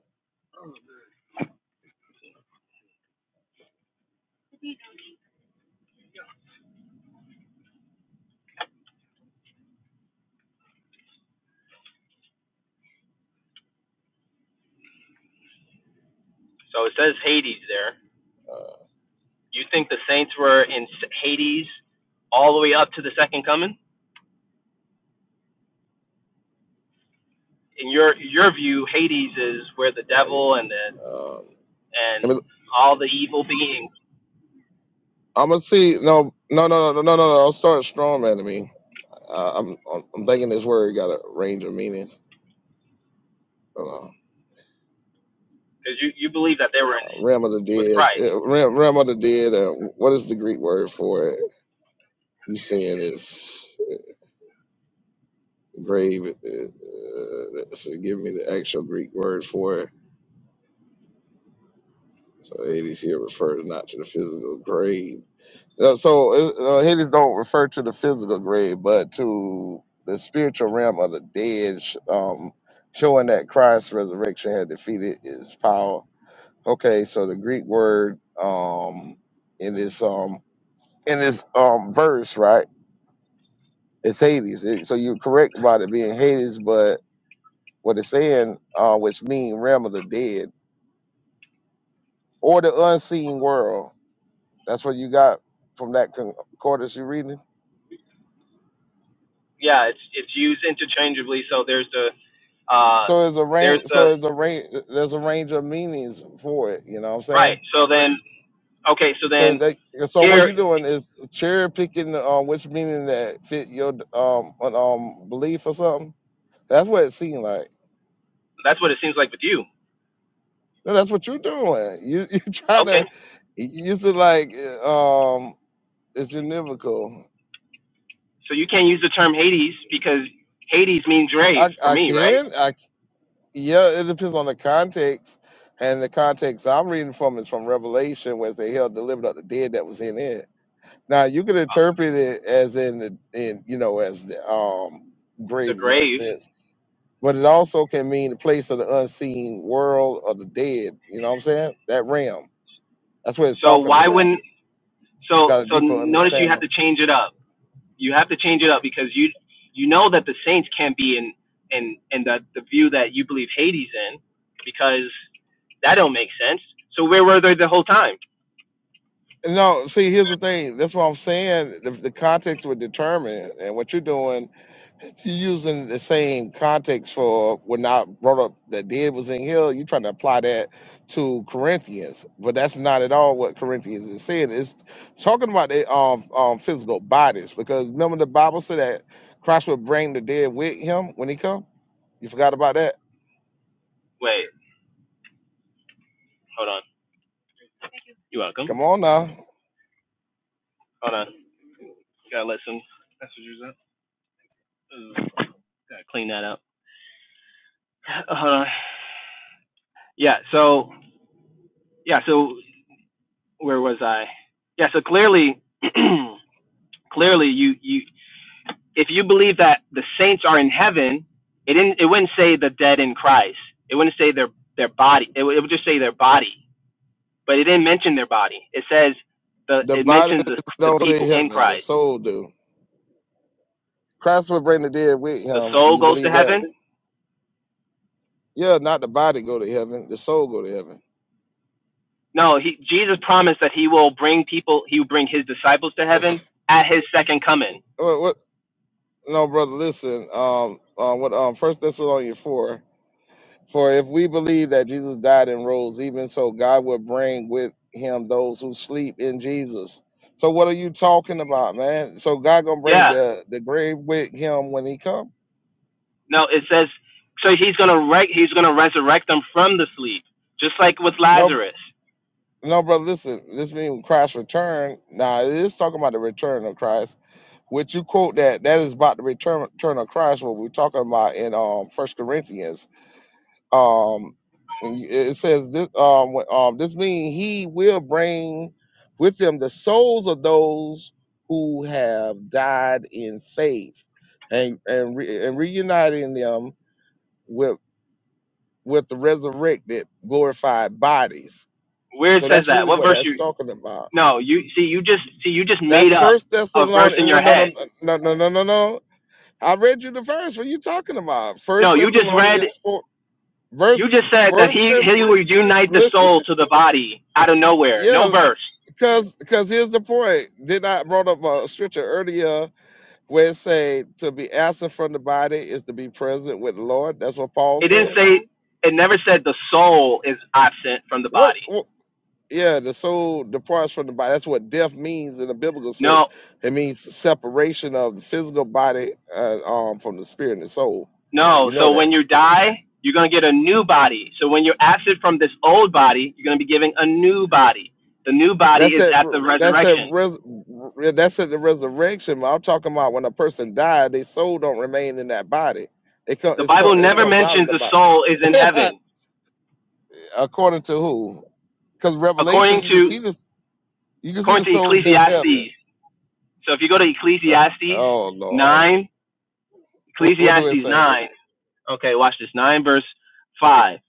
S8: So it says Hades there.
S3: Uh,
S8: You think the saints were in Hades all the way up to the second coming? In your your view, Hades is where the
S3: uh, yeah.
S8: devil and the
S3: Um,
S8: and
S3: let me,
S8: all the evil beings,
S3: I'm gonna see. No, no, no, no, no, no, no. I'll start strong, man. To me, uh, I'm, I'm I'm thinking this word got a range of meanings. Hold on.
S8: because you, you believe that they were
S3: Uh, realm of the
S8: in with
S3: dead.
S8: Christ.
S3: Uh, realm, realm of the dead. Uh, what is the Greek word for it? You saying it's grave. Uh, that's- give me the actual Greek word for it. So Hades here refers not to the physical grave. Uh, So uh, uh, Hades don't refer to the physical grave, but to the spiritual realm of the dead, sh- um, showing that Christ's resurrection had defeated its power. Okay, so the Greek word um, in this um, in this um, verse, right? It's Hades. It- so you're correct about it being Hades, but what it's saying, uh, which mean realm of the dead. or the unseen world. That's what you got from that concordance you're reading.
S8: yeah, it's it's used interchangeably. So there's the uh,
S3: So it's a
S8: there's
S3: range.
S8: the
S3: So it's a range. There's a range of meanings for it. You know what I'm
S8: right.
S3: saying?
S8: So then okay, so
S3: So
S8: then
S3: they, so what
S8: here
S3: you're doing is cherry picking um, which meaning that fit your um, un- um belief or something. That's what it seemed like.
S8: that's what it seems like with you.
S3: No, that's what you're doing. You *laughs* you trying
S8: Okay,
S3: to you said like uh, um it's univocal.
S8: so you can't use the term Hades because Hades means grave
S3: I
S8: for
S3: I
S8: me, right?
S3: can. Yeah, it depends on the context. And the context I'm reading from is from Revelation, where it say hell delivered up the dead that was in it. Now you could interpret it as in the in you know as the um
S8: The
S3: grave in that
S8: grave.
S3: sense, but it also can mean the place of the unseen world of the dead. You know what I'm saying? That realm. That's what it's
S8: So
S3: talking
S8: why
S3: about.
S8: wouldn't
S3: It's
S8: so
S3: got a
S8: so
S3: deeper
S8: notice you have
S3: understanding.
S8: to change it up. You have to change it up because you you know that the saints can't be in in in the the view that you believe Hades in because that don't make sense. So where were they the whole time?
S3: No, see, here's the thing. That's what I'm saying. The, the context would determine, and what you're doing You're using the same context for when I brought up that dead was in hell. You're trying to apply that to Corinthians, but that's not at all what Corinthians is saying. It's talking about the um, um physical bodies because remember the Bible said that Christ would bring the dead with him when he come. You forgot about that?
S8: Wait. Hold on. You're welcome.
S3: Come on now.
S8: Hold on. Gotta let some messages up. Ooh, Gotta clean that up. Uh, Hold on. Yeah. So yeah. So where was I? Yeah. So clearly, *clears throat* clearly, you you if you believe that the saints are in heaven, it didn't it wouldn't say the dead in Christ. It wouldn't say their their body. It, would- it would just say their body. But it didn't mention their body. It says the
S3: The
S8: it
S3: body
S8: mentions the the
S3: don't go to
S8: people in
S3: heaven, the
S8: Christ.
S3: soul do. Christ will bring the dead with
S8: The
S3: him. Do
S8: soul
S3: you
S8: goes to
S3: believe that?
S8: heaven.
S3: Yeah, not the body go to heaven, the soul go to heaven.
S8: No, he, Jesus promised that he will bring people, he will bring his disciples to
S3: *laughs*
S8: heaven at his second coming.
S3: What? No, brother, listen. Um, um, what? Um, First Thessalonians four. For if we believe that Jesus died and rose, even so, God will bring with Him those who sleep in Jesus. So, what are you talking about, man? So, God gonna bring
S8: Yeah.
S3: the the grave with Him when He come?
S8: No, it says, so he's going to re- he's going to resurrect them from the sleep, just like with
S3: No, br-
S8: Lazarus.
S3: no, brother, listen. This means Christ's return. Now, it is talking about the return of Christ. Which you quote that that is about the return, return of Christ. What we're talking about in um First Corinthians. um it says this um um this means he will bring with him the souls of those who have died in faith and and, re, and reuniting them with with the resurrected glorified bodies
S8: Where it
S3: so
S8: says
S3: that's
S8: that?
S3: really
S8: What
S3: what
S8: verse
S3: that's
S8: you
S3: talking about
S8: No, you see you just see you just
S3: that's
S8: made up
S3: first
S8: a verse
S3: thessalonians
S8: in
S3: well,
S8: your
S3: no no
S8: head.
S3: no no no no no no. i read you the verse what are you talking about
S8: No,
S3: first
S8: you just read
S3: thessalonians 4
S8: you
S3: verse
S8: just said that
S3: first
S8: he
S3: Thess.
S8: he will unite the
S3: listen *laughs*
S8: soul to the body out of nowhere. No
S3: Yeah.
S8: verse.
S3: Cause, cause here's the point. Did I brought up a scripture earlier where it say to be absent from the body is to be present with the Lord. That's what Paul
S8: It didn't
S3: said.
S8: say it never said the soul is absent from the
S3: What?
S8: body.
S3: what yeah, the soul departs from the body. That's what death means in the biblical sense.
S8: No,
S3: It means separation of the physical body uh, um, from the spirit and the soul.
S8: No.
S3: You know
S8: So
S3: that.
S8: when you die, you're going to get a new body. So when you're absent from this old body, you're going to be giving a new body. The new body
S3: That's
S8: is
S3: that.
S8: at
S3: re-
S8: the
S3: That's that.
S8: resurrection.
S3: Res, re- that's at the resurrection. But I'm talking about when a person died, their soul don't remain in that body. It comes.
S8: The
S3: It,
S8: Bible
S3: come, it
S8: never
S3: comes out of
S8: mentions
S3: the
S8: the
S3: body.
S8: soul is in
S3: *laughs*
S8: heaven.
S3: according to who? Because Revelation,
S8: According
S3: you can
S8: to
S3: see this. You can see
S8: according
S3: the
S8: to
S3: souls *laughs* in heaven.
S8: Ecclesiastes. So if you go to
S3: So,
S8: Ecclesiastes
S3: oh Lord,
S8: 9,
S3: what, what do it
S8: Ecclesiastes
S3: say?
S8: 9 Okay, watch this. 9 verse 5.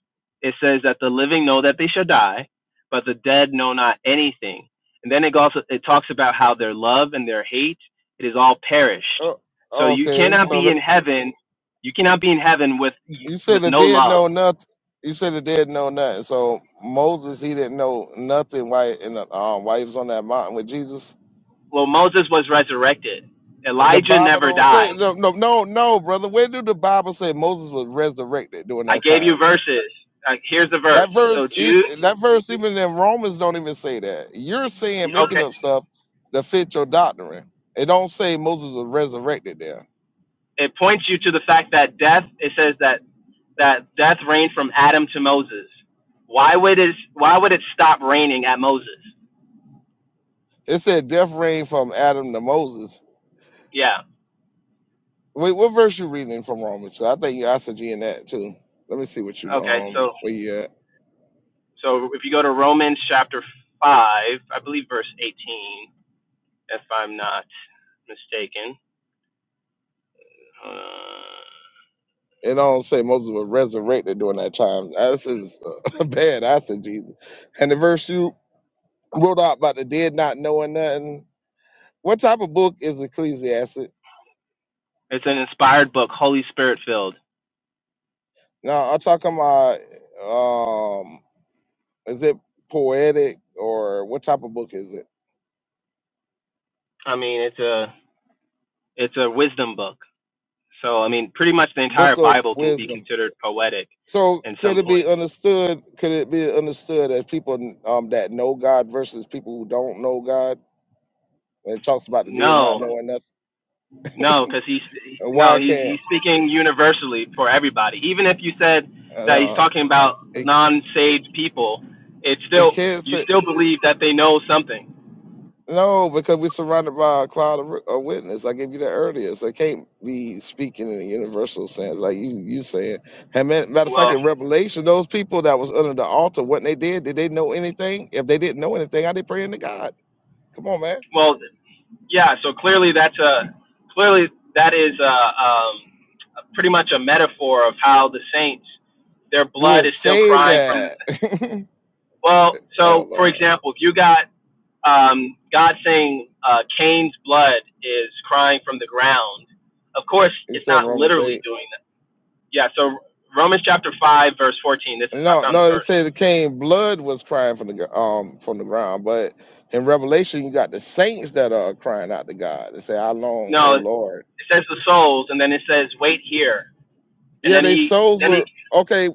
S8: It says that the living know that they shall die, but the dead know not anything. And then it goes it talks about how their love and their hate it is all perished.
S3: Oh,
S8: So you
S3: okay,
S8: cannot
S3: so
S8: be
S3: the,
S8: in heaven, you cannot be in heaven with
S3: you said
S8: with
S3: the
S8: no
S3: dead
S8: love.
S3: know nothing. You said the dead know nothing. So Moses, he didn't know nothing. Why? And um, why he was on that mountain with Jesus?
S8: Well, Moses was resurrected.
S3: The
S8: Elijah
S3: Bible
S8: never
S3: don't say
S8: died.
S3: no, no, no, no, brother. Where do the Bible say Moses was resurrected during
S8: I
S3: that
S8: gave
S3: time?
S8: you verses. Uh, here's the verse.
S3: That
S8: So
S3: verse, e-
S8: Jude,
S3: that verse, even in Romans, don't even say that. You're saying
S8: okay,
S3: making up stuff to fit your doctrine. It don't say Moses was resurrected there.
S8: it points you to the fact that death it says that that death reigned from Adam to Moses. Why would it why would it stop raining at Moses?
S3: It said death reigned from Adam to Moses.
S8: Yeah.
S3: Wait, what verse you reading from Romans? 'Cause I think you G in that too. Let me see what you
S8: Okay.
S3: um
S8: So
S3: where you at.
S8: so if you go to Romans chapter 5, I believe verse 18 if I'm not mistaken. Uh,
S3: It don't say Moses was resurrected during that time. This is uh, *laughs* bad Jesus. And the verse you wrote out about the dead not knowing nothing. What type of book is Ecclesiastes?
S8: it's an inspired book, Holy Spirit filled.
S3: Now I'm talking about um is it poetic or what type of book is it?
S8: I mean, it's a it's a wisdom book. So I mean, pretty much the entire
S3: Book of
S8: Bible can be
S3: wisdom.
S8: considered poetic
S3: So
S8: in
S3: could
S8: some
S3: it be
S8: points.
S3: understood? Could it be understood as people um that know God versus people who don't know God? When it talks about the dead not
S8: No.
S3: knowing nothing,
S8: No, because he's
S3: and why
S8: no,
S3: it
S8: he's
S3: can't?
S8: he's speaking universally for everybody. Even if you said
S3: Uh,
S8: that he's
S3: no,
S8: talking about
S3: it
S8: non-saved people, it's
S3: it
S8: still
S3: can't. say.
S8: you still believe that they know something.
S3: No, because we're surrounded by a cloud of, of witness. I gave you that earlier. So it can't be speaking in a universal sense, like you you said. And ma- matter of fact,
S8: Well,
S3: in Revelation, those people that was under the altar, what they did, did they know anything? If they didn't know anything, how they praying to God? Come on, man.
S8: well, yeah. So clearly, that's a clearly that is a, um, a pretty much a metaphor of how the saints, their
S3: Do
S8: blood
S3: it
S8: is still
S3: say
S8: crying from the
S3: that? *laughs*
S8: Well,
S3: oh
S8: so for
S3: Lord,
S8: example, if you got um, God saying uh, Cain's blood is crying from the ground, of course
S3: he
S8: it's
S3: said
S8: not
S3: Romans
S8: literally
S3: eight.
S8: doing that. Yeah. So Romans chapter five verse fourteen. This is I
S3: No,
S8: found the
S3: no, it
S8: verse.
S3: said it came blood was crying from the gr- um from the ground, but in Revelation you got the saints that are crying out to God and say, "How long, O
S8: No, it
S3: Lord?"
S8: says the souls, and then it says wait here, and
S3: Yeah,
S8: then
S3: their
S8: he
S3: souls
S8: then he
S3: were okay,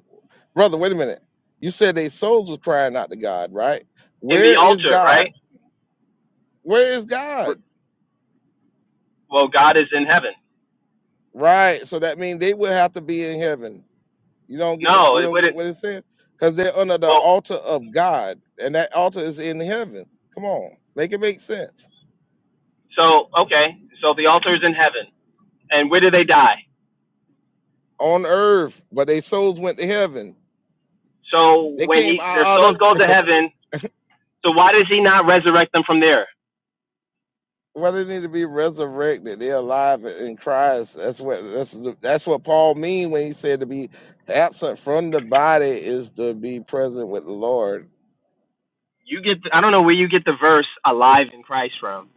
S3: brother. Wait a minute. You said their souls were crying out to God, right?
S8: in the
S3: Where is
S8: altar, right?
S3: God? Where is God?
S8: Well, God is in heaven.
S3: Right. So that means they would have to be in heaven. You don't get the,
S8: No,
S3: you
S8: it
S3: don't get
S8: wouldn't.
S3: what it said because they're under the
S8: Well,
S3: altar of God, and that altar is in heaven. Come on, make it make sense
S8: so okay, so the altar is in heaven, and where do they die?
S3: on earth, but their souls went to heaven.
S8: So
S3: They
S8: when
S3: came
S8: he their
S3: out, out of.
S8: souls go to heaven, So why does he not resurrect them from there?
S3: Well, they need to be resurrected. They're alive in Christ. That's what that's that's what Paul mean when he said to be absent from the body is to be present with the Lord.
S8: You get I don't know where you get the verse alive in Christ from.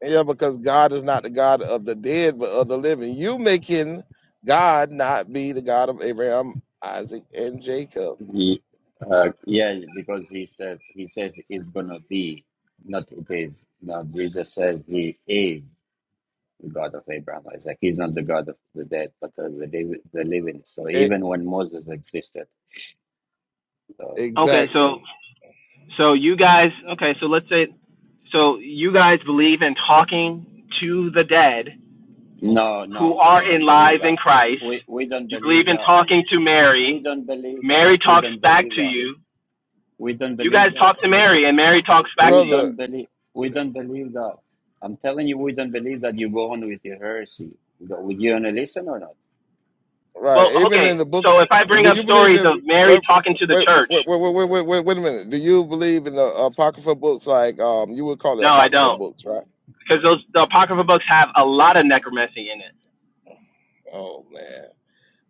S3: Yeah, because God is not the God of the dead, but of the living. You making God not be the God of Abraham, Isaac, and Jacob.
S1: Ye- uh, yeah, because he said he says it's gonna be, not it is. Now Jesus says he is the God of Abraham, Isaac. He's not the God of the dead, but of the liv- the living. So
S3: E-
S1: even when Moses existed, so
S8: Okay, so
S3: exactly,
S8: so you guys okay, so let's say so you guys believe in talking to the dead
S1: no,
S8: who
S1: no,
S8: are
S1: we don't
S8: alive
S1: believe
S8: in
S1: that.
S8: Christ.
S1: We we don't
S8: You believe
S1: believe
S8: in
S1: that
S8: talking to
S1: We
S8: Mary.
S1: don't believe that.
S8: Mary
S1: We
S8: talks
S1: don't
S8: back
S1: believe
S8: to
S1: that.
S8: you.
S1: We don't
S8: You
S1: believe
S8: guys
S1: that.
S8: talk to Mary and Mary talks back
S1: We
S8: to
S3: brother.
S8: you.
S1: don't believe. We don't believe that. I'm telling you, we don't believe that you go on with your heresy. Would you wanna listen or not?
S8: Well,
S3: Right. Even
S8: okay,
S3: in the book,
S8: so if I bring
S3: do
S8: up
S3: you believe
S8: stories of
S3: in?
S8: Mary
S3: Wait,
S8: talking to the
S3: wait, wait,
S8: church,
S3: wait, wait, wait, wait, wait a minute. Do you believe in the apocrypha books? Like, um, you would call it
S8: no, I
S3: apocrypha
S8: don't.
S3: books, right?
S8: Because those the apocryphal books have a lot of necromancy in it
S3: Oh man.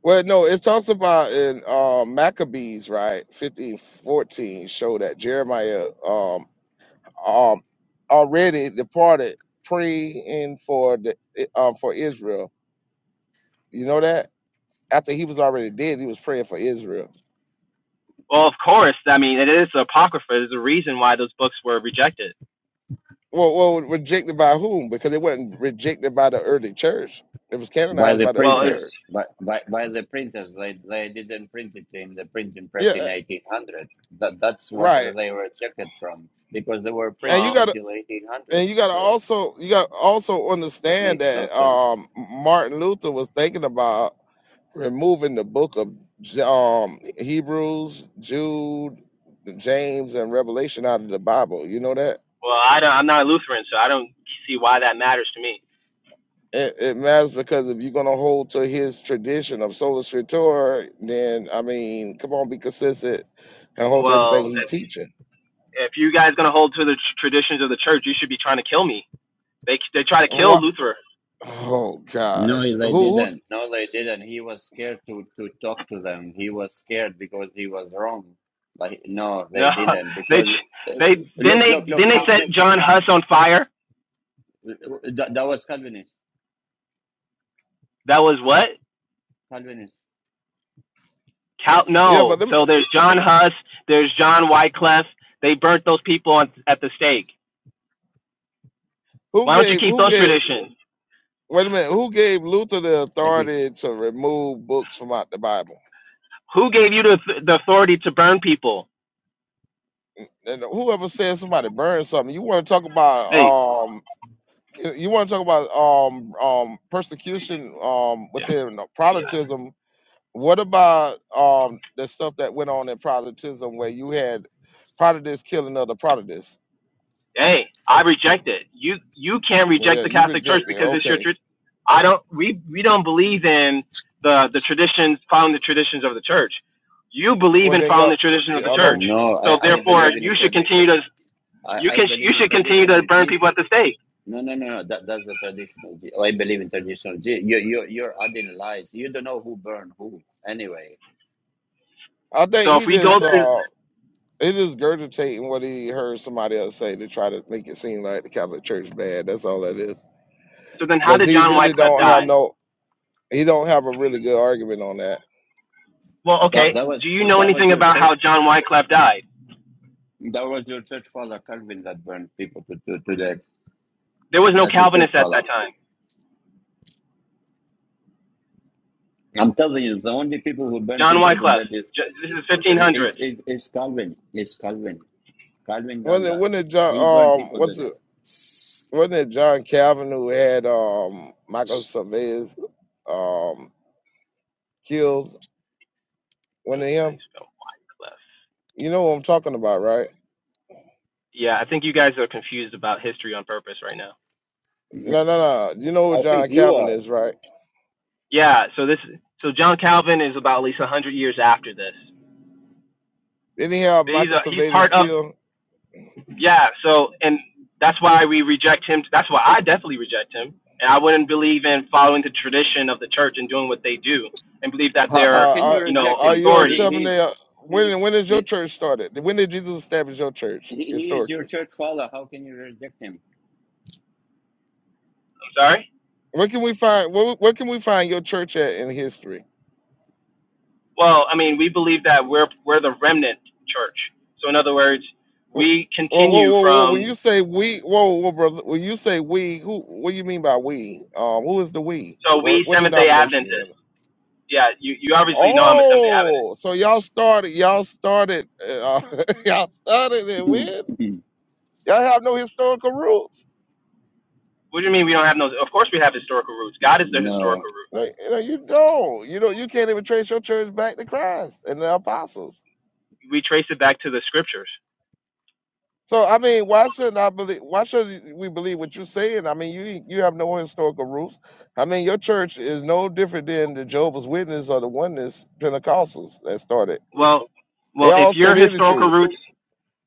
S3: Well, no, it talks about in um, Maccabees, right? Fifteen fourteen show that Jeremiah um um already departed praying for the um for Israel. You know that after he was already dead, he was praying for Israel.
S8: Well, of course. I mean, it is apocrypha. There's a reason why those books were rejected.
S3: Well, well, rejected by whom? Because it wasn't rejected by the early church. It was
S1: By
S3: canonized
S1: the
S3: by the
S8: Well,
S3: early
S8: it's,
S3: church.
S1: printers, by by, by the printers, they, they didn't print it in the printing
S3: Yeah,
S1: press in
S3: uh,
S1: 1800. That that's what
S3: right.
S1: they were checked from because they were
S3: And you
S1: printed
S8: well,
S3: gotta,
S1: until 1800.
S3: and you gotta
S1: So
S3: also, you gotta also
S1: that
S3: understand
S1: makes no
S3: that
S1: sense.
S3: um, Martin Luther was thinking about removing the book of J- um, Hebrews, Jude, James, and Revelation out of the Bible. You know that?
S8: well. I don't. I'm not a Lutheran, so I don't see why that matters to me.
S3: It, it matters because if you're gonna hold to his tradition of sola scriptura, then I mean, come on, be consistent and hold to everything
S8: Well,
S3: he teaching.
S8: if, if you guys gonna hold to the tr- traditions of the church, you should be trying to kill me. They they try to kill
S3: What?
S8: Luther.
S3: Oh God,
S1: No, they
S3: who? who
S1: didn't. No, they didn't. He was scared to to talk to them. He was scared because he was wrong. But he- no, they
S8: No,
S1: didn't
S8: *laughs* they
S1: because uh,
S8: they then
S1: look, look,
S8: they
S1: look
S8: then they
S1: how
S8: set John Huss on fire.
S1: that, that was Calvinist.
S8: That was what?
S1: Calvinist.
S8: Cal-
S3: yeah, but
S8: no.
S3: them,
S8: So there's John Huss. There's John Wycliffe. They burnt those people on, at the stake.
S3: who
S8: Why don't you
S3: gave?
S8: keep
S3: Who
S8: those
S3: gave?
S8: traditions?
S3: Wait a minute, who gave Luther the
S1: Thank you.
S3: authority to remove books from out the Bible?
S8: Who gave you the, the authority to burn people?
S3: And whoever said somebody burned something, you want to talk
S8: Hey,
S3: about um. You want to talk about um um persecution um
S8: yeah,
S3: within uh, Protestantism What about um the stuff that went on in Protestantism where you had Protestants killing other Protestants?
S8: hey, I reject it. You you can't reject
S3: Yeah,
S8: the
S3: you
S8: Catholic Church
S3: reject it.
S8: because it's your
S3: Okay.
S8: tradition. I don't. We we don't believe in the the traditions, following the traditions of the church. You believe
S3: Well
S8: in
S3: then
S8: following
S3: y'all
S8: the tradition of the
S3: y'all
S8: church,
S3: don't
S1: No,
S8: so
S1: I, I
S3: yeah.
S8: therefore
S1: believe in the
S8: you should continue
S1: tradition.
S8: to
S1: I,
S8: you
S1: I
S8: can you
S1: believe in
S8: should continue
S1: tradition
S8: to
S1: of
S8: burn people
S1: Jesus.
S8: at the stake.
S1: No, no, no, no. That, that's the tradition of Jesus. I believe in tradition of Jesus. You, you, you're adding lies. You don't know who burned who. Anyway,
S3: I think
S8: So if
S3: he
S8: we go
S3: just
S8: through,
S3: uh he just gurgitating what he heard somebody else say to try to make it seem like the Catholic Church bad. That's all that is.
S8: so then how
S3: Because
S8: did
S3: he
S8: John
S3: really
S8: Wycliffe
S3: don't have
S8: die?
S3: no he don't have a really good argument on that.
S8: Well,
S1: that,
S8: okay.
S1: that
S8: Do
S1: was
S8: you know
S1: that was
S8: anything
S1: your
S8: about
S1: church.
S8: how John Wycliffe died?
S1: That was your church father, Calvin, that burned people to, to, to death.
S8: There was no
S1: That's your church
S8: Calvinist at
S1: father.
S8: that time.
S1: Yeah. I'm telling you, the only people who burn
S8: John
S1: people to
S8: Wyclef.
S1: death is
S8: This is
S1: is
S8: 1500s.
S1: is, is Calvin. Is Calvin. Calvin done
S3: When it
S1: that.
S3: when it John
S1: He burned
S3: um
S1: people to
S3: what's it
S1: death.
S3: wasn't it John Calvin who had um Michael Cervantes um killed One of
S8: how
S3: him.
S8: you spell Wyclef.
S3: You know what I'm talking about, right?
S8: Yeah, I think you guys are confused about history on purpose right now.
S1: Yeah,
S3: No, no, no. You know who
S1: I
S3: John
S1: think you
S3: Calvin
S1: are.
S3: is, right?
S8: Yeah, so this, so John Calvin is about at least 100 years after this.
S3: Didn't he have
S8: He's
S3: Michael
S8: a, he's
S3: Servetus
S8: part of,
S3: killed?
S8: yeah. So and that's why we reject him. That's why I definitely reject him, and I wouldn't believe in following the tradition of the church and doing what they do, and believe that
S1: How, how
S8: they're
S1: can
S3: Uh,
S1: you
S8: you know
S3: are,
S1: reject
S3: are
S1: him?
S3: you a
S1: He,
S8: authorities.
S3: seven
S1: he's,
S3: day? When when is your
S1: he,
S3: church started? When did Jesus establish your church
S1: he he is your
S3: historically?
S1: church father. How can you reject him?
S8: I'm sorry.
S3: Where can we find where, where can we find your church at in history?
S8: Well, I mean, we believe that we're we're the remnant church. So in other words, we
S3: Whoa, whoa,
S8: continue
S3: whoa, whoa! When
S8: from
S3: you say we, whoa, whoa, brother, when you say we, who? What do you mean by we? Um, who is the we?
S8: so
S3: What
S8: we
S3: what
S8: Seventh Day
S3: denomination you in?
S8: Adventists. Yeah, you you obviously know I'm a Seventh Day Adventist.
S3: Oh, so y'all started, y'all started, uh, *laughs* y'all started it when
S1: *laughs*
S3: y'all have no historical roots.
S8: What do you mean we don't have no? Of course we have historical roots. God is the
S1: no,
S8: historical root.
S3: No, you know you don't. You don't. You can't even trace your church back to Christ and the apostles.
S8: We trace it back to the scriptures.
S3: So I mean, why shouldn't I believe? Why should we believe what you're saying? I mean, you you have no historical roots. I mean, your church is no different than the Jehovah's Witness or the Oneness Pentecostals that started.
S8: Well,
S3: They
S8: well, if
S3: all say
S8: your
S3: they the
S8: historical
S3: truth
S8: roots,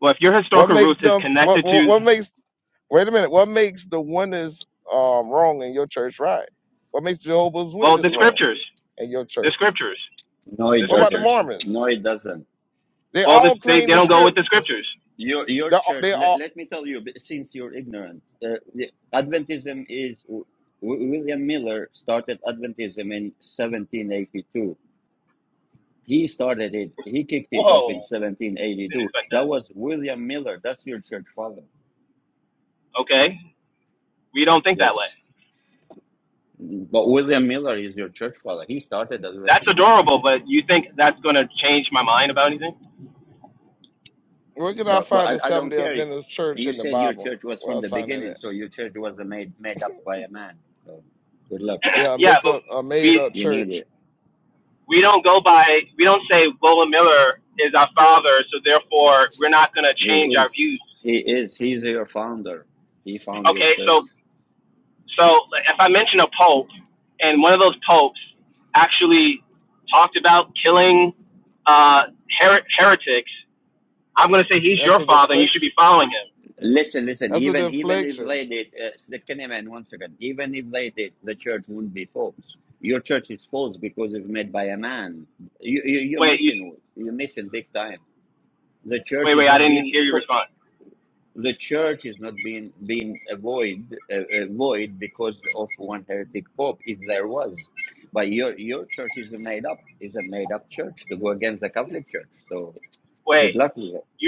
S8: well, if your
S3: What
S8: historical
S3: makes
S8: roots is
S3: them? What,
S8: connected
S3: what
S8: to,
S3: what makes? Wait a minute. What makes the oneness um, wrong in your church right? What makes Jehovah's
S8: well,
S3: Witness
S8: the
S3: wrong
S8: scriptures,
S3: in your
S8: the
S3: church?
S8: scriptures,
S1: no,
S8: the
S1: it
S3: What about the
S8: scriptures.
S1: doesn't.
S3: Mormons?
S1: No, it doesn't.
S3: They
S8: Well, this,
S3: all
S8: they
S3: claim
S8: they
S3: the
S8: don't go
S3: strip.
S8: with the scriptures.
S1: Your your
S3: They all.
S1: church.
S3: They
S1: Let,
S3: all
S1: let me tell you, b- since you're ignorant, uh, the- Adventism is w- W- William Miller started Adventism in 1782. He started it. He kicked it off in
S8: Whoa, didn't
S1: 1782.
S8: expect
S1: That
S8: that.
S1: was William Miller. That's your church father.
S8: Okay, we don't think that way.
S1: Yes, but William Miller is your church father. He started
S8: That's
S1: Adventism.
S8: adorable, but you think that's going to change my mind about anything?
S3: where can I
S1: But, but
S3: find
S1: I,
S3: the
S1: I
S3: Seventh
S1: don't
S3: Day
S1: care.
S3: Adventist church
S1: You
S3: in the
S1: said your
S3: Bible?
S1: church was
S3: Where
S1: from
S3: else
S1: the
S3: find that
S1: beginning,
S3: at?
S1: so your church was made made up by a man. So good luck.
S8: *clears throat*
S3: Yeah,
S8: yeah,
S3: make
S8: but
S3: up a made
S8: we
S3: up
S1: You need it.
S3: church.
S8: we don't go by we don't say Lola Miller is our father, so therefore we're not going to
S1: He
S8: change our
S1: is.
S8: views.
S1: He is. He's your founder. He found your
S8: Okay,
S1: church.
S8: so so if I mention a pope and one of those popes actually talked about killing uh, her- heretics, I'm going to say he's
S3: That's
S8: your
S3: a
S8: father and you should
S3: deflection.
S8: be following him.
S1: Listen, listen.
S3: That's a
S1: Even even if
S3: deflection.
S1: they did, uh, can man, once again. Even if they did, the church wouldn't be false. Your church is false because it's made by a man. You, you you're
S8: Wait, you
S1: missing. it. You're missing big time. The
S8: wait,
S1: church is
S8: wait, I
S1: not
S8: didn't
S1: being.
S8: hear your
S1: Fo-
S8: response.
S1: the church is not being being a void, uh, uh, void because of one heretic pope, if there was. But your your church is a made up, is a made up church to go against the Catholic Church. So Good
S8: Wait,
S1: luck with
S8: you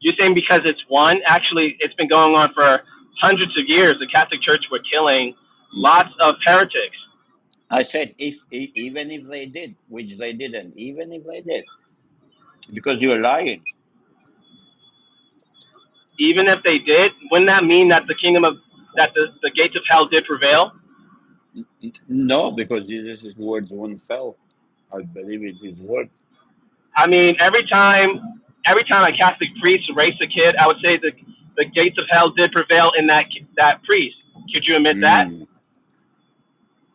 S8: You're saying because it's one? Actually, it's been going on for hundreds of years. The Catholic Church were killing
S1: it.
S8: lots of heretics.
S1: I said, if e- even if they did, which they didn't, even if they did, because you're lying.
S8: Even if they did, wouldn't that mean that the kingdom of that the, the gates of hell did prevail?
S1: N- n- No, because Jesus' words won't fail. I believe in His word.
S8: I mean, every time every time a Catholic priest raised a kid, I would say the the gates of hell did prevail in that that priest. Could you admit that?
S1: Mm.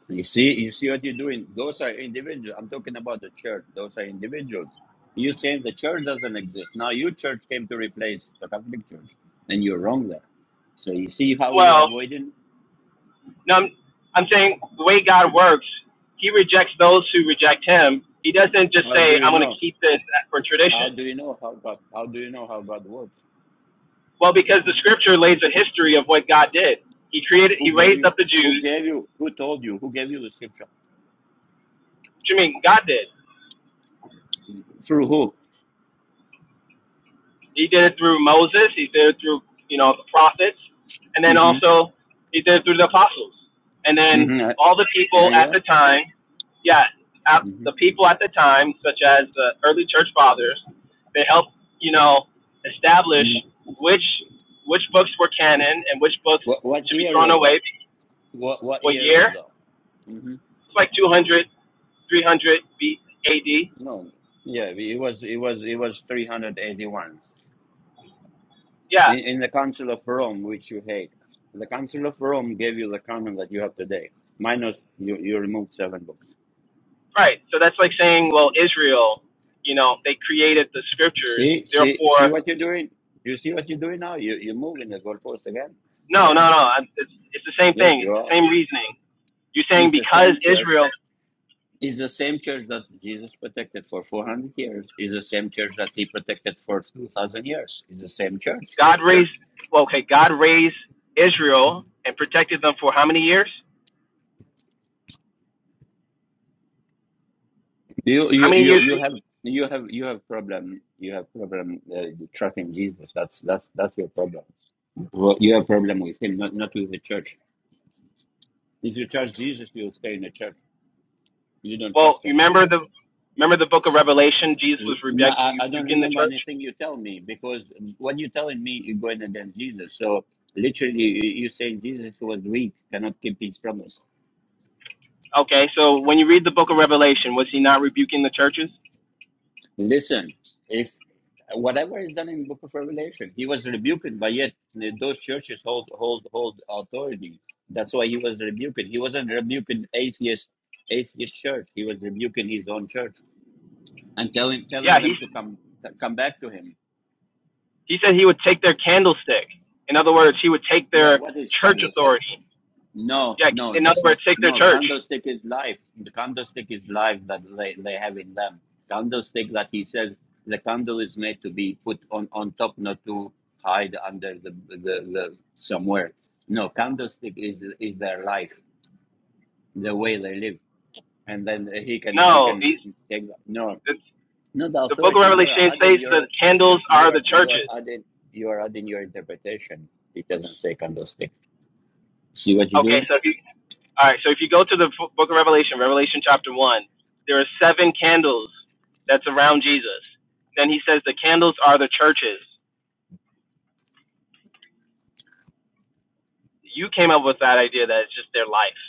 S1: You see, you see what you're doing. Those are individuals. I'm talking about the church. Those are individuals. You're saying the church doesn't exist. Now your church came to replace the Catholic Church, and you're wrong there. So you see how you're
S8: Well,
S1: avoiding.
S8: no. I'm, I'm saying the way God works, He rejects those who reject Him. He doesn't just
S1: How do
S8: say,
S1: you
S8: "I'm going to
S1: know?
S8: keep this for
S1: How
S8: tradition."
S1: do you know how God? How do you know how God works?
S8: Well, because the scripture lays a history of what God did. He created, he
S1: Who gave
S8: raised
S1: you?
S8: up the
S1: Who
S8: Jews.
S1: gave you? Who told you? Who gave you the scripture?
S8: Which, I mean, God did.
S1: Through who?
S8: He did it through Moses. He did it through, you know, the prophets, and then
S1: Mm-hmm.
S8: also he did it through the apostles. And then
S1: Mm-hmm. Uh,
S8: all the
S1: yeah,
S8: people at
S1: yeah.
S8: the time, yeah,
S1: Mm-hmm.
S8: the people at the time, such as the early church fathers, they helped, you know, establish
S1: hmm
S8: which which books were canon and which books
S1: What what
S8: should be
S1: year
S8: thrown
S1: was that?
S8: away.
S1: What what
S8: What
S1: year was
S8: year?
S1: that? hmm
S8: It's like 200, 300 B. A. D.
S1: No. Yeah, it was it was it was three hundred eighty one
S8: Yeah,
S1: in, in the Council of Rome, which you hate. The Council of Rome gave you the canon that you have today. Minus you you removed seven books.
S8: right. So that's like saying, well, Israel, you know, they created the scriptures.
S1: See see see
S8: Therefore,
S1: what you're doing. You see what you're doing now. You you're moving the goalpost again,
S8: no, no,
S1: again.
S8: no. I- It's, it's the same
S1: Yes,
S8: thing.
S1: you
S8: It's the
S1: are.
S8: same reasoning. You're saying
S1: It's the
S8: because
S1: same church
S8: Israel,
S1: Is the same church that Jesus protected for 400 years, is the same church that he protected for 2000 years. Is the same church.
S8: God raised, well, okay, God raised Israel and protected them for how many years?
S1: You
S8: How
S1: you
S8: many
S1: you
S8: years?
S1: you have you have you have problem you have problem uh, trusting Jesus. That's that's that's your problem. Well, you have problem with him, not not with the church. If you trust Jesus, you will stay in the church. You don't
S8: Well,
S1: trust him.
S8: remember the remember the book of Revelation? Jesus was
S1: You, no,
S8: rebu-
S1: I, I don't
S8: rebuking the
S1: remember
S8: church.
S1: anything you tell me because what you're telling me, you're going against Jesus. So literally, you- you're saying Jesus was weak, cannot keep his promise.
S8: Okay, so when you read the book of Revelation, was he not rebuking the churches?
S1: Listen, if whatever is done in the Book of Revelation, he was rebuked, but yet those churches hold hold hold authority. That's why he was rebuked. He wasn't rebuking atheist atheist church. He was rebuking his own church and telling
S8: Yeah,
S1: telling
S8: he's
S1: them to come come back to him.
S8: He said he would take their candlestick. In other words, he would take
S1: Yeah,
S8: their
S1: what is
S8: church
S1: candlestick?
S8: authority.
S1: No,
S8: Yeah,
S1: no,
S8: in other
S1: that's not.
S8: words, take their
S1: No,
S8: church.
S1: candlestick is life. The candlestick is life that they, they have in them. Candlestick that he says the candle is made to be put on, on top, not to hide under the, the, the somewhere. No, candlestick is is their life, the way they live, and then he can he
S8: No,
S1: can
S8: these
S1: take no,
S8: it's,
S1: not the
S8: the Book of
S1: authority. You are
S8: Revelation
S1: adding
S8: says
S1: your
S8: that candles are
S1: you
S8: the
S1: are you are
S8: churches.
S1: adding you are adding your interpretation. It doesn't say candlestick. See what you're
S8: Okay,
S1: doing?
S8: so if you all right, so if you go to the f- Book of Revelation, Revelation chapter one, there are seven candles that's around Jesus. Then he says the candles are the churches. You came up with that idea that it's just their life.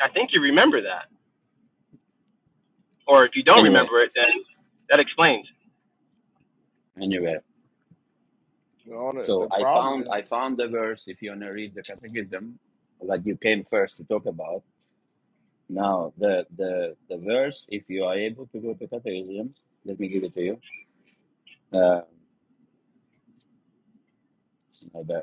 S8: I, I think you remember that, or if you don't
S1: Anyway,
S8: remember it, then that explains.
S1: anyway.
S3: You know, the,
S1: So
S3: the
S1: I
S3: problem
S1: found I
S3: is
S1: found the verse. If you want to read the catechism that you came first to talk about, now the the the verse. If you are able to go to catechism, let me give it to you. Uh, my bad.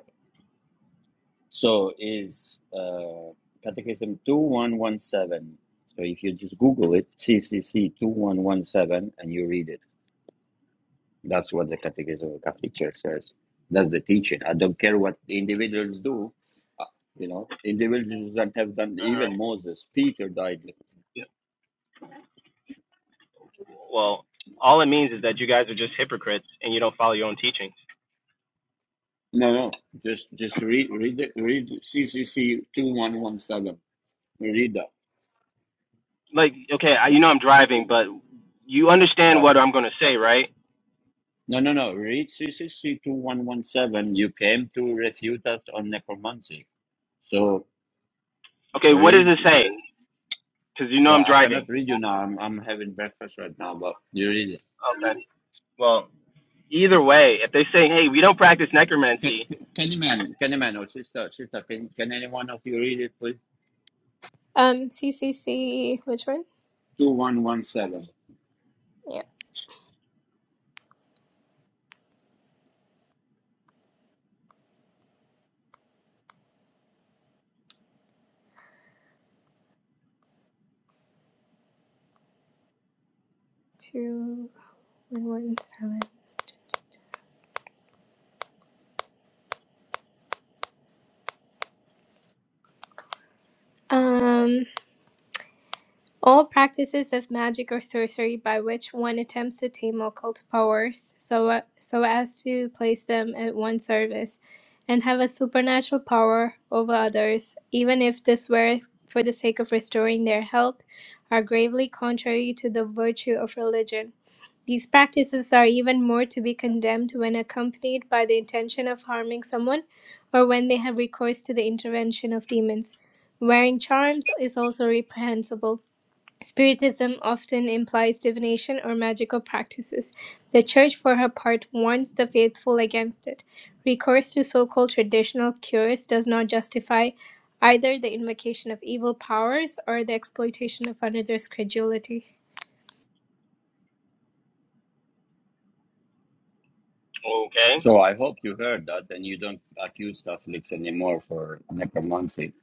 S1: so is uh, catechism two one one seven. So if you just Google it, C C C two one one seven, and you read it. That's what the Catechism of the Catholic Church says. That's the teaching. I don't care what the individuals do you know individuals that have done
S8: All
S1: even
S8: right.
S1: moses peter died
S8: Well, all it means is that you guys are just hypocrites and you don't follow your own teachings.
S1: no no just just read read it read ccc 2117 read that
S8: Like, okay, I, you know I'm driving, but you understand what
S1: okay
S8: I'm going to say, right?
S1: no no no read ccc 2117 you came to refute us on necromancy so
S8: Okay, what is
S1: read
S8: it saying? Because you know I'm
S1: well i cannot
S8: driving.
S1: read you now i'm, I'm having breakfast right now but you read it
S8: Okay. Well, either way, if they say, hey, we don't practice
S1: can,
S8: necromancy,
S1: can can you man can you man or sister sister can, can any one of you read it please
S5: Um, C C C. which one?
S1: 2117
S5: Yeah, two, one, one, seven. All practices of magic or sorcery by which one attempts to tame occult powers so, so as to place them at one's service and have a supernatural power over others, even if this were for the sake of restoring their health, are gravely contrary to the virtue of religion. These practices are even more to be condemned when accompanied by the intention of harming someone or when they have recourse to the intervention of demons. Wearing charms is also reprehensible Spiritism often implies divination or magical practices. The Church, for her part, warns the faithful against it. Recourse to so called traditional cures does not justify either the invocation of evil powers or the exploitation of another's credulity.
S8: okay,
S1: So I hope you heard that, and you don't accuse Catholics anymore for necromancy.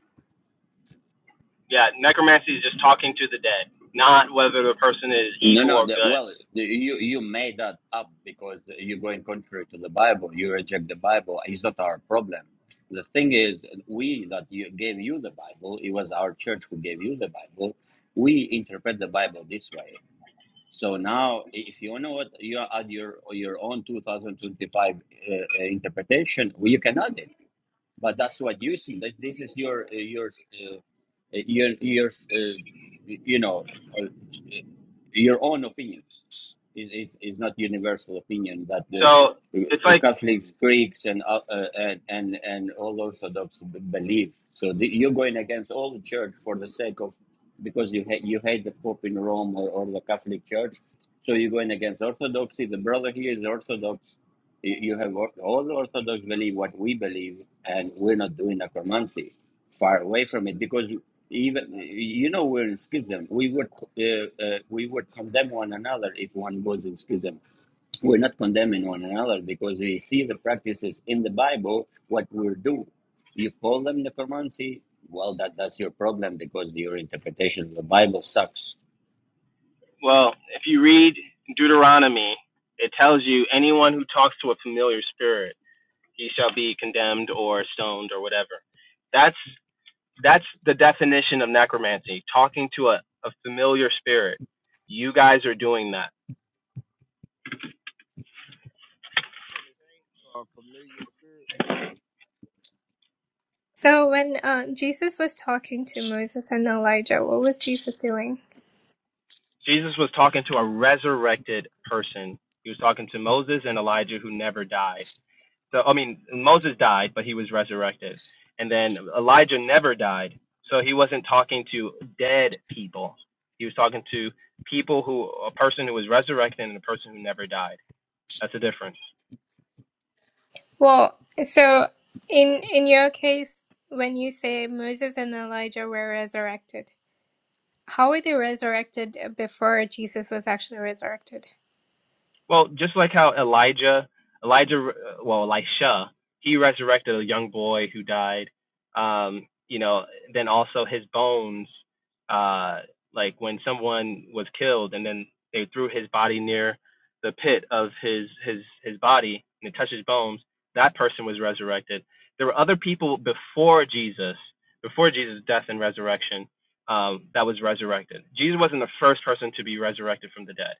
S8: yeah, necromancy is just talking to the dead, not whether the person is
S1: No,
S8: evil
S1: no.
S8: or
S1: The,
S8: good.
S1: well, the, you you made that up because you're going contrary to the Bible. You reject the Bible. It's not our problem. The thing is, we that you, gave you the Bible. It was our church who gave you the Bible. We interpret the Bible this way. So now, if you know what you add your your own 2025 uh, uh, interpretation, well, you can add it but that's what you see. This, this is your uh, your uh, your your uh, you know uh, your own opinion. Is is is not universal opinion that the
S8: So it's
S1: uh,
S8: like,
S1: Catholics, Greeks, and uh, uh, and and and all Orthodox b- believe. So the, you're going against all the church for the sake of because you hate you hate the Pope in Rome or, or the Catholic Church. So you're going against Orthodoxy. The brother here is Orthodox you, you have all all the Orthodox believe what we believe, and we're not doing necromancy. Far away from it, because even you know we're in schism. We would uh, uh, we would condemn one another if one was in schism. We're not condemning one another because we see the practices in the Bible what we're doing. You call them necromancy. Well, that that's your problem because your interpretation of the Bible sucks.
S8: well, if you read Deuteronomy, it tells you anyone who talks to a familiar spirit ye shall be condemned or stoned or whatever. That's that's the definition of necromancy, talking to a, a familiar spirit. You guys are doing that.
S3: a familiar spirit.
S5: So, when um, Jesus was talking to Moses and Elijah, what was Jesus doing?
S8: Jesus was talking to a resurrected person. He was talking to Moses and Elijah who never died. So I mean Moses died, but he was resurrected. And then Elijah never died. So he wasn't talking to dead people. He was talking to people who a person who was resurrected and a person who never died. That's the difference.
S5: Well, so in in your case, when you say Moses and Elijah were resurrected, How were they resurrected before Jesus was actually resurrected?
S8: Well, just like how Elijah, Elijah, uh, well, Elisha, he resurrected a young boy who died. Um, you know, then also his bones, uh, like when someone was killed and then they threw his body near the pit of his his his body and it touched his bones, that person was resurrected. There were other people before Jesus, before Jesus' death and resurrection, um, that was resurrected. Jesus wasn't the first person to be resurrected from the dead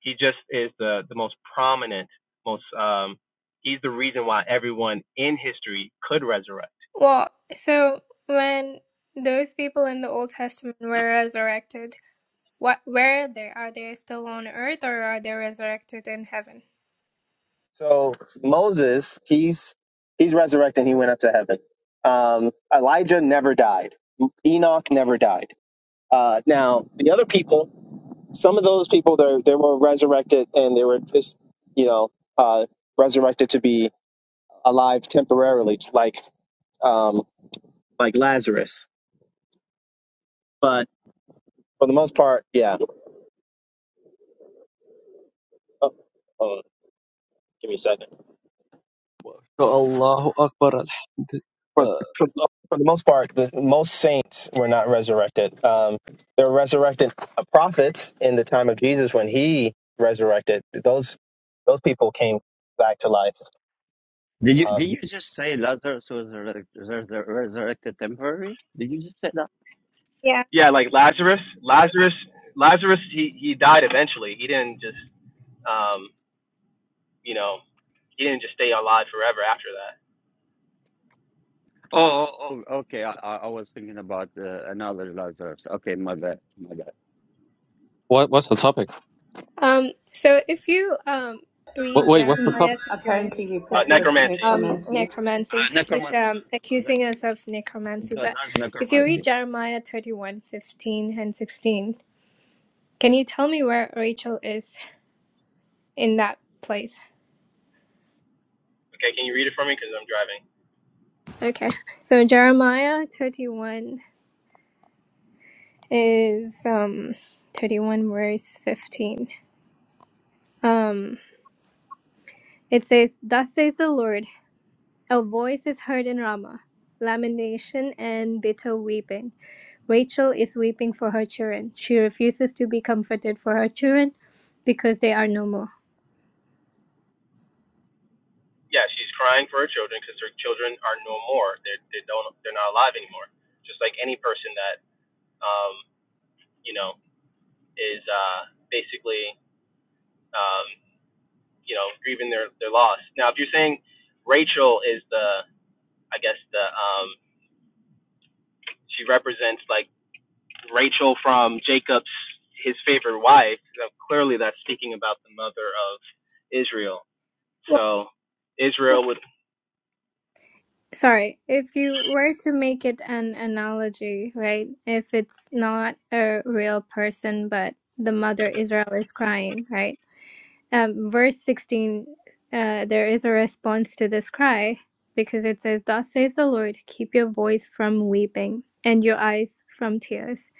S8: he just is the the most prominent, most um, he's the reason why everyone in history could resurrect.
S5: Well, so when those people in the Old Testament were resurrected, what where are they? Are they still on earth or are they resurrected in heaven?
S8: So Moses, he's he's resurrecting. He went up to heaven. Um, Elijah never died. Enoch never died. Uh, now the other people, some of those people, they they were resurrected and they were just you know uh, resurrected to be alive temporarily, like um, like Lazarus. But for the most part, yeah. Oh, hold on, give me a second.
S9: So Allahu Akbar. Alhamd-
S8: for, for,
S9: Uh,
S8: for the most part, the most saints were not resurrected. Um, there were resurrected uh, prophets in the time of Jesus when he resurrected. Those those people came back to life.
S1: Did you did
S8: Um,
S1: you just say Lazarus was a resur- resur- resurrected temporary? Did you just say that?
S5: Yeah.
S8: Yeah, like Lazarus. Lazarus. Lazarus. He he died eventually. He didn't just um you know he didn't just stay alive forever after that.
S1: Oh, oh, oh, okay. I, I I was thinking about uh, another Lazarus. Okay, my bad, my bad.
S9: What, what's the topic?
S5: Um so if you um
S9: What,
S5: read
S9: wait, what's the
S5: Jeremiah
S9: topic?
S5: thirty one
S7: Apparently, we
S8: Uh,
S5: fifteen,
S7: practice
S8: necromancy.
S5: um
S7: necromancy.
S1: Uh,
S5: necromancy. He's
S1: necromancy.
S5: um
S1: Oh, that,
S5: accusing us of necromancy,
S1: that-
S5: but
S1: that's
S5: if you
S1: necromancy.
S5: read Jeremiah thirty one fifteen and sixteen, can you tell me where Rachel is in that place?
S8: Okay, can you read it for me? Because I'm driving.
S5: Okay. So Jeremiah 31 is um 31 verse 15. Um it says, Thus says the Lord, a voice is heard in Ramah, lamentation and bitter weeping. Rachel is weeping for her children. She refuses to be comforted for her children because they are no more.
S8: Yeah, she's crying for her children because her children are no more. They they don't they're not alive anymore. Just like any person that um, you know, is uh, basically, um, you know, grieving their, their loss. Now, if you're saying Rachel is the, I guess the, um, she represents like Rachel from Jacob's, his favorite wife, now, clearly that's speaking about the mother of Israel.
S5: Well,
S8: So Israel would
S5: Sorry, if you were to make it an analogy, right? If it's not a real person, but the mother Israel is crying, right? um, verse 16, uh, there is a response to this cry because it says, Thus says the Lord, keep your voice from weeping and your eyes from tears.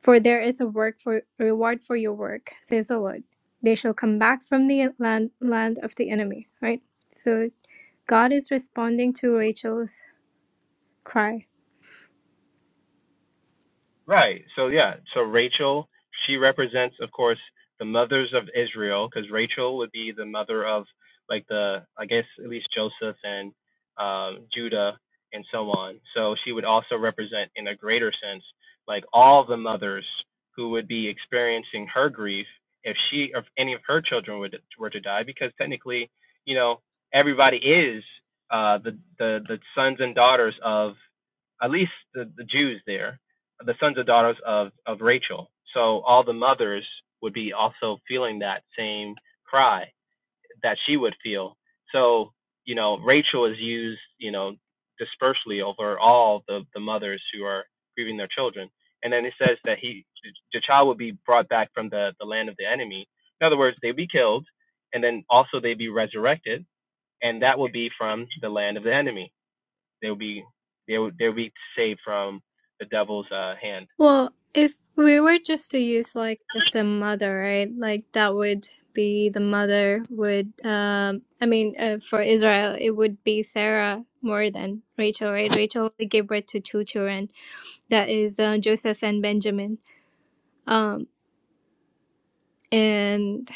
S5: For there is a work for reward for your work, says the Lord. They shall come back from the land, land of the enemy, right? So God is responding to Rachel's cry
S8: Right. So yeah. So Rachel, she represents, of course, the mothers of Israel, because Rachel would be the mother of like the, I guess, at least Joseph and um, Judah and so on. So she would also represent, in a greater sense, like all the mothers who would be experiencing her grief if she, if any of her children would were to die, because technically, you know, everybody is uh, the the the sons and daughters of at least the, the Jews there the sons and daughters of, of Rachel. So all the mothers would be also feeling that same cry that she would feel. So, you know, Rachel is used, you know, dispersely over all the, the mothers who are grieving their children. And then it says that he, the child would be brought back from the, the land of the enemy. In other words, they'd be killed and then also they'd be resurrected. And that would be from the land of the enemy. They would be, they would, they would be saved from the devil's uh, hand.
S5: Well, if we were just to use like just a mother, right? Like that would be the mother would um I mean uh, for Israel it would be Sarah more than Rachel, right? Rachel only gave birth to two children. That is uh, Joseph and Benjamin. Um and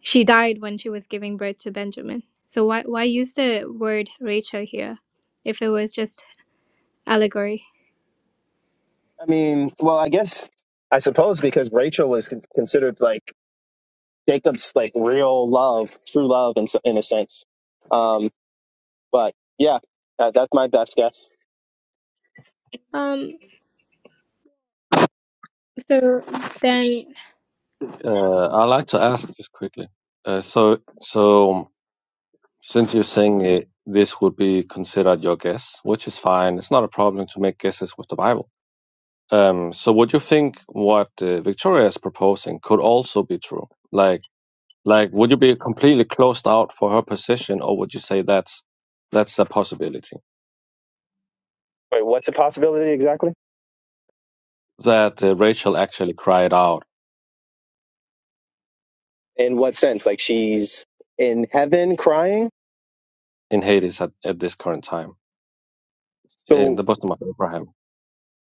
S5: she died when she was giving birth to Benjamin. So why why use the word Rachel here if it was just allegory?
S8: I mean, well, I guess I suppose because Rachel was con- considered like Jacob's like real love, true love, in s- in a sense. Um, but yeah, that, that's my best guess.
S5: Um so then
S9: Uh, I'd like to ask just quickly. Uh, so, so since you're saying it, this would be considered your guess, which is fine. It's not a problem to make guesses with the Bible. Um, so would you think what uh, Victoria is proposing could also be true? Like, like, would you be completely closed out for her position, or would you say that's that's a possibility
S8: Wait, what's a possibility exactly?
S9: that uh, Rachel actually cried out?
S8: In what sense? Like she's in heaven crying.
S9: in Hades at, at this current time in
S8: So
S9: the bosom of Abraham.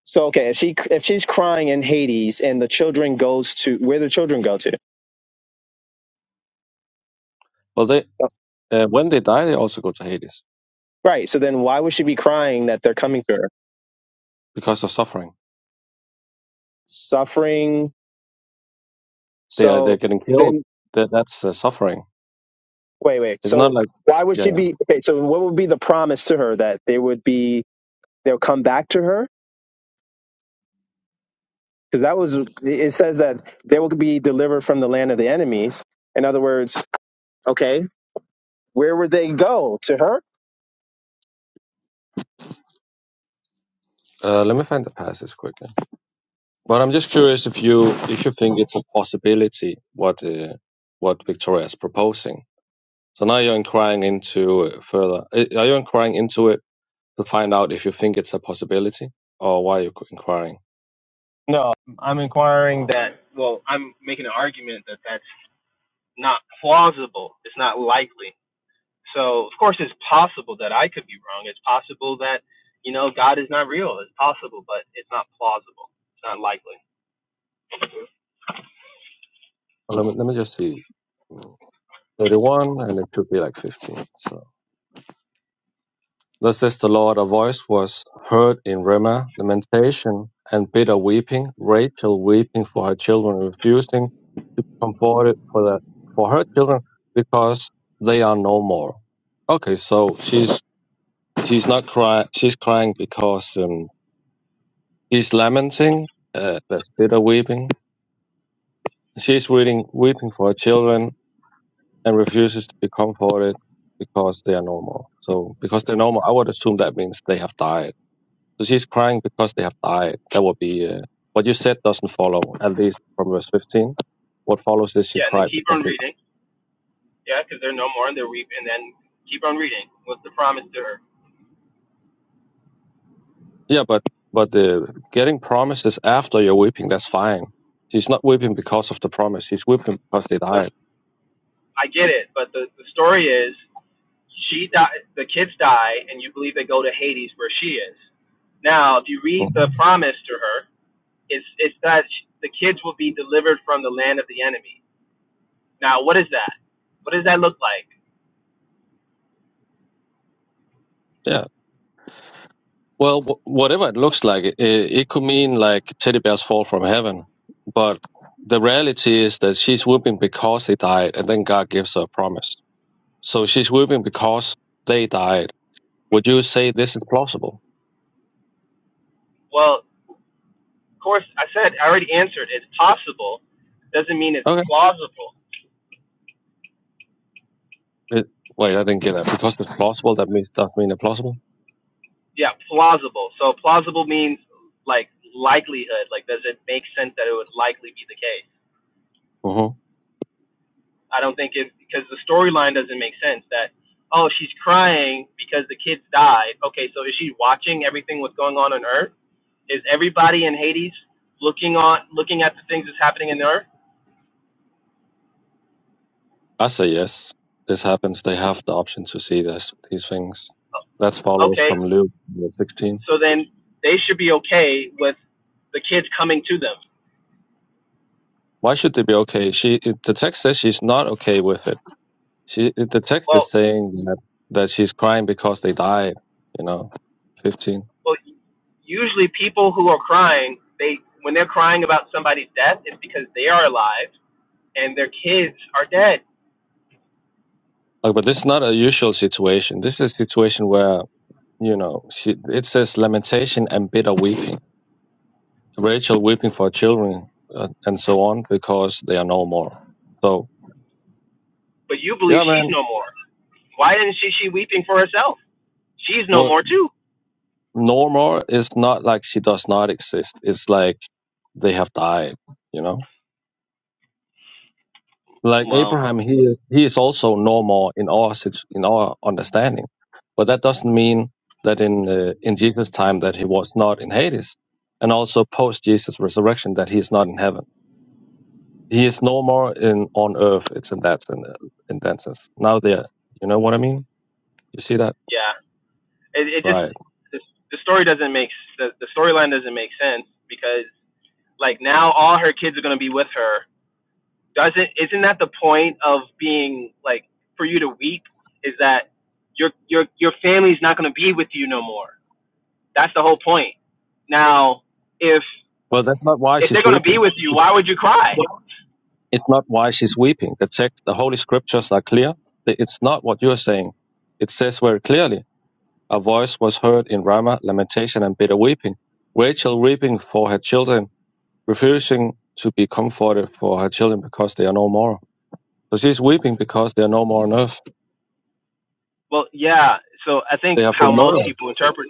S8: so okay, if she if she's crying in Hades and the children goes to where the children go to,
S9: Well, they uh, when they die, they also go to Hades
S8: right? So then why would she be crying that they're coming to her?
S9: because of suffering.
S8: Suffering.
S9: They are
S8: So
S9: they're getting
S8: then
S9: killed. That that's uh, suffering.
S8: Wait, wait.
S9: It's not
S8: So
S9: like
S8: why would
S9: yeah
S8: she
S9: yeah.
S8: be okay? So what would be the promise to her that they would be they'll come back to her? Because that was it says that they will be delivered from the land of the enemies. In other words, okay, where would they go to her?
S9: Uh, let me find the passage quickly. But I'm just curious if you if you think it's a possibility what uh, what Victoria is proposing. So now you're inquiring into uh, further. uh, Are you inquiring into it to find out if you think it's a possibility or why are you inquiring?
S8: No, I'm inquiring that. That well, I'm making an argument that that's not plausible. It's not likely. So of course it's possible that I could be wrong. It's possible that, you know, God is not real. It's possible, but it's not plausible. It's not likely.
S9: Well, let me let me just see. 31 and it should be like 15 so thus says the lord a voice was heard in ramah lamentation and bitter weeping rachel weeping for her children refusing to be comforted for that for her children because they are no more okay so she's she's not crying she's crying because um she's lamenting uh, that's bitter weeping she's weeping weeping for her children and refuses to be comforted because they are normal. So because they're normal, I would assume that means they have died. So she's crying because they have died. That would be uh, what you said doesn't follow at least from verse 15. What follows is she
S8: Yeah, and then
S9: cried
S8: keep
S9: because
S8: on
S9: they. died.
S8: reading. Yeah, because they're no more and they're reap and then keep on reading. What's the promise to her?
S9: Yeah, but but the getting promises after you're weeping, that's fine. She's not weeping because of the promise. She's weeping because they
S8: The,
S9: died.
S8: I get it, but the, the story is she die the kids die and you believe they go to Hades where she is. Now, if you read the
S9: Mm.
S8: promise to her, it's it's that sh- the kids will be delivered from the land of the enemy. Now, what is that? What does that look like?
S9: Yeah. Well, w- whatever it looks like, it, it could mean like teddy bears fall from heaven. But the reality is that she's weeping because they died, and then God gives her a promise. So she's weeping because they died. Would you say this is plausible?
S8: Well, Of course, I said I already answered. It's possible, doesn't mean it's
S9: Okay.
S8: plausible.
S9: It, wait, I didn't get that. Because it's plausible, that means does mean it's plausible.
S8: Yeah, plausible. So plausible means like likelihood. Like, does it make sense that it would likely be the case?
S9: hmm
S8: I don't think it because the storyline doesn't make sense. That oh, she's crying because the kids died. Okay, so is she watching everything what's going on on Earth? Is everybody in Hades looking on looking at the things that's happening in Earth?
S9: I say yes. This happens. They have the option to see this these things. That
S8: Oh,
S9: follows
S8: Okay,
S9: from Luke 16.
S8: so then they should be okay with the kids coming to them.
S9: Why should they be okay? She it- the text says she's not okay with it She the text is
S8: Well,
S9: saying that, that she's crying because they died, you know, 15.
S8: well usually people who are crying they when they're crying about somebody's death it's because they are alive and their kids are dead
S9: Like, but this is not a usual situation. This is a situation where, you know, she, it says lamentation and bitter weeping. Rachel weeping for her children uh, and so on because they are no more. So,
S8: but you believe
S9: yeah,
S8: she's
S9: man,
S8: no more why isn't she she weeping for herself she's no
S9: what
S8: more too
S9: no more is not like she does not exist. It's like they have died, you know? Like
S8: well
S9: Abraham, he is- he is also normal in our situ- in our understanding, but that doesn't mean that in uh, in Jesus' time that he was not in Hades, and also post Jesus' resurrection that he is not in heaven. He is no more in on earth. It's in that in, uh, in that sense. Now there, you know what I mean? You see that,
S8: yeah it, it just
S9: right?
S8: the, the story doesn't make the, the storyline doesn't make sense because like now all her kids are going to be with her doesn't isn't that the point of being like for you to weep is that your your your family's not going to be with you no more That's the whole point. Now, if
S9: Well, that's not why
S8: if they're
S9: she's
S8: gonna
S9: weeping.
S8: be with you, why would you cry?
S9: It's not why she's weeping. The text, the holy scriptures are clear. It's not what you're saying. It says very clearly A voice was heard in Ramah, lamentation and bitter weeping. Rachel weeping for her children, refusing to be comforted for her children because they are no more. So she's weeping because they are no more on earth.
S8: Well, yeah. So I think
S9: They have
S8: how
S9: been
S8: most
S9: murdered.
S8: people interpret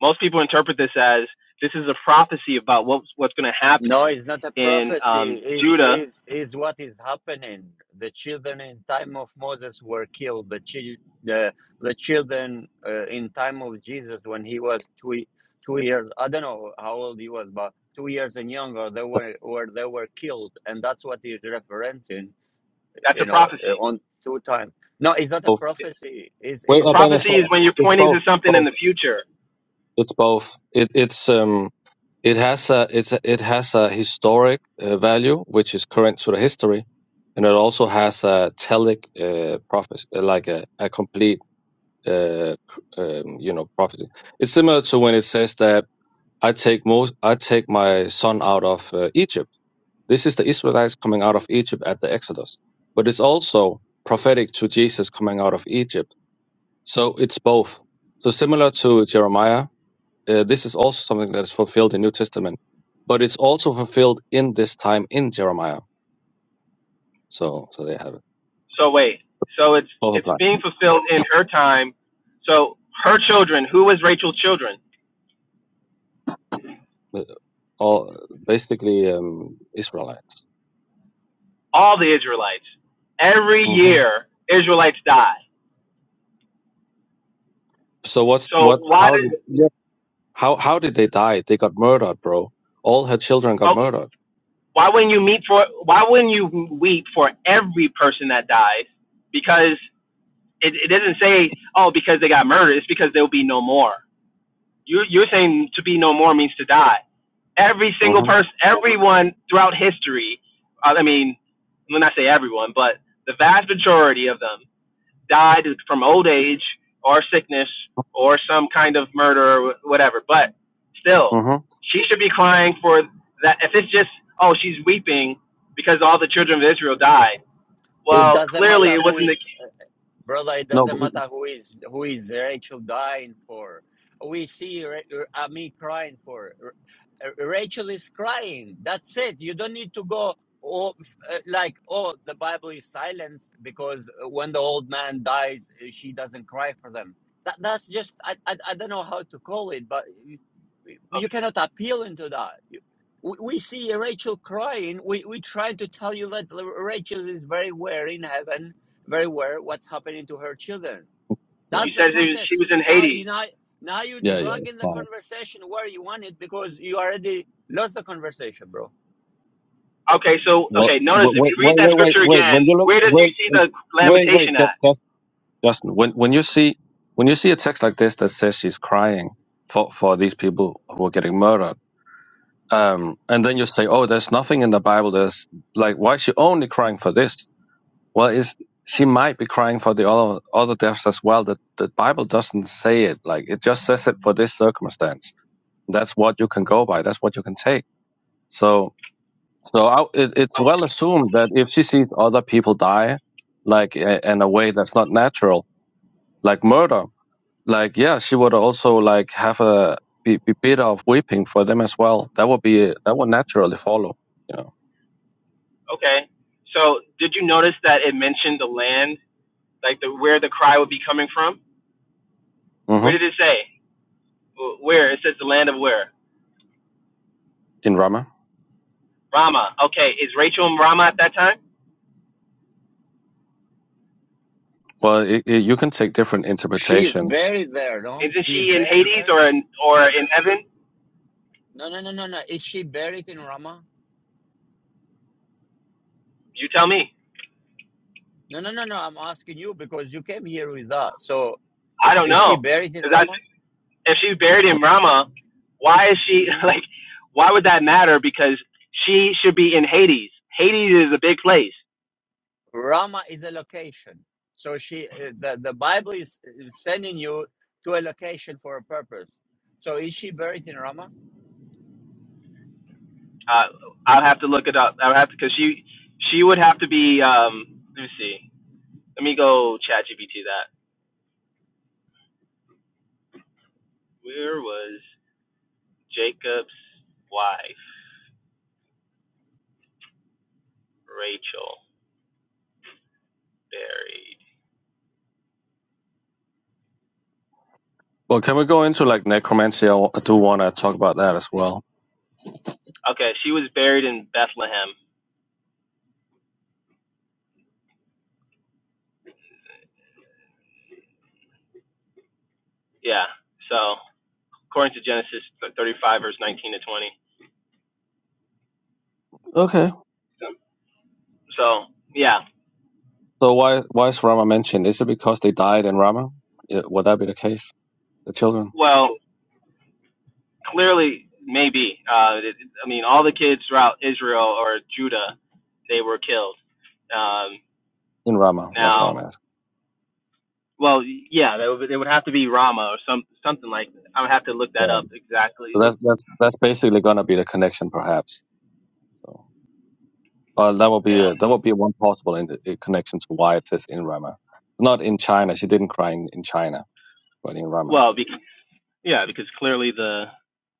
S8: most people interpret this as this is a prophecy about what's what's gonna
S1: No,
S8: happen
S1: it's not a
S8: in
S1: prophecy.
S8: um,
S1: Is
S8: Judah.
S1: is is what is happening? The children in time of Moses were killed. The chil- the the children uh, in time of Jesus when he was two y- two years. I don't know how old he was, but two years and younger. They were were they were killed, and that's what he's referencing.
S8: That's a
S1: you know, uh,
S8: prophecy.
S1: on two time. No, it's not a
S9: Both.
S1: prophecy. Is
S9: Wait,
S8: A
S9: uh,
S1: is
S9: it's
S8: prophecy is
S9: both.
S8: when you're
S9: it's
S8: pointing
S9: both.
S8: to something in
S9: both.
S8: the future.
S9: It's both. It, it's um. It has a it's a, it has a historic uh, value which is current to the history, and it also has a telic uh, prophecy, uh, like a, a complete uh, um, you know, profiting. It's similar to when it says that I take most, I take my son out of uh, Egypt. This is the Israelites coming out of Egypt at the Exodus, but it's also prophetic to Jesus coming out of Egypt. So it's both. So similar to Jeremiah, uh, this is also something that is fulfilled in New Testament, but it's also fulfilled in this time in Jeremiah. So, so they have it.
S8: So wait. So it's
S9: Both
S8: it's
S9: apply.
S8: being fulfilled in her time. So her children, who was Rachel's children?
S9: Uh, All basically um, Israelites.
S8: All the Israelites. Every
S9: hmm
S8: year, Israelites die
S9: So what's
S8: So
S9: what?
S8: why
S9: How?
S8: does
S9: did? How how did they die? They got murdered, bro. All her children got
S8: oh,
S9: murdered.
S8: why wouldn't you meet for why wouldn't you weep for every person that dies? Because it, it doesn't say oh because they got murdered. It's because there will be no more. You you're saying to be no more means to die. Every single
S9: Mhm.
S8: person, everyone throughout history. uh, I mean, when I say everyone, but the vast majority of them died from old age or sickness or some kind of murder or whatever. But still,
S9: Mhm.
S8: she should be crying for that. If it's just, oh, she's weeping because all the children of Israel died.
S1: *laughs* it
S8: Well,
S1: doesn't
S8: clearly
S1: matter
S8: it
S1: who
S8: wasn't the.
S1: is. brother it
S9: No.
S1: doesn't
S9: But,
S1: matter who is who is rachel dying for we see Ra- uh, me crying for R- uh, rachel is crying that's it you don't need to go oh, f- uh, like oh the bible is silence because uh, when the old man dies uh, she doesn't cry for them that, that's just I, I i don't know how to call it but you, you
S8: okay,
S1: cannot appeal into that You- we we see Rachel crying. We we try to tell you that Rachel is very well in heaven very aware what's happening to her children.
S9: yeah.
S8: You
S1: That's the
S8: said it was, she was
S1: context.
S8: in
S1: Now you
S8: Hades.
S1: now now you
S9: Yeah. Yeah.
S1: drag
S9: It's
S1: in the
S9: fine.
S1: conversation where you want it because you already lost the conversation, bro.
S8: Okay, so
S9: Well,
S8: okay, notice
S9: w-
S8: if
S9: wait,
S8: you read
S9: wait,
S8: that
S9: wait, wait,
S8: scripture
S9: wait. When
S8: again,
S9: you look,
S8: where did you
S9: wait,
S8: see the
S9: wait,
S8: lamentation
S9: wait, Ju-
S8: at?
S9: Ju- Justin. When when you see when you see a text like this that says she's crying for for these people who are getting murdered, um, and then you say, oh, there's nothing in the Bible. There's like, why is she only crying for this? Well, is she might be crying for the other other deaths as well. That the Bible doesn't say it. Like it just says it for this circumstance. That's what you can go by. That's what you can take. So, so I, it, it's
S8: Oh,
S9: well assumed that if she sees other people die, like uh, in a way that's not natural, like murder, like yeah, she would also like have a be, be bitter of weeping for them as well. That would be that would naturally follow. You know,
S8: okay. So did you notice that it mentioned the land, like the where the cry would be coming from? Where
S9: hmm
S8: did it say? Where? It says the land of where?
S9: in Rama.
S8: Rama. Okay, is Rachel in Rama at that time?
S9: Well, it, it, you can take different
S1: She is
S9: interpretations
S1: buried there, no?
S8: Isn't
S1: She is
S8: she in
S1: buried
S8: Hades
S1: there.
S8: or in or in heaven?
S1: No, no, no, no, no. Is she buried in Rama?
S8: You tell me.
S1: No, no, no, no. I'm asking you because you came here with that. So
S8: I don't
S1: is she
S8: know.
S1: buried in
S8: 'Cause that's
S1: Rama?
S8: if she's buried in Rama, why is she
S1: hmm
S8: *laughs* like? Why would that matter? Because she should be in Hades. Hades is a big place.
S1: Rama is a location. So she uh, the the Bible is is sending you to a location for a purpose. So is she buried in Rama?
S8: Uh, I'll have to look it up. I'll have to because she she would have to be. Um, let me see. Let me go chat GPT that. Where was Jacob's wife Rachel buried?
S9: Well, can we go into like necromancy? I do want to talk about that as well.
S8: Okay, she was buried in Bethlehem. Yeah. So according to Genesis 35 verse 19 to 20.
S9: Okay.
S8: So yeah.
S9: So why why is Rama mentioned? Is it because they died in Rama? It, would that be the case? The children
S8: Well, clearly maybe. Uh, it, I mean, all the kids throughout Israel or Judah, they were killed. Um,
S9: in Rama. That's
S8: now,
S9: what I'm asking.
S8: well, yeah, they would, they would have to be Rama or some something like. I would have to look that
S9: Yeah.
S8: up exactly.
S9: So
S8: Look,
S9: that's that's that's basically gonna be the connection, perhaps. So uh, that will be a,
S8: yeah.
S9: that will be one possible in the, connection to why it is in Rama. Not in China. She didn't cry in, in China, but in Rama.
S8: Well, because, yeah, because clearly the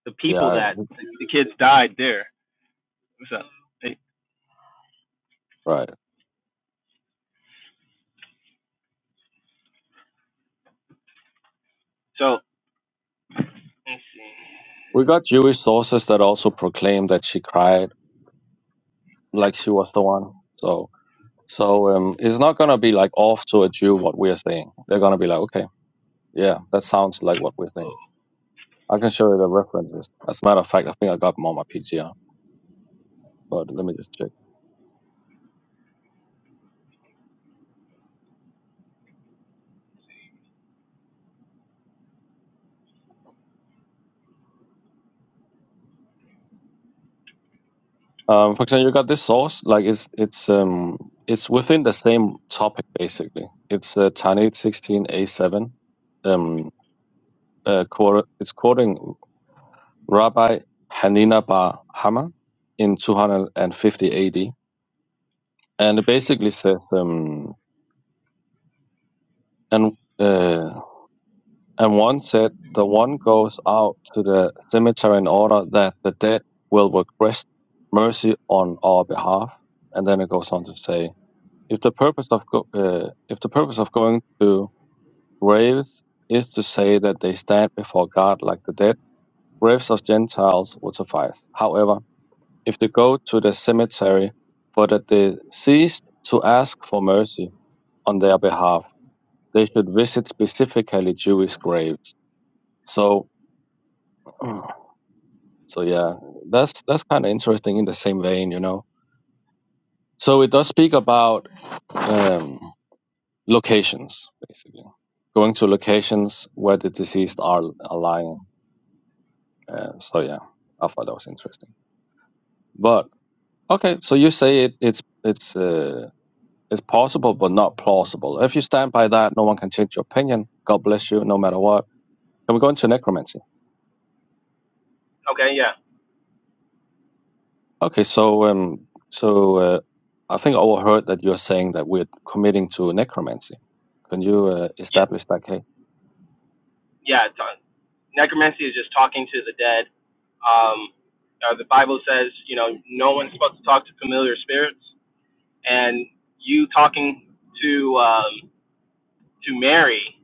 S8: the people
S9: Yeah.
S8: that the kids died there. So hey,
S9: Right.
S8: so let's see.
S9: We got Jewish sources that also proclaim that she cried like she was the one. So So um, it's not going to be like off to a Jew what we're saying. They're going to be like, okay, yeah, that sounds like what we're saying. I can show you the references. As a matter of fact, I think I got them on my PTR, but let me just check. Um, for example, you got this source, like it's it's um it's within the same topic basically. It's uh, Tanit 16a7. Um, uh, quote, it's quoting Rabbi Hanina bar Hama in 250 AD, and it basically says um and uh. And one said, The one goes out to the cemetery in order that the dead will request mercy on our behalf. And then it goes on to say, If the purpose of go- uh, if the purpose of going to graves is to say that they stand before God like the dead, graves of Gentiles would suffice. However, if they go to the cemetery for the deceased to ask for mercy on their behalf, they should visit specifically Jewish graves. So *clears throat* So yeah, that's that's kind of interesting in the same vein, you know. So it does speak about um, locations, basically going to locations where the deceased are, are lying. Uh, so yeah, I thought that was interesting. But okay, so you say it, it's it's uh, it's possible but not plausible. If you stand by that, no one can change your opinion. God bless you, no matter what. Can we go into necromancy?
S8: Okay, yeah,
S9: Okay, so um, so uh, I think I overheard that you're saying that we're committing to necromancy. Can you uh,
S8: yeah,
S9: establish that case?
S8: yeah. t- necromancy is just talking to the dead. Um, uh, the Bible says, you know, no one's supposed to talk to familiar spirits, and you talking to um, to Mary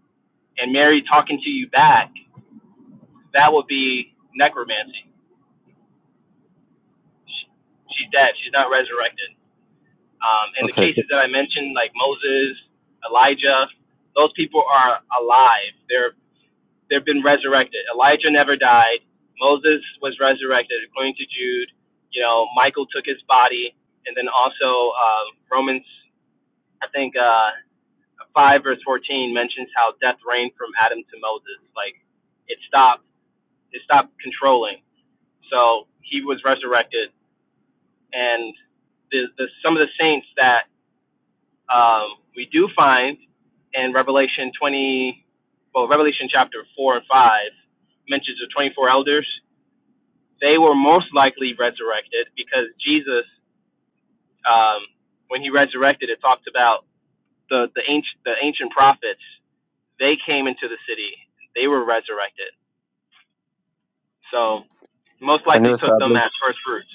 S8: and Mary talking to you back, that would be necromancy. She, she's dead. She's not resurrected. Um, and the
S9: Okay,
S8: cases that I mentioned, like Moses, Elijah, those people are alive. They're they've been resurrected. Elijah never died. Moses was resurrected according to Jude. You know, Michael took his body, and then also uh, Romans, I think uh, five verse fourteen mentions how death reigned from Adam to Moses. Like it stopped, it stopped controlling. So he was resurrected, and the, the some of the saints that um, we do find in Revelation twenty, well, Revelation chapter four and five mentions the twenty four elders they were most likely resurrected because Jesus, um, when he resurrected, it talked about the the ancient the ancient prophets. They came into the city. They were resurrected. So most
S9: can
S8: likely
S9: you
S8: took them
S9: establish?
S8: as first fruits.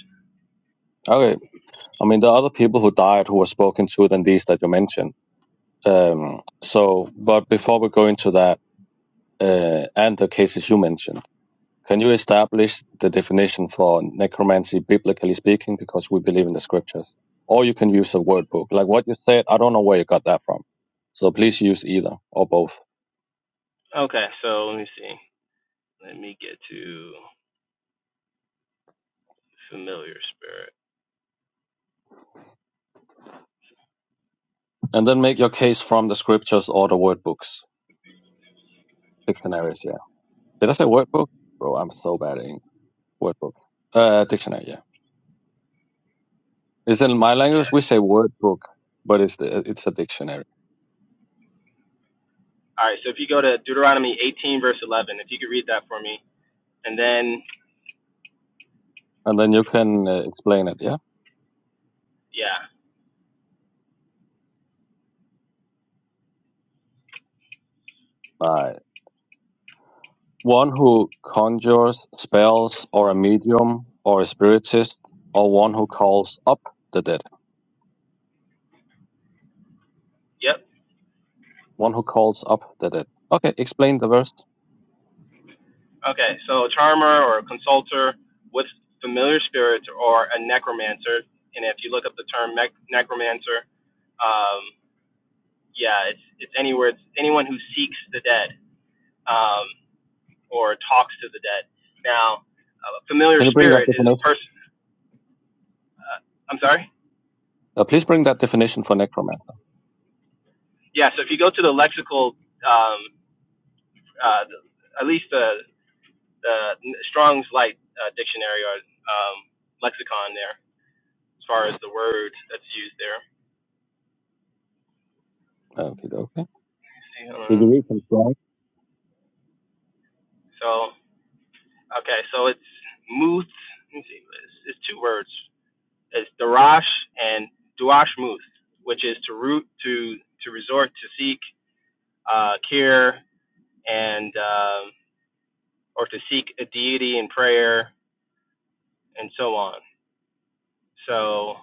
S9: Okay, I mean there are other people who died who were spoken to than these that you mentioned. Um, so, but before we go into that uh, and the cases you mentioned, can you establish the definition for necromancy biblically speaking? Because we believe in the scriptures, or you can use a word book like what you said. I don't know where you got that from, so please use either or both.
S8: Okay, so let me see. Let me get to familiar spirit.
S9: And then make your case from the scriptures or the word books, dictionaries. Yeah. Did I say word book? Bro, I'm so bad at English. Word book. Uh, dictionary. Yeah. It's in my
S8: Okay.
S9: language. We say word book, but it's the, it's a dictionary.
S8: All right. So if you go to Deuteronomy 18 verse 11, if you could read that for me, and then
S9: And then you can uh, explain it. Yeah.
S8: yeah,
S9: Like one who conjures spells or a medium or a spiritist or one who calls up the dead.
S8: yep.
S9: One who calls up the dead. Okay. Explain the verse.
S8: Okay, so a charmer or a consulter with familiar spirits or a necromancer, and if you look up the term nec- necromancer, um, yeah, it's it's anywhere it's anyone who seeks the dead um, or talks to the dead. Now, a familiar
S9: Can you bring that
S8: spirit is
S9: definition?
S8: a person. Uh, I'm sorry.
S9: Uh, please bring that definition for necromancer.
S8: Yeah, so if you go to the lexical, um, uh, the, at least the the Strong's Light uh, dictionary or um, lexicon there, as far as the word that's used there. Let's
S9: Okay. Okay.
S8: see,
S9: Did
S8: hold
S9: you
S8: on.
S9: read from Strong's
S8: So okay, so it's Muth. let me see, It's, it's two words. It's Darash and Duash Muth, which is to root to to resort to seek uh, care and um or to seek a deity in prayer and so on. So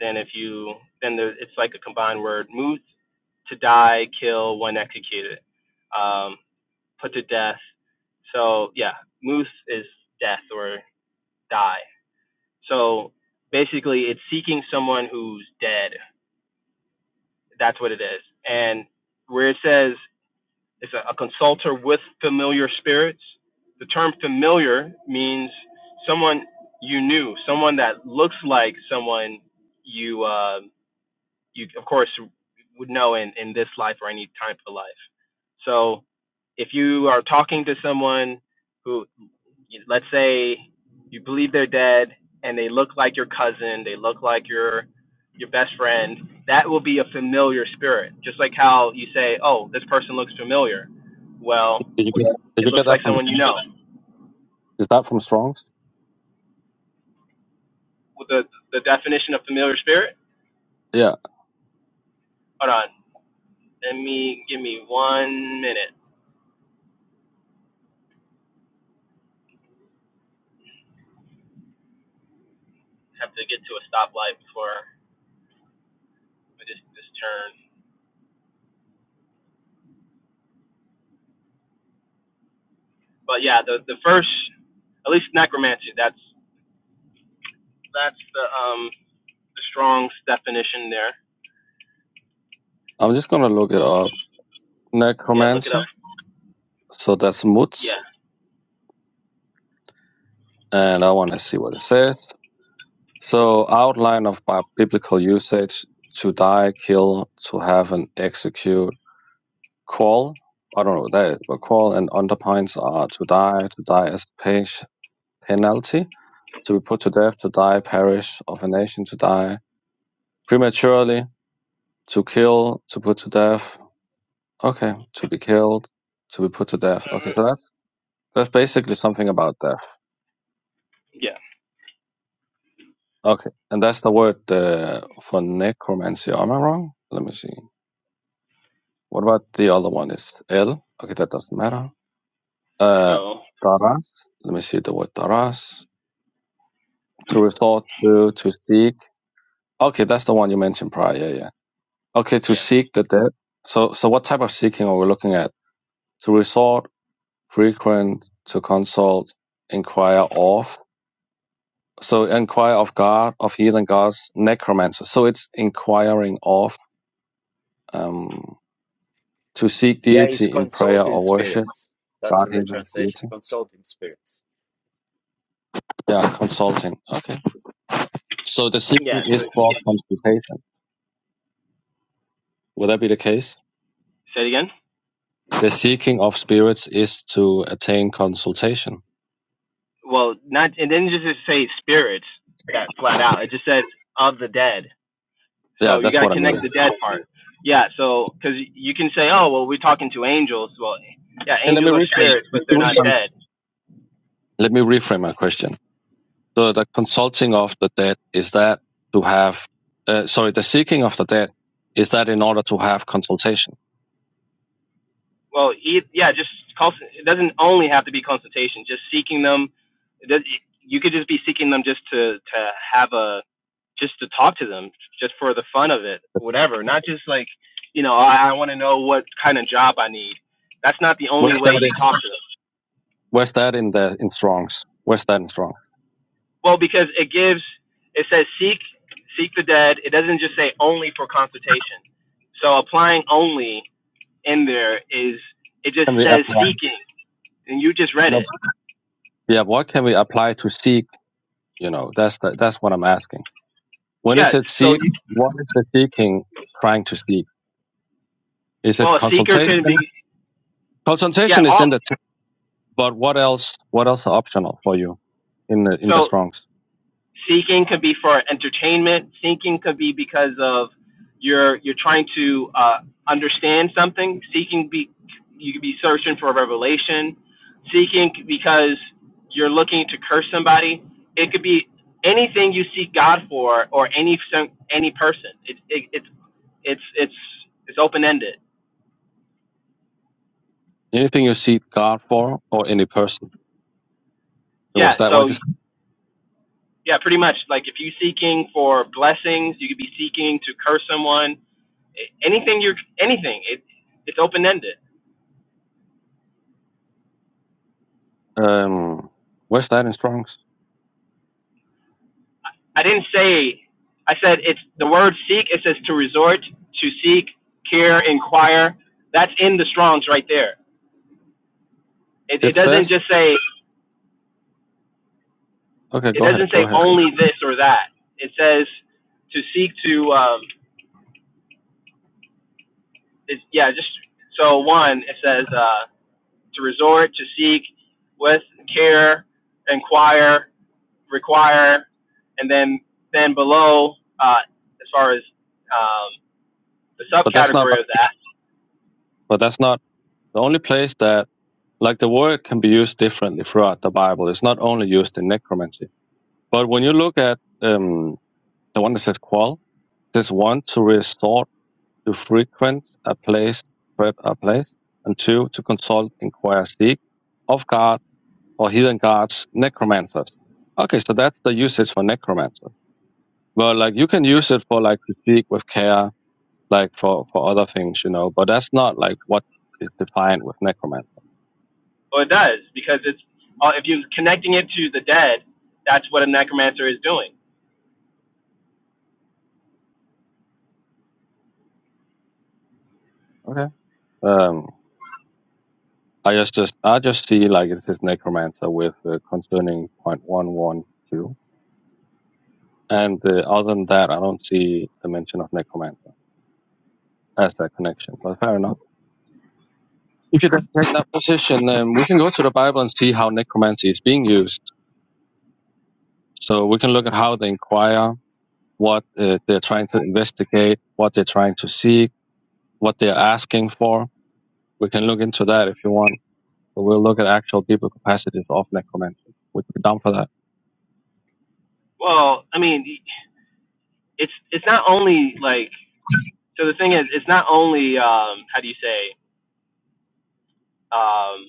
S8: then if you then there, it's like a combined word Muth to die, kill, one executed, um, put to death. So yeah, Muth is death or die So basically, it's seeking someone who's dead. That's what it is. And where it says it's a, a consulter with familiar spirits, the term familiar means someone you knew, someone that looks like someone you, uh, you of course, would know in, in this life or any time of life. So if you are talking to someone, who let's say you believe they're dead and they look like your cousin, they look like your your best friend, that will be a familiar spirit. Just like how you say, "Oh, this person looks familiar." Well,
S9: Did you get did
S8: it
S9: you get
S8: looks
S9: that
S8: like
S9: from
S8: someone you
S9: Strong's?
S8: know.
S9: is that from Strong's?
S8: With the the definition of familiar spirit.
S9: Yeah.
S8: Hold on. Let me give me one minute. Have to get to a stoplight before I just this turn. But yeah, the the first, at least necromancy. That's that's the um the Strong's definition there.
S9: I'm just gonna look it up.
S8: Yeah, look it up.
S9: Necromancer. So that's
S8: Yeah.
S9: Mutz and I wanna see what it says. So outline of bi- biblical usage to die, kill, to have and execute. Call. I don't know what that is, but call and underpines are to die, to die as page penalty, to be put to death, to die, perish of a nation, to die prematurely, to kill, to put to death, Okay, to be killed, to be put to death. Okay, so that's that's basically something about death.
S8: Yeah.
S9: Okay, and that's the word uh, for necromancy. Am I wrong? Let me see. What about the other one? Is L? Okay, that doesn't matter. Uh,
S8: So
S9: daras. Let me see the word taras. To resort to, to seek. Okay, that's the one you mentioned prior. Yeah, yeah. Okay, to
S8: yeah.
S9: seek the dead. So, so what type of seeking are we looking at? To resort, frequent, to consult, inquire of. So inquire of God, of heathen gods, necromancer. So it's inquiring of, um, to seek
S1: Yeah, it's
S9: deity in prayer
S1: consulting
S9: or worship,
S1: spirits. That's
S9: God,
S1: the
S9: heathen,
S1: translation,
S9: deity.
S1: consulting spirits.
S9: Yeah, consulting. Okay. So the
S8: Yeah.
S9: seeking
S8: So
S9: is for consultation. Would that be the case?
S8: Say it again.
S9: The seeking of spirits is to attain consultation.
S8: well, not and then just just say spirits that flat out. It just says of the dead. So
S9: Yeah,
S8: you
S9: that's
S8: gotta
S9: what I mean.
S8: connect the dead part. Yeah. So because you can say, oh well, we're talking to angels. Well, yeah,
S9: And let me
S8: angels are
S9: reframe.
S8: spirits, but they're
S9: Let me
S8: not
S9: reframe
S8: dead.
S9: my question. So the consulting of the dead is that to have, uh, sorry, the seeking of the dead is that in order to have consultation?
S8: Well, e- yeah, just it doesn't only have to be consultation. Just seeking them. does, you could just be seeking them just to to have a just to talk to them, just for the fun of it, whatever. Not just like, you know, I, I want to know what kind of job I need. That's not the only
S9: Where's
S8: way
S9: that in
S8: you talk to them.
S9: where's that in the in Strong's? Where's that in strongs?
S8: Well, because it gives, it says seek, seek the dead. It doesn't just say only for consultation. So applying only in there is, it just
S9: Can we
S8: says
S9: apply?
S8: seeking, and you just read
S9: No.
S8: it.
S9: Yeah, what can we apply to seek? You know, that's the, that's what I'm asking. When is
S8: Yeah.
S9: it
S8: So
S9: seek?
S8: you,
S9: What is the seeking trying to seek? Is
S8: well,
S9: it
S8: a seeker
S9: consultation?
S8: can be, yeah,
S9: Consultation is
S8: all.
S9: in the text, but what else? What else are optional for you in the in the
S8: So
S9: Strong's?
S8: seeking could be for entertainment seeking could be because of you're you're trying to uh, understand something seeking be you could be searching for a revelation seeking because you're looking to curse somebody it could be anything you seek god for or any some- any person it, it it's it's it's it's open ended
S9: Anything you seek God for or any person?
S8: yeah
S9: Was that
S8: so
S9: what you
S8: yeah pretty much like if you seeking for blessings you could be seeking to curse someone anything you're anything it it's open ended
S9: said? Um, where's that in Strong's?
S8: i didn't say i said it's the word seek it says to resort to seek care inquire that's in the strongs right there it, it
S9: It
S8: doesn't
S9: says.
S8: just say
S9: Okay,
S8: it
S9: go ahead,
S8: doesn't say
S9: go ahead.
S8: only this or that it says to seek to um it's, yeah just so one it says uh to resort to seek with care inquire require and then then below uh as far as um the
S9: But that's not.
S8: subcategory of that.
S9: But that's not the only place that like the word can be used differently throughout the Bible. It's not only used in necromancy. But when you look at um, the one that says qual, it says one to resort to frequent a place, prep a place, and two to consult, inquire, seek of God or heathen gods, necromancers. Okay, so that's the usage for necromancer. Well, like you can use it for like to seek with care, like for for other things, you know. But that's not like what is defined with necromancer.
S8: Well, it does because it's uh, if you're connecting it to the dead, that's what a necromancer is doing.
S9: Okay. Um, I just, just I just see like it says necromancer with uh, concerning point one one two, and uh, other than that, I don't see the mention of necromancer as that connection. But fair enough. If you don't take that position, then we can go to the Bible and see how necromancy is being used. So we can look at how the Inquirer what uh, they're trying to investigate, what they're trying to seek, what they're asking for. We can look into that if you want. But we'll look at actual deeper capacities of necromancy. Would you be down for that?
S8: Well, I mean, it's it's not only like so the thing is, it's not only um, how do you say um,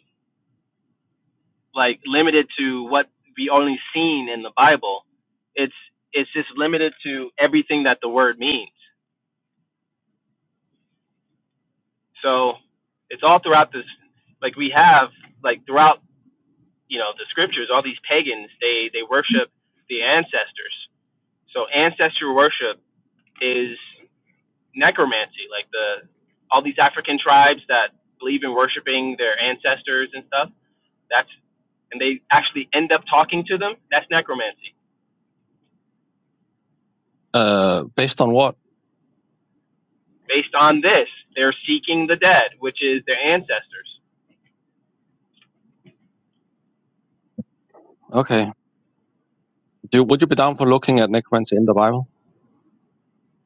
S8: like limited to what we only seen in the Bible. It's it's just limited to everything that the word means. So it's all throughout this. Like we have like throughout you know the scriptures, all these pagans they they worship the ancestors So ancestor worship is necromancy, like the all these African tribes that believe in worshiping their ancestors and stuff. That's and they actually end up talking to them. That's necromancy.
S9: Uh, based on what?
S8: Based on this, they're seeking the dead, which is their ancestors.
S9: Okay. Do, would you be down for looking at necromancy in the Bible?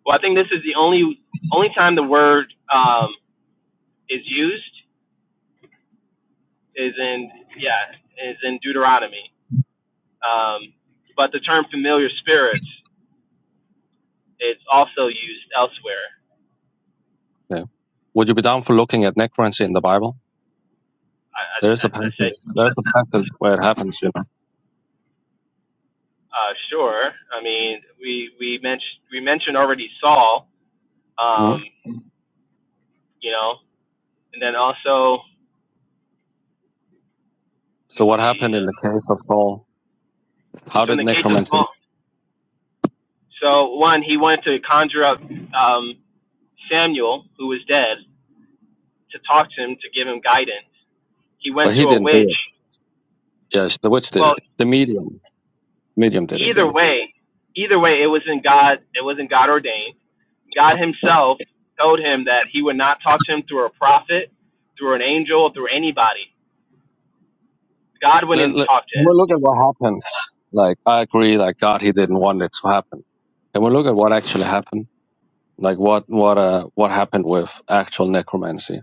S8: Well, I think this is the only only time the word um, is used is in yeah is in Deuteronomy. Um, but the term familiar spirits is also used elsewhere.
S9: Okay. Would you be down for looking at necromancy in the Bible?
S8: I, I,
S9: There is
S8: I
S9: a passage.
S8: said,
S9: There's a passage where it happens, you know.
S8: uh, sure. I mean, we we mentioned we mentioned already Saul,
S9: Mhm.
S8: um, you know, and then also let
S9: So
S8: me
S9: what
S8: see.
S9: happened in
S8: Uh,
S9: the case of Saul? How
S8: so in
S9: did
S8: the case of
S9: necromancy?
S8: Saul, so one he wanted to conjure up um, Samuel, who was dead, to talk to him to give him guidance. He went
S9: But
S8: to
S9: he
S8: a
S9: didn't do
S8: witch.
S9: it. Yes, the witch did
S8: Well,
S9: it. The medium. Medium did it.
S8: either
S9: Yeah.
S8: way, either way, it wasn't God. It wasn't God ordained. God Himself told him that He would not talk to him through a prophet, through an angel, through anybody God went in
S9: let,
S8: and
S9: let,
S8: talked to
S9: can we
S8: him.
S9: look at what happened? Like, I agree, like, God, he didn't want it to happen. Can we look at what actually happened? Like, what, what, uh, what happened with actual necromancy?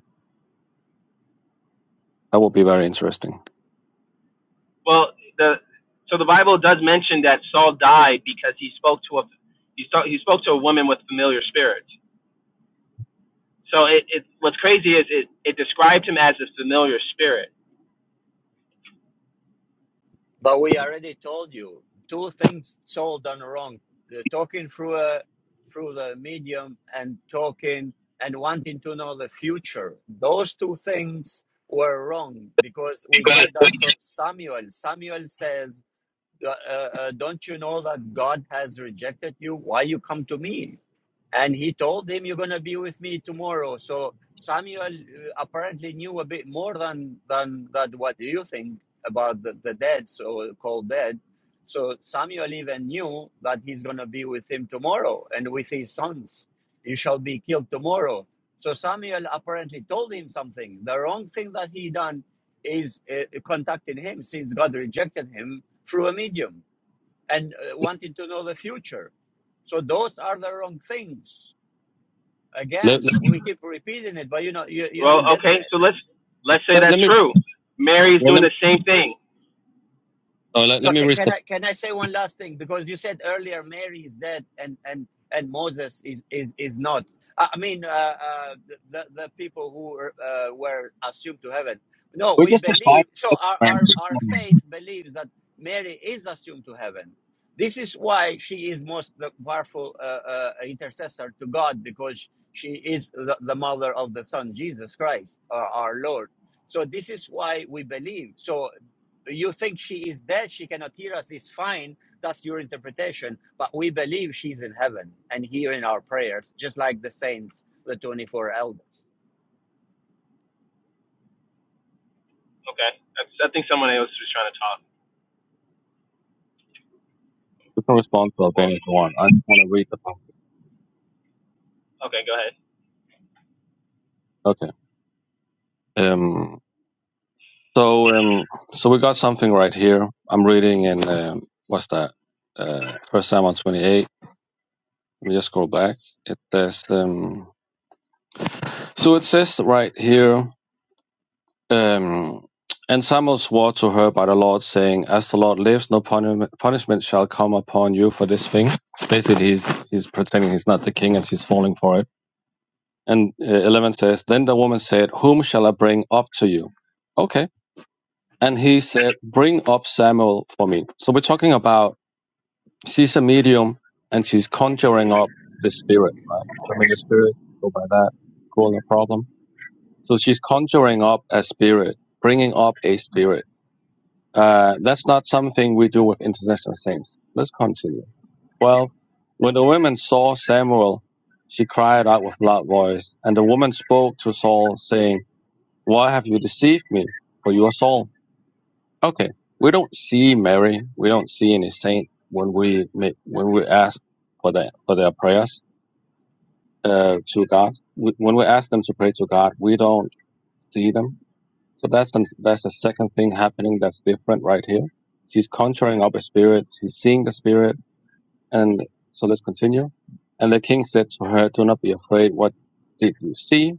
S9: That would be very interesting.
S8: Well, the so the Bible does mention that Saul died because he spoke to a he, saw, he spoke to a woman with familiar spirits. So it, it what's crazy is it, it described him as a familiar spirit.
S1: But we already told you two things Saul done wrong: the talking through a through the medium and talking and wanting to know the future. Those two things were wrong because we get that from Samuel. Samuel says, uh, uh, uh, "Don't you know that God has rejected you? Why you come to me?" And he told him, You're going to be with me tomorrow. So Samuel uh, apparently knew a bit more than, than that. What do you think about the, the dead, so called dead? So Samuel even knew that he's going to be with him tomorrow and with his sons. You shall be killed tomorrow. So Samuel apparently told him something. The wrong thing that he done is uh, contacting him since God rejected him through a medium and uh, wanting to know the future. So those are the wrong things
S9: Let,
S1: Again,
S9: let,
S1: we keep repeating it, but you're not, you're, you're
S8: Well,
S1: not getting
S8: okay,
S1: it.
S8: so let's let's say
S9: let, let
S8: that's
S9: me,
S8: true. Mary is
S9: well,
S8: doing
S9: let, me-
S8: the same thing.
S9: uh, let, let
S1: Look,
S9: me
S1: ca-
S9: read
S1: can
S9: the,
S1: I can I say one last thing? Because you said earlier Mary is dead and and and Moses is is is not. I I mean, uh, uh, the the the people who were, uh, were assumed to heaven. No,
S9: we
S1: we
S9: just decide,
S1: believe. So our
S9: right?
S1: our our faith believes that Mary is assumed to heaven. This is why she is most the powerful uh, uh, intercessor to God because she is the, the mother of the Son Jesus Christ, our, our Lord. So this is why we believe. So you think she is dead, she cannot hear us, it's fine. That's your interpretation. But we believe she's in heaven and hearing our prayers, just like the saints, the 24 elders.
S8: Okay, that's, I think someone else was trying to talk.
S9: You can respond to
S8: Or
S9: Albania if you want. I just want to read the passage.
S8: okay, go ahead.
S9: Okay. Um, so, um, so we got something right here. I'm reading in, um, what's that? Uh, First Samuel 28. Let me just scroll back. It says, um, So it says right here, um, and Samuel swore to her by the Lord, saying, "As the Lord lives, no puni- punishment shall come upon you for this thing." Basically, he's he's pretending he's not the king, and she's falling for it. And uh, eleven says, "Then the woman said, Whom shall I bring up to you?" Okay, and he said, "Bring up Samuel for me." So we're talking about she's a medium, and she's conjuring up the spirit, right? So the spirit go by that, cool, a problem So she's conjuring up a spirit, bringing up a spirit. Uh, that's not something we do with international saints. Let's continue. Well, when the women saw Samuel, she cried out with loud voice, and the woman spoke to Saul, saying, Why have you deceived me? For you are Saul. Okay, we don't see Mary, we don't see any saint when we make, when we ask for their for their prayers uh, to God. We, when we ask them to pray to God, we don't see them So that's the, that's the second thing happening that's different right here. She's conjuring up a spirit. She's seeing the spirit. And so let's continue. And the king said to her, "Do not be afraid. What did you see?"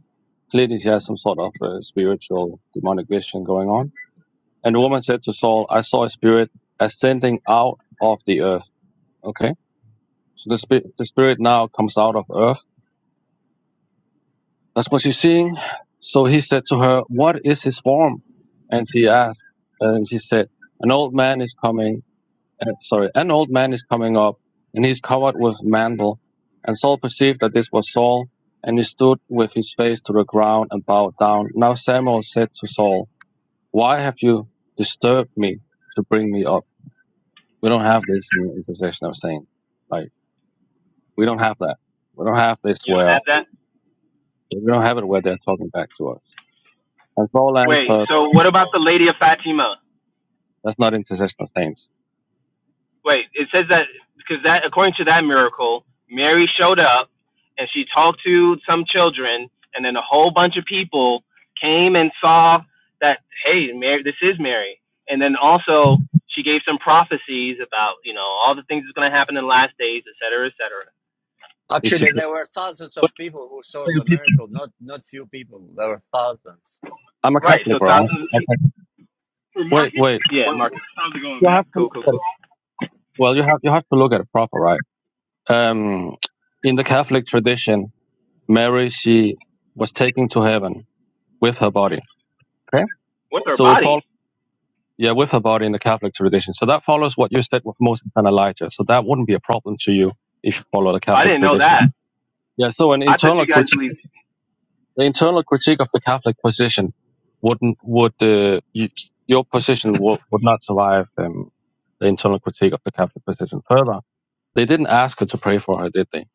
S9: Clearly, she has some sort of uh, spiritual demonic vision going on. And the woman said to Saul, "I saw a spirit ascending out of the earth." Okay, so the spirit the spirit now comes out of earth That's what she's seeing. So he said to her, What is his form? And she asked, and she said, An old man is coming, uh, sorry, an old man is coming up, and he's covered with mantle. And Saul perceived that this was Saul, and he stood with his face to the ground and bowed down. Now Samuel said to Saul, Why have you disturbed me to bring me up? We don't have this in intercession of saying. Like, we don't have that. We don't have this
S8: You don't
S9: where,
S8: have that.
S9: we don't have it where they're talking back to us. And Saul
S8: Wait.
S9: answered,
S8: So what about the Lady of Fatima?
S9: That's not intercession of saints.
S8: wait, it says that because that according to that miracle, Mary showed up and she talked to some children, and then a whole bunch of people came and saw that hey, Mary, this is Mary, and then also she gave some prophecies about you know all the things that's going to happen in the last days, et cetera, et cetera.
S9: It's your,
S1: Actually, there were thousands of
S9: but
S1: people who saw the miracle, not, not few people. There were thousands.
S9: I'm a
S8: Right.
S9: Catholic,
S8: So
S9: bro. I'm a
S8: thousands of people.
S9: Catholic. Wait, wait.
S8: Yeah, Marcus. How's it going,
S9: You
S8: man?
S9: have to look
S8: Cool, cool,
S9: at
S8: cool.
S9: it. Well, you have you have to look at it proper, right? Um, in the Catholic tradition, Mary she was taken to heaven with her body. Okay,
S8: What's her
S9: so it
S8: body?
S9: follows. Yeah, with her body in the Catholic tradition. So that follows what you said with Moses and Elijah. So that wouldn't be a problem to you if you follow the
S8: I
S9: Catholic
S8: didn't know
S9: tradition.
S8: that.
S9: Yeah. So an
S8: I thought
S9: internal
S8: you guys
S9: critique.
S8: believed.
S9: the internal critique of the Catholic position wouldn't would uh, you, your position would, would not survive um, the internal critique of the Catholic position. Further, they didn't ask her to pray for her, did they?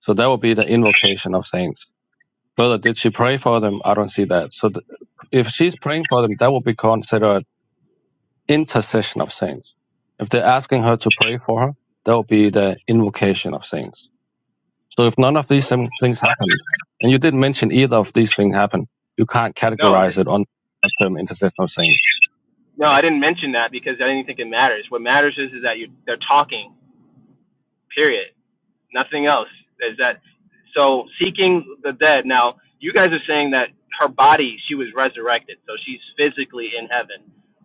S9: So that would be the invocation of saints. Further, did she pray for them? I don't see that. So th- if she's praying for them, that would be considered intercession of saints. If they're asking her to pray for her, that would be the invocation of saints. So if none of these
S8: What?
S9: things happened, and you didn't mention either of these things happened, you can't
S8: No, just
S9: categorize it on the term intersectional saint.
S8: No, I didn't mention that because I didn't think it matters. What matters is, is that you they're talking. Period. Nothing else. Is that so? Seeking the dead. Now you guys are saying that her body she was resurrected, so she's physically in heaven.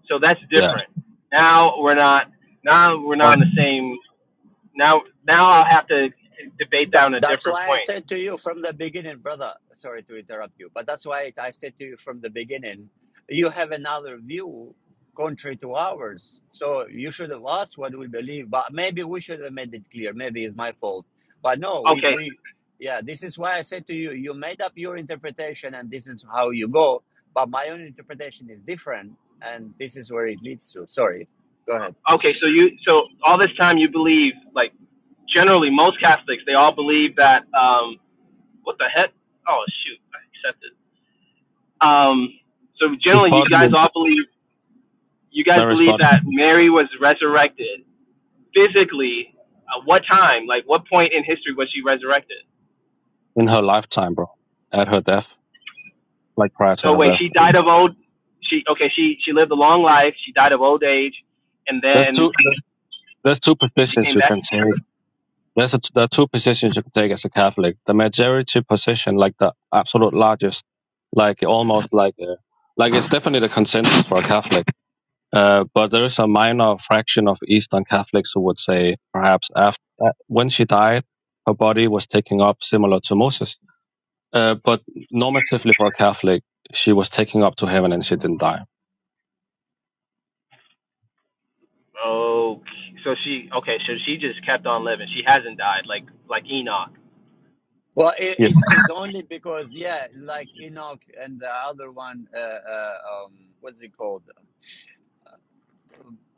S8: So that's
S9: Yeah.
S8: different. Now we're not. Now we're
S9: Uh,
S8: not on the same. Now now I'll have to debate that
S1: Tha-
S8: on a
S1: that's
S8: different
S1: why I
S8: point.
S1: said to you from the beginning, brother. Sorry to interrupt you, but that's why I said to you from the beginning, you have another view contrary to ours. So you should have asked what we believe, but maybe we should have made it clear. Maybe it's my fault. But no, we,
S8: Okay.
S1: we yeah, this is why I said to you, you made up your interpretation and this is how you go. But my own interpretation is different and this is where it leads to. Sorry. Go ahead.
S8: Okay. So you so all this time you believe like generally most Catholics they all believe that. Um, What the heck? Oh shoot, I accepted. Um, so
S9: this
S8: generally, you
S9: body,
S8: guys all believe you guys
S9: Mary's
S8: believe
S9: body,
S8: that Mary was resurrected physically. At what time? Like what point in history was she resurrected?
S9: in her lifetime, bro, at her death, like prior to
S8: So
S9: her
S8: wait,
S9: death.
S8: she died
S9: And
S8: of old. She okay. She she lived a long life. She died of old age, and
S9: there's
S8: then
S9: two. There's two
S8: she
S9: positions
S8: came
S9: you
S8: back.
S9: can take. There's a, there are two positions you can take as a Catholic. The majority position, like the absolute largest, like almost like a, like it's definitely the consensus for a Catholic Uh, but there is a minor fraction of Eastern Catholics who would say perhaps after uh, when she died, her body was taking up similar to Moses. Uh, but normatively for a Catholic, she was taking up to heaven and she didn't die.
S8: Oh, so she okay. So she just kept on living. She hasn't died like like Enoch.
S1: Well, it,
S9: Yes.
S1: it's, it's only because, yeah, like Enoch and the other one, uh, uh, um, what's it called?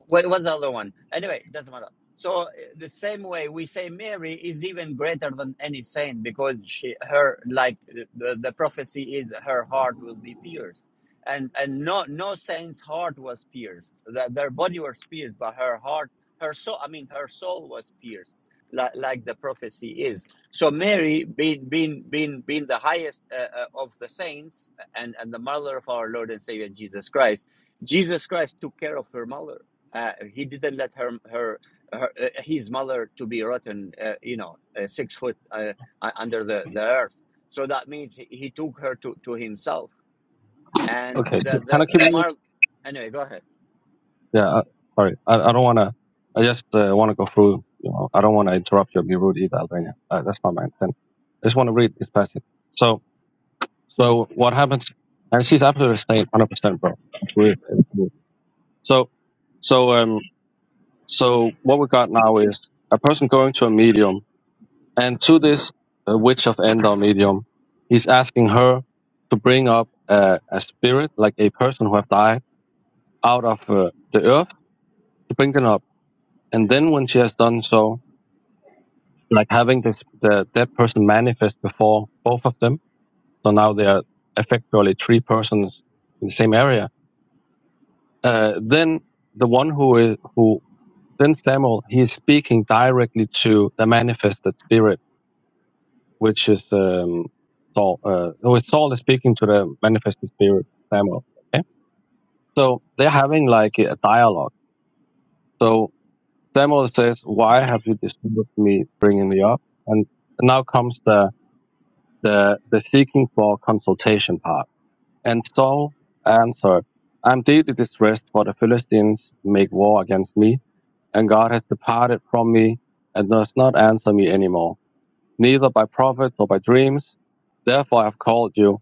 S1: What was the other one? Anyway, it doesn't matter. So uh, the same way we say Mary is even greater than any saint because she, her, like the, the prophecy is, her heart will be pierced, and and no no saint's heart was pierced. That their body was pierced, but her heart, her soul, I mean, her soul was pierced, like like the prophecy is. So Mary, being being being being the highest uh, uh, of the saints and and the mother of our Lord and Savior Jesus Christ Jesus Christ took care of her mother. Uh, he didn't let her her, her uh, his mother to be rotten, uh, you know, uh, six foot uh, uh, under the, the earth. So that means he, he took her to, to himself. And
S9: Okay.
S1: the
S9: Can I
S1: the the
S9: keep?
S1: mar anyway, go ahead.
S9: Yeah, I, sorry. I, I don't want to. I just uh, want to go through. You know, I don't want to interrupt you or be rude either, Albania. Uh, that's not my intent. I just want to read this passage. So, so what happens? And she's absolutely staying 100 percent, bro. Agree. Agree. So, so um, so what we got now is a person going to a medium, and to this uh, witch of Endor medium, he's asking her to bring up a, a spirit, like a person who have died, out of uh, the earth, to bring them up And then when she has done so, like having this, the dead person manifest before both of them, so now they are effectively three persons in the same area. Uh, then the one who is who then Samuel he is speaking directly to the manifested spirit, which is um, Saul. Uh, who is Saul is speaking to the manifested spirit Samuel. Okay, so they're having like a dialogue. So Samuel says, "Why have you disturbed me, bringing me up?" And now comes the the, the seeking for consultation part. And Saul answered, I am deeply distressed, for the Philistines make war against me, and God has departed from me and does not answer me anymore, neither by prophets or by dreams. Therefore I have called you,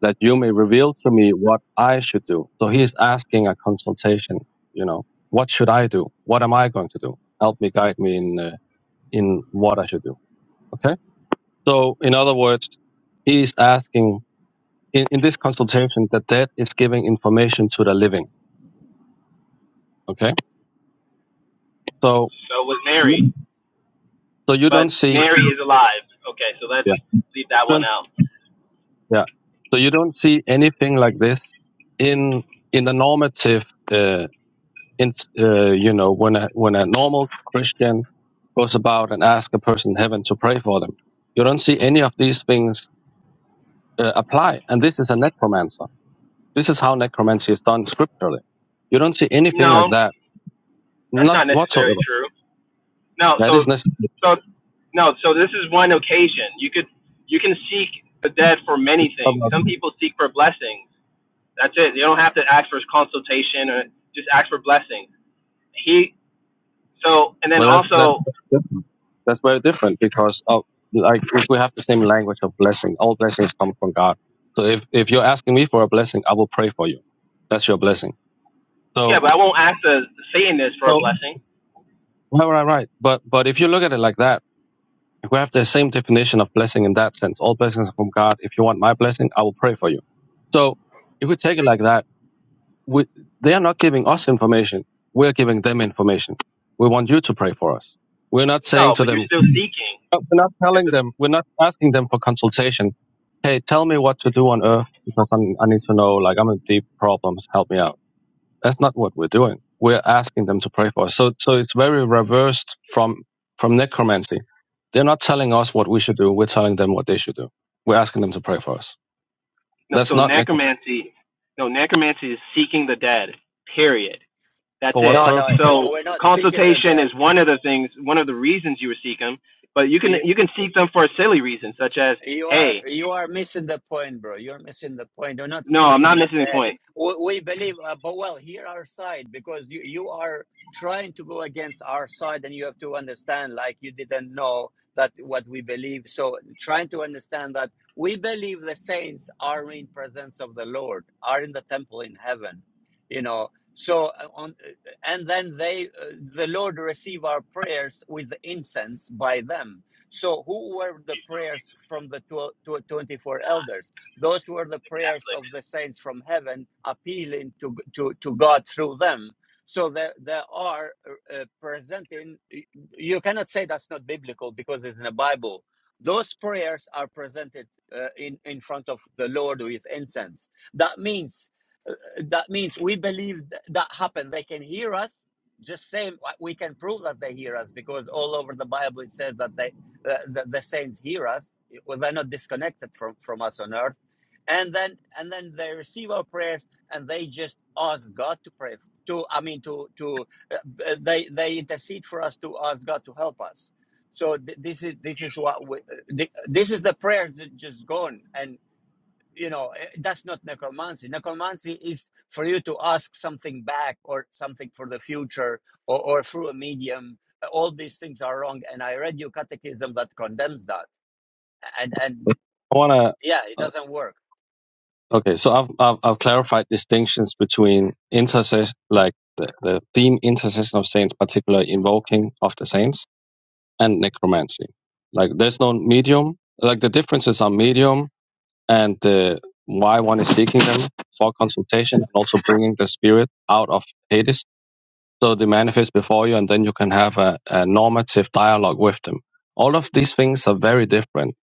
S9: that you may reveal to me what I should do. So he is asking a consultation, you know, what should I do? What am I going to do? Help me, guide me in, uh, in what I should do. Okay? So in other words, he is asking in, in this consultation the dead is giving information to the living okay so
S8: So was Mary,
S9: so you
S8: but
S9: don't see
S8: Mary is alive. Okay, so let's
S9: yeah
S8: leave that one out.
S9: yeah so you don't see anything like this in in the normative uh, in uh, you know when a when a normal christian goes about and asks a person in heaven to pray for them you don't see any of these things uh, apply and this is a necromancer this is how necromancy is done scripturally you don't see anything like
S8: No,
S9: that
S8: That's
S9: not
S8: not necessarily
S9: whatsoever
S8: true. No,
S9: that is
S8: so
S9: necessary
S8: so no, so this is one occasion. You could you can seek the dead for many things. Some people seek for blessings. That's it. You don't have to ask for his consultation or just ask for blessings. He so and then
S9: Well, that's that's
S8: also
S9: that's different. That's very different because of like if we have the same language of blessing, all blessings come from God. So if if you're asking me for a blessing, I will pray for you. That's your blessing.
S8: yeah,
S9: So
S8: but I won't ask the, Satanist for a
S9: so
S8: blessing.
S9: why would I write? But but if you look at it like that, if we have the same definition of blessing in that sense, all blessings are from God. If you want my blessing, I will pray for you. So if we take it like that, we, they are not giving us information. We're giving them information. We want you to pray for us. We're not saying
S8: No,
S9: to
S8: but
S9: them,
S8: you're still seeking.
S9: But we're not
S8: If
S9: telling
S8: the
S9: them, we're not asking them for consultation. Hey, tell me what to do on Earth because I'm, I need to know, like, I'm in deep problems, help me out. That's not what we're doing. We're asking them to pray for us. So, so it's very reversed from, from necromancy. They're not telling us what we should do. We're telling them what they should do. We're asking them to pray for us.
S8: no,
S9: That's
S8: so
S9: not necromancy.
S8: necromancy, no necromancy is seeking the dead. Period. That's
S9: For what
S8: it.
S1: No, no,
S9: purpose?
S1: uh,
S8: So
S1: we're not seeking the
S8: consultation
S1: dead.
S8: is one of the things, one of the reasons you would seek them. But you can you can seek them for a silly reason, such as,
S1: You are
S8: hey,
S1: you are missing the point, bro. You're missing the point. You're not
S8: no, I'm not
S1: seeking the
S8: missing the
S1: dead.
S8: point.
S1: We, we believe, uh, but well, hear our side because you you are trying to go against our side, and you have to understand, like you didn't know that what we believe. So trying to understand that we believe the saints are in presence of the Lord, are in the temple in heaven, you know. So uh, on, uh, and then they, uh, the Lord receive our prayers with incense by them so, who were the prayers from the tw- tw- 24 elders? Those were the prayers of the saints from heaven appealing to, to, to God through them. So, they, they are uh, presenting, you cannot say that's not biblical because it's in the Bible. Those prayers are presented uh, in, in front of the Lord with incense. That means uh, that means we believe th- that happened. They can hear us. Just same, uh, we can prove that they hear us because all over the Bible it says that they the, the, the saints hear us well, they're not disconnected from, from us on earth and then and then they receive our prayers and they just ask god to pray to i mean to to uh, uh, they they intercede for us to ask god to help us so th- this is this is what we, uh, th- this is the prayers that just gone and you know eh, that's not necromancy necromancy is for you to ask something back or something for the future or, or through a medium all these things are wrong and i read your catechism that condemns that and and
S9: I want
S1: yeah it
S9: to,
S1: doesn't work
S9: uh, okay, so I've, I've, I've clarified distinctions between intercession, like the, the theme intercession of saints, particularly invoking of the saints and necromancy. Like there's no medium. Like the differences are medium and the why one is seeking them for consultation and also bringing the spirit out of Hades. So they manifest before you and then you can have a, a normative dialogue with them. All of these things are very different,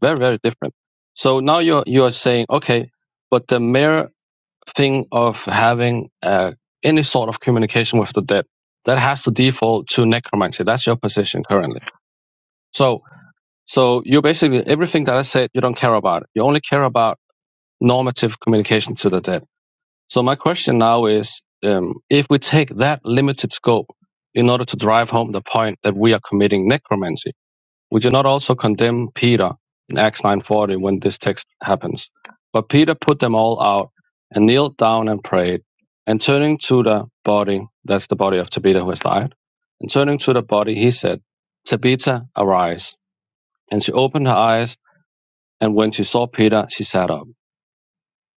S9: very, very different. So now you're, you're saying, okay, but the mere thing of having uh, any sort of communication with the dead, that has to default to necromancy. That's your position currently. So so you basically everything that I said, you don't care about. You only care about normative communication to the dead. So my question now is, um, if we take that limited scope in order to drive home the point that we are committing necromancy, would you not also condemn Peter in Acts 9:40 when this text happens? But Peter put them all out and kneeled down and prayed, and turning to the body, that's the body of Tabitha who has died, and turning to the body, he said, Tabitha, arise. And she opened her eyes and when she saw Peter, she sat up.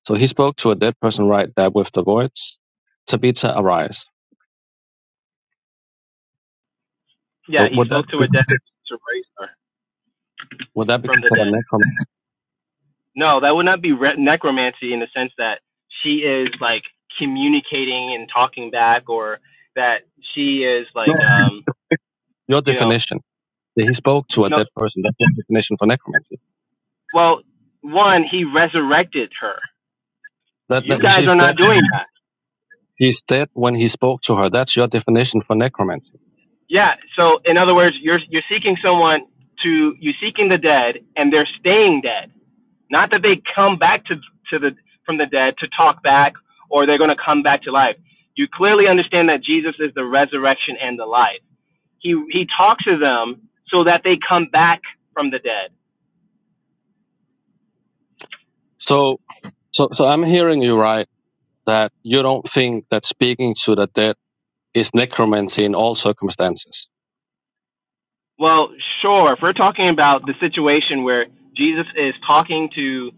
S9: So he spoke to a dead person right there with the words, Tabitha, arise.
S8: Yeah,
S9: So
S8: he
S9: would that
S8: spoke to
S9: be,
S8: a dead to raise her
S9: would that be
S8: from the
S9: considered
S8: dead.
S9: necromancy?
S8: No, that would not be re- necromancy in the sense that she is like communicating and talking back, or that she is
S9: No.
S8: like, um,
S9: Your
S8: you know,
S9: definition. that He spoke to a
S8: no.
S9: dead person. That's your definition for necromancy.
S8: Well, one, he resurrected her.
S9: That,
S8: You
S9: that
S8: guys
S9: she's
S8: are
S9: dead.
S8: not doing that.
S9: He's dead when he spoke to her. That's your definition for necromancy.
S8: Yeah. So in other words, you're you're seeking someone to you're seeking the dead, and they're staying dead. Not that they come back to to the from the dead to talk back, or they're going to come back to life. You clearly understand that Jesus is the resurrection and the life. He he talks to them so that they come back from the dead.
S9: So, so, so I'm hearing you right that you don't think that speaking to the dead is necromancy in all circumstances.
S8: Well, sure. If we're talking about the situation where Jesus is talking to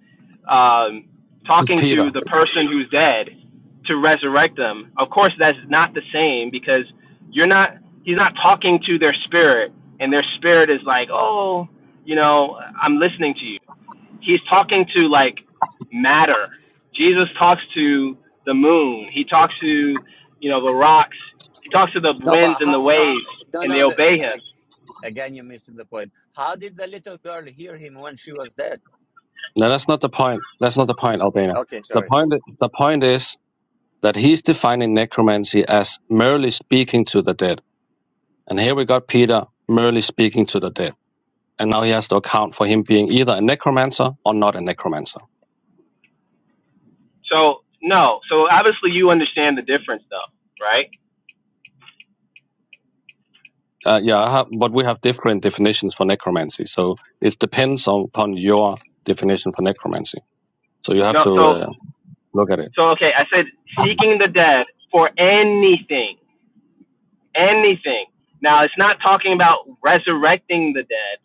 S8: um, talking
S9: Peter,
S8: to the person who's dead to resurrect them, of course that's not the same because you're not he's not talking to their spirit and their spirit is like, "Oh, you know, I'm listening to you." He's talking to like matter. Jesus talks to the moon. He talks to, you know, the rocks. He talks to the
S1: no but
S8: winds and the
S1: how, how
S8: waves
S1: no
S8: and they
S1: no the,
S8: obey him
S1: again you're missing the point how did the little girl hear him when she was dead
S9: no, that's not the point. That's not the point, Albina.
S1: okay
S9: The
S1: sorry
S9: point, the point is that he's defining necromancy as merely speaking to the dead. And here we got Peter merely speaking to the dead. And now he has to account for him being either a necromancer or not a necromancer.
S8: So no. So obviously you understand the difference though, right?
S9: Uh, yeah, I have, but we have different definitions for necromancy. So it depends on, upon your definition for necromancy. So you have
S8: No.
S9: to
S8: So
S9: uh, look at it.
S8: so okay. I said seeking the dead for anything, anything. Now it's not talking about resurrecting the dead.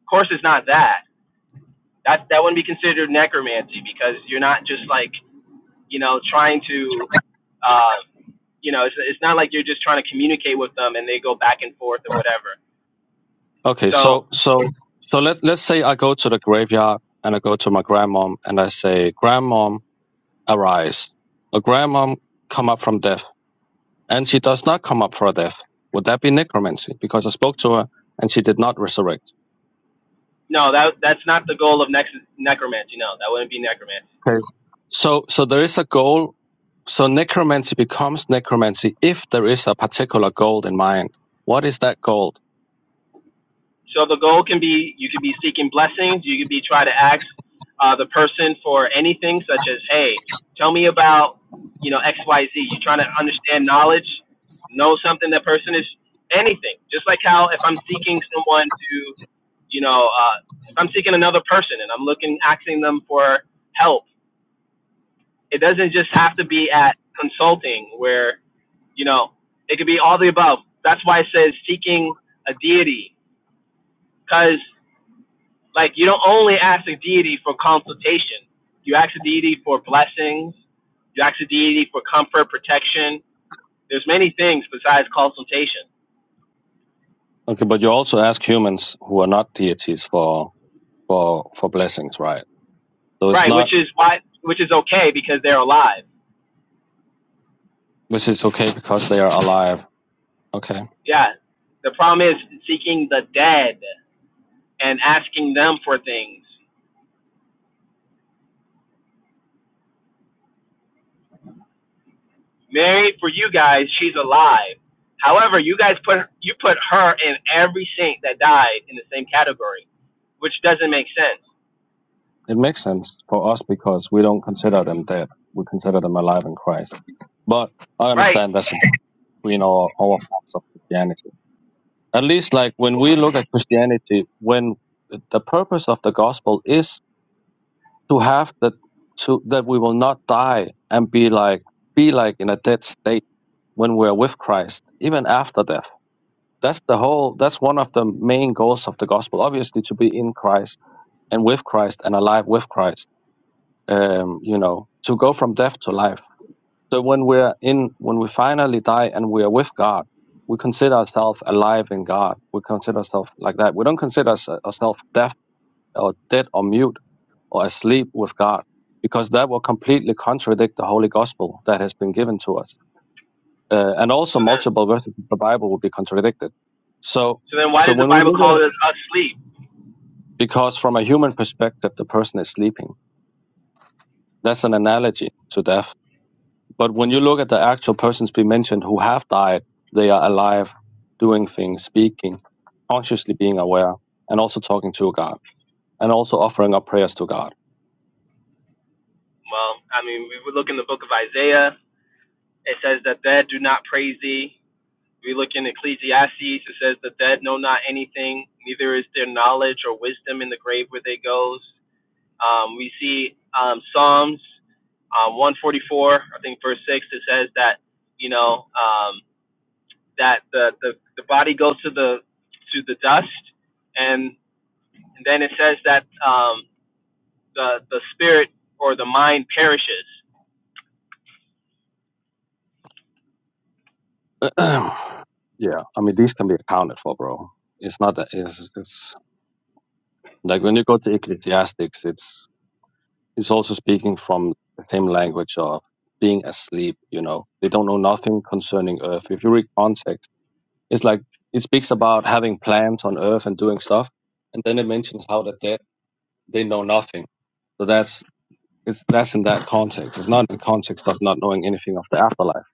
S8: Of course, it's not that. That that wouldn't be considered necromancy because you're not just like you know trying to. Uh, you know, it's, it's not like you're just trying to communicate with them and they go back and forth or whatever.
S9: Okay,
S8: So,
S9: so so so let let's say I go to the graveyard and I go to my grandmom and I say, "Grandmom, arise." A grandmom come up from death, and she does not come up from death. Would that be necromancy? Because I spoke to her and she did not resurrect.
S8: no, that that's not the goal of next necromancy. No, that wouldn't be necromancy.
S9: Okay. So so there is a goal. So necromancy becomes necromancy if there is a particular goal in mind. What is that goal?
S8: So the goal can be you could be seeking blessings. You could be trying to ask uh, the person for anything, such as, "Hey, tell me about you know X Y, Z. You're trying to understand knowledge, know something that person is anything. Just like how if I'm seeking someone to, you know, uh, if I'm seeking another person and I'm looking asking them for help, it doesn't just have to be at consulting where you know it could be all the above. That's why it says seeking a deity, because. Like you don't only ask a deity for consultation. You ask a deity for blessings. You ask a deity for comfort, protection. There's many things besides consultation.
S9: Okay, but you also ask humans who are not deities for for for blessings, right? So it's
S8: Right,
S9: not
S8: which is why which is okay because they're alive.
S9: Which is okay because they are alive. Okay.
S8: Yeah. The problem is seeking the dead and asking them for things. Mary for you guys, she's alive. However, you guys put you put her and every saint that died in the same category, which doesn't make sense.
S9: It makes sense for us because we don't consider them dead. We consider them alive in Christ. But I
S8: Right.
S9: understand that's between our, our forms of Christianity. At least like when we look at Christianity, when the purpose of the gospel is to have that to that we will not die and be like be like in a dead state when we're with Christ, even after death. That's the whole that's one of the main goals of the gospel, obviously to be in Christ and with Christ and alive with Christ, um, you know, to go from death to life. So when we're in, when we finally die and we are with God, we consider ourselves alive in God. We consider ourselves like that. We don't consider ourselves deaf or dead or mute or asleep with God because that will completely contradict the holy gospel that has been given to us. Uh, and also
S8: So then
S9: multiple verses of the Bible will be contradicted. So,
S8: So then why
S9: so
S8: does the
S9: when we
S8: Bible
S9: look at
S8: call
S9: it,
S8: us asleep?
S9: because from a human perspective, the person is sleeping. That's an analogy to death But when you look at the actual persons being mentioned who have died, they are alive, doing things, speaking, consciously being aware, and also talking to God, and also offering up prayers to God.
S8: Well, I mean, we would look in the book of Isaiah, it says that dead do not praise thee. We look in Ecclesiastes, it says the dead know not anything, neither is there knowledge or wisdom in the grave where they goes. Um, we see um, Psalms um, 144, I think verse 6, it says that, you know, um, that the, the, the body goes to the, to the dust. And then it says that um, the, the spirit or the mind perishes.
S9: *clears throat* yeah, I mean these can be accounted for, bro. It's not that it's, it's like when you go to Ecclesiastics, it's it's also speaking from the same language of being asleep. You know, they don't know nothing concerning earth. If you read context It's like it speaks about having plans on Earth and doing stuff, and then it mentions how that they they know nothing. So that's it's that's in that context. It's not in context of not knowing anything of the afterlife.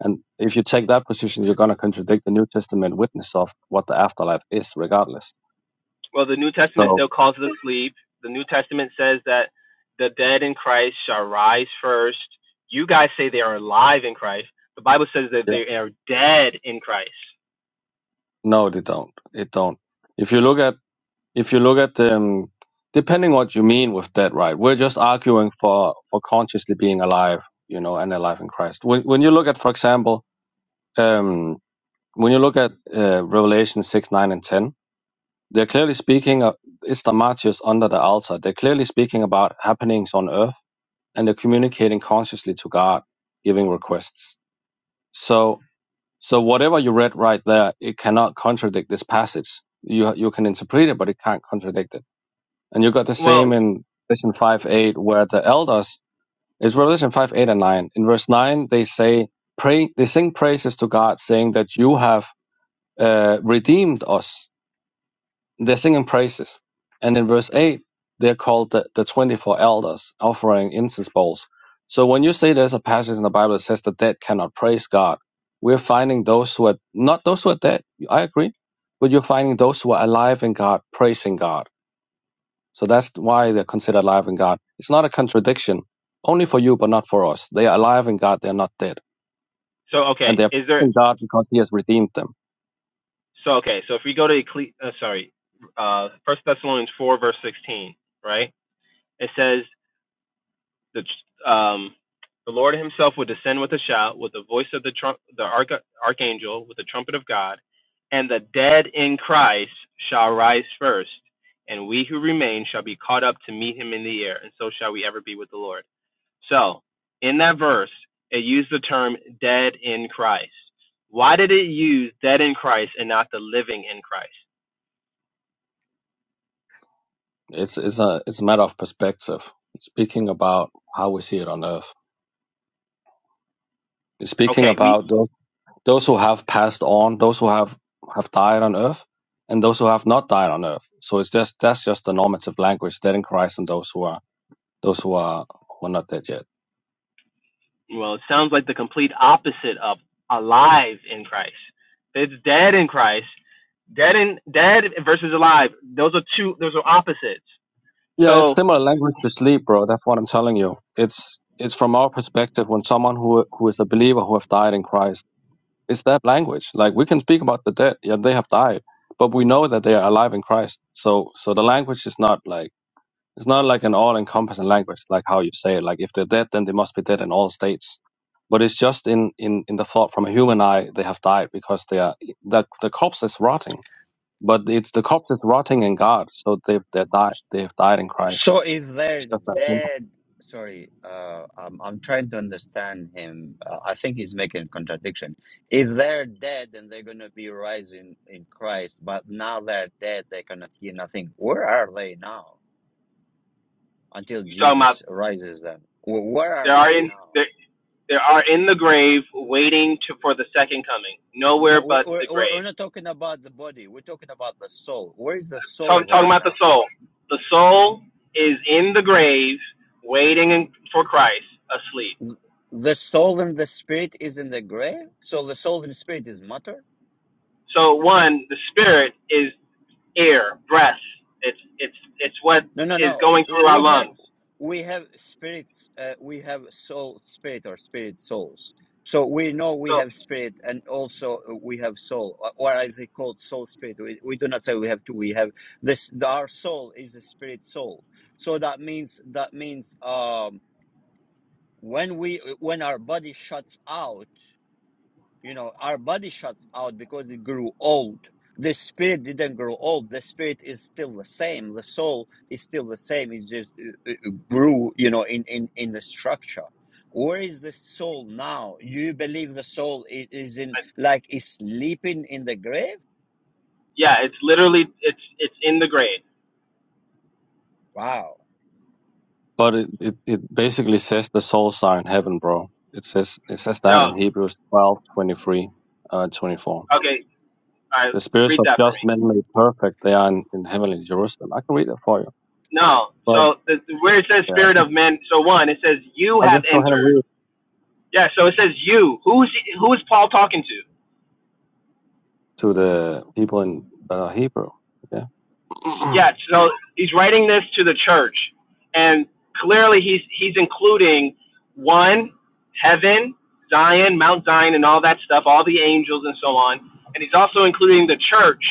S9: And if you take that position, you're going to contradict the New Testament witness of what the afterlife is, regardless.
S8: Well, the New Testament
S9: So
S8: still calls it sleep. The New Testament says that the dead in Christ shall rise first. You guys say they are alive in Christ. The Bible says that
S9: yeah,
S8: they are dead in Christ.
S9: no, they don't. It don't. If you look at if you look at um, depending what you mean with that, right? We're just arguing for for consciously being alive, you know, and alive in Christ. When when you look at, for example, Um, when you look at uh, Revelation 6, 9, and 10, they're clearly speaking, of, it's the martyrs under the altar. They're clearly speaking about happenings on earth and they're communicating consciously to God, giving requests. So, so whatever you read right there, it cannot contradict this passage. You, you can interpret it, but it can't contradict it. And you got the
S8: Well,
S9: same in Revelation 5, 8, where the elders, it's Revelation 5, 8, and 9. In verse 9, they say, pray, they sing praises to God, saying that you have uh, redeemed us. They're singing praises. And in verse 8, they're called the, the 24 elders offering incense bowls. So when you say there's a passage in the Bible that says the dead cannot praise God, we're finding those who are not those who are dead. I agree. But you're finding those who are alive in God praising God. So that's why they're considered alive in God. It's not a contradiction. Only for you, but not for us. They are alive in God. They're not dead.
S8: so
S9: And
S8: okay,
S9: they're
S8: is there?
S9: praising God because He has redeemed them.
S8: So okay, so if we go to Ecclesi- uh, sorry, uh, First Thessalonians four verse sixteen, right? It says the um, the Lord Himself would descend with a shout, with the voice of the trump, the arch- archangel, with the trumpet of God, and the dead in Christ shall rise first, and we who remain shall be caught up to meet Him in the air, and so shall we ever be with the Lord. So, in that verse, it used the term "dead in Christ." Why did it use "dead in Christ" and not the "living in Christ"?
S9: It's it's a it's a matter of perspective. Speaking about how we see it on Earth. Speaking
S8: Okay, we
S9: about those those who have passed on, those who have have died on Earth, and those who have not died on Earth. So it's just that's just the normative language, dead in Christ, and those who are those who are who are not dead yet.
S8: Well, it sounds like the complete opposite of alive in Christ. It's dead in Christ. Dead in dead versus alive. Those are two. Those are opposites.
S9: Yeah, it's
S8: So
S9: similar language to sleep, bro. That's what I'm telling you. It's it's from our perspective when someone who who is a believer who have died in Christ It's that language. Like we can speak about the dead, yeah, they have died, but we know that they are alive in Christ. So so the language is not like it's not like an all encompassing language, like how you say it. Like if they're dead, then they must be dead in all states. But it's just in, in, in the thought from a human eye, they have died because they are the the corpse is rotting. But it's the corpse is rotting in God, so they've they died. They have died in Christ.
S1: So if
S9: It's
S1: they're
S9: just that simple.
S1: dead, sorry, uh, I'm I'm trying to understand him. Uh, I think he's making a contradiction. If they're dead, then they're gonna be rising in Christ. But now they're dead; they cannot hear nothing. Where are they now? Until
S8: you're talking about
S1: Jesus rises them, Wh- where are
S8: there are
S1: they
S8: in
S1: now?
S8: there there are in the grave waiting to, for the second coming.
S1: No,
S8: Nowhere
S1: no, we're
S8: but
S1: we're
S8: the
S1: we're
S8: grave.
S1: we're not talking about the body. We're talking about the soul. Where is the soul
S8: Talk, talking
S1: right
S8: about the
S1: now?
S8: soul. The soul is in the grave waiting for Christ asleep.
S1: Th- The soul and the spirit is in the grave. So the soul and spirit is matter.
S8: So one, the spirit is air, breath. It's it's it's what
S1: No, no,
S8: is
S1: no. eh,
S8: going through our
S1: We have
S8: lungs.
S1: we have spirits. Uh, we have soul, spirit, or spirit souls. So we know we
S8: So
S1: have spirit, and also uh, we have soul, or or as they call soul spirit. We, we do not say we have two. We have this. the- Our soul is a spirit soul. So that means that means um, when we when our body shuts out. You know, our body shuts out because it grew old. The spirit didn't grow old. The spirit is still the same. The soul is still the same. It just uh, uh, uh, grew, you know, in, in, in the structure. Where is the soul now? You believe the soul is in,
S8: I,
S1: like, is sleeping in the grave?
S8: yeah, it's literally it's it's in the grade.
S1: Wow.
S9: But it, it, it basically says the souls are in heaven, bro. It says it says that in
S8: No,
S9: Hebrews 12, twenty-three, uh, 24.
S8: okay, all right,
S9: The spirits
S8: read
S9: of
S8: that for
S9: just
S8: me.
S9: men made perfect, they are in, in heavenly Jerusalem. I can read that for you.
S8: No,
S9: But
S8: so the, where it says
S9: yeah, I
S8: spirit of
S9: can-
S8: men. So one, it says you
S9: I'll
S8: have
S9: just go ahead and
S8: entered.
S9: read
S8: Yeah, so it says you. Who's who's Paul talking to?
S9: to the people in uh, Hebrew. Yeah. *clears throat* no,
S8: Yeah, so he's writing this to the church, and clearly he's he's including one heaven, Zion, Mount Zion, and all that stuff, all the angels and so on, and he's also including the church,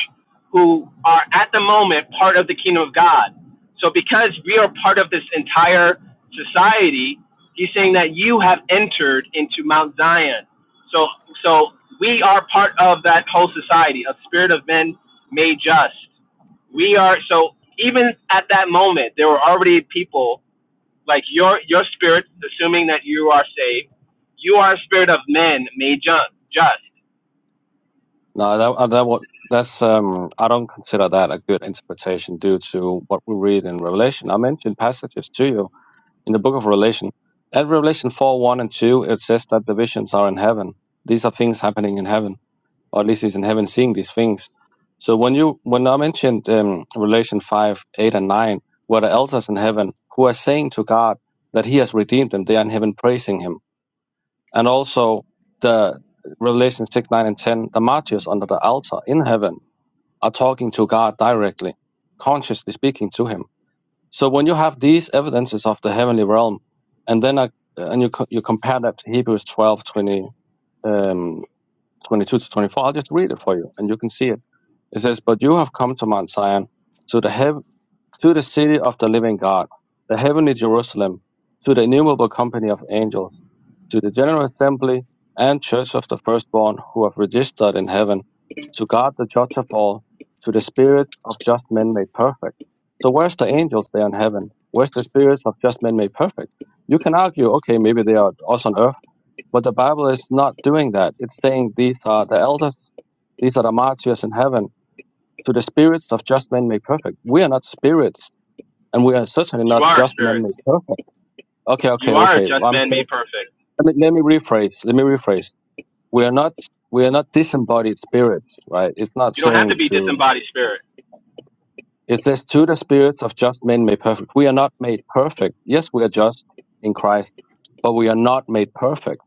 S8: who are at the moment part of the kingdom of God. So because we are part of this entire society, he's saying that you have entered into Mount Zion. So so we are part of that whole society, a spirit of men made just we are so even at that moment there were already people like your your spirit assuming that you are saved you are a spirit of men made just
S9: that, uh, that what that's um I don't consider that a good interpretation due to what we read in Revelation. I mentioned passages to you in the book of Revelation. At Revelation 4 1 and 2, it says that the visions are in heaven. These are things happening in heaven, or at least he's in heaven seeing these things. So when you when I mentioned um, Revelation 5 8 and 9, where the elders in heaven who are saying to God that he has redeemed them, they are in heaven praising him. And also the Revelation 6 9 and 10, the martyrs under the altar in heaven are talking to God directly, consciously speaking to him. So when you have these evidences of the heavenly realm, and then I, and you co- you compare that to Hebrews 12, twenty um, 22 to 24, I'll just read it for you, and you can see it. It says, "But you have come to Mount Zion, to the heav- to the city of the living God, the heavenly Jerusalem, to the innumerable company of angels." to the general assembly and church of the firstborn who have registered in heaven, to God the judge of all, to the spirits of just men made perfect. So where's the angels there in heaven? Where's the spirits of just men made perfect? You can argue, okay, maybe they are us on earth, but the Bible is not doing that. It's saying these are the elders, these are the martyrs in heaven, to the spirits of just men made perfect. We are not spirits, and we are certainly
S8: you
S9: not
S8: are a
S9: just men
S8: spirit
S9: made perfect. Okay, okay,
S8: you are a
S9: okay.
S8: just
S9: I'm
S8: man
S9: saying,
S8: made perfect
S9: let me, let me rephrase. Let me rephrase we are not we are not disembodied spirits, right? It's not
S8: you don't have to
S9: saying
S8: be
S9: to
S8: disembodied spirit
S9: it says to the spirits of just men made perfect. We are not made perfect. Yes, we are just in Christ, but we are not made perfect.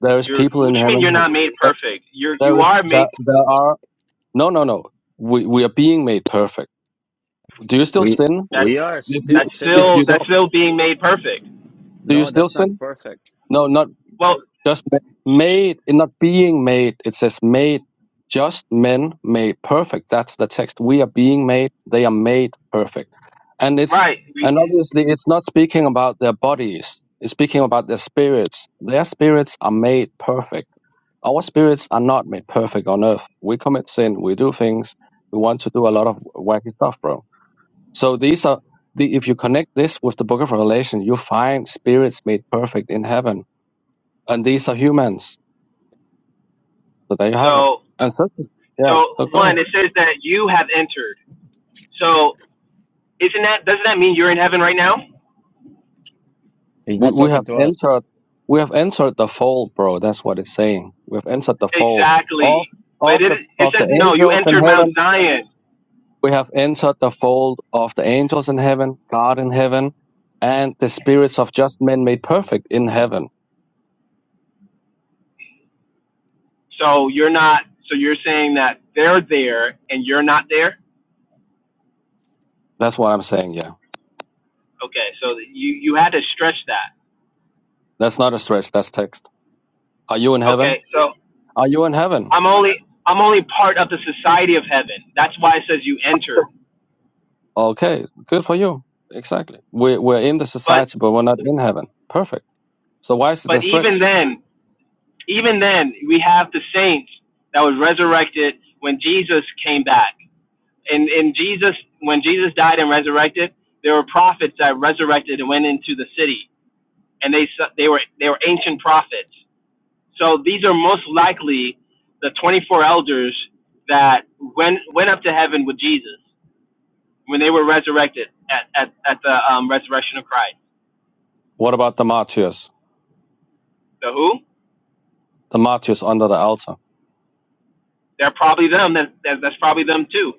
S9: There is
S8: you're
S9: people
S8: what
S9: in
S8: do you mean
S9: heaven
S8: you're
S9: who
S8: not made
S9: that-
S8: perfect you're
S9: there
S8: you
S9: is
S8: are made
S9: that there there are no no no. We we are being made perfect. Do you still
S1: We,
S9: sin?
S8: that's
S1: we are
S9: If you
S1: still
S8: that's
S9: if
S8: still
S9: you
S1: sinners.
S8: that's
S9: don't
S8: still being made perfect
S9: do you
S1: No,
S9: still
S1: that's not
S9: sin?
S1: perfect.
S9: No, not
S8: well
S9: Just ma- made, and not being made. It says made. Just men made perfect. That's the text. We are being made. They are made perfect. And it's
S8: right we,
S9: and obviously it's not speaking about their bodies. It's speaking about their spirits. Their spirits are made perfect. Our spirits are not made perfect on earth. We commit sin. We do things. We want to do a lot of wacky stuff, bro. So these are the if you connect this with the book of Revelation, you find spirits made perfect in heaven. And these are humans so there you have it.
S8: so
S9: And so,
S8: so
S9: yeah, so go
S8: one
S9: ahead.
S8: it says that you have entered so isn't that doesn't that mean you're in heaven right now
S1: He's
S9: We,
S1: not
S9: we have
S1: talking to us.
S9: entered, we have entered the fold, bro. That's what it's saying. We have entered the fold of
S8: Exactly. But
S9: of
S8: it
S9: the
S8: it
S9: of the
S8: says no, you
S9: angels in
S8: entered Mount
S9: heaven.
S8: Zion.
S9: We have entered the fold of the angels in heaven, God in heaven, and the spirits of just men made perfect in heaven.
S8: So you're not so you're saying that they're there and you're not there?
S9: That's what I'm saying. Yeah,
S8: Okay, so you you had to stretch that.
S9: that's not a stretch. That's text. Are you in heaven?
S8: Okay, so
S9: Are you in heaven?
S8: I'm only I'm only part of the society of heaven. That's why it says you entered.
S9: Okay, good for you. Exactly. We we're in the
S8: But
S9: society, but we're not in heaven. Perfect. So why is it a
S8: but even
S9: stretch?
S8: then, even then we have the saints that was resurrected when Jesus came back. And and Jesus when Jesus died and resurrected, there were prophets that resurrected and went into the city and they they were they were ancient prophets. So these are most likely the 24 elders that went went up to heaven with Jesus when they were resurrected at at, at the um, resurrection of Christ.
S9: What about the martyrs?
S8: So who?
S9: The martyrs under the altar.
S8: They're probably them. That, that that's probably them too.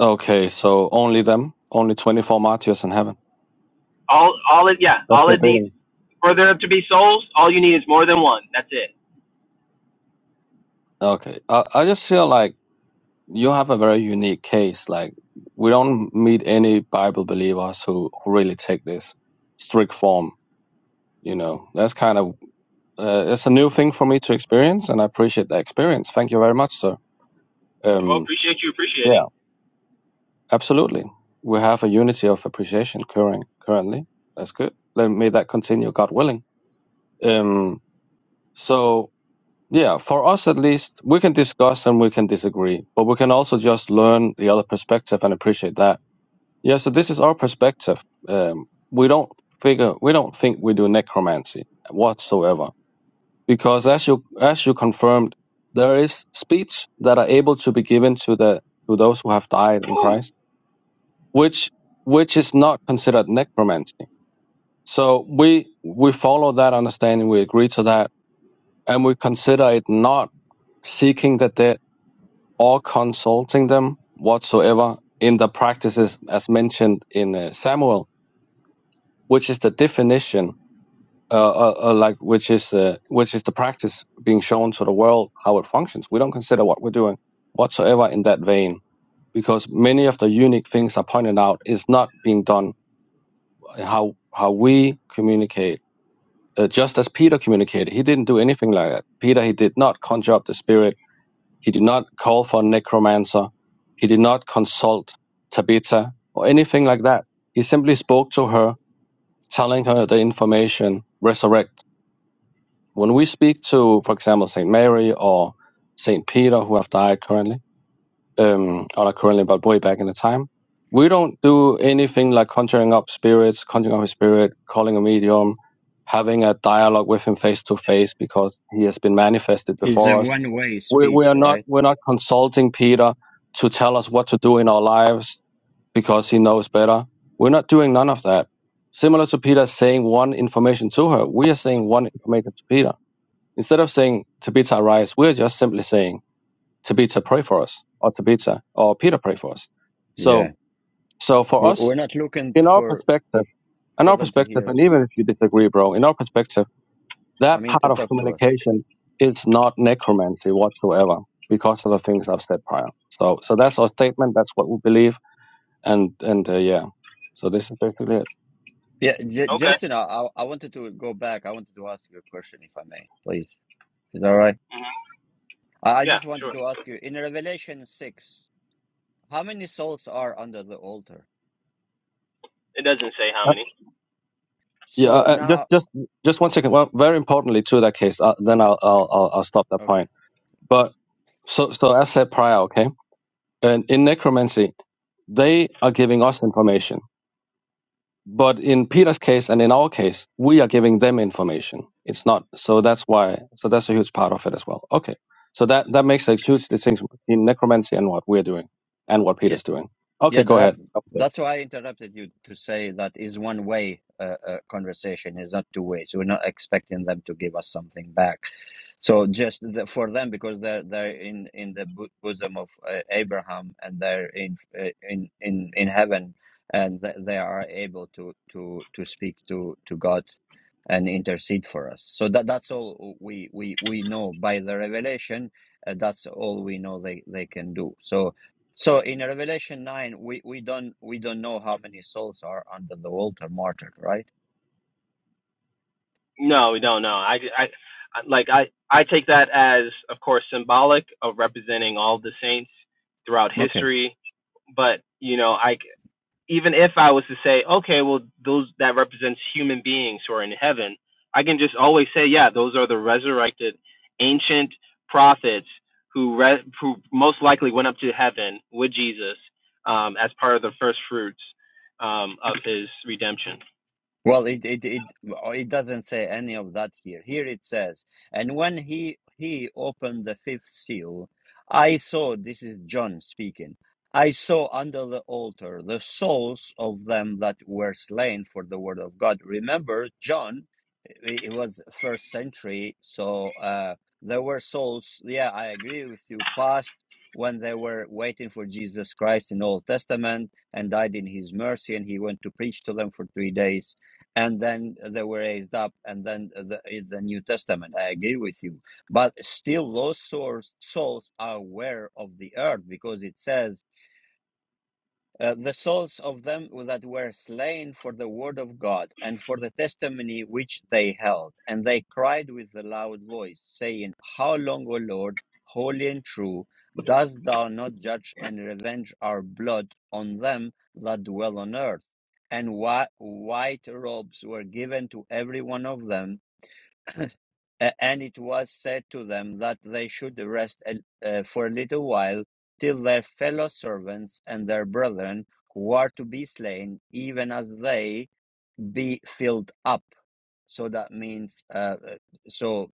S9: Okay, so only them? Only 24 martyrs in heaven?
S8: All all it yeah.
S9: That's
S8: All
S9: your
S8: it needs
S9: opinion.
S8: for there to be souls. All you need is more than one. That's it.
S9: Okay. I, I just feel like you have a very unique case. Like, we don't meet any Bible believers who, who really take this strict form. You know, that's kind of, uh, it's a new thing for me to experience, and I appreciate the experience. Thank you very much, sir.
S8: Well,
S9: Um,
S8: appreciate you
S9: yeah,
S8: appreciating.
S9: absolutely. We have a unity of appreciation current, currently. That's good. Let, may that continue, God willing. Um, so yeah, for us at least, we can discuss and we can disagree, but we can also just learn the other perspective and appreciate that. Yeah, so this is our perspective. Um, we don't figure, we don't think we do necromancy whatsoever, because as you as you confirmed, there is speech that are able to be given to the to those who have died in
S8: Ooh.
S9: Christ, which which is not considered necromancy. So we we follow that understanding, we agree to that, and we consider it not seeking that they or consulting them whatsoever in the practices as mentioned in uh, Samuel, which is the definition, uh, uh, uh, like which is uh, which is the practice being shown to the world how it functions. We don't consider what we're doing whatsoever in that vein because many of the unique things I pointed out is not being done how how we communicate. Uh, just as Peter communicated, he didn't do anything like that. Peter, he did not conjure up the spirit He did not call for a necromancer. He did not consult Tabitha or anything like that. He simply spoke to her, telling her the information, resurrect. When we speak to, for example, St. Mary or St. Peter, who have died currently, um, or not currently, but way back in the time, we don't do anything like conjuring up spirits, conjuring up a spirit, calling a medium, having a dialogue with him face to face because he has been manifested
S1: It's a
S9: before us
S1: one way
S9: we, we
S1: speech,
S9: are not
S1: right?
S9: we're not consulting Peter to tell us what to do in our lives because he knows better. We're not doing none of that. Similar to Peter saying one information to her, we are saying one information to Peter. Instead of saying Tabitha rise, we're just simply saying Tabitha pray for us or Tabitha or Peter pray for us. So
S1: Yeah.
S9: so for
S1: W-
S9: us,
S1: We're not looking
S9: in our
S1: for
S9: perspective, in
S1: for
S9: our
S1: them to
S9: perspective,
S1: hear
S9: and
S1: us.
S9: even if you disagree, bro, in our perspective
S1: I
S9: that
S1: mean
S9: part
S1: to
S9: of
S1: talk to us.
S9: communication is not necromancy whatsoever because of the things I've said prior. So, so that's our statement. That's what we believe, and and uh, yeah. So this is basically it.
S1: Yeah, J-
S8: Okay.
S1: Justin, I, I I wanted to go back. I wanted to ask you a question, if I may, please. Is that all right? I I
S8: Yeah.
S1: just
S8: Sure.
S1: wanted to ask you in Revelation six, how many souls are under the altar?
S8: It doesn't say how
S9: Uh,
S8: many.
S9: yeah, uh,
S1: So
S9: uh, just
S1: now,
S9: just just one second. Well, very importantly to that case, uh, then I'll, I'll I'll I'll stop that
S1: okay,
S9: point. But so so as said prior, okay. And in necromancy, they are giving us information But in Peter's case and in our case, we are giving them information. It's not so that's why so that's a huge part of it as well. Okay. So that that makes a huge distinction in necromancy and what we're doing and what
S1: yeah,
S9: Peter's doing. Okay,
S1: yeah,
S9: go
S1: that
S9: ahead. Update.
S1: that's why I interrupted you to say that is one way uh, uh, conversation is not two ways. We're not expecting them to give us something back So just the, for them, because they're they're in in the bo- bosom of uh, Abraham, and they're in uh, in in in heaven, and th- they are able to to to speak to to God and intercede for us. So that that's all we we we know by the revelation. Uh, that's all we know they they can do. So so in Revelation nine, we we don't we don't know how many souls are under the altar martyred, right?
S8: No, we don't. know. I, I, I- like I, I take that as, of course, symbolic of representing all the saints throughout history. But you know, I c- even if I was to say, okay, well, those that represents human beings who are in heaven, I can just always say, yeah, those are the resurrected ancient prophets who re- who most likely went up to heaven with Jesus um, as part of the first fruits um, of his redemption.
S1: Well, it, it it oh, it doesn't say any of that here. Here it says, and when he he opened the fifth seal, I saw. This is John speaking. I saw under the altar the souls of them that were slain for the word of God. Remember, John, it it was first century, so uh, there were souls. Yeah, I agree with you. Past when they were waiting for Jesus Christ in Old Testament and died in His mercy, and He went to preach to them for three days and then they were raised up, and then the, the New Testament. I agree with you, but still, those souls, souls are aware of the earth because it says uh, the souls of them that were slain for the word of God and for the testimony which they held. And they cried with a loud voice, saying, How long, O Lord, holy and true, dost thou not judge and revenge our blood on them that dwell on earth? And whi- white robes were given to every one of them, a- and it was said to them that they should rest uh, for a little while till their fellow servants and their brethren who are to be slain, even as they be filled up. So that means, uh, uh, so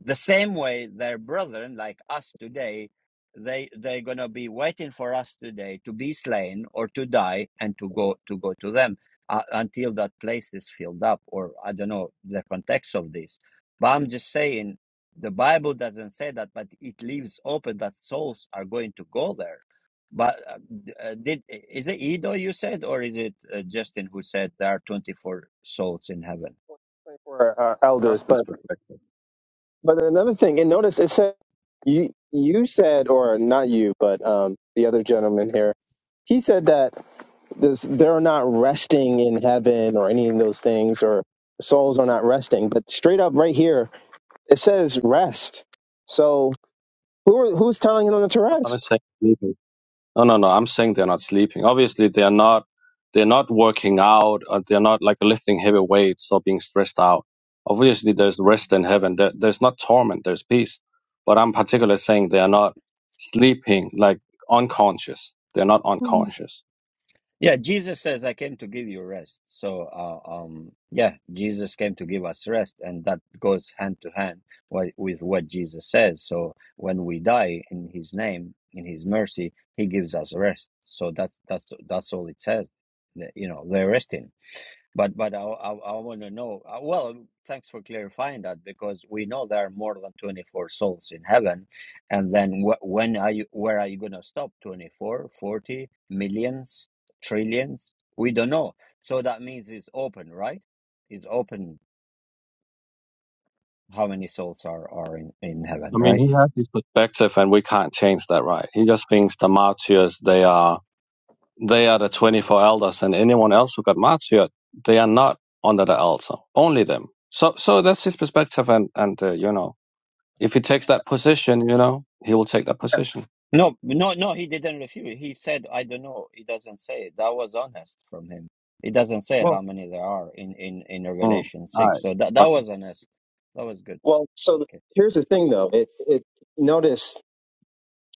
S1: the same way their brethren like us today they they're going to be waiting for us today to be slain or to die and to go to go to them uh, until that place is filled up or i don't know the context of this but i'm just saying the bible doesn't say that but it leaves open that souls are going to go there but uh, d- uh, did is it edo you said or is it uh, justin who said there are 24 souls in heaven
S8: For uh, elders, but
S9: Justin's perspective.
S8: But another thing, and notice it said you you said or not you, but um the other gentleman here, he said that this they're not resting in heaven or any of those things or souls are not resting. But straight up right here, it says rest. So who are, who's telling them to
S9: What am I
S8: rest?
S9: saying? No, no, no. I'm saying they're not sleeping. Obviously, they're not. They're not working out, or they're not like lifting heavy weights or being stressed out. Obviously, there's rest in heaven. There, there's not torment. There's peace. But I'm particularly saying they are not sleeping, like unconscious. They're not unconscious.
S1: Yeah, Jesus says, "I came to give you rest." So, uh, um, yeah, Jesus came to give us rest, and that goes hand to hand wi- with what Jesus says. So, when we die in His name, in His mercy, He gives us rest. So that's that's that's all it says. that, You know, they're resting. But but I I, I want to know. uh, Well, thanks for clarifying that because we know there are more than 24 souls in heaven, and then wh- when are you? Where are you going to stop? 24, millions, trillions? We don't know. So that means it's open, right? It's open. How many souls are are in in heaven,
S9: I
S1: right?
S9: mean, he has his perspective, and we can't change that, right? He just thinks the martyrs they are They are the 24 elders, and anyone else who got martyred, they are not under the altar. Only them. So, so that's his perspective, and and uh, you know, if he takes that position, you know, he will take that position.
S1: No, no, no, he didn't refuse. He said, I don't know. He doesn't say. it. That was honest from him. He doesn't say
S8: Well,
S1: how many there are in, in, in
S9: Mm. All
S1: Revelation 6.
S9: right.
S1: So that, that
S9: Gotcha.
S1: was honest. That was good.
S8: well. So
S1: Okay.
S8: here's the thing, though. It it notice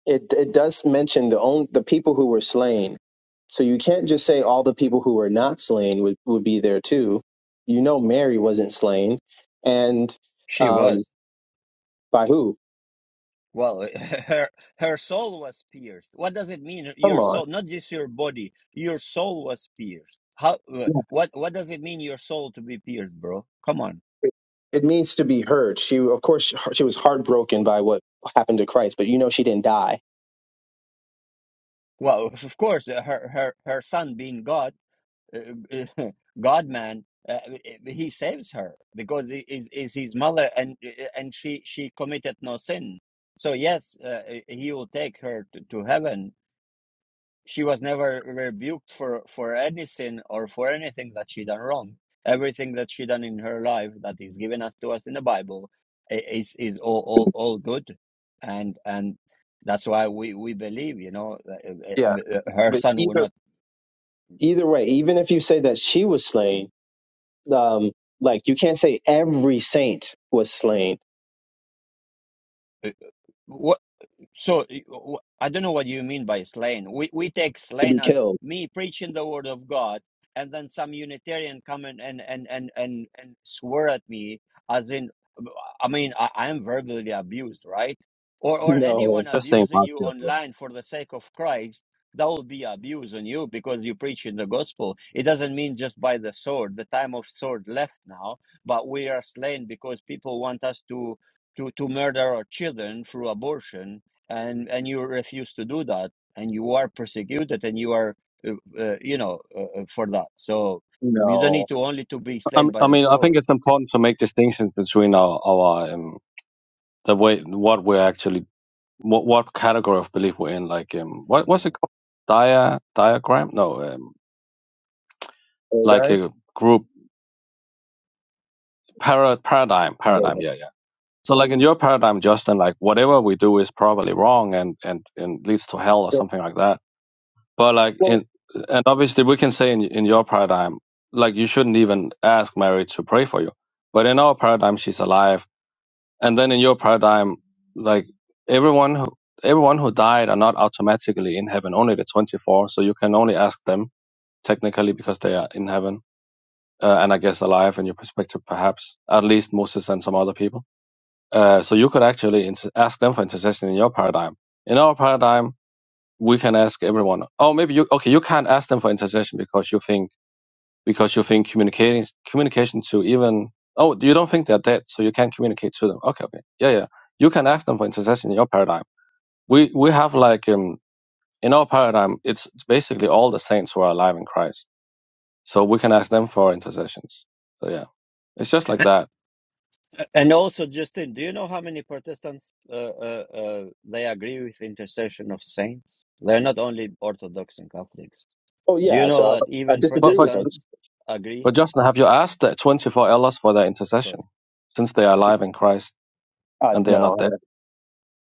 S8: it it does mention the only the people who were slain. So you can't just say all the people who were not slain would, would be there too. You know Mary wasn't slain, and
S1: She
S8: um,
S1: was.
S8: by who?
S1: Well, *laughs* her her soul was pierced. What does it mean?
S8: Come
S1: Your
S8: on,
S1: soul, not just your body. Your soul was pierced. How? uh,
S8: Yeah.
S1: What? What does it mean? Your soul to be pierced, bro? Come on.
S8: it, it means to be hurt. She of course she, she was heartbroken by what happened to Christ, but you know she didn't die.
S1: Well, *laughs* of course, her her her son being God. *laughs* God man, uh, eh, he saves her because he is his mother, and eh, and she she committed no sin. So yes, uh, eh, he will take her to, to heaven. She was never rebuked for for any sin or for anything that she done wrong. Everything that she done in her life that is given us to us in the Bible eh, is is all all, all good, and and that's why we we believe. You know, uh, uh, her
S8: But
S1: son will
S8: either
S1: not.
S8: either way, even if you say that she was slain, um, like you can't say every saint was slain
S1: So I w- I don't know what you mean by slain. We we take
S8: to
S1: slain
S8: be
S1: as
S8: killed. *laughs*
S1: me preaching the word of God, and then some Unitarian come and and and and and, and swear at me as in, I mean, I, I am verbally abused, right? Or or
S8: No,
S1: anyone
S9: He's just saying
S1: abusing you
S9: martyr, bro.
S1: online for the sake of Christ, that will be abuse on you because you preach in the gospel. It doesn't mean just by the sword. The time of sword left now, but we are slain because people want us to to to murder our children through abortion and and you refuse to do that and you are persecuted and you are uh, uh, you know uh, uh, for that so you don't
S8: no,
S1: need to only to be
S9: I
S1: slain
S9: mean, I
S1: by the
S9: mean, I think
S1: sword
S9: it's important to make distinctions between our our um, the way what we're actually what what category of belief we're in. Like, um, what what's
S1: yeah
S9: it called? Dia diagram? No, um,
S8: Did
S9: like
S8: I?
S9: a group para, paradigm paradigm.
S1: pardon
S9: Yeah, yeah So like in your paradigm, Justin, like whatever we do is probably wrong and and and leads to hell or
S8: So,
S9: something like that. But like
S8: well,
S9: in and obviously we can say in in your paradigm, like you shouldn't even ask Mary to pray for you. But in our paradigm, she's alive. And then in your paradigm, like everyone who everyone who died are not automatically in heaven. Only the twenty four. So you can only ask them technically because they are in heaven uh, and I guess alive in your perspective, perhaps at least Moses and some other people uh, so you could actually inter- ask them for intercession in your paradigm. In our paradigm, we can ask everyone. Oh, maybe you okay? You can't ask them for intercession because you think because you think communicating communication to even oh you don't think they're dead, so you can't communicate to them. Okay, okay, yeah, yeah. You can ask them for intercession in your paradigm. We we have like um, in our paradigm, it's basically all the saints who are alive in Christ, so we can ask them for intercessions. So yeah, it's just like
S1: and,
S9: that.
S1: and also justin do you know how many protestants uh, uh, uh, they agree with intercession of saints they're not only orthodox and catholics
S8: oh
S1: do you
S8: yeah,
S1: know
S8: so
S1: that
S8: I, I
S1: even
S9: But
S8: disagree with
S9: but
S8: those.
S1: protestants agree
S9: But Justin, have you asked the 24 elders for their intercession,
S1: sorry
S9: since they are alive in Christ
S8: Uh,
S9: and they are
S8: no,
S9: not
S8: I,
S9: dead?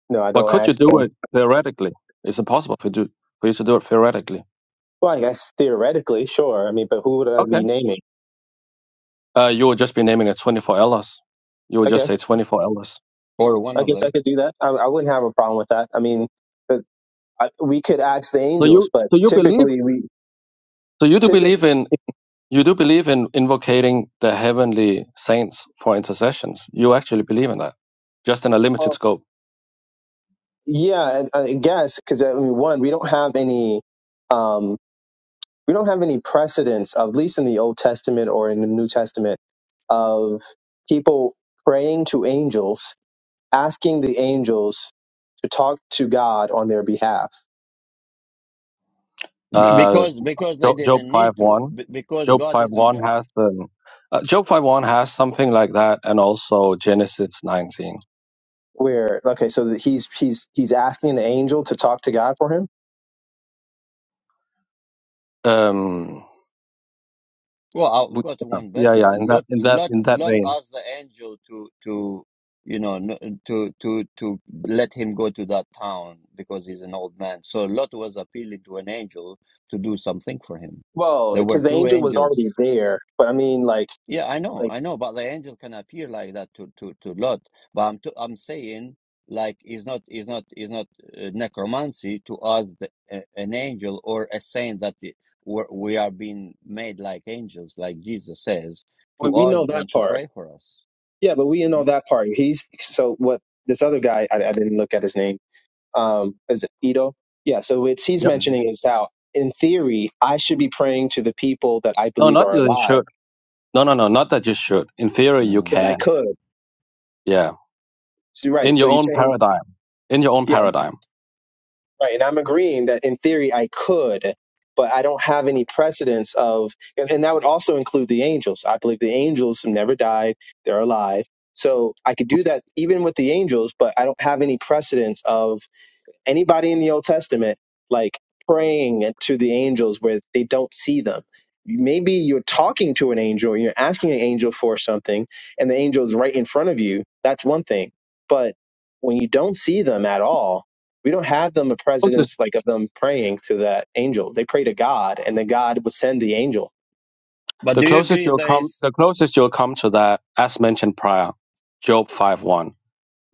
S8: no, I
S9: But
S8: don't
S9: could you
S8: ask
S9: do
S8: them.
S9: it theoretically? Is it possible to do for you to do it theoretically?
S8: Well, I guess theoretically, sure. I mean, but who would I
S9: Okay.
S8: be naming?
S9: Uh, you would just be naming it 24 elders. You would just
S8: Okay,
S9: say 24 elders.
S1: or one
S8: I
S1: of
S8: guess I
S1: them
S8: could do that. I, I wouldn't have a problem with that. I mean, but I, we could ask the
S9: So
S8: angels,
S9: you,
S8: but
S9: so you believe,
S8: typically we
S9: so you do
S8: typically,
S9: believe in, you do believe in invocating the heavenly saints for intercessions. You actually believe in that, just in a limited
S8: well,
S9: scope.
S8: yeah, I, I guess because I mean, one, we don't have any, um, we don't have any precedents, at least in the Old Testament or in the New Testament, of people praying to angels asking the angels to talk to God on their behalf.
S1: B-
S9: Uh,
S1: because because they
S9: Job, Job
S1: didn't
S9: five
S1: need to
S9: one.
S1: B- because
S9: Job
S1: god
S9: five
S1: is on
S9: one
S1: earth
S9: has the uh, Job five one has something like that, and also Genesis nineteen.
S8: Where okay, so that he's he's he's asking the angel to talk to God for him.
S9: Um,
S1: Well, I've
S9: we-
S1: got
S9: yeah,
S1: one
S9: yeah,
S1: better.
S9: yeah, in that
S1: Let
S9: in that
S1: let
S9: in that
S1: let
S9: vein.
S1: us the angel to to you know n- to to to let him go to that town because he's an old man. So Lot was appealing to an angel to do something for him.
S8: Well,
S1: There
S8: because
S1: were
S8: the
S1: two
S8: angel was
S1: angels.
S8: already there, but I mean, like
S1: Yeah, I know,
S8: like
S1: I know, but the angel can appear like that to to to Lot. But I'm to, I'm saying like it's not it's not it's not uh, necromancy to us the, uh, an angel or a saint that the, we're, we are being made like angels, like Jesus says,
S8: we
S1: to
S8: we know
S1: ask
S8: that
S1: them to
S8: part.
S1: pray for us.
S8: Yeah, but we know
S1: Hmm?
S8: that part. He's so what this other guy. I, I didn't look at his name. um, is it Ito? Yeah. So what he's
S9: Yeah.
S1: Mm-hmm.
S8: mentioning is how, in theory, I should be praying to the people that I
S9: No,
S8: believe
S9: not
S8: are
S9: that you
S8: alive
S9: should. No, no, no, not that you should. In theory, you
S1: Mm-hmm.
S8: that I
S9: can.
S8: could.
S9: Yeah,
S8: So right.
S9: in
S8: So
S9: your
S8: you're
S9: own
S8: saying,
S9: paradigm. In your own
S8: yeah,
S9: paradigm.
S8: right. And I'm agreeing that in theory I could, but I don't have any precedence of, and, and that would also include the angels. I believe the angels have never died; they're alive. So I could do that even with the angels, but I don't have any precedence of anybody in the Old Testament like praying to the angels where they don't see them. Maybe you're talking to an angel, you're asking an angel for something, and the angel is right in front of you. That's one thing. But when you don't see them at all, we don't have them a
S9: Closest-
S8: precedence like of them praying to that angel. They pray to God, and then God would send the angel.
S1: But
S9: The
S1: do you
S9: closest
S1: agree
S9: you'll
S1: there
S9: come,
S1: is
S9: the closest you'll come to that, as mentioned prior, Job five one.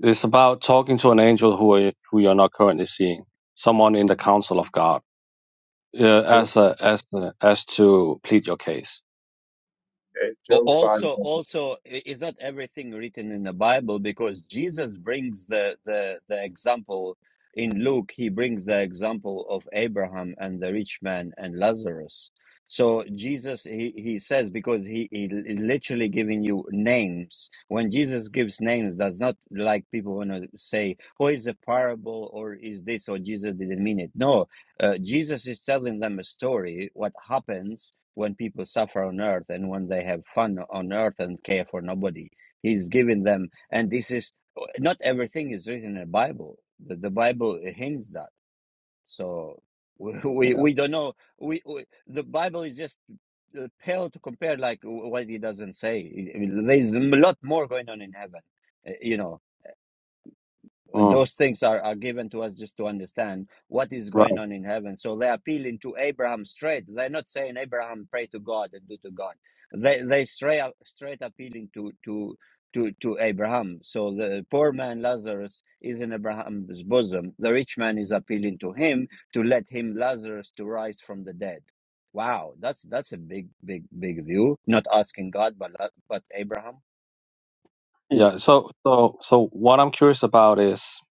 S9: It's about talking to an angel who are, who you're not currently seeing, someone in the council of God, uh, as a, as a, as to plead your case.
S1: Al- Also, also, i- is not everything written in the Bible because Jesus brings the, the, the example in Luke, he brings the example of Abraham and the rich man and Lazarus. So Jesus, he, he says, because he, he li- literally giving you names. When Jesus gives names, that's not like people want to say, oh, is a parable or is this or Jesus didn't mean it. No, uh, Jesus is telling them a story, what happens when people suffer on earth and when they have fun on earth and care for nobody. He's given them, and this is not everything is written in the Bible. The, the Bible hints that. So *laughs* we we,
S9: Yeah.
S1: we don't know. We, we the Bible is just uh, pale to compare like what he doesn't say. There's a lot more going on in heaven, uh, you know and
S9: Mm,
S1: those things are, are given to us just to understand what is going
S9: right.
S1: on in heaven. So they're appealing to Abraham straight. They're not saying Abraham pray to God and do to God. They they straight up- straight appealing to to to to Abraham. So the poor man Lazarus is in Abraham's bosom. The rich man is appealing to him to let him Lazarus to rise from the dead. Wow, that's that's a big big big view. Not asking God, but but Abraham.
S8: Hmm.
S9: Yeah. So so so what I'm curious about is,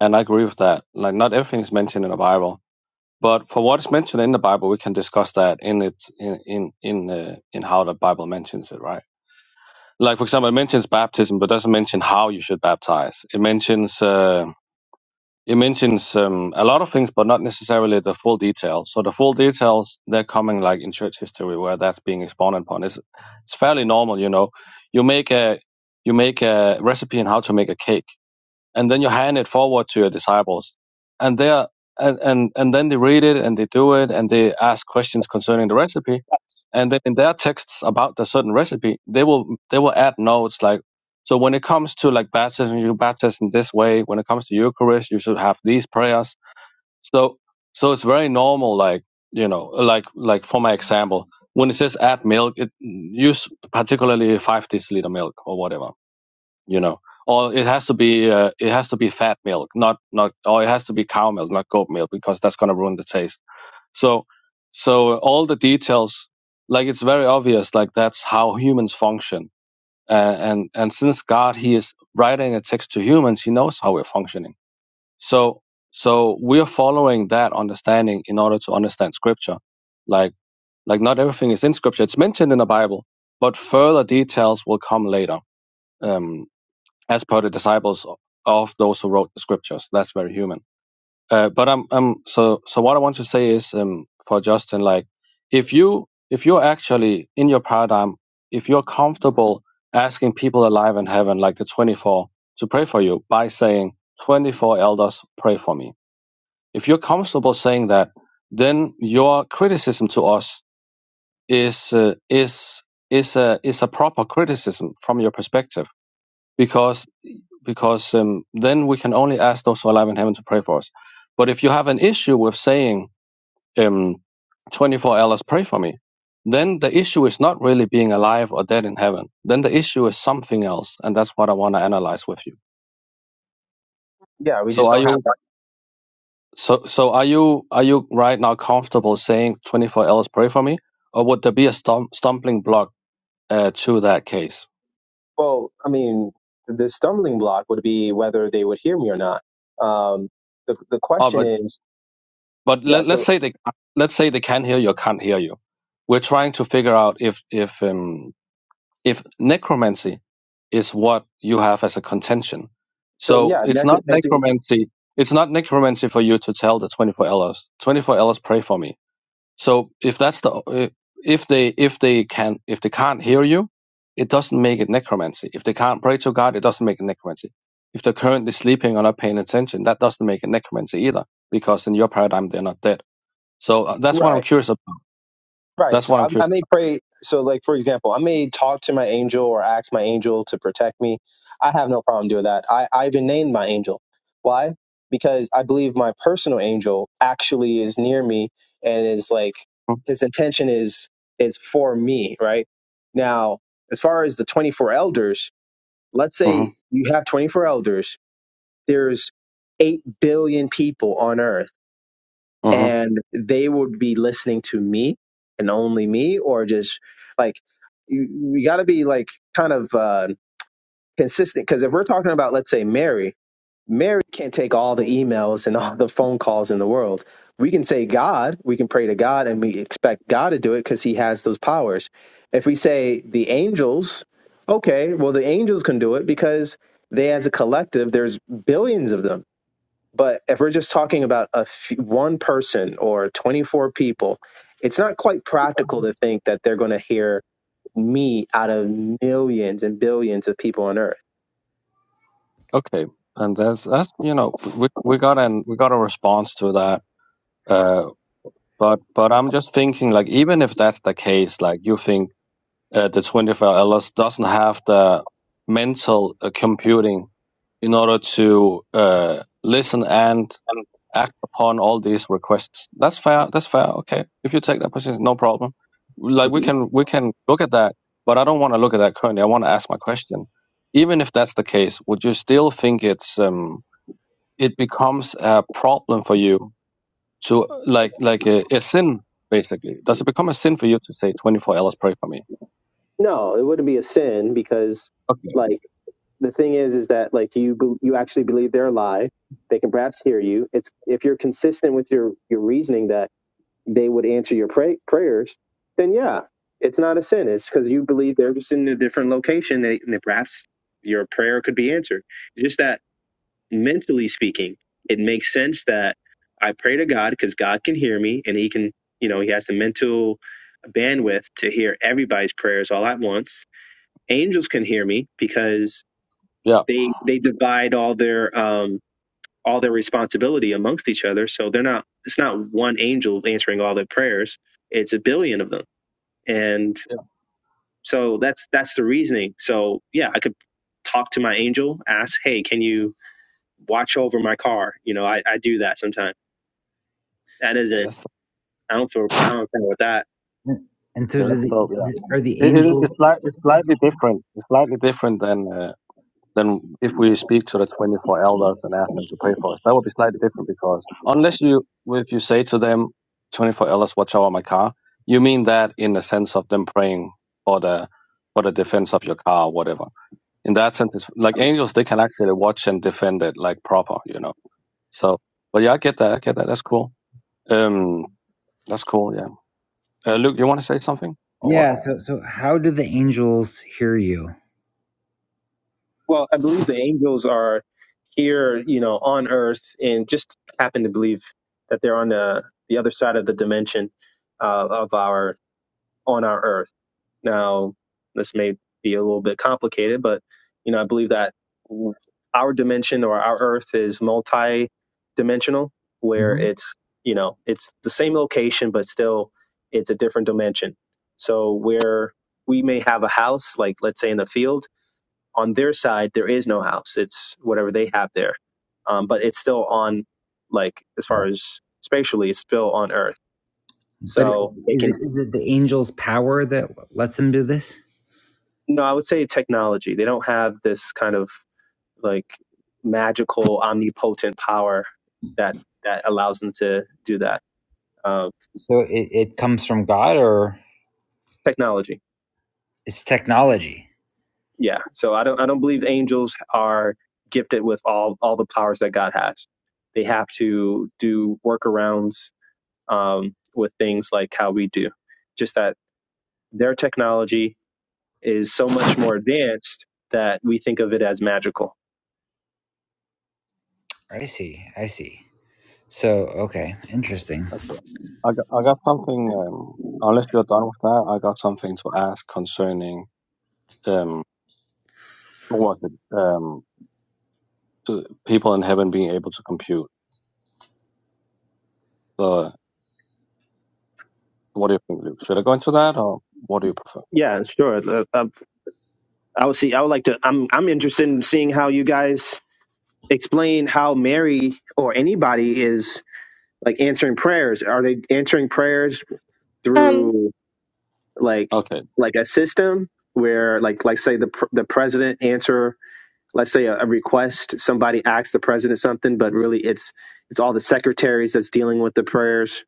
S9: and I agree with that. Like not everything is mentioned in the Bible, but for what is mentioned in the Bible, we can discuss that in its in in in uh, in how the Bible mentions it, right? Like for example, it mentions baptism, but doesn't mention how you should baptize. It mentions. Uh, It mentions um, a lot of things, but not necessarily the full details. So the full details they're coming like in church history where that's being expounded upon. It's it's fairly normal, you know. You make a you make a recipe on how to make a cake and then you hand it forward to your disciples and they are and, and and then they read it and they do it and they ask questions concerning the recipe and then in their texts about the certain recipe they will they will add notes like so when it comes to like baptism you baptize in this way when it comes to eucharist you should have these prayers so so it's very normal like you know like like for my example when it says add milk it use particularly five deciliter milk or whatever you know or it has to be uh, it has to be fat milk not not or it has to be cow milk not goat milk because that's going to ruin the taste so so all the details like it's very obvious like that's how humans function uh, and and since god he is writing a text to humans he knows how we're functioning so so we're following that understanding in order to understand scripture like like not everything is in scripture it's mentioned in the bible but further details will come later Um, as per the disciples of those who wrote the scriptures. That's very human. Uh, but I'm, I'm so so. What I want to say is um, for Justin, like if you if you're actually in your paradigm, if you're comfortable asking people alive in heaven, like the 24, to pray for you by saying 24 elders pray for me. If you're comfortable saying that, then your criticism to us is uh, is is a is a proper criticism from your perspective because because um, then we can only ask those who are alive in heaven to pray for us. But if you have an issue with saying um, 24 hours, pray for me, then the issue is not really being alive or dead in heaven. Then the issue is something else, and that's what I want to analyze with you.
S8: Yeah, we
S9: So
S8: just
S9: are
S8: don't have
S9: you
S8: that.
S9: so so are you are you right now comfortable saying 24 hours, pray for me, or would there be a stum- stumbling block uh, to that case?
S8: Well, I mean, the, the stumbling block would be whether they would hear me or not. Um, the the
S9: Oh, but.
S8: question is,
S9: but
S8: yeah,
S9: let, let's
S8: so
S9: say they let's say they can hear you or can't hear you we're trying to figure out if if um, if necromancy is what you have as a contention
S8: so
S9: so
S8: yeah,
S9: it's not
S8: necromancy,
S9: necromancy it's not necromancy for you to tell the 24 elders 24 elders pray for me so if that's the uh, if they if they can if they can't hear you it doesn't make it necromancy if they can't pray to god it doesn't make it necromancy if they're currently sleeping or not paying attention that doesn't make it necromancy either because in your paradigm they're not dead so uh, that's what
S8: right?
S9: I'm curious about.
S8: Right.
S9: That's
S8: So
S9: what I'm
S8: I,
S9: curious.
S8: I may pray. So, like for example, I may talk to my angel or ask my angel to protect me. I have no problem doing that. I, I even named my angel. Why? Because I believe my personal angel actually is near me and is like his intention is is for me. Right now, as far as the twenty four elders, let's
S9: Mm-hmm,
S8: say you have twenty four elders. There's eight billion people on earth
S9: hmm
S8: and they would be listening to me and only me or just like you, you got to be like kind of uh, consistent because if we're talking about let's say mary mary can't take all the emails and *laughs* all the phone calls in the world we can say god we can pray to god and we expect god to do it because he has those powers if we say the angels okay well the angels can do it because they as a collective there's billions of them but if we're just talking about a f- one person or 24 people, it's not quite practical to think that they're going to hear me out of millions and billions of people on earth.
S9: Okay, and that's that's you know we we got an we got a response to that. Uh, but but I'm just thinking like even if that's the case, like you think uh, the 24 Ellis doesn't have the mental uh, computing in order to uh, listen and
S8: Um,
S9: act upon all these requests. That's fair. That's fair. Okay. If you take that position, no problem. Like we
S10: Cool.
S9: can we can look at that, but I don't want to look at that currently. I want to ask my question. Even if that's the case, would you still think it's um it becomes a problem for you to like like a, a sin basically? Does it become a sin for you to say twenty four hours pray for me?
S8: No, it wouldn't be a sin because
S9: Okay.
S8: like the thing is is that like you bel- you actually believe they're alive. They can perhaps hear you. It's if you're consistent with your your reasoning that they would answer your pray- prayers, then yeah, it's not a sin. It's because you believe they're just in a different location they, and that perhaps your prayer could be answered. Just that mentally speaking, it makes sense that I pray to God because God can hear me and He can, you know, He has the mental bandwidth to hear everybody's prayers all at once. Angels can hear me because
S9: Yeah.
S8: they they divide all their um, all their responsibility amongst each other. So they're not it's not one angel answering all their prayers. It's a billion of them. And
S9: Yeah.
S8: so that's that's the reasoning. So yeah, I could talk to my angel, ask, hey, can you watch over my car? You know, I, I do that sometimes. That
S9: yeah
S8: isn't
S9: that's
S8: I don't feel I don't feel with that.
S10: And so
S9: yeah.
S10: do
S9: That's dope. yeah.
S10: the are the
S9: It, it,
S10: angels
S9: it's like it's slightly different. It's slightly different than uh, then if we speak to the 24 elders and ask them to pray for us, that would be slightly different because unless you, if you say to them, 24 elders, watch over my car, you mean that in the sense of them praying for the, for the defense of your car or whatever. In that sense, it's like angels, they can actually watch and defend it like proper, you know. So, but yeah, I get that. I get that. That's cool. Um, that's cool. Yeah. Uh, Luke, you want to say something or what?
S10: yeah so so how do the angels hear you
S8: Well, I believe the angels are here, you know, on earth and just happen to believe that they're on the the other side of the dimension uh, of our on our earth Now, this may be a little bit complicated, but you know, I believe that our dimension or our Earth is multi-dimensional, where
S10: hmm
S8: it's you know it's the same location, but still it's a different dimension. So where we may have a house, like let's say in the field, on their side there is no house; it's whatever they have there, um, but it's still on like as far
S10: right.
S8: as spatially, it's still on Earth.
S10: but it-
S8: So they
S10: is it
S8: can
S10: is it the angels power that lets them do this
S8: no, I would say technology. They don't have this kind of like magical omnipotent power that that allows them to do that um,
S10: so it, it comes from god or
S8: technology
S10: it's technology
S8: yeah so i don't i don't believe angels are gifted with all all the powers that god has they have to do workarounds um, with things like how we do just that their technology is so much more advanced that we think of it as magical
S10: i see i see so okay interesting
S9: Okay. I got, I got something, um, unless you're done with that, I got something to ask concerning um, what was it? Um, to people in heaven being able to compute the. What do you think, Luke? Should I go into that, or what do you prefer?
S8: yeah sure Uh, uh, I would see. I would like to. I'm I'm interested in seeing how you guys explain how Mary or anybody is like answering prayers. Are they answering prayers
S5: um
S8: through like
S9: Okay,
S8: like a system where like like say the pr- the president answer let's say a, a request somebody asks the president something, but really it's it's all the secretaries that's dealing with the prayers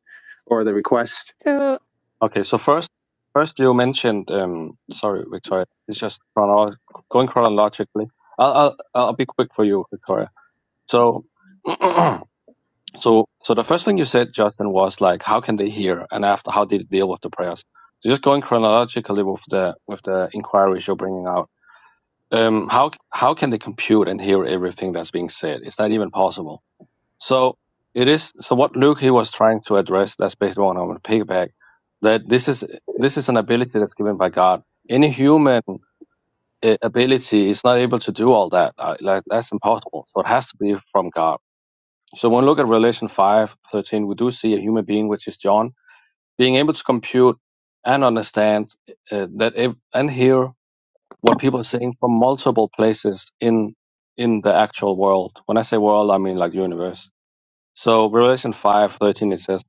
S8: or the request.
S5: so
S9: okay. So first, first you mentioned. Um, sorry, Victoria. It's just chrono- going chronologically. I'll, I'll I'll be quick for you, Victoria. So. *clears throat* So, so the first thing you said, Justin, was like, how can they hear, and after, how did you deal with the prayers? So, just going chronologically with the with the inquiries you're bringing out. um, how how can they compute and hear everything that's being said? Is that even possible? So it is. So what Luke he was trying to address that's basically what I want to piggyback. that this is this is an ability that's given by God. Any human uh, ability is not able to do all that. Uh, like that's impossible. So it has to be from God. So when we look at Revelation five thirteen, we do see a human being, which is John, being able to compute and understand uh, that ev- and hear what people are saying from multiple places in in the actual world. When I say world, I mean like universe. So Revelation five thirteen it says,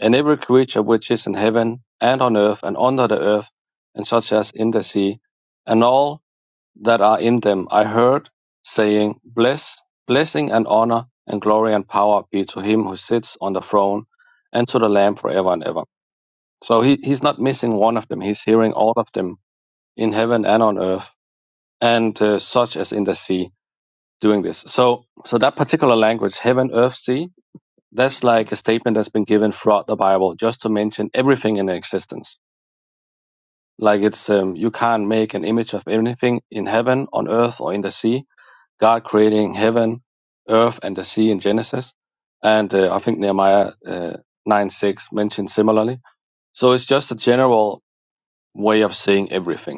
S9: And every creature which is in heaven and on earth and under the earth, and such as in the sea, and all that are in them, I heard saying, Bless, blessing and honor and glory and power be to him who sits on the throne and to the Lamb forever and ever. So he, he's not missing one of them. He's hearing all of them in heaven and on earth and uh, such as in the sea doing this so so that particular language heaven earth sea that's like a statement that's been given throughout the bible just to mention everything in existence like it's um, you can't make an image of anything in heaven on earth or in the sea god creating heaven earth and the sea in genesis and uh, i think nehemiah uh, 9 6 mentioned similarly so it's just a general way of saying everything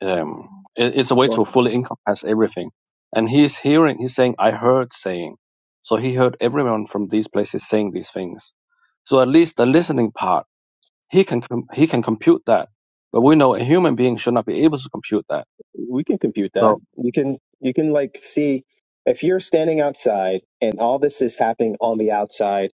S9: Um, it, it's a way to fully encompass everything. And he's hearing, he's saying, I heard saying. So he heard everyone from these places saying these things. So at least the listening part, he can com- he can compute that. But we know a human being should not be able to compute that.
S8: we can compute that.
S9: So
S8: You can you can like see if you're standing outside and all this is happening on the outside,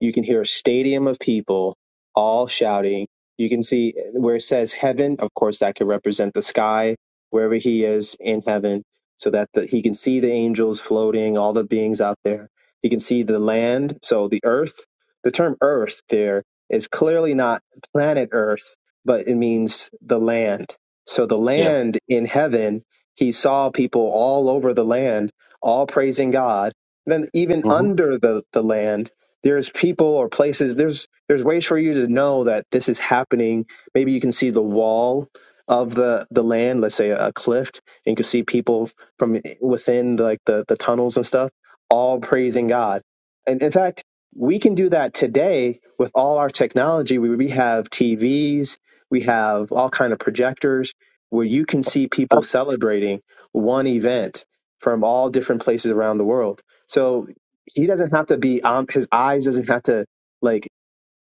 S8: you can hear a stadium of people all shouting. You can see where it says heaven, of course that could represent the sky, wherever he is in heaven, so that the, he can see the angels floating, all the beings out there. He can see the land, so the earth. The term earth there is clearly not planet earth, but it means the land so the
S9: yeah,
S8: land in heaven, he saw people all over the land, all praising God. Then even
S9: hmm
S8: under the, the land, there's people or places, there's there's ways for you to know that this is happening. Maybe you can see the wall of the, the land, let's say a, cliff, and you can see people from within like the, the tunnels and stuff, all praising God. And in fact, we can do that today with all our technology. We, we have TVs, we have all kind of projectors where you can see people
S9: that,
S8: celebrating one event from all different places around the world. So he doesn't have to be um, his eyes doesn't have to like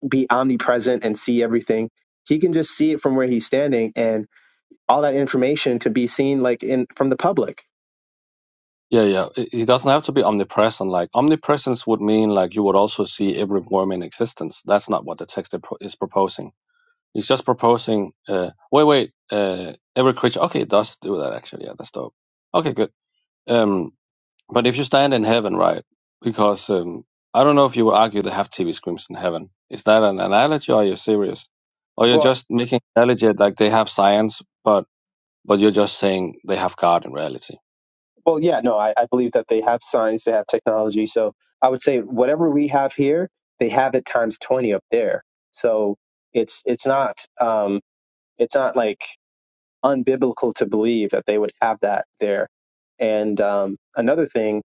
S8: be omnipresent and see everything. He can just see it from where he's standing, and all that information could be seen like in from the public.
S9: yeah, yeah. It, it doesn't have to be omnipresent. Like omnipresence would mean like you would also see every worm in existence. That's not what the text is pro- is proposing He's just proposing. Uh, wait, wait. Uh, every creature. Okay, it does do that actually. Yeah, that's dope. Okay, good. Um, but if you stand in heaven, right? Because um, I don't know if you would argue they have TV screens in heaven. Is that an analogy, or are you serious, or you're
S8: Well,
S9: just making an analogy like they have science, but but you're just saying they have God in reality?
S8: well, yeah, no, I, I believe that they have science, they have technology. So I would say whatever we have here, they have it times twenty up there. So it's it's not um, it's not like unbiblical to believe that they would have that there. And um, another thing,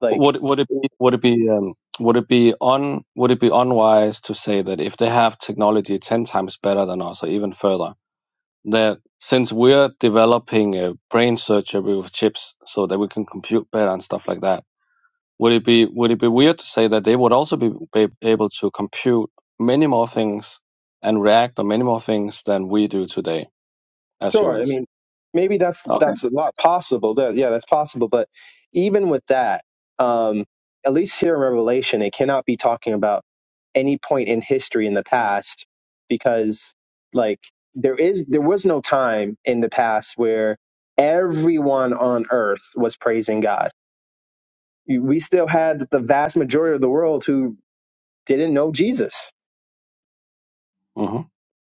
S8: like,
S9: Would would it be, would it be um, would it be on would it be unwise to say that if they have technology ten times better than us, or even further? that since we're developing a brain surgery with chips so that we can compute better and stuff like that, would it be would it be weird to say that they would also be, be able to compute many more things and react on many more things than we do today as
S8: sure, I
S9: humans?
S8: mean, maybe that's
S9: Okay.
S8: that's a lot possible. That, yeah, that's possible. But even with that, um, at least here in Revelation, it cannot be talking about any point in history in the past because, like, there is there was no time in the past where everyone on earth was praising God. You- We still had the vast majority of the world who didn't know Jesus.
S9: hmm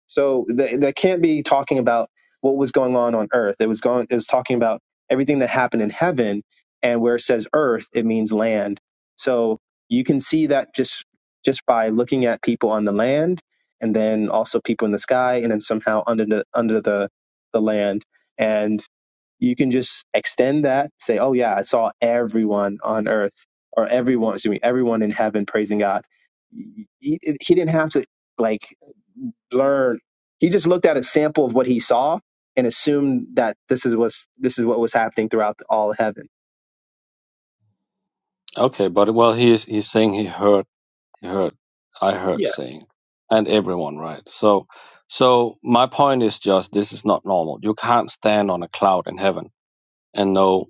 S8: So that they can't be talking about what was going on on earth. It was going, it was talking about everything that happened in heaven. And where it says earth, it means land. So you can see that just, just by looking at people on the land and then also people in the sky and then somehow under the, under the, the land. And you can just extend that, say, oh yeah, I saw everyone on earth or everyone, excuse me, everyone in heaven praising God. He, he didn't have to like learn. He just looked at a sample of what he saw and assumed that this is what's this is what was happening throughout all of heaven.
S9: Okay, but well, he's he's saying he heard he heard I heard
S8: Yeah.
S9: saying, and everyone right. So so my point is just this is not normal. You can't stand on a cloud in heaven and know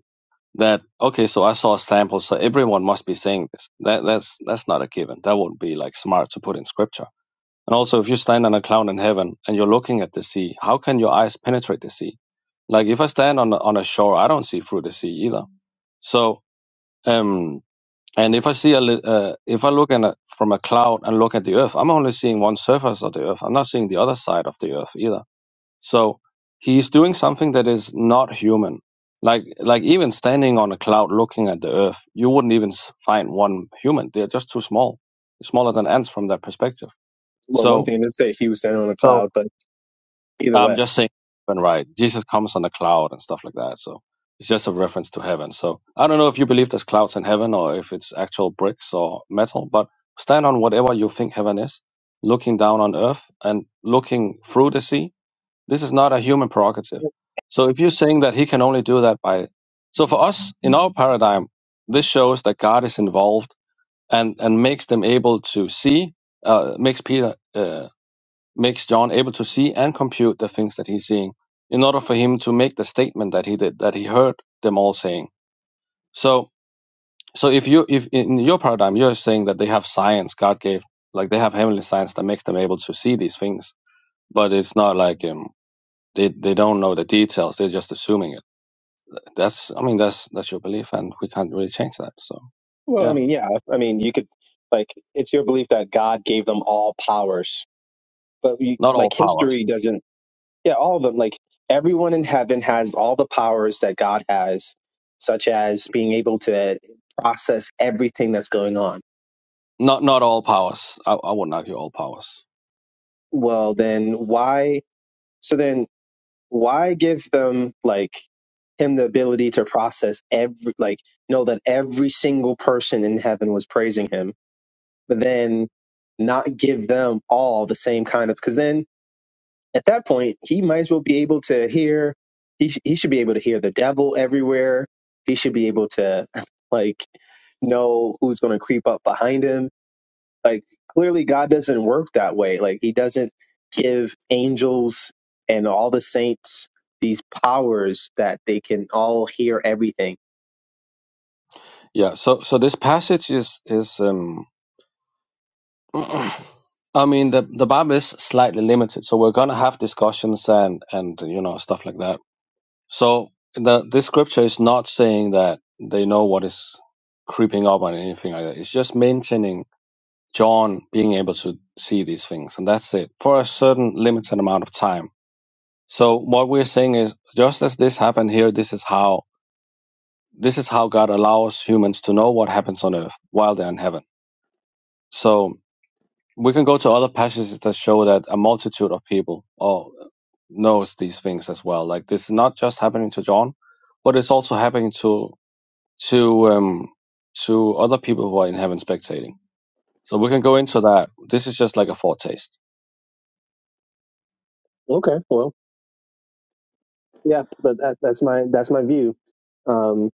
S9: that okay so i saw a sample so everyone must be saying this that that's that's not a given that would be like smart to put in scripture and also if you stand on a cloud in heaven and you're looking at the sea how can your eyes penetrate the sea like if i stand on on a shore i don't see through the sea either so um and if i see a li- uh, if i look in a, from a cloud and look at the earth i'm only seeing one surface of the earth i'm not seeing the other side of the earth either so he's doing something that is not human. Like like even standing on a cloud looking at the earth, you wouldn't even find one human. They're just too small, smaller than ants from that perspective.
S8: Well, one
S9: So
S8: thing to say, he was standing on a
S9: so
S8: cloud, but either
S9: I'm
S8: way.
S9: just saying, and right, Jesus comes on a cloud and stuff like that. So it's just a reference to heaven. So I don't know if you believe there's clouds in heaven or if it's actual bricks or metal, but stand on whatever you think heaven is, looking down on earth and looking through the sea this is not a human prerogative. So if you're saying that he can only do that by, so for us in our paradigm, this shows that God is involved and and makes them able to see, uh, makes Peter, uh, makes John able to see and compute the things that he's seeing in order for him to make the statement that he did that he heard them all saying. So so if you if in your paradigm you're saying that they have science God gave like they have heavenly science that makes them able to see these things, but it's not like um they they don't know the details. They're just assuming it. That's I mean that's that's your belief, and we can't really change that. So
S8: Well, I
S9: yeah,
S8: mean, yeah. I mean, you could, like, it's your belief that God gave them all powers, but we,
S9: not all
S8: like,
S9: powers.
S8: history doesn't, yeah, all of them, like, everyone in heaven has all the powers that God has, such as being able to process everything that's going on.
S9: Not not all powers. I, I wouldn't argue all powers.
S8: Well, then why? So then why give them like him the ability to process every like know that every single person in heaven was praising him but then not give them all the same kind of because then at that point he might as well be able to hear he, sh- he should be able to hear the devil everywhere he should be able to *laughs* like know who's going to creep up behind him like clearly god doesn't work that way like he doesn't give angels and all the saints these powers that they can all hear everything
S9: Yeah. So so this passage is is um. *clears throat* I mean the the Bible is slightly limited, so we're gonna have discussions and and you know stuff like that. So the this scripture is not saying that they know what is creeping up on anything like that. It's just maintaining John being able to see these things, and that's it for a certain limited amount of time. So what we're saying is, just as this happened here, this is how this is how God allows humans to know what happens on earth while they're in heaven. So we can go to other passages that show that a multitude of people all knows these things as well. Like this is not just happening to John, but it's also happening to to um to other people who are in heaven spectating. So we can go into that. This is just like a foretaste.
S8: Okay, well, yeah, but that, that's my that's my view. Um,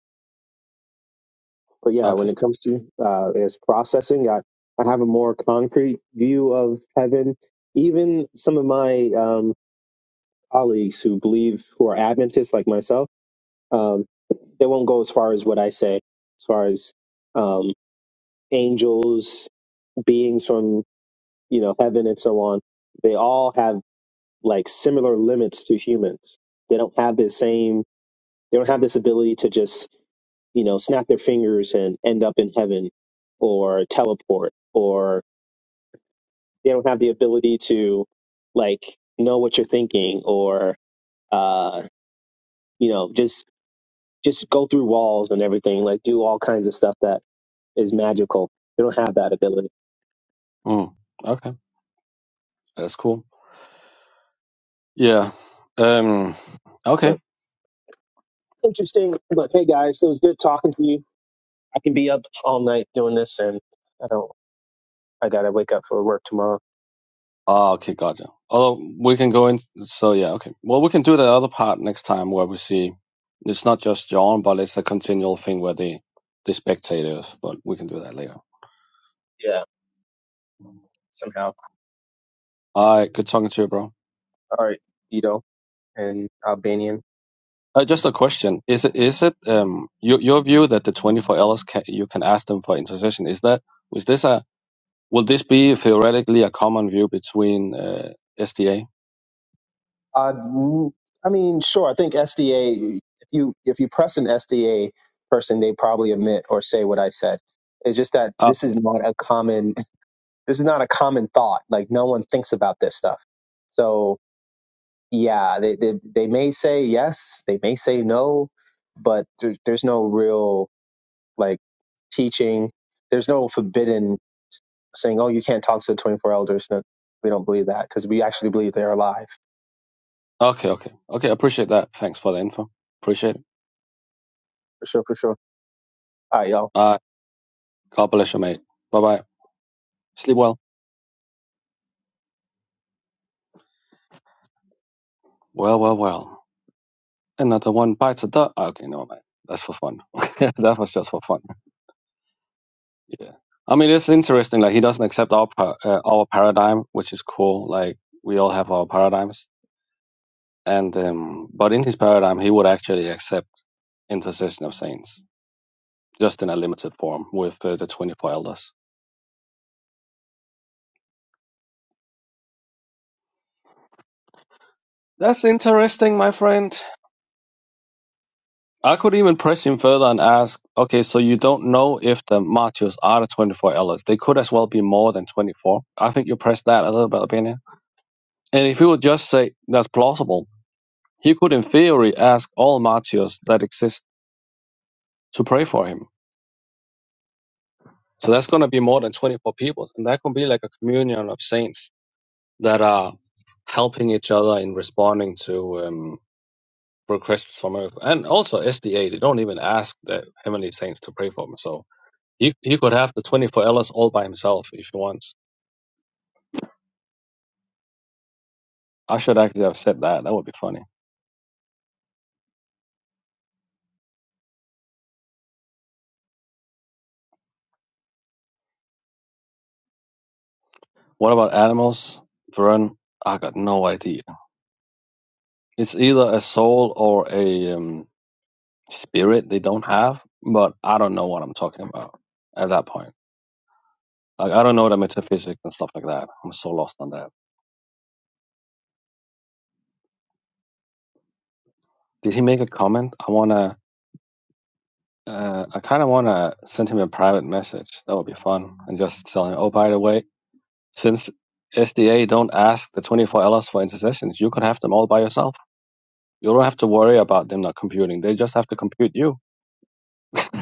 S8: but yeah,
S9: Okay.
S8: when it comes to uh, its processing, I, I have a more concrete view of heaven. Even some of my um, colleagues who believe who are Adventists like myself, um, they won't go as far as what I say, as far as um, angels beings from you know heaven and so on they all have like similar limits to humans they don't have the same they don't have this ability to just you know snap their fingers and end up in heaven or teleport or they don't have the ability to like know what you're thinking or uh you know just just go through walls and everything like do all kinds of stuff that is magical they don't have that ability
S9: Mm, okay, that's cool. Yeah. Um.
S8: but
S9: Okay.
S8: interesting but hey guys it was good talking to you I can be up all night doing this, and I don't. I gotta wake up for work tomorrow.
S9: Ah, okay, gotcha. Although we can go in. So yeah. Okay. Well, we can do the other part next time where we see it's not just John, but it's a continual thing where the the spectators. But we can do that later.
S8: Yeah.
S9: All right. Good talking to you, bro. Uh, just a question: Is it is it um your your view that the twenty four elders can, you can ask them for intercession? Is that was this a will this be theoretically a common view between uh, SDA?
S8: Uh, mm, I mean, sure. I think SDA. If you if you press an SDA person, they probably admit or say what I said. It's just that this is not a common. This is not a common thought. Like no one thinks about this stuff. So yeah, they they, they may say yes, they may say no, but there, there's no real like teaching. There's no forbidden saying, "Oh, you can't talk to the 24 elders." No, we don't believe that because we actually believe they are alive
S9: Okay, okay, okay. I appreciate that. Thanks for the info. Appreciate it.
S8: for sure, for sure. All right, y'all.
S9: Uh, God bless you, mate. Bye bye. Sleep well. Well, well, well. Another one bites the dust. Okay, no, mate. That's for fun. *laughs* that was just for fun. Yeah. I mean, it's interesting. Like he doesn't accept our par- uh, our paradigm, which is cool. Like we all have our paradigms, and um, but in his paradigm, he would actually accept intercession of saints, just in a limited form with uh, the twenty four elders. That's interesting, my friend. I could even press him further and ask, okay, so you don't know if the martyrs are the 24 elders. They could as well be more than 24. I think you press that a little bit, opinion. And if you would just say that's plausible, he could, in theory, ask all martyrs that exist to pray for him. So that's going to be more than 24 people. And that could be like a communion of saints that are helping each other in responding to um, requests from Earth. And also SDA, they don't even ask the heavenly saints to pray for them. So He he could have the twenty for Ellis all by himself if he wants. I should actually have said that. That would be funny. What about animals, Vern? I got no idea. It's either a soul or a um, spirit they don't have, but I don't know what I'm talking about at that point. Like I don't know the metaphysics and stuff like that. I'm so lost on that. Did he make a comment? I wanna. Uh, I kind of wanna send him a private message. That would be fun, and just tell him, "Oh, by the way, since SDA don't ask the 24 L LS for intercessions, you can have them all by yourself. You don't have to worry about them not computing. They just have to compute you. *laughs*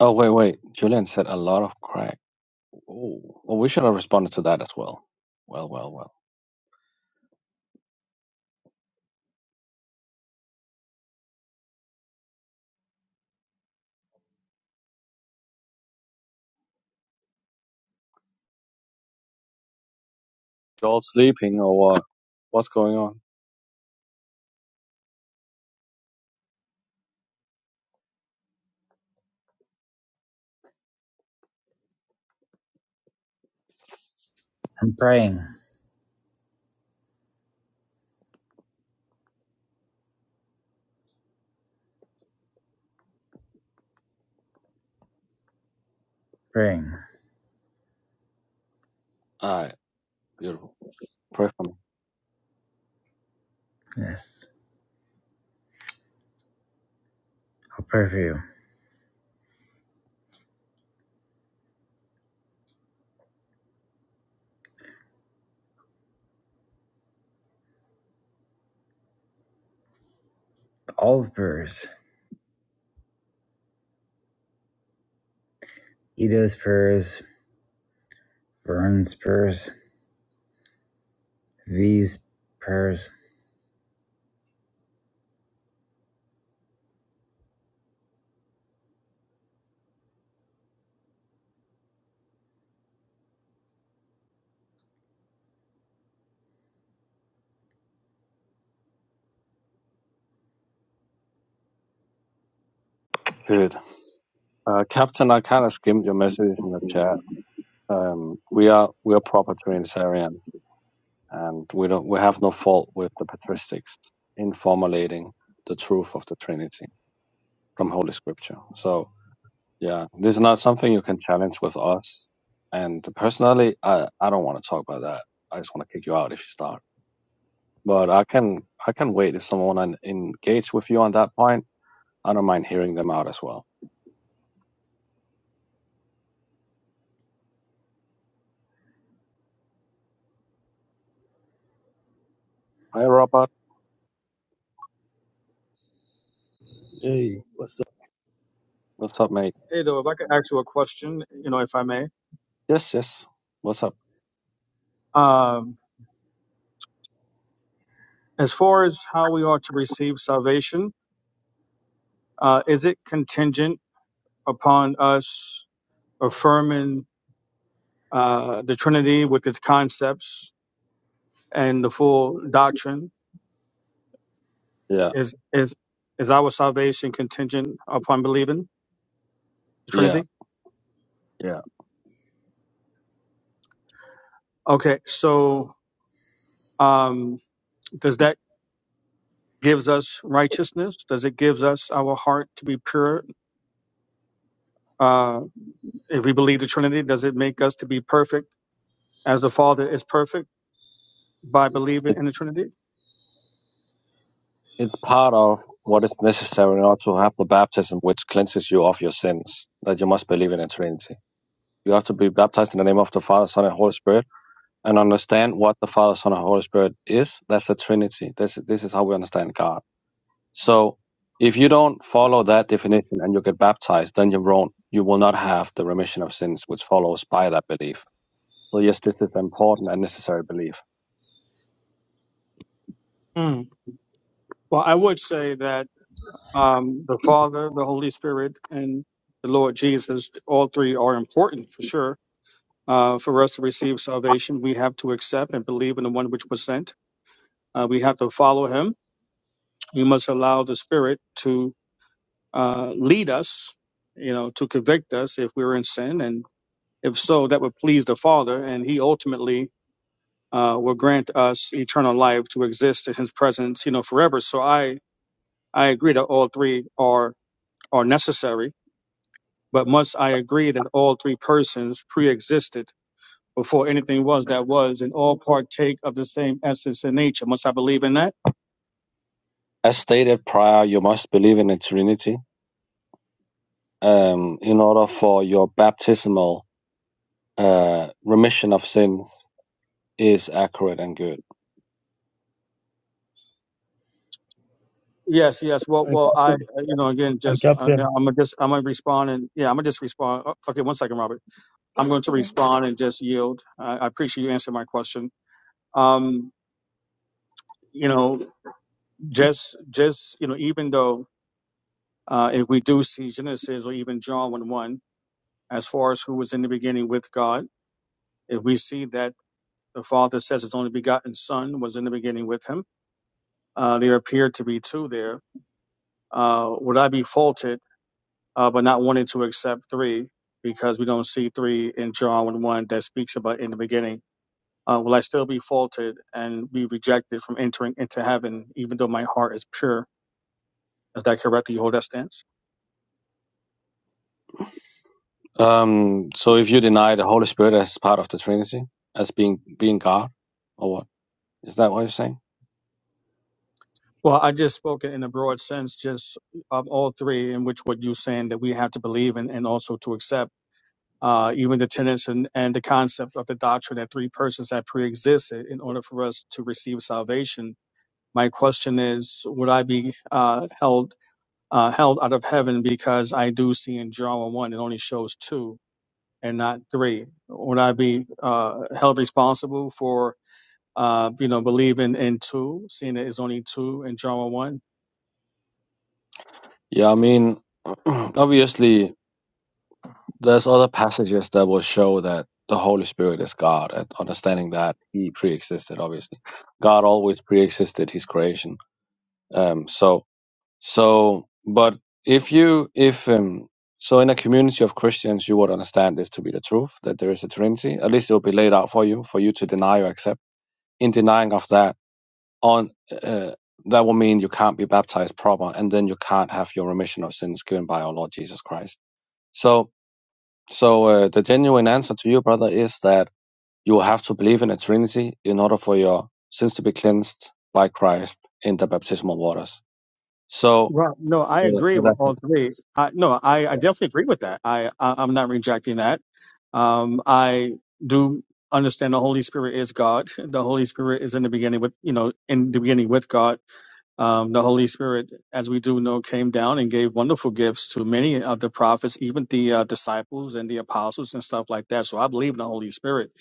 S9: oh, wait, wait. Julian said a lot of crack. Oh, well, we should have responded to that as well. Well, well, well. you all sleeping or what? What's going on?
S10: i'm praying praying
S9: All right. Beautiful. Pray for me.
S10: yes i'll pray for you all's prayers ido's prayers vern's prayers v's prayers
S9: Good. Uh, Captain, I kind of skimmed your message in the chat. Um, we are we are proper Trinitarian, and we don't we have no fault with the patristics in formulating the truth of the Trinity from Holy Scripture. So yeah, this is not something you can challenge with us. And personally, I I don't want to talk about that. I just want to kick you out if you start. But I can I can wait if someone en- engage with you on that point. I don't mind hearing them out as well. Hi, Robert.
S11: Hey, what's up?
S9: What's up, mate?
S6: Hey, though, if I could ask you a question, you know, if I may.
S9: Yes, yes. What's up?
S6: Um, as far as how we are to receive salvation, uh, is it contingent upon us affirming uh, the Trinity with its concepts and the full doctrine?
S9: Yeah.
S6: Is is is our salvation contingent upon believing the
S9: Yeah,
S6: Trinity?
S9: yeah.
S6: Okay, so um, does that gives us righteousness? Does it gives us our heart to be pure? Uh, if we believe the Trinity, does it make us to be perfect as the Father is perfect by believing
S9: It,
S6: in the Trinity?
S9: it's part of what is necessary in order to have the baptism which cleanses you of your sins, that you must believe in the Trinity. You have to be baptized in the name of the Father, Son, and Holy Spirit, and understand what the Father, Son, and Holy Spirit is. That's the Trinity. This, this is how we understand God. So, if you don't follow that definition and you get baptized, then you're wrong. You will not have the remission of sins which follows by that belief. So, yes, this is an important and necessary belief.
S6: Hmm. Well, I would say that um, the Father, the Holy Spirit, and the Lord Jesus, all three are important for sure. Uh, for us to receive salvation, we have to accept and believe in the one which was sent Uh, we have to follow him. We must allow the Spirit to uh, lead us, you know, to convict us if we're in sin. And if so, that would please the Father. And he ultimately uh, will grant us eternal life to exist in his presence, you know, forever. So I, I agree that all three are, are necessary. But must I agree that all three persons pre existed before anything was that was and all partake of the same essence and nature? Must I believe in that?
S9: As stated prior, you must believe in the Trinity um, in order for your baptismal uh, remission of sin is accurate and good.
S6: Yes, yes. Well,
S11: Hey,
S6: well, I, uh,
S11: Captain.
S6: you know, again,
S11: Hey,
S6: just, uh,
S11: Captain.
S6: you know, I'm gonna just, I'm gonna respond and, yeah, I'm gonna just respond. O- Okay, one second, Robert. I'm going to respond and just yield. I, I appreciate you answering my question. Um, you know, just, just, you know, even though, uh, if we do see Genesis or even John 1 1, as far as who was in the beginning with God, if we see that the Father says his only begotten Son was in the beginning with him, uh, there appear to be two there. Uh, would I be faulted? uh, but not wanting to accept three because we don't see three in John 1 1 that speaks about in the beginning. Uh, will I still be faulted and be rejected from entering into heaven, even though my heart is pure? Is that correct? Do you hold that stance?
S9: Um, so if you deny the Holy Spirit as part of the Trinity, as being being God, or what is that what you're saying?
S6: Well, I just spoke in a broad sense, just of all three, in which what you're saying that we have to believe in and also to accept, uh, even the tenets and, and the concepts of the doctrine that three persons have pre-existed in order for us to receive salvation. My question is, would I be uh, held uh, held out of heaven because I do see in John 1 it only shows two and not three. Would I be uh, held responsible for, uh, you know, believing in two, seeing that it's only two in John 1?
S9: Yeah, I mean, *clears throat* obviously there's other passages that will show that the Holy Spirit is God, and understanding that He pre-existed. Obviously, God always pre-existed His creation. Um, so So, but if you, if, um, so in a community of Christians, you would understand this to be the truth, that there is a Trinity. At least it will be laid out for you, for you to deny or accept. In denying of that, on, uh, that will mean you can't be baptized proper, and then you can't have your remission of sins given by our Lord Jesus Christ. So, so, uh, the genuine answer to you, brother, is that you will have to believe in a Trinity in order for your sins to be cleansed by Christ in the baptismal waters. So,
S6: Right. No, I
S9: so
S6: agree
S9: so
S6: with all
S9: that's
S6: three. I, no, I, I definitely agree with that. I, I I'm not rejecting that. Um, I do understand the Holy Spirit is God. *laughs* The Holy Spirit is in the beginning with you know in the beginning with God. Um, the Holy Spirit, as we do know, came down and gave wonderful gifts to many of the prophets, even the uh, disciples and the apostles and stuff like that. So I believe in the Holy Spirit.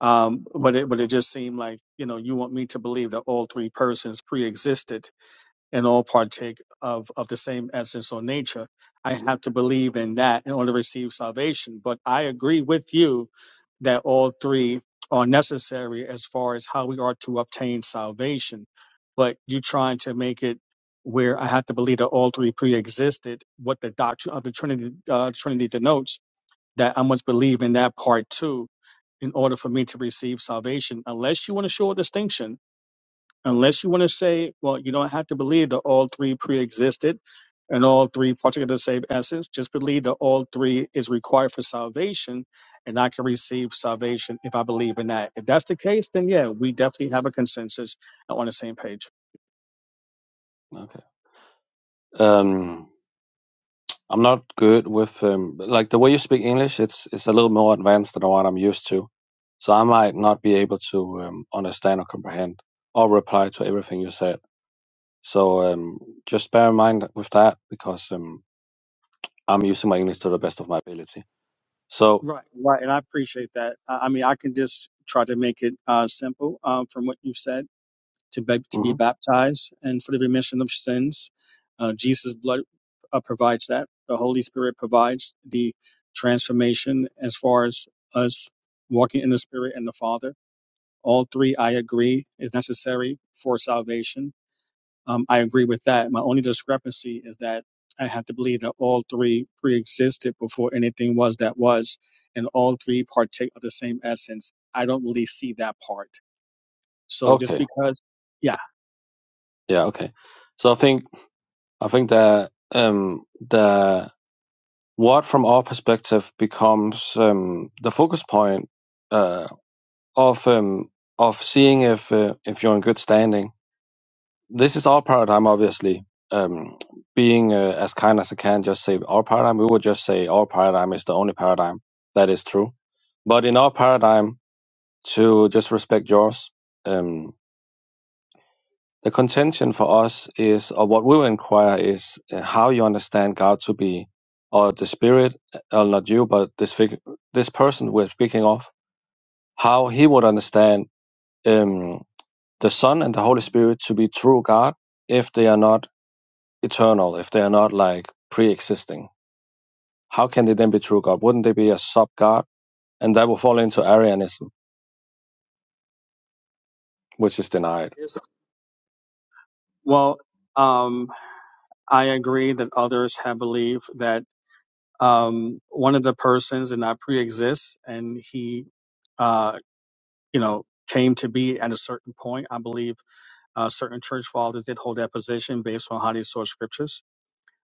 S6: Um, but it but it just seemed like you know you want me to believe that all three persons pre-existed and all partake of, of the same essence or nature. I have to believe in that in order to receive salvation. But I agree with you that all three are necessary as far as how we are to obtain salvation. But you trying to make it where I have to believe that all three pre-existed, what the doctrine of the Trinity, uh, Trinity denotes, that I must believe in that part too in order for me to receive salvation, unless you want to show a distinction unless you want to say, well, you don't have to believe that all three pre-existed and all three partake of the same essence. Just believe that all three is required for salvation, and I can receive salvation if I believe in that. If that's the case, then yeah, we definitely have a consensus and on the same page.
S9: okay. Um, I'm not good with um, like the way you speak English. It's it's a little more advanced than what I'm used to, so I might not be able to um, understand or comprehend or reply to everything you said. So um, just bear in mind with that because um, I'm using my English to the best of my ability. So
S6: Right, right, and I appreciate that. I I mean, I can just try to make it uh, simple um, from what you. to be, to be
S9: mhm.
S6: baptized and for the remission of sins. Uh, Jesus' blood uh, provides that. The Holy Spirit provides the transformation as far as us walking in the Spirit and the Father. All three, I agree, is necessary for salvation. Um, I agree with that. My only discrepancy is that I have to believe that all three pre-existed before anything was that was, and all three partake of the same essence. I don't really see that part. So just
S9: okay,
S6: because, yeah,
S9: yeah, okay. So I think I think the um, the what from our perspective becomes um, the focus point uh, of um, of seeing if uh, if you're in good standing. This is our paradigm, obviously. Um, being uh, as kind as I can, just say our paradigm. We would just say our paradigm is the only paradigm that is true. But in our paradigm, to just respect yours, um, the contention for us is, or what we will inquire is, uh, how you understand God to be, or the spirit, or not you, but this fig- this person we're speaking of, how he would understand. Um, the Son and the Holy Spirit to be true God if they are not eternal, if they are not like pre existing? How can they then be true God? Wouldn't they be a sub God? And that will fall into Arianism, which is denied.
S6: Well, um, I agree that others have believed that um, one of the persons did not pre-exist, and he, uh, you know, came to be at a certain point. I believe uh, certain church fathers did hold that position based on how they saw scriptures.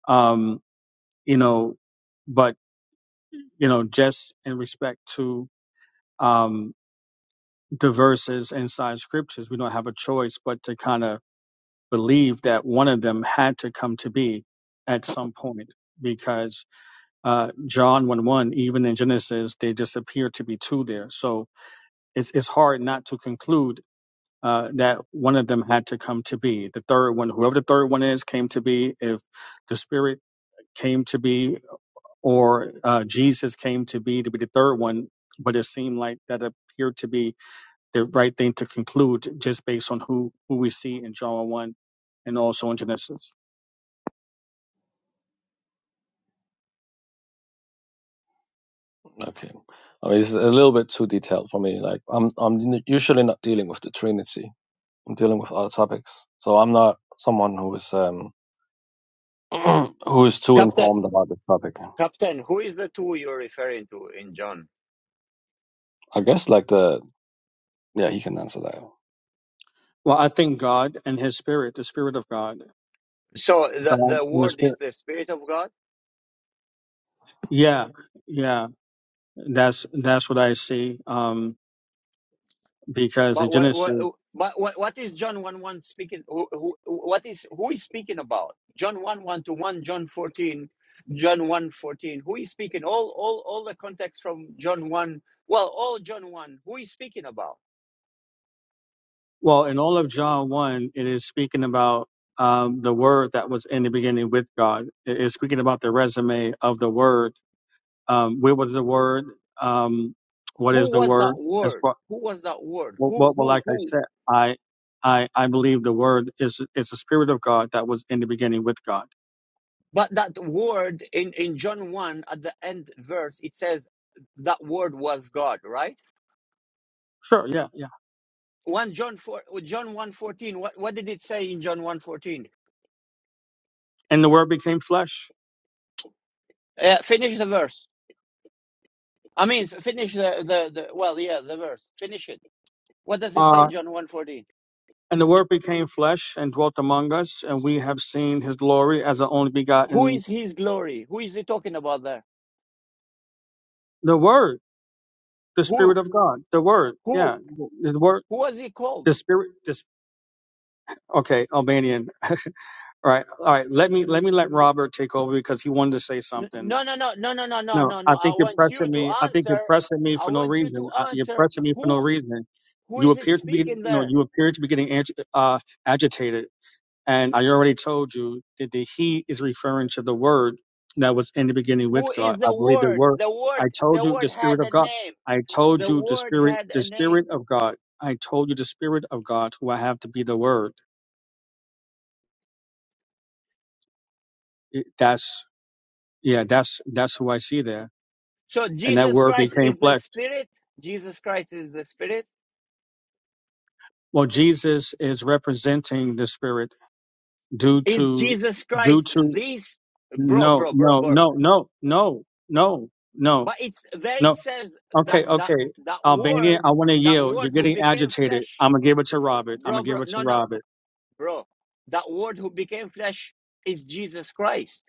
S6: Um, you know, but you know, just in respect to um, the verses inside scriptures, we don't have a choice but to kind of believe that one of them had to come to be at some point because uh, John 1 1, even in Genesis, they just appear to be two there. So it's, it's hard not to conclude uh, that one of them had to come to be. The third one, whoever the third one is, came to be. If the Spirit came to be or uh, Jesus came to be to be the third one, but it seemed like that appeared to be the right thing to conclude just based on who, who we see in John 1 and also in Genesis.
S9: Okay. I mean, it's a little bit too detailed for me. Like, I'm, I'm usually not dealing with the Trinity. I'm dealing with other topics. So I'm not someone who is, um, *clears throat* who is too
S1: Captain,
S9: informed about this topic.
S1: Captain, who is the two you're referring to in John?
S9: I guess like the, yeah, he can answer that.
S6: Well, I think God and His Spirit, the Spirit of God,
S1: So the
S6: God
S1: the
S6: and the
S1: word
S6: Spirit.
S1: is the spirit of God.
S6: Yeah, yeah, that's that's what I see. Um, because in
S1: But what
S6: Genesis,
S1: what but what what is John one one speaking? Who, who what is who is speaking about? John one one to one, John fourteen, John one fourteen. Who is speaking? All all all the context from John one. Well, all John one. Who is speaking about?
S6: well, in all of John one, it is speaking about um, the Word that was in the beginning with God. It is speaking about the resume of the Word. Um, where was the Word? Um, what is
S1: Who
S6: the
S1: was
S6: Word?
S1: that
S6: As
S1: word?
S6: what,
S1: Who was that word?
S6: what,
S1: Who
S6: what- well,
S1: who
S6: like I
S1: who?
S6: said, I, I, I believe the Word is is the Spirit of God that was in the beginning with God.
S1: But that word in in John one at the end verse it says that word was God, right?
S6: Sure, yeah, yeah.
S1: one John four John one fourteen. What what did it say in John one fourteen?
S6: And the Word became flesh.
S1: Uh, finish the verse. I mean, f- finish the, the the well, yeah, the verse. Finish it. What does it say in John one fourteen?
S6: And the Word became flesh and dwelt among us, and we have seen his glory as the only
S1: Who
S6: begotten,
S1: is his glory? Who is he talking about there?
S6: the Word, the Spirit
S1: Who
S6: of God, the Word.
S1: who
S6: Yeah, the Word,
S1: who was he called?
S6: the Spirit. This, okay, Albanian. *laughs* all right, all right. Let me let me let Robert take over because he wanted to say
S1: N-
S6: something.
S1: No no no no no no no
S6: No,
S1: no
S6: I
S1: no. I
S6: think you're
S1: want you
S6: pressing
S1: to
S6: me. I think you're
S1: answer.
S6: pressing me
S1: I
S6: for no
S1: want you
S6: reason.
S1: to
S6: Uh, you're
S1: answer.
S6: pressing me for no
S1: Who
S6: reason.
S1: who
S6: You
S1: is it
S6: appear to be
S1: speaking
S6: no.
S1: there?
S6: You appear to be getting ag- uh, agitated. And I already told you that the He is referring to the Word that was in the beginning with
S1: Who
S6: God.
S1: is
S6: I
S1: the
S6: believe the
S1: word?
S6: Word.
S1: The
S6: I
S1: word
S6: told
S1: the
S6: you the
S1: word
S6: Spirit
S1: had
S6: of
S1: a
S6: God.
S1: name.
S6: I told
S1: The
S6: you the
S1: word
S6: Spirit,
S1: had
S6: the
S1: a name
S6: Spirit of God. I told you the Spirit of God, who I have to be the Word. It- that's yeah, that's that's who I see there.
S1: So
S6: And that
S1: Jesus
S6: Word
S1: Christ
S6: became
S1: is the
S6: flesh.
S1: Spirit. Jesus Christ is the Spirit.
S6: Well, Jesus is representing the Spirit due
S1: Is
S6: to
S1: Jesus
S6: due
S1: Christ
S6: to
S1: this bro,
S6: no
S1: bro, bro,
S6: no
S1: bro?
S6: no no no no no
S1: But it's there.
S6: no
S1: It says that
S6: Okay,
S1: that
S6: okay.
S1: that
S6: Albania,
S1: word,
S6: I want to
S1: that
S6: yield. You're
S1: word who
S6: getting
S1: became
S6: agitated.
S1: flesh,
S6: I'm going to give it to Robert. I'm
S1: bro,
S6: going to give
S1: bro.
S6: it to
S1: No, no,
S6: Robert.
S1: bro. That word who became flesh is Jesus Christ.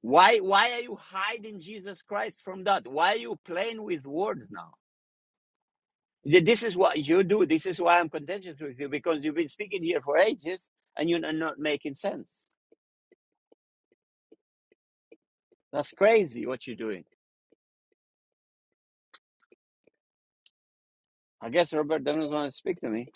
S1: Why why are you hiding Jesus Christ from that? Why are you playing with words now? This is what you do. This is why I'm contentious with you because you've been speaking here for ages and you're not making sense. That's crazy what you're doing. I guess Robert doesn't want to speak to me.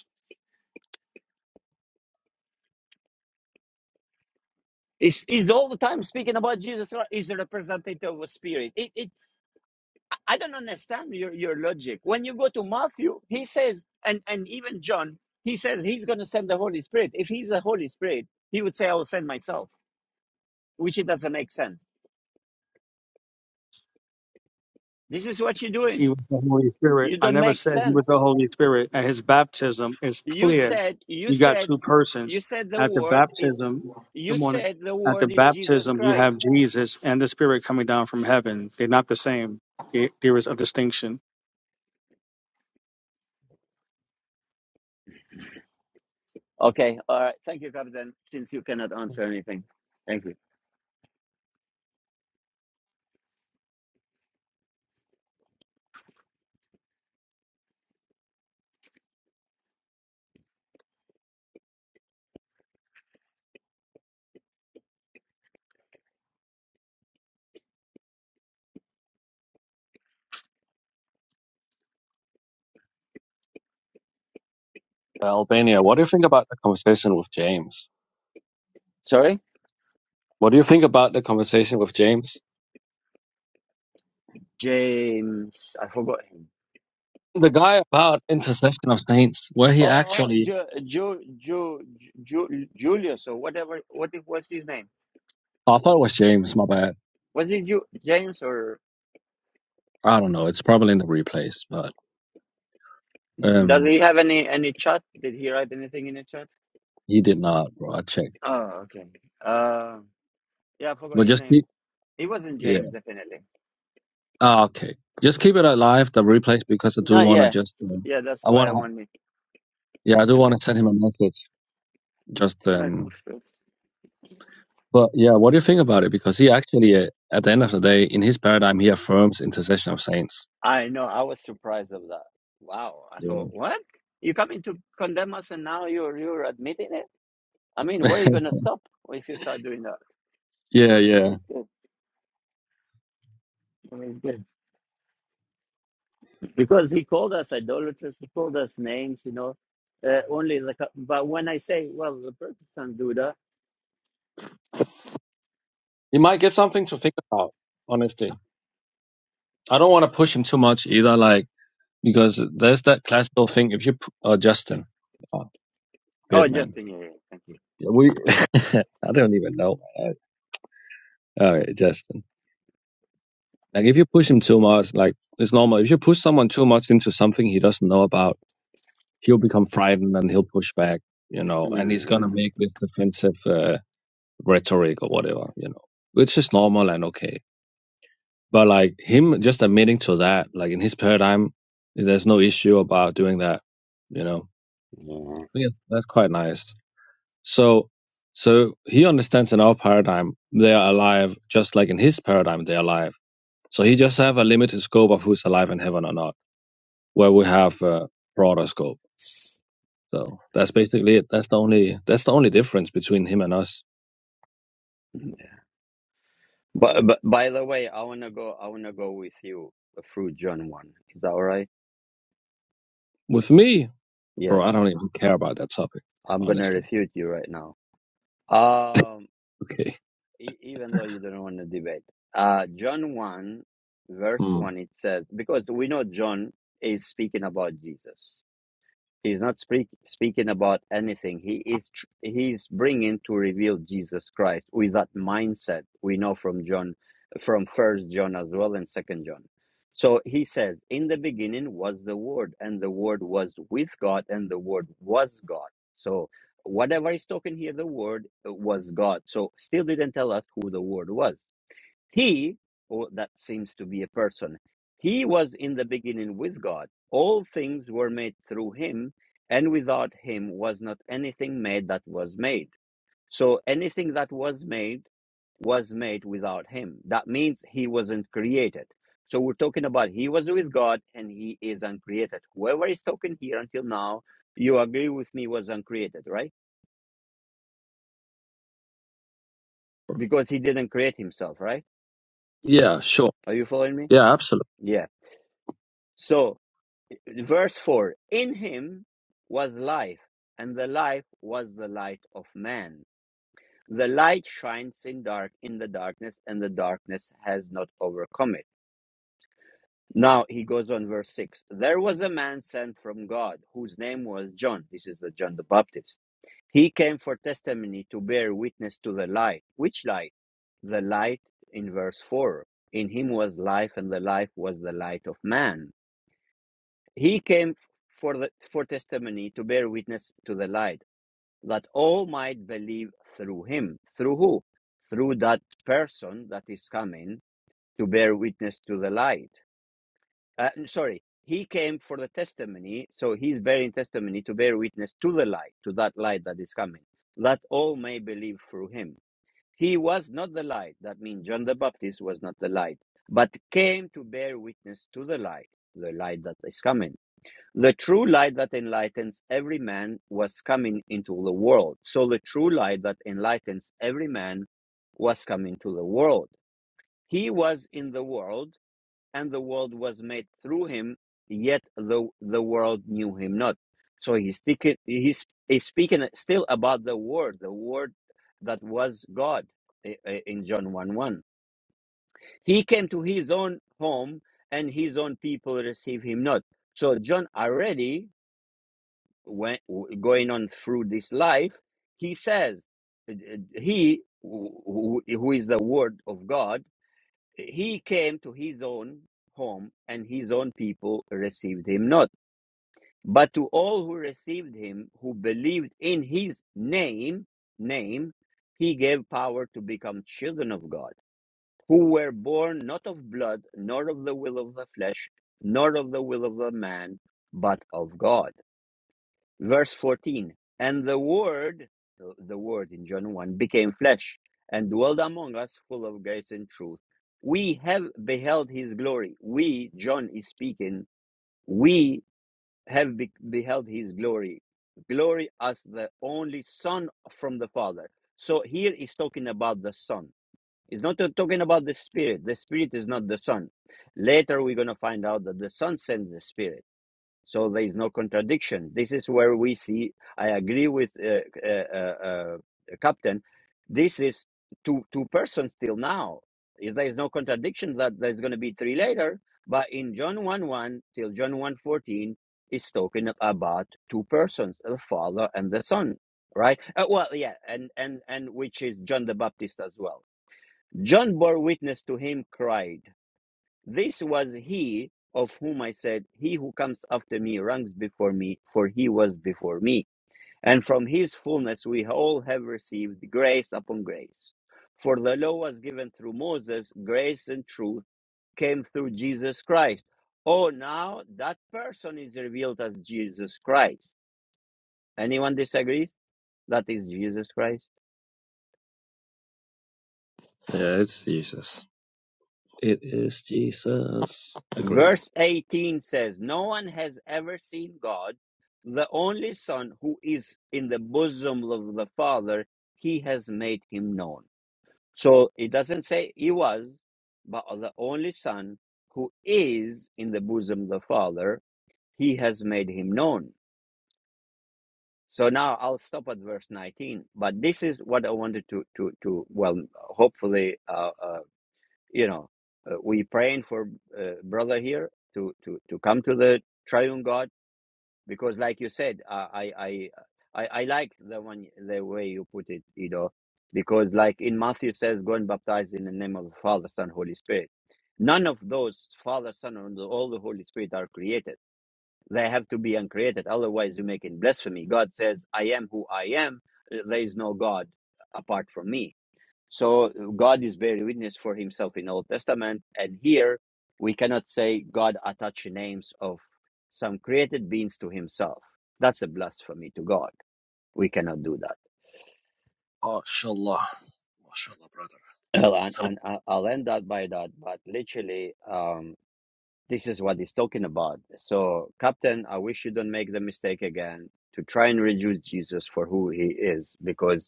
S1: He's, he's all the time speaking about Jesus Christ. He's a representative of a spirit. It, it, I don't understand your, your logic. When you go to Matthew, he says, and, and even John, he says he's going to send the Holy Spirit. If he's the Holy Spirit, he would say, I will send myself, which it doesn't make sense. This is what you're
S6: He
S1: doing.
S6: was the Holy Spirit.
S1: You
S6: I
S1: don't
S6: never
S1: make
S6: said he was the
S1: sense.
S6: Holy Spirit. At his baptism, it's
S1: You
S6: clear
S1: said, you
S6: you got
S1: said,
S6: two
S1: you
S6: persons.
S1: said the
S6: At the
S1: word is,
S6: baptism, good
S1: you
S6: morning.
S1: said the
S6: At the
S1: word is Jesus
S6: baptism, you
S1: Christ.
S6: have Jesus and the Spirit coming down from heaven. They're not the same. There there is a distinction.
S1: Okay. All right. Thank you, Captain. Since you cannot answer anything, thank you.
S9: Albania, what do you think about the conversation with James?
S1: Sorry,
S9: What do you think about the conversation with James?
S1: James. I forgot him.
S9: The guy about intersection of saints, where he
S1: Oh, oh,
S9: actually,
S1: Ju, Ju, Ju, Ju, Julius or whatever. What it was his name?
S9: oh, I thought it was James, my bad.
S1: Was it Ju, James or
S9: I don't know. It's probably in the replays, but
S1: does
S9: um,
S1: he have any any chat? Did he write anything in the chat?
S9: he did not, bro. I checked.
S1: Oh, okay. Uh, yeah, I forgot
S9: But
S1: his
S9: just
S1: name.
S9: keep,
S1: It wasn't
S9: yeah.
S1: James, definitely.
S9: Ah, okay. Just keep it alive, the replays, because I do
S1: No,
S9: want to
S1: yeah,
S9: just, um,
S1: yeah. That's
S9: I
S1: why
S9: want
S1: I
S9: to,
S1: wanted.
S9: yeah, I do
S1: Yeah,
S9: want
S1: thank
S9: to send him a message. Just,
S1: you. All right.
S9: um,
S1: cool.
S9: but yeah, what do you think about it? Because he actually, uh, at the end of the day, in his paradigm, he affirms intercession of saints.
S1: I know. I was surprised of that. Wow. I
S9: Yeah.
S1: thought, what? you coming to condemn us, and now you're you're admitting it. I mean, where are you
S9: *laughs*
S1: gonna stop if you start doing that?
S9: yeah,
S1: That
S9: yeah.
S1: was good. That was good. *laughs* Because he called us idolaters. He called us names. You know, uh, only the. co- But when I say, well, the Protestants do that.
S9: He might get something to think about, honestly. I don't want to push him too much either, like, because there's that classical thing. If you, p- oh, Justin. Oh, good
S1: Oh,
S9: man.
S1: Justin. Yeah. yeah thank you.
S9: Yeah, We, *laughs* I don't even know. man. All right, Justin. Like, if you push him too much, like, it's normal. If you push someone too much into something he doesn't know about, he'll become frightened and he'll push back, you know, and he's gonna
S1: Mm,
S9: make this defensive, uh, rhetoric or whatever, you know, which is normal and okay. But like him just admitting to that, like in his paradigm, there's no issue about doing that. You know, I think that's quite nice. So, so he understands in our paradigm they are alive, just like in his paradigm they are alive. So he just have a limited scope of who's alive in heaven or not, where we have a broader scope. So that's basically it. That's the only that's the only difference between him and us.
S1: yeah. But, but by the way, I wanna go. I wanna go with you uh, through John one. Is that all right?
S9: With me, bro, I
S1: Yes.
S9: don't even care about that topic,
S1: I'm gonna
S9: honestly.
S1: refute you right now. Um,
S9: Okay.
S1: e- even though you don't want to debate, uh, John 1, verse
S9: Hmm.
S1: 1, it says, because we know John is speaking about Jesus. He's not speak, speaking about anything. He is he's bringing to reveal Jesus Christ with that mindset we know from John, from First John as well and Second John. So he says, "In the beginning was the Word, and the Word was with God, and the Word was God." So whatever is talking here, the Word was God. So still didn't tell us who the Word was. He, or that seems to be a person, he was in the beginning with God. All things were made through him, and without him was not anything made that was made. So anything that was made was made without him. That means he wasn't created. So we're talking about he was with God and he is uncreated. Whoever is talking here until now, you agree with me was uncreated, right? Because he didn't create himself, right?
S9: Yeah, sure.
S1: Are you following me?
S9: Yeah, absolutely.
S1: Yeah. So verse 4 in him was life and the life was the light of man the light shines in dark in the darkness and the darkness has not overcome it now he goes on verse 6 there was a man sent from god whose name was john this is the john the baptist he came for testimony to bear witness to the light which light the light in verse 4 in him was life and the life was the light of man He came for the for testimony to bear witness to the light, that all might believe through him. Through who? Through that person that is coming to bear witness to the light. Uh, sorry, he came for the testimony, so he's bearing testimony to bear witness to the light, to that light that is coming, that all may believe through him. He was not the light. That means John the Baptist was not the light, but came to bear witness to the light, the light that is coming the true light that enlightens every man was coming into the world. So the true light that enlightens every man was coming to the world. He was in the world, and the world was made through him, yet the, the world knew him not. So he's, speaking he's, he's speaking still about the Word, the Word that was God eh, eh, in John 1 1. He came to his own home, and his own people received him not. So John already when going on through this life, he says, uh, uh, he who who is the word of God, he came to his own home and his own people received him not. But to all who received him, who believed in his name, name, he gave power to become children of God, who were born not of blood, nor of the will of the flesh, nor of the will of the man, but of God verse 14 and the word the word in john 1 became flesh and dwelled among us full of grace and truth we have beheld his glory we john is speaking we have be- beheld his glory glory as the only son from the father so here he's talking about the son He's not talking about the spirit the spirit is not the son later we're going to find out that the son sends the spirit so there is no contradiction. This is where we see. I agree with uh, uh, uh, uh, Captain. This is two two persons till now. If there is no contradiction that there's going to be three later, but in John one one till John one fourteen is talking about two persons, the Father and the Son, right? Uh, well, yeah, and and and which is John the Baptist as well. John bore witness to him, cried. This was he of whom I said, He who comes after me ranks before me, for he was before me. And from his fullness we all have received grace upon grace. For the law was given through Moses, grace and truth came through Jesus Christ. Oh, now that person is revealed as Jesus Christ. Anyone disagrees? That is Jesus Christ.
S9: Yeah, it's Jesus. It is Jesus. Agreed.
S1: Verse 18 says, No one has ever seen God, the only Son who is in the bosom of the Father, he has made him known. So it doesn't say he was, but the only Son who is in the bosom of the Father, he has made him known. So now I'll stop at verse 19, but this is what I wanted to, to, to well, hopefully uh, uh, you know, uh, we praying for uh, brother here to, to, to come to the triune God because, like you said, I I I, I like the one the way you put it, you know, because like in Matthew says, go and baptize in the name of the Father, Son, Holy Spirit. None of those Father, Son, and all the Holy Spirit are created. They have to be uncreated, otherwise you're making blasphemy. God says, "I am who I am. Uh, There is no God apart from me." So God is bearing witness for himself in Old Testament. And here we cannot say God attached names of some created beings to himself. That's a blasphemy to God. We cannot do that.
S9: MashaAllah. MashaAllah, brother.
S1: Well, and,
S9: I'm,
S1: and I- I'll end that by that, but literally, um, this is what he's talking about. So, Captain, I wish you don't make the mistake again to try and reduce Jesus for who he is, because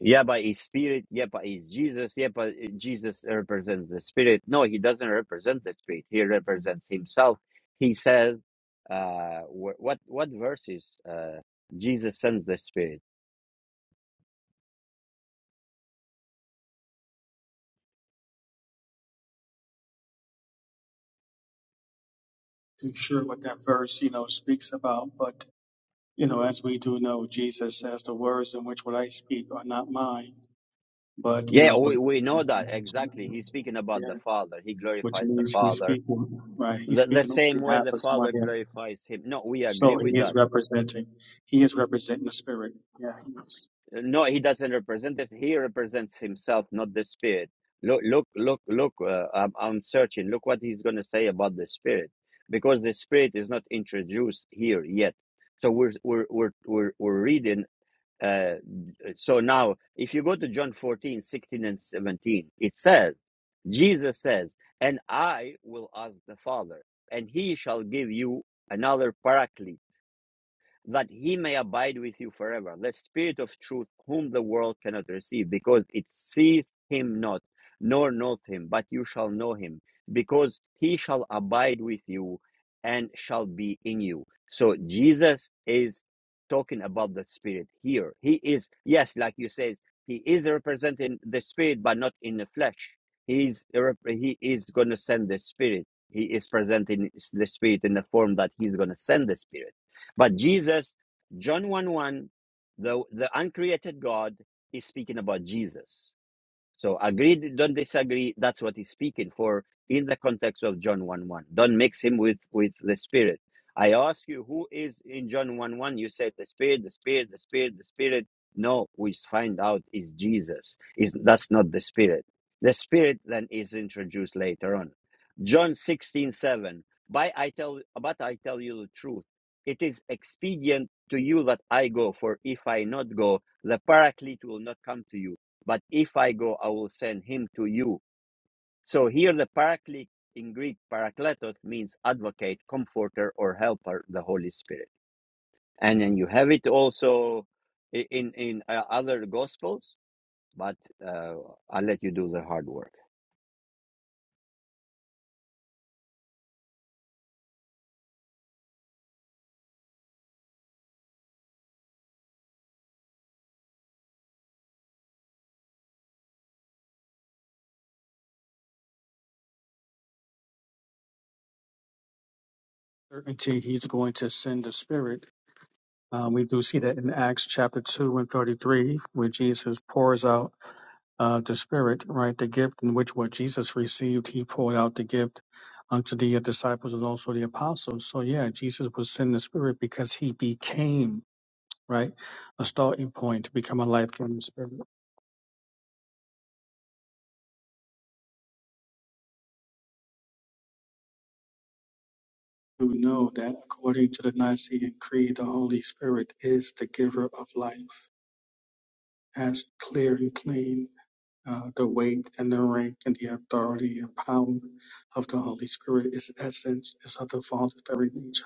S1: Yeah, but he's spirit. Yeah, but he's Jesus. Yeah, but Jesus represents the spirit. No, he doesn't represent the spirit. He represents himself. He says, uh, wh- what what verses? Uh, Jesus sends the spirit.
S6: I'm sure what that verse, you know, speaks about, but, you know, as we do know, Jesus says, the words in which what I speak are not mine but you
S1: Yeah,
S6: know, but
S1: we, we know that exactly. He's speaking about
S6: yeah,
S1: the Father. He
S6: which
S1: glorifies the
S6: means he's
S1: Father
S6: speaking, right? He's
S1: the, the
S6: speaking on
S1: same way
S6: behalf
S1: the
S6: of
S1: Father
S6: somebody else.
S1: glorifies him. No, we
S6: So
S1: agree
S6: he
S1: with that.
S6: is representing, he is representing the spirit. Yeah, he knows
S1: No, he doesn't represent it. He represents himself, not the spirit. Look, look, look, look. Uh, I'm, I'm searching. Look what he's going to say about the spirit, because the spirit is not introduced here yet. So we're we're we're we're, we're reading. Uh, so now, if you go to John 14 16 and 17, it says, Jesus says, "And I will ask the Father, and He shall give you another Paraclete." that he may abide with you forever. The Spirit of truth, whom the world cannot receive, because it seeth him not, nor knoweth him, but you shall know him, because he shall abide with you and shall be in you. So Jesus is talking about the Spirit here. He is, yes, like you says, he is representing the Spirit, but not in the flesh. He is, he is going to send the Spirit. He is presenting the Spirit in the form that he's going to send the Spirit but Jesus, John 1 1, the, the uncreated God is speaking about Jesus. So agree, don't disagree. That's what he's speaking for in the context of John 1 1. Don't mix him with, with the Spirit. I ask you, who is in John 1 1? You say the Spirit, the Spirit, the Spirit, the Spirit. No, we find out is Jesus. Is That's not the Spirit. The Spirit then is introduced later on. John sixteen seven. By I tell, but I tell you the truth. It is expedient to you that I go, for if I not go, the Paraclete will not come to you but if I go, I will send him to you. So here the paraclete in Greek, parakletos, means advocate, comforter, or helper, the Holy Spirit. And then you have it also i- in, in uh, other gospels, but uh, I'll let you do the hard work.
S6: certainty he's going to send the spirit. Um, we do see that in Acts chapter 2 and 33, where Jesus pours out uh, the spirit, right? The gift in which what Jesus received, he poured out the gift unto the disciples and also the apostles. So yeah, Jesus was sending the spirit because he became right? A starting point to become a life giving spirit. We know that according to the Nicene Creed, the Holy Spirit is the giver of life, has clear and clean uh, the weight and the rank and the authority and power of the Holy Spirit. Its essence is of the Father's very nature.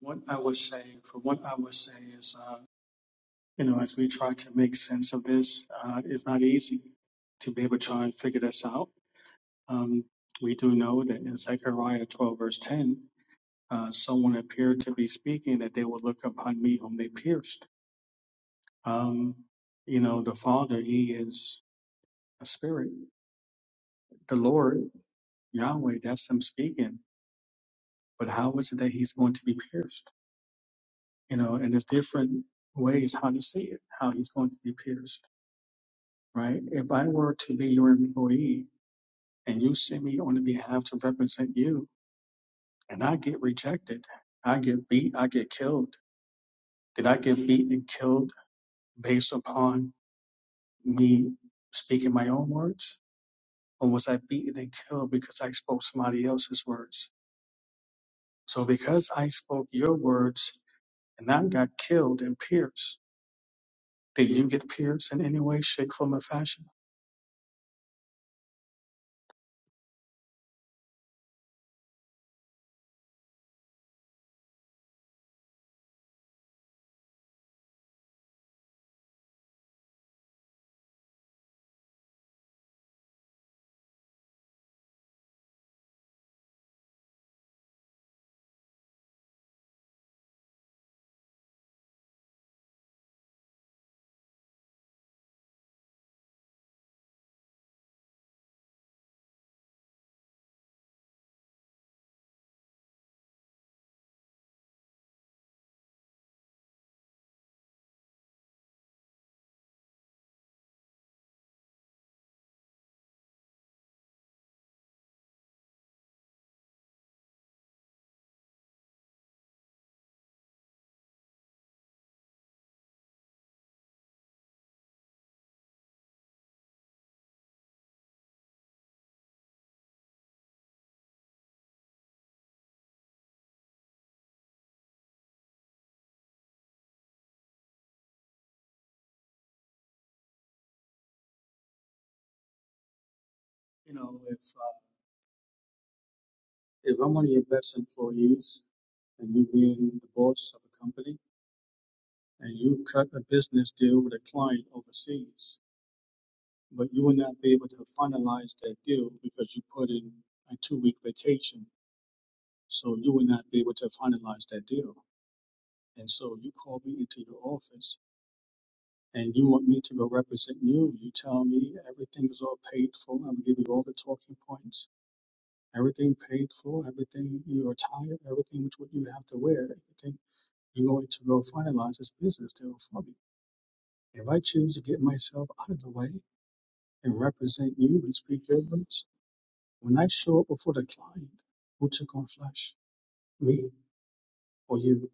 S6: What I would say, for what I would say is, uh, you know, as we try to make sense of this, uh, it's not easy to be able to try and figure this out. Um, we do know that in Zechariah 12, verse 10, uh, someone appeared to be speaking, that they would look upon me whom they pierced. Um, you know, the Father, He is a spirit. The Lord, Yahweh, that's Him speaking. But how is it that He's going to be pierced? You know, and there's different ways how to see it, how He's going to be pierced, right? If I were to be your employee and you send me on the behalf to represent you and I get rejected, I get beat, I get killed. Did I get beat and killed based upon me speaking my own words, or was I beaten and killed because I spoke somebody else's words? So because I spoke your words and I got killed and pierced, did you get pierced in any way, shape, form, or fashion? You know, if uh, if I'm one of your best employees and you being the boss of a company and you cut a business deal with a client overseas, but you will not be able to finalize that deal because you put in a two-week vacation, so you will not be able to finalize that deal And so you call me into your office and you want me to go represent you. You tell me everything is all paid for. I'm gonna give you all the talking points, everything paid for, everything your attire, everything which what you have to wear, everything you're going to go finalize this business deal for me. If I choose to get myself out of the way and represent you and speak your words, when I show up before the client, who took on flesh, me or you?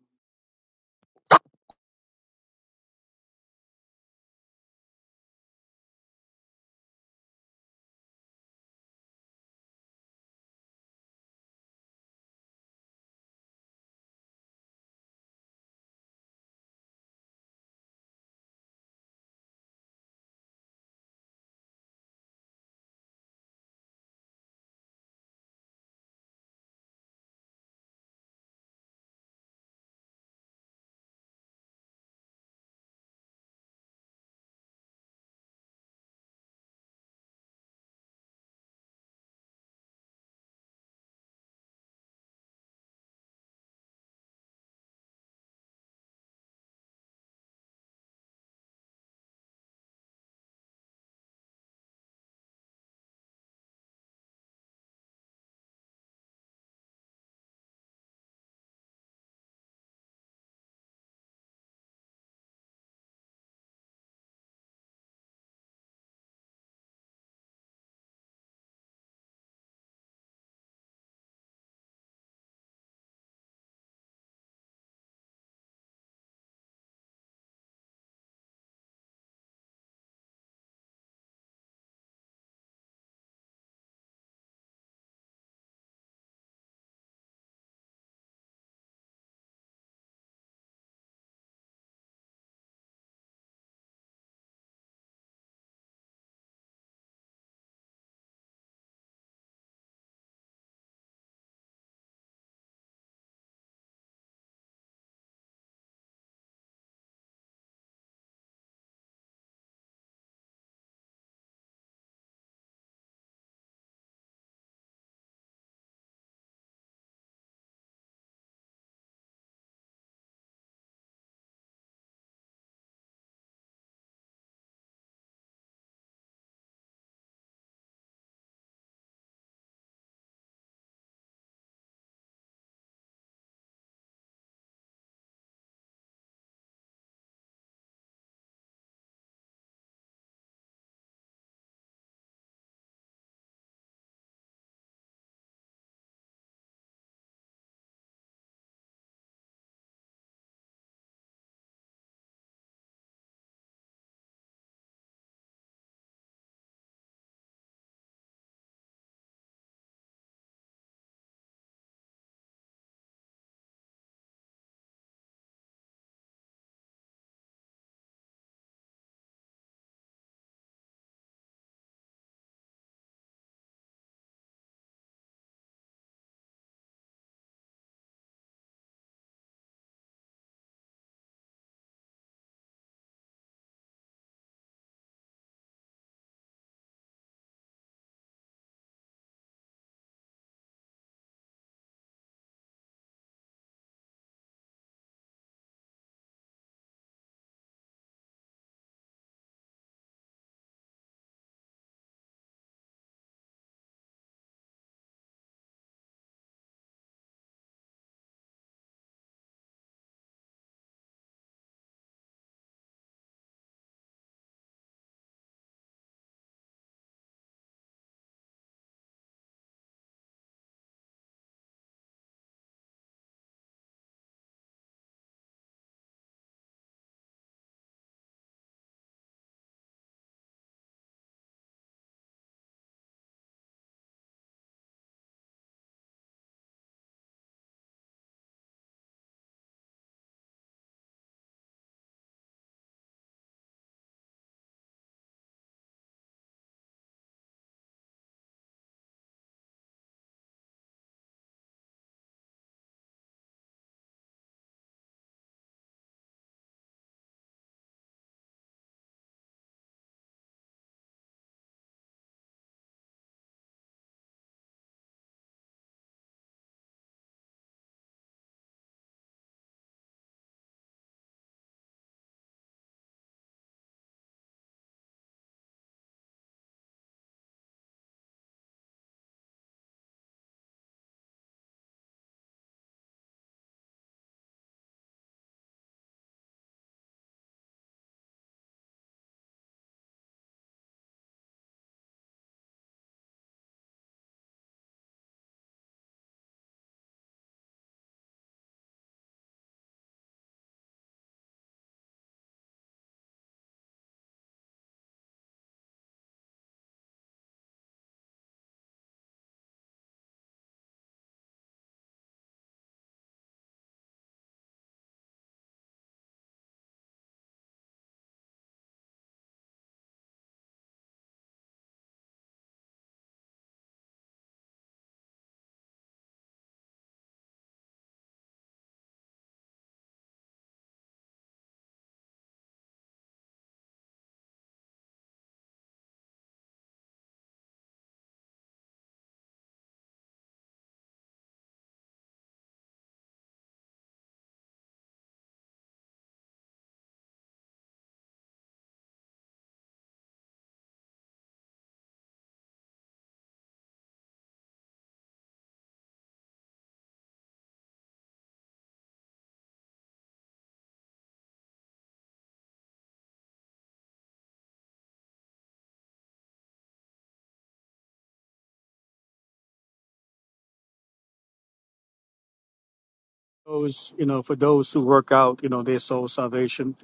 S6: Those, you know, for those who work out, you know, their soul salvation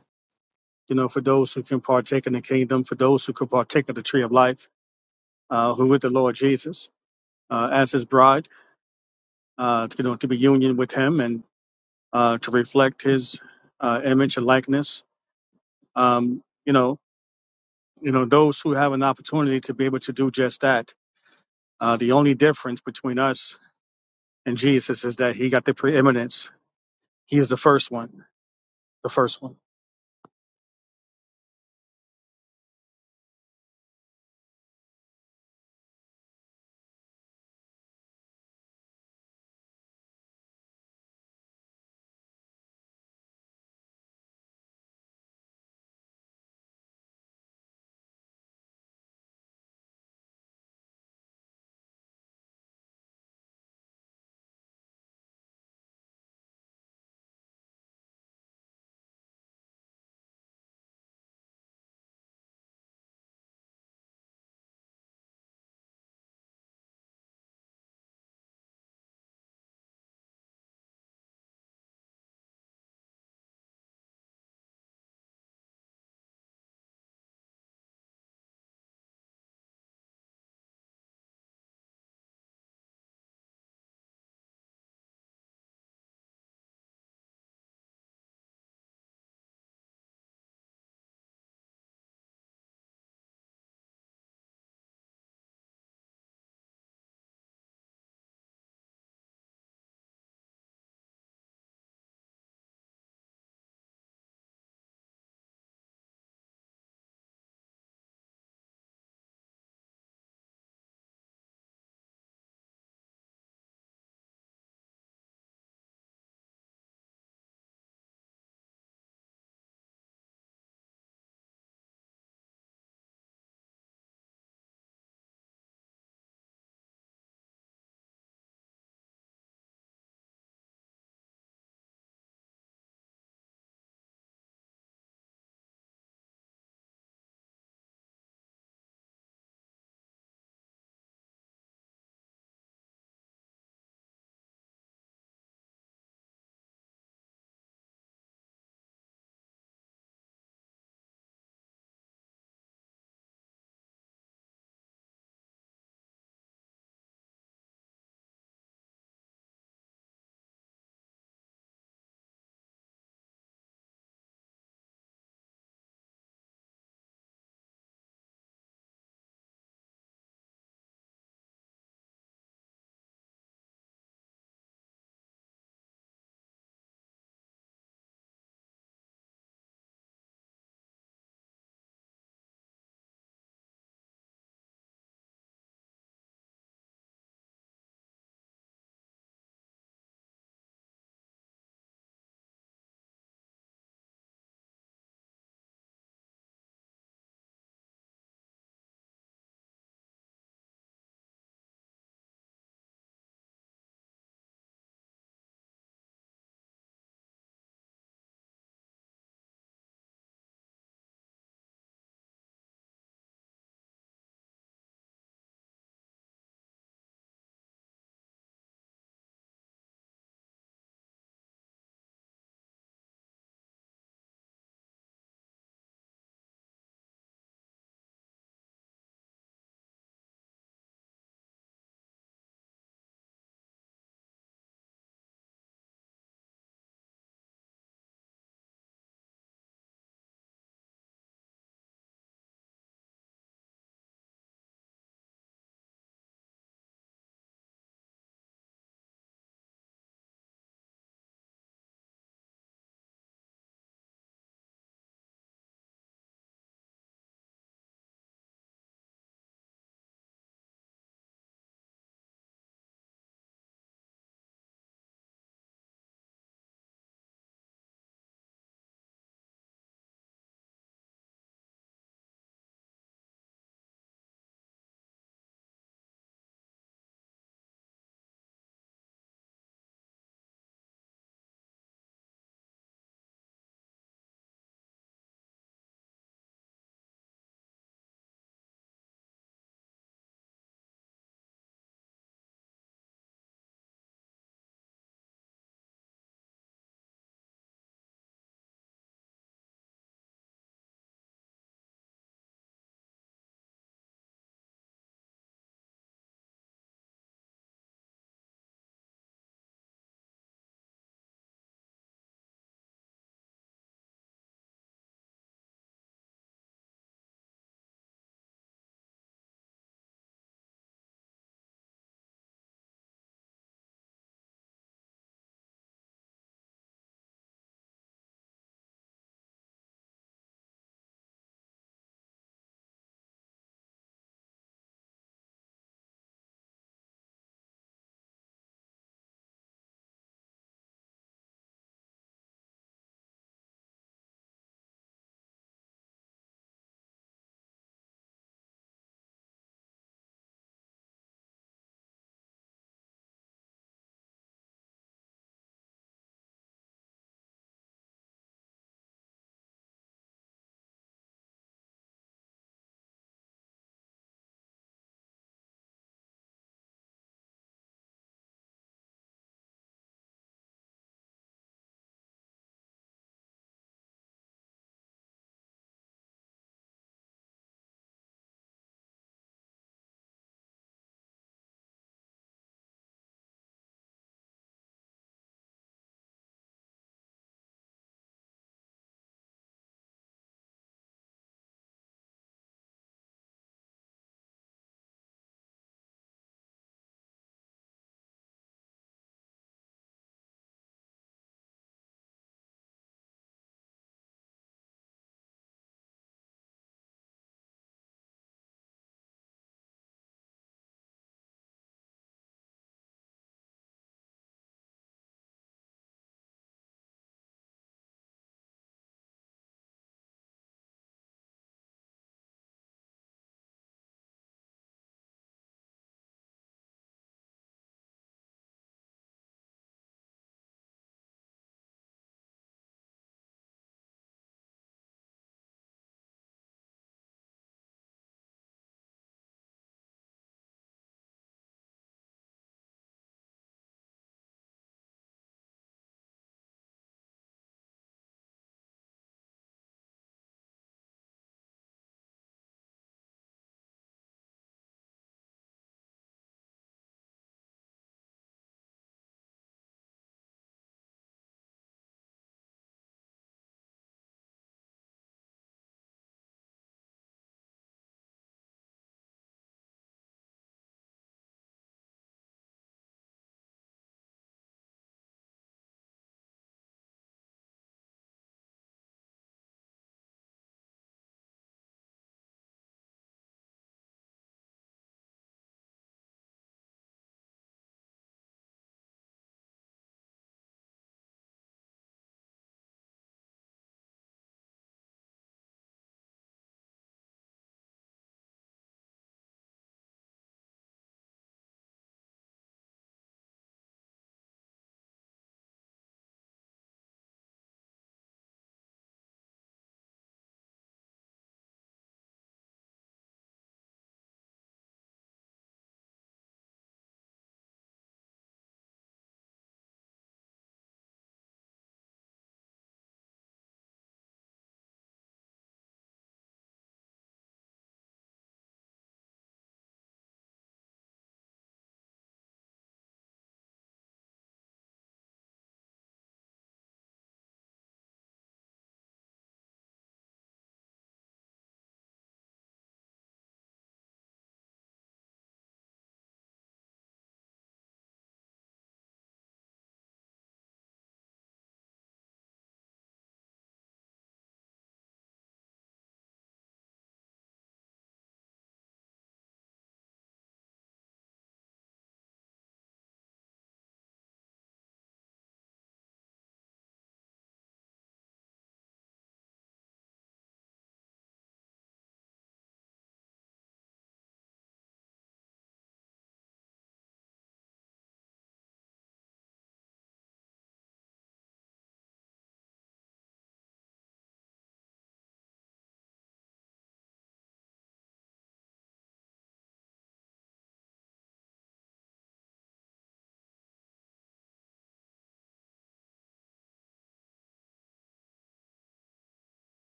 S6: you know, for those who can partake in the kingdom, for those who can partake of the tree of life, uh, who with the Lord Jesus uh, as his bride, uh, you know, to be union with him and uh, to reflect his uh, image and likeness. Um, you know, you know, those who have an opportunity to be able to do just that. Uh, the only difference between us and Jesus is that he got the preeminence. He is the first one, the first one.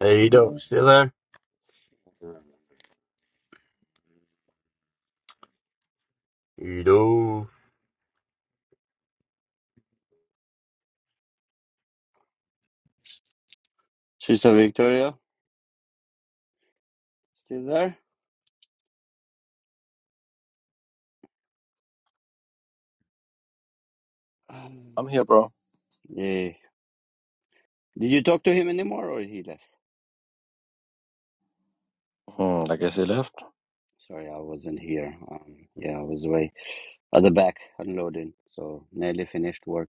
S1: Hey, Edo, still there? Edo. Sister Victoria, still there? Um,
S9: I'm here, bro.
S1: yeah. Did you talk to him anymore or he left?
S9: Hmm, I guess he left.
S1: Sorry, I wasn't here. Um, yeah, I was away. at the back unloading. So nearly finished work.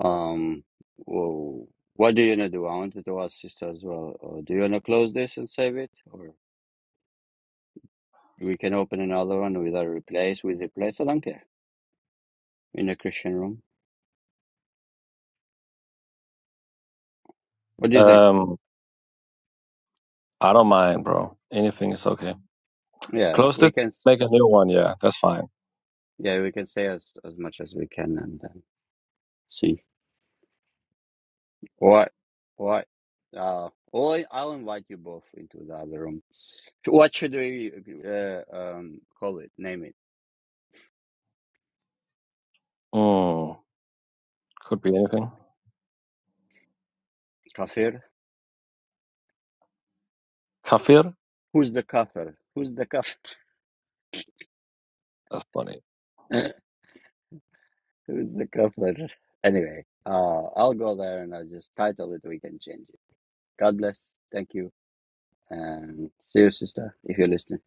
S1: Um, whoa. What do you wanna do? I wanted to ask sister as well. Uh, do you wanna close this and save it, or we can open another one without replace with replace? I don't care. In a Christian room. What do you think?
S9: Um, I don't mind, bro. Anything is okay.
S1: Yeah,
S9: Close this.
S1: we can.
S9: Make a new one. Yeah, that's fine.
S1: Yeah, we can say as as much as we can and then see what what. Uh, well, I'll invite you both into the other room. What should we uh, um call it? Name it.
S9: Hmm, could be anything.
S1: Kafir
S9: Kafir.
S1: Who's the kafir? Who's the kafir?
S9: That's funny.
S1: *laughs* Who's the kafir? Anyway, uh, I'll go there and I'll just title it. We can change it. God bless. Thank you. And see you, sister, if you're listening.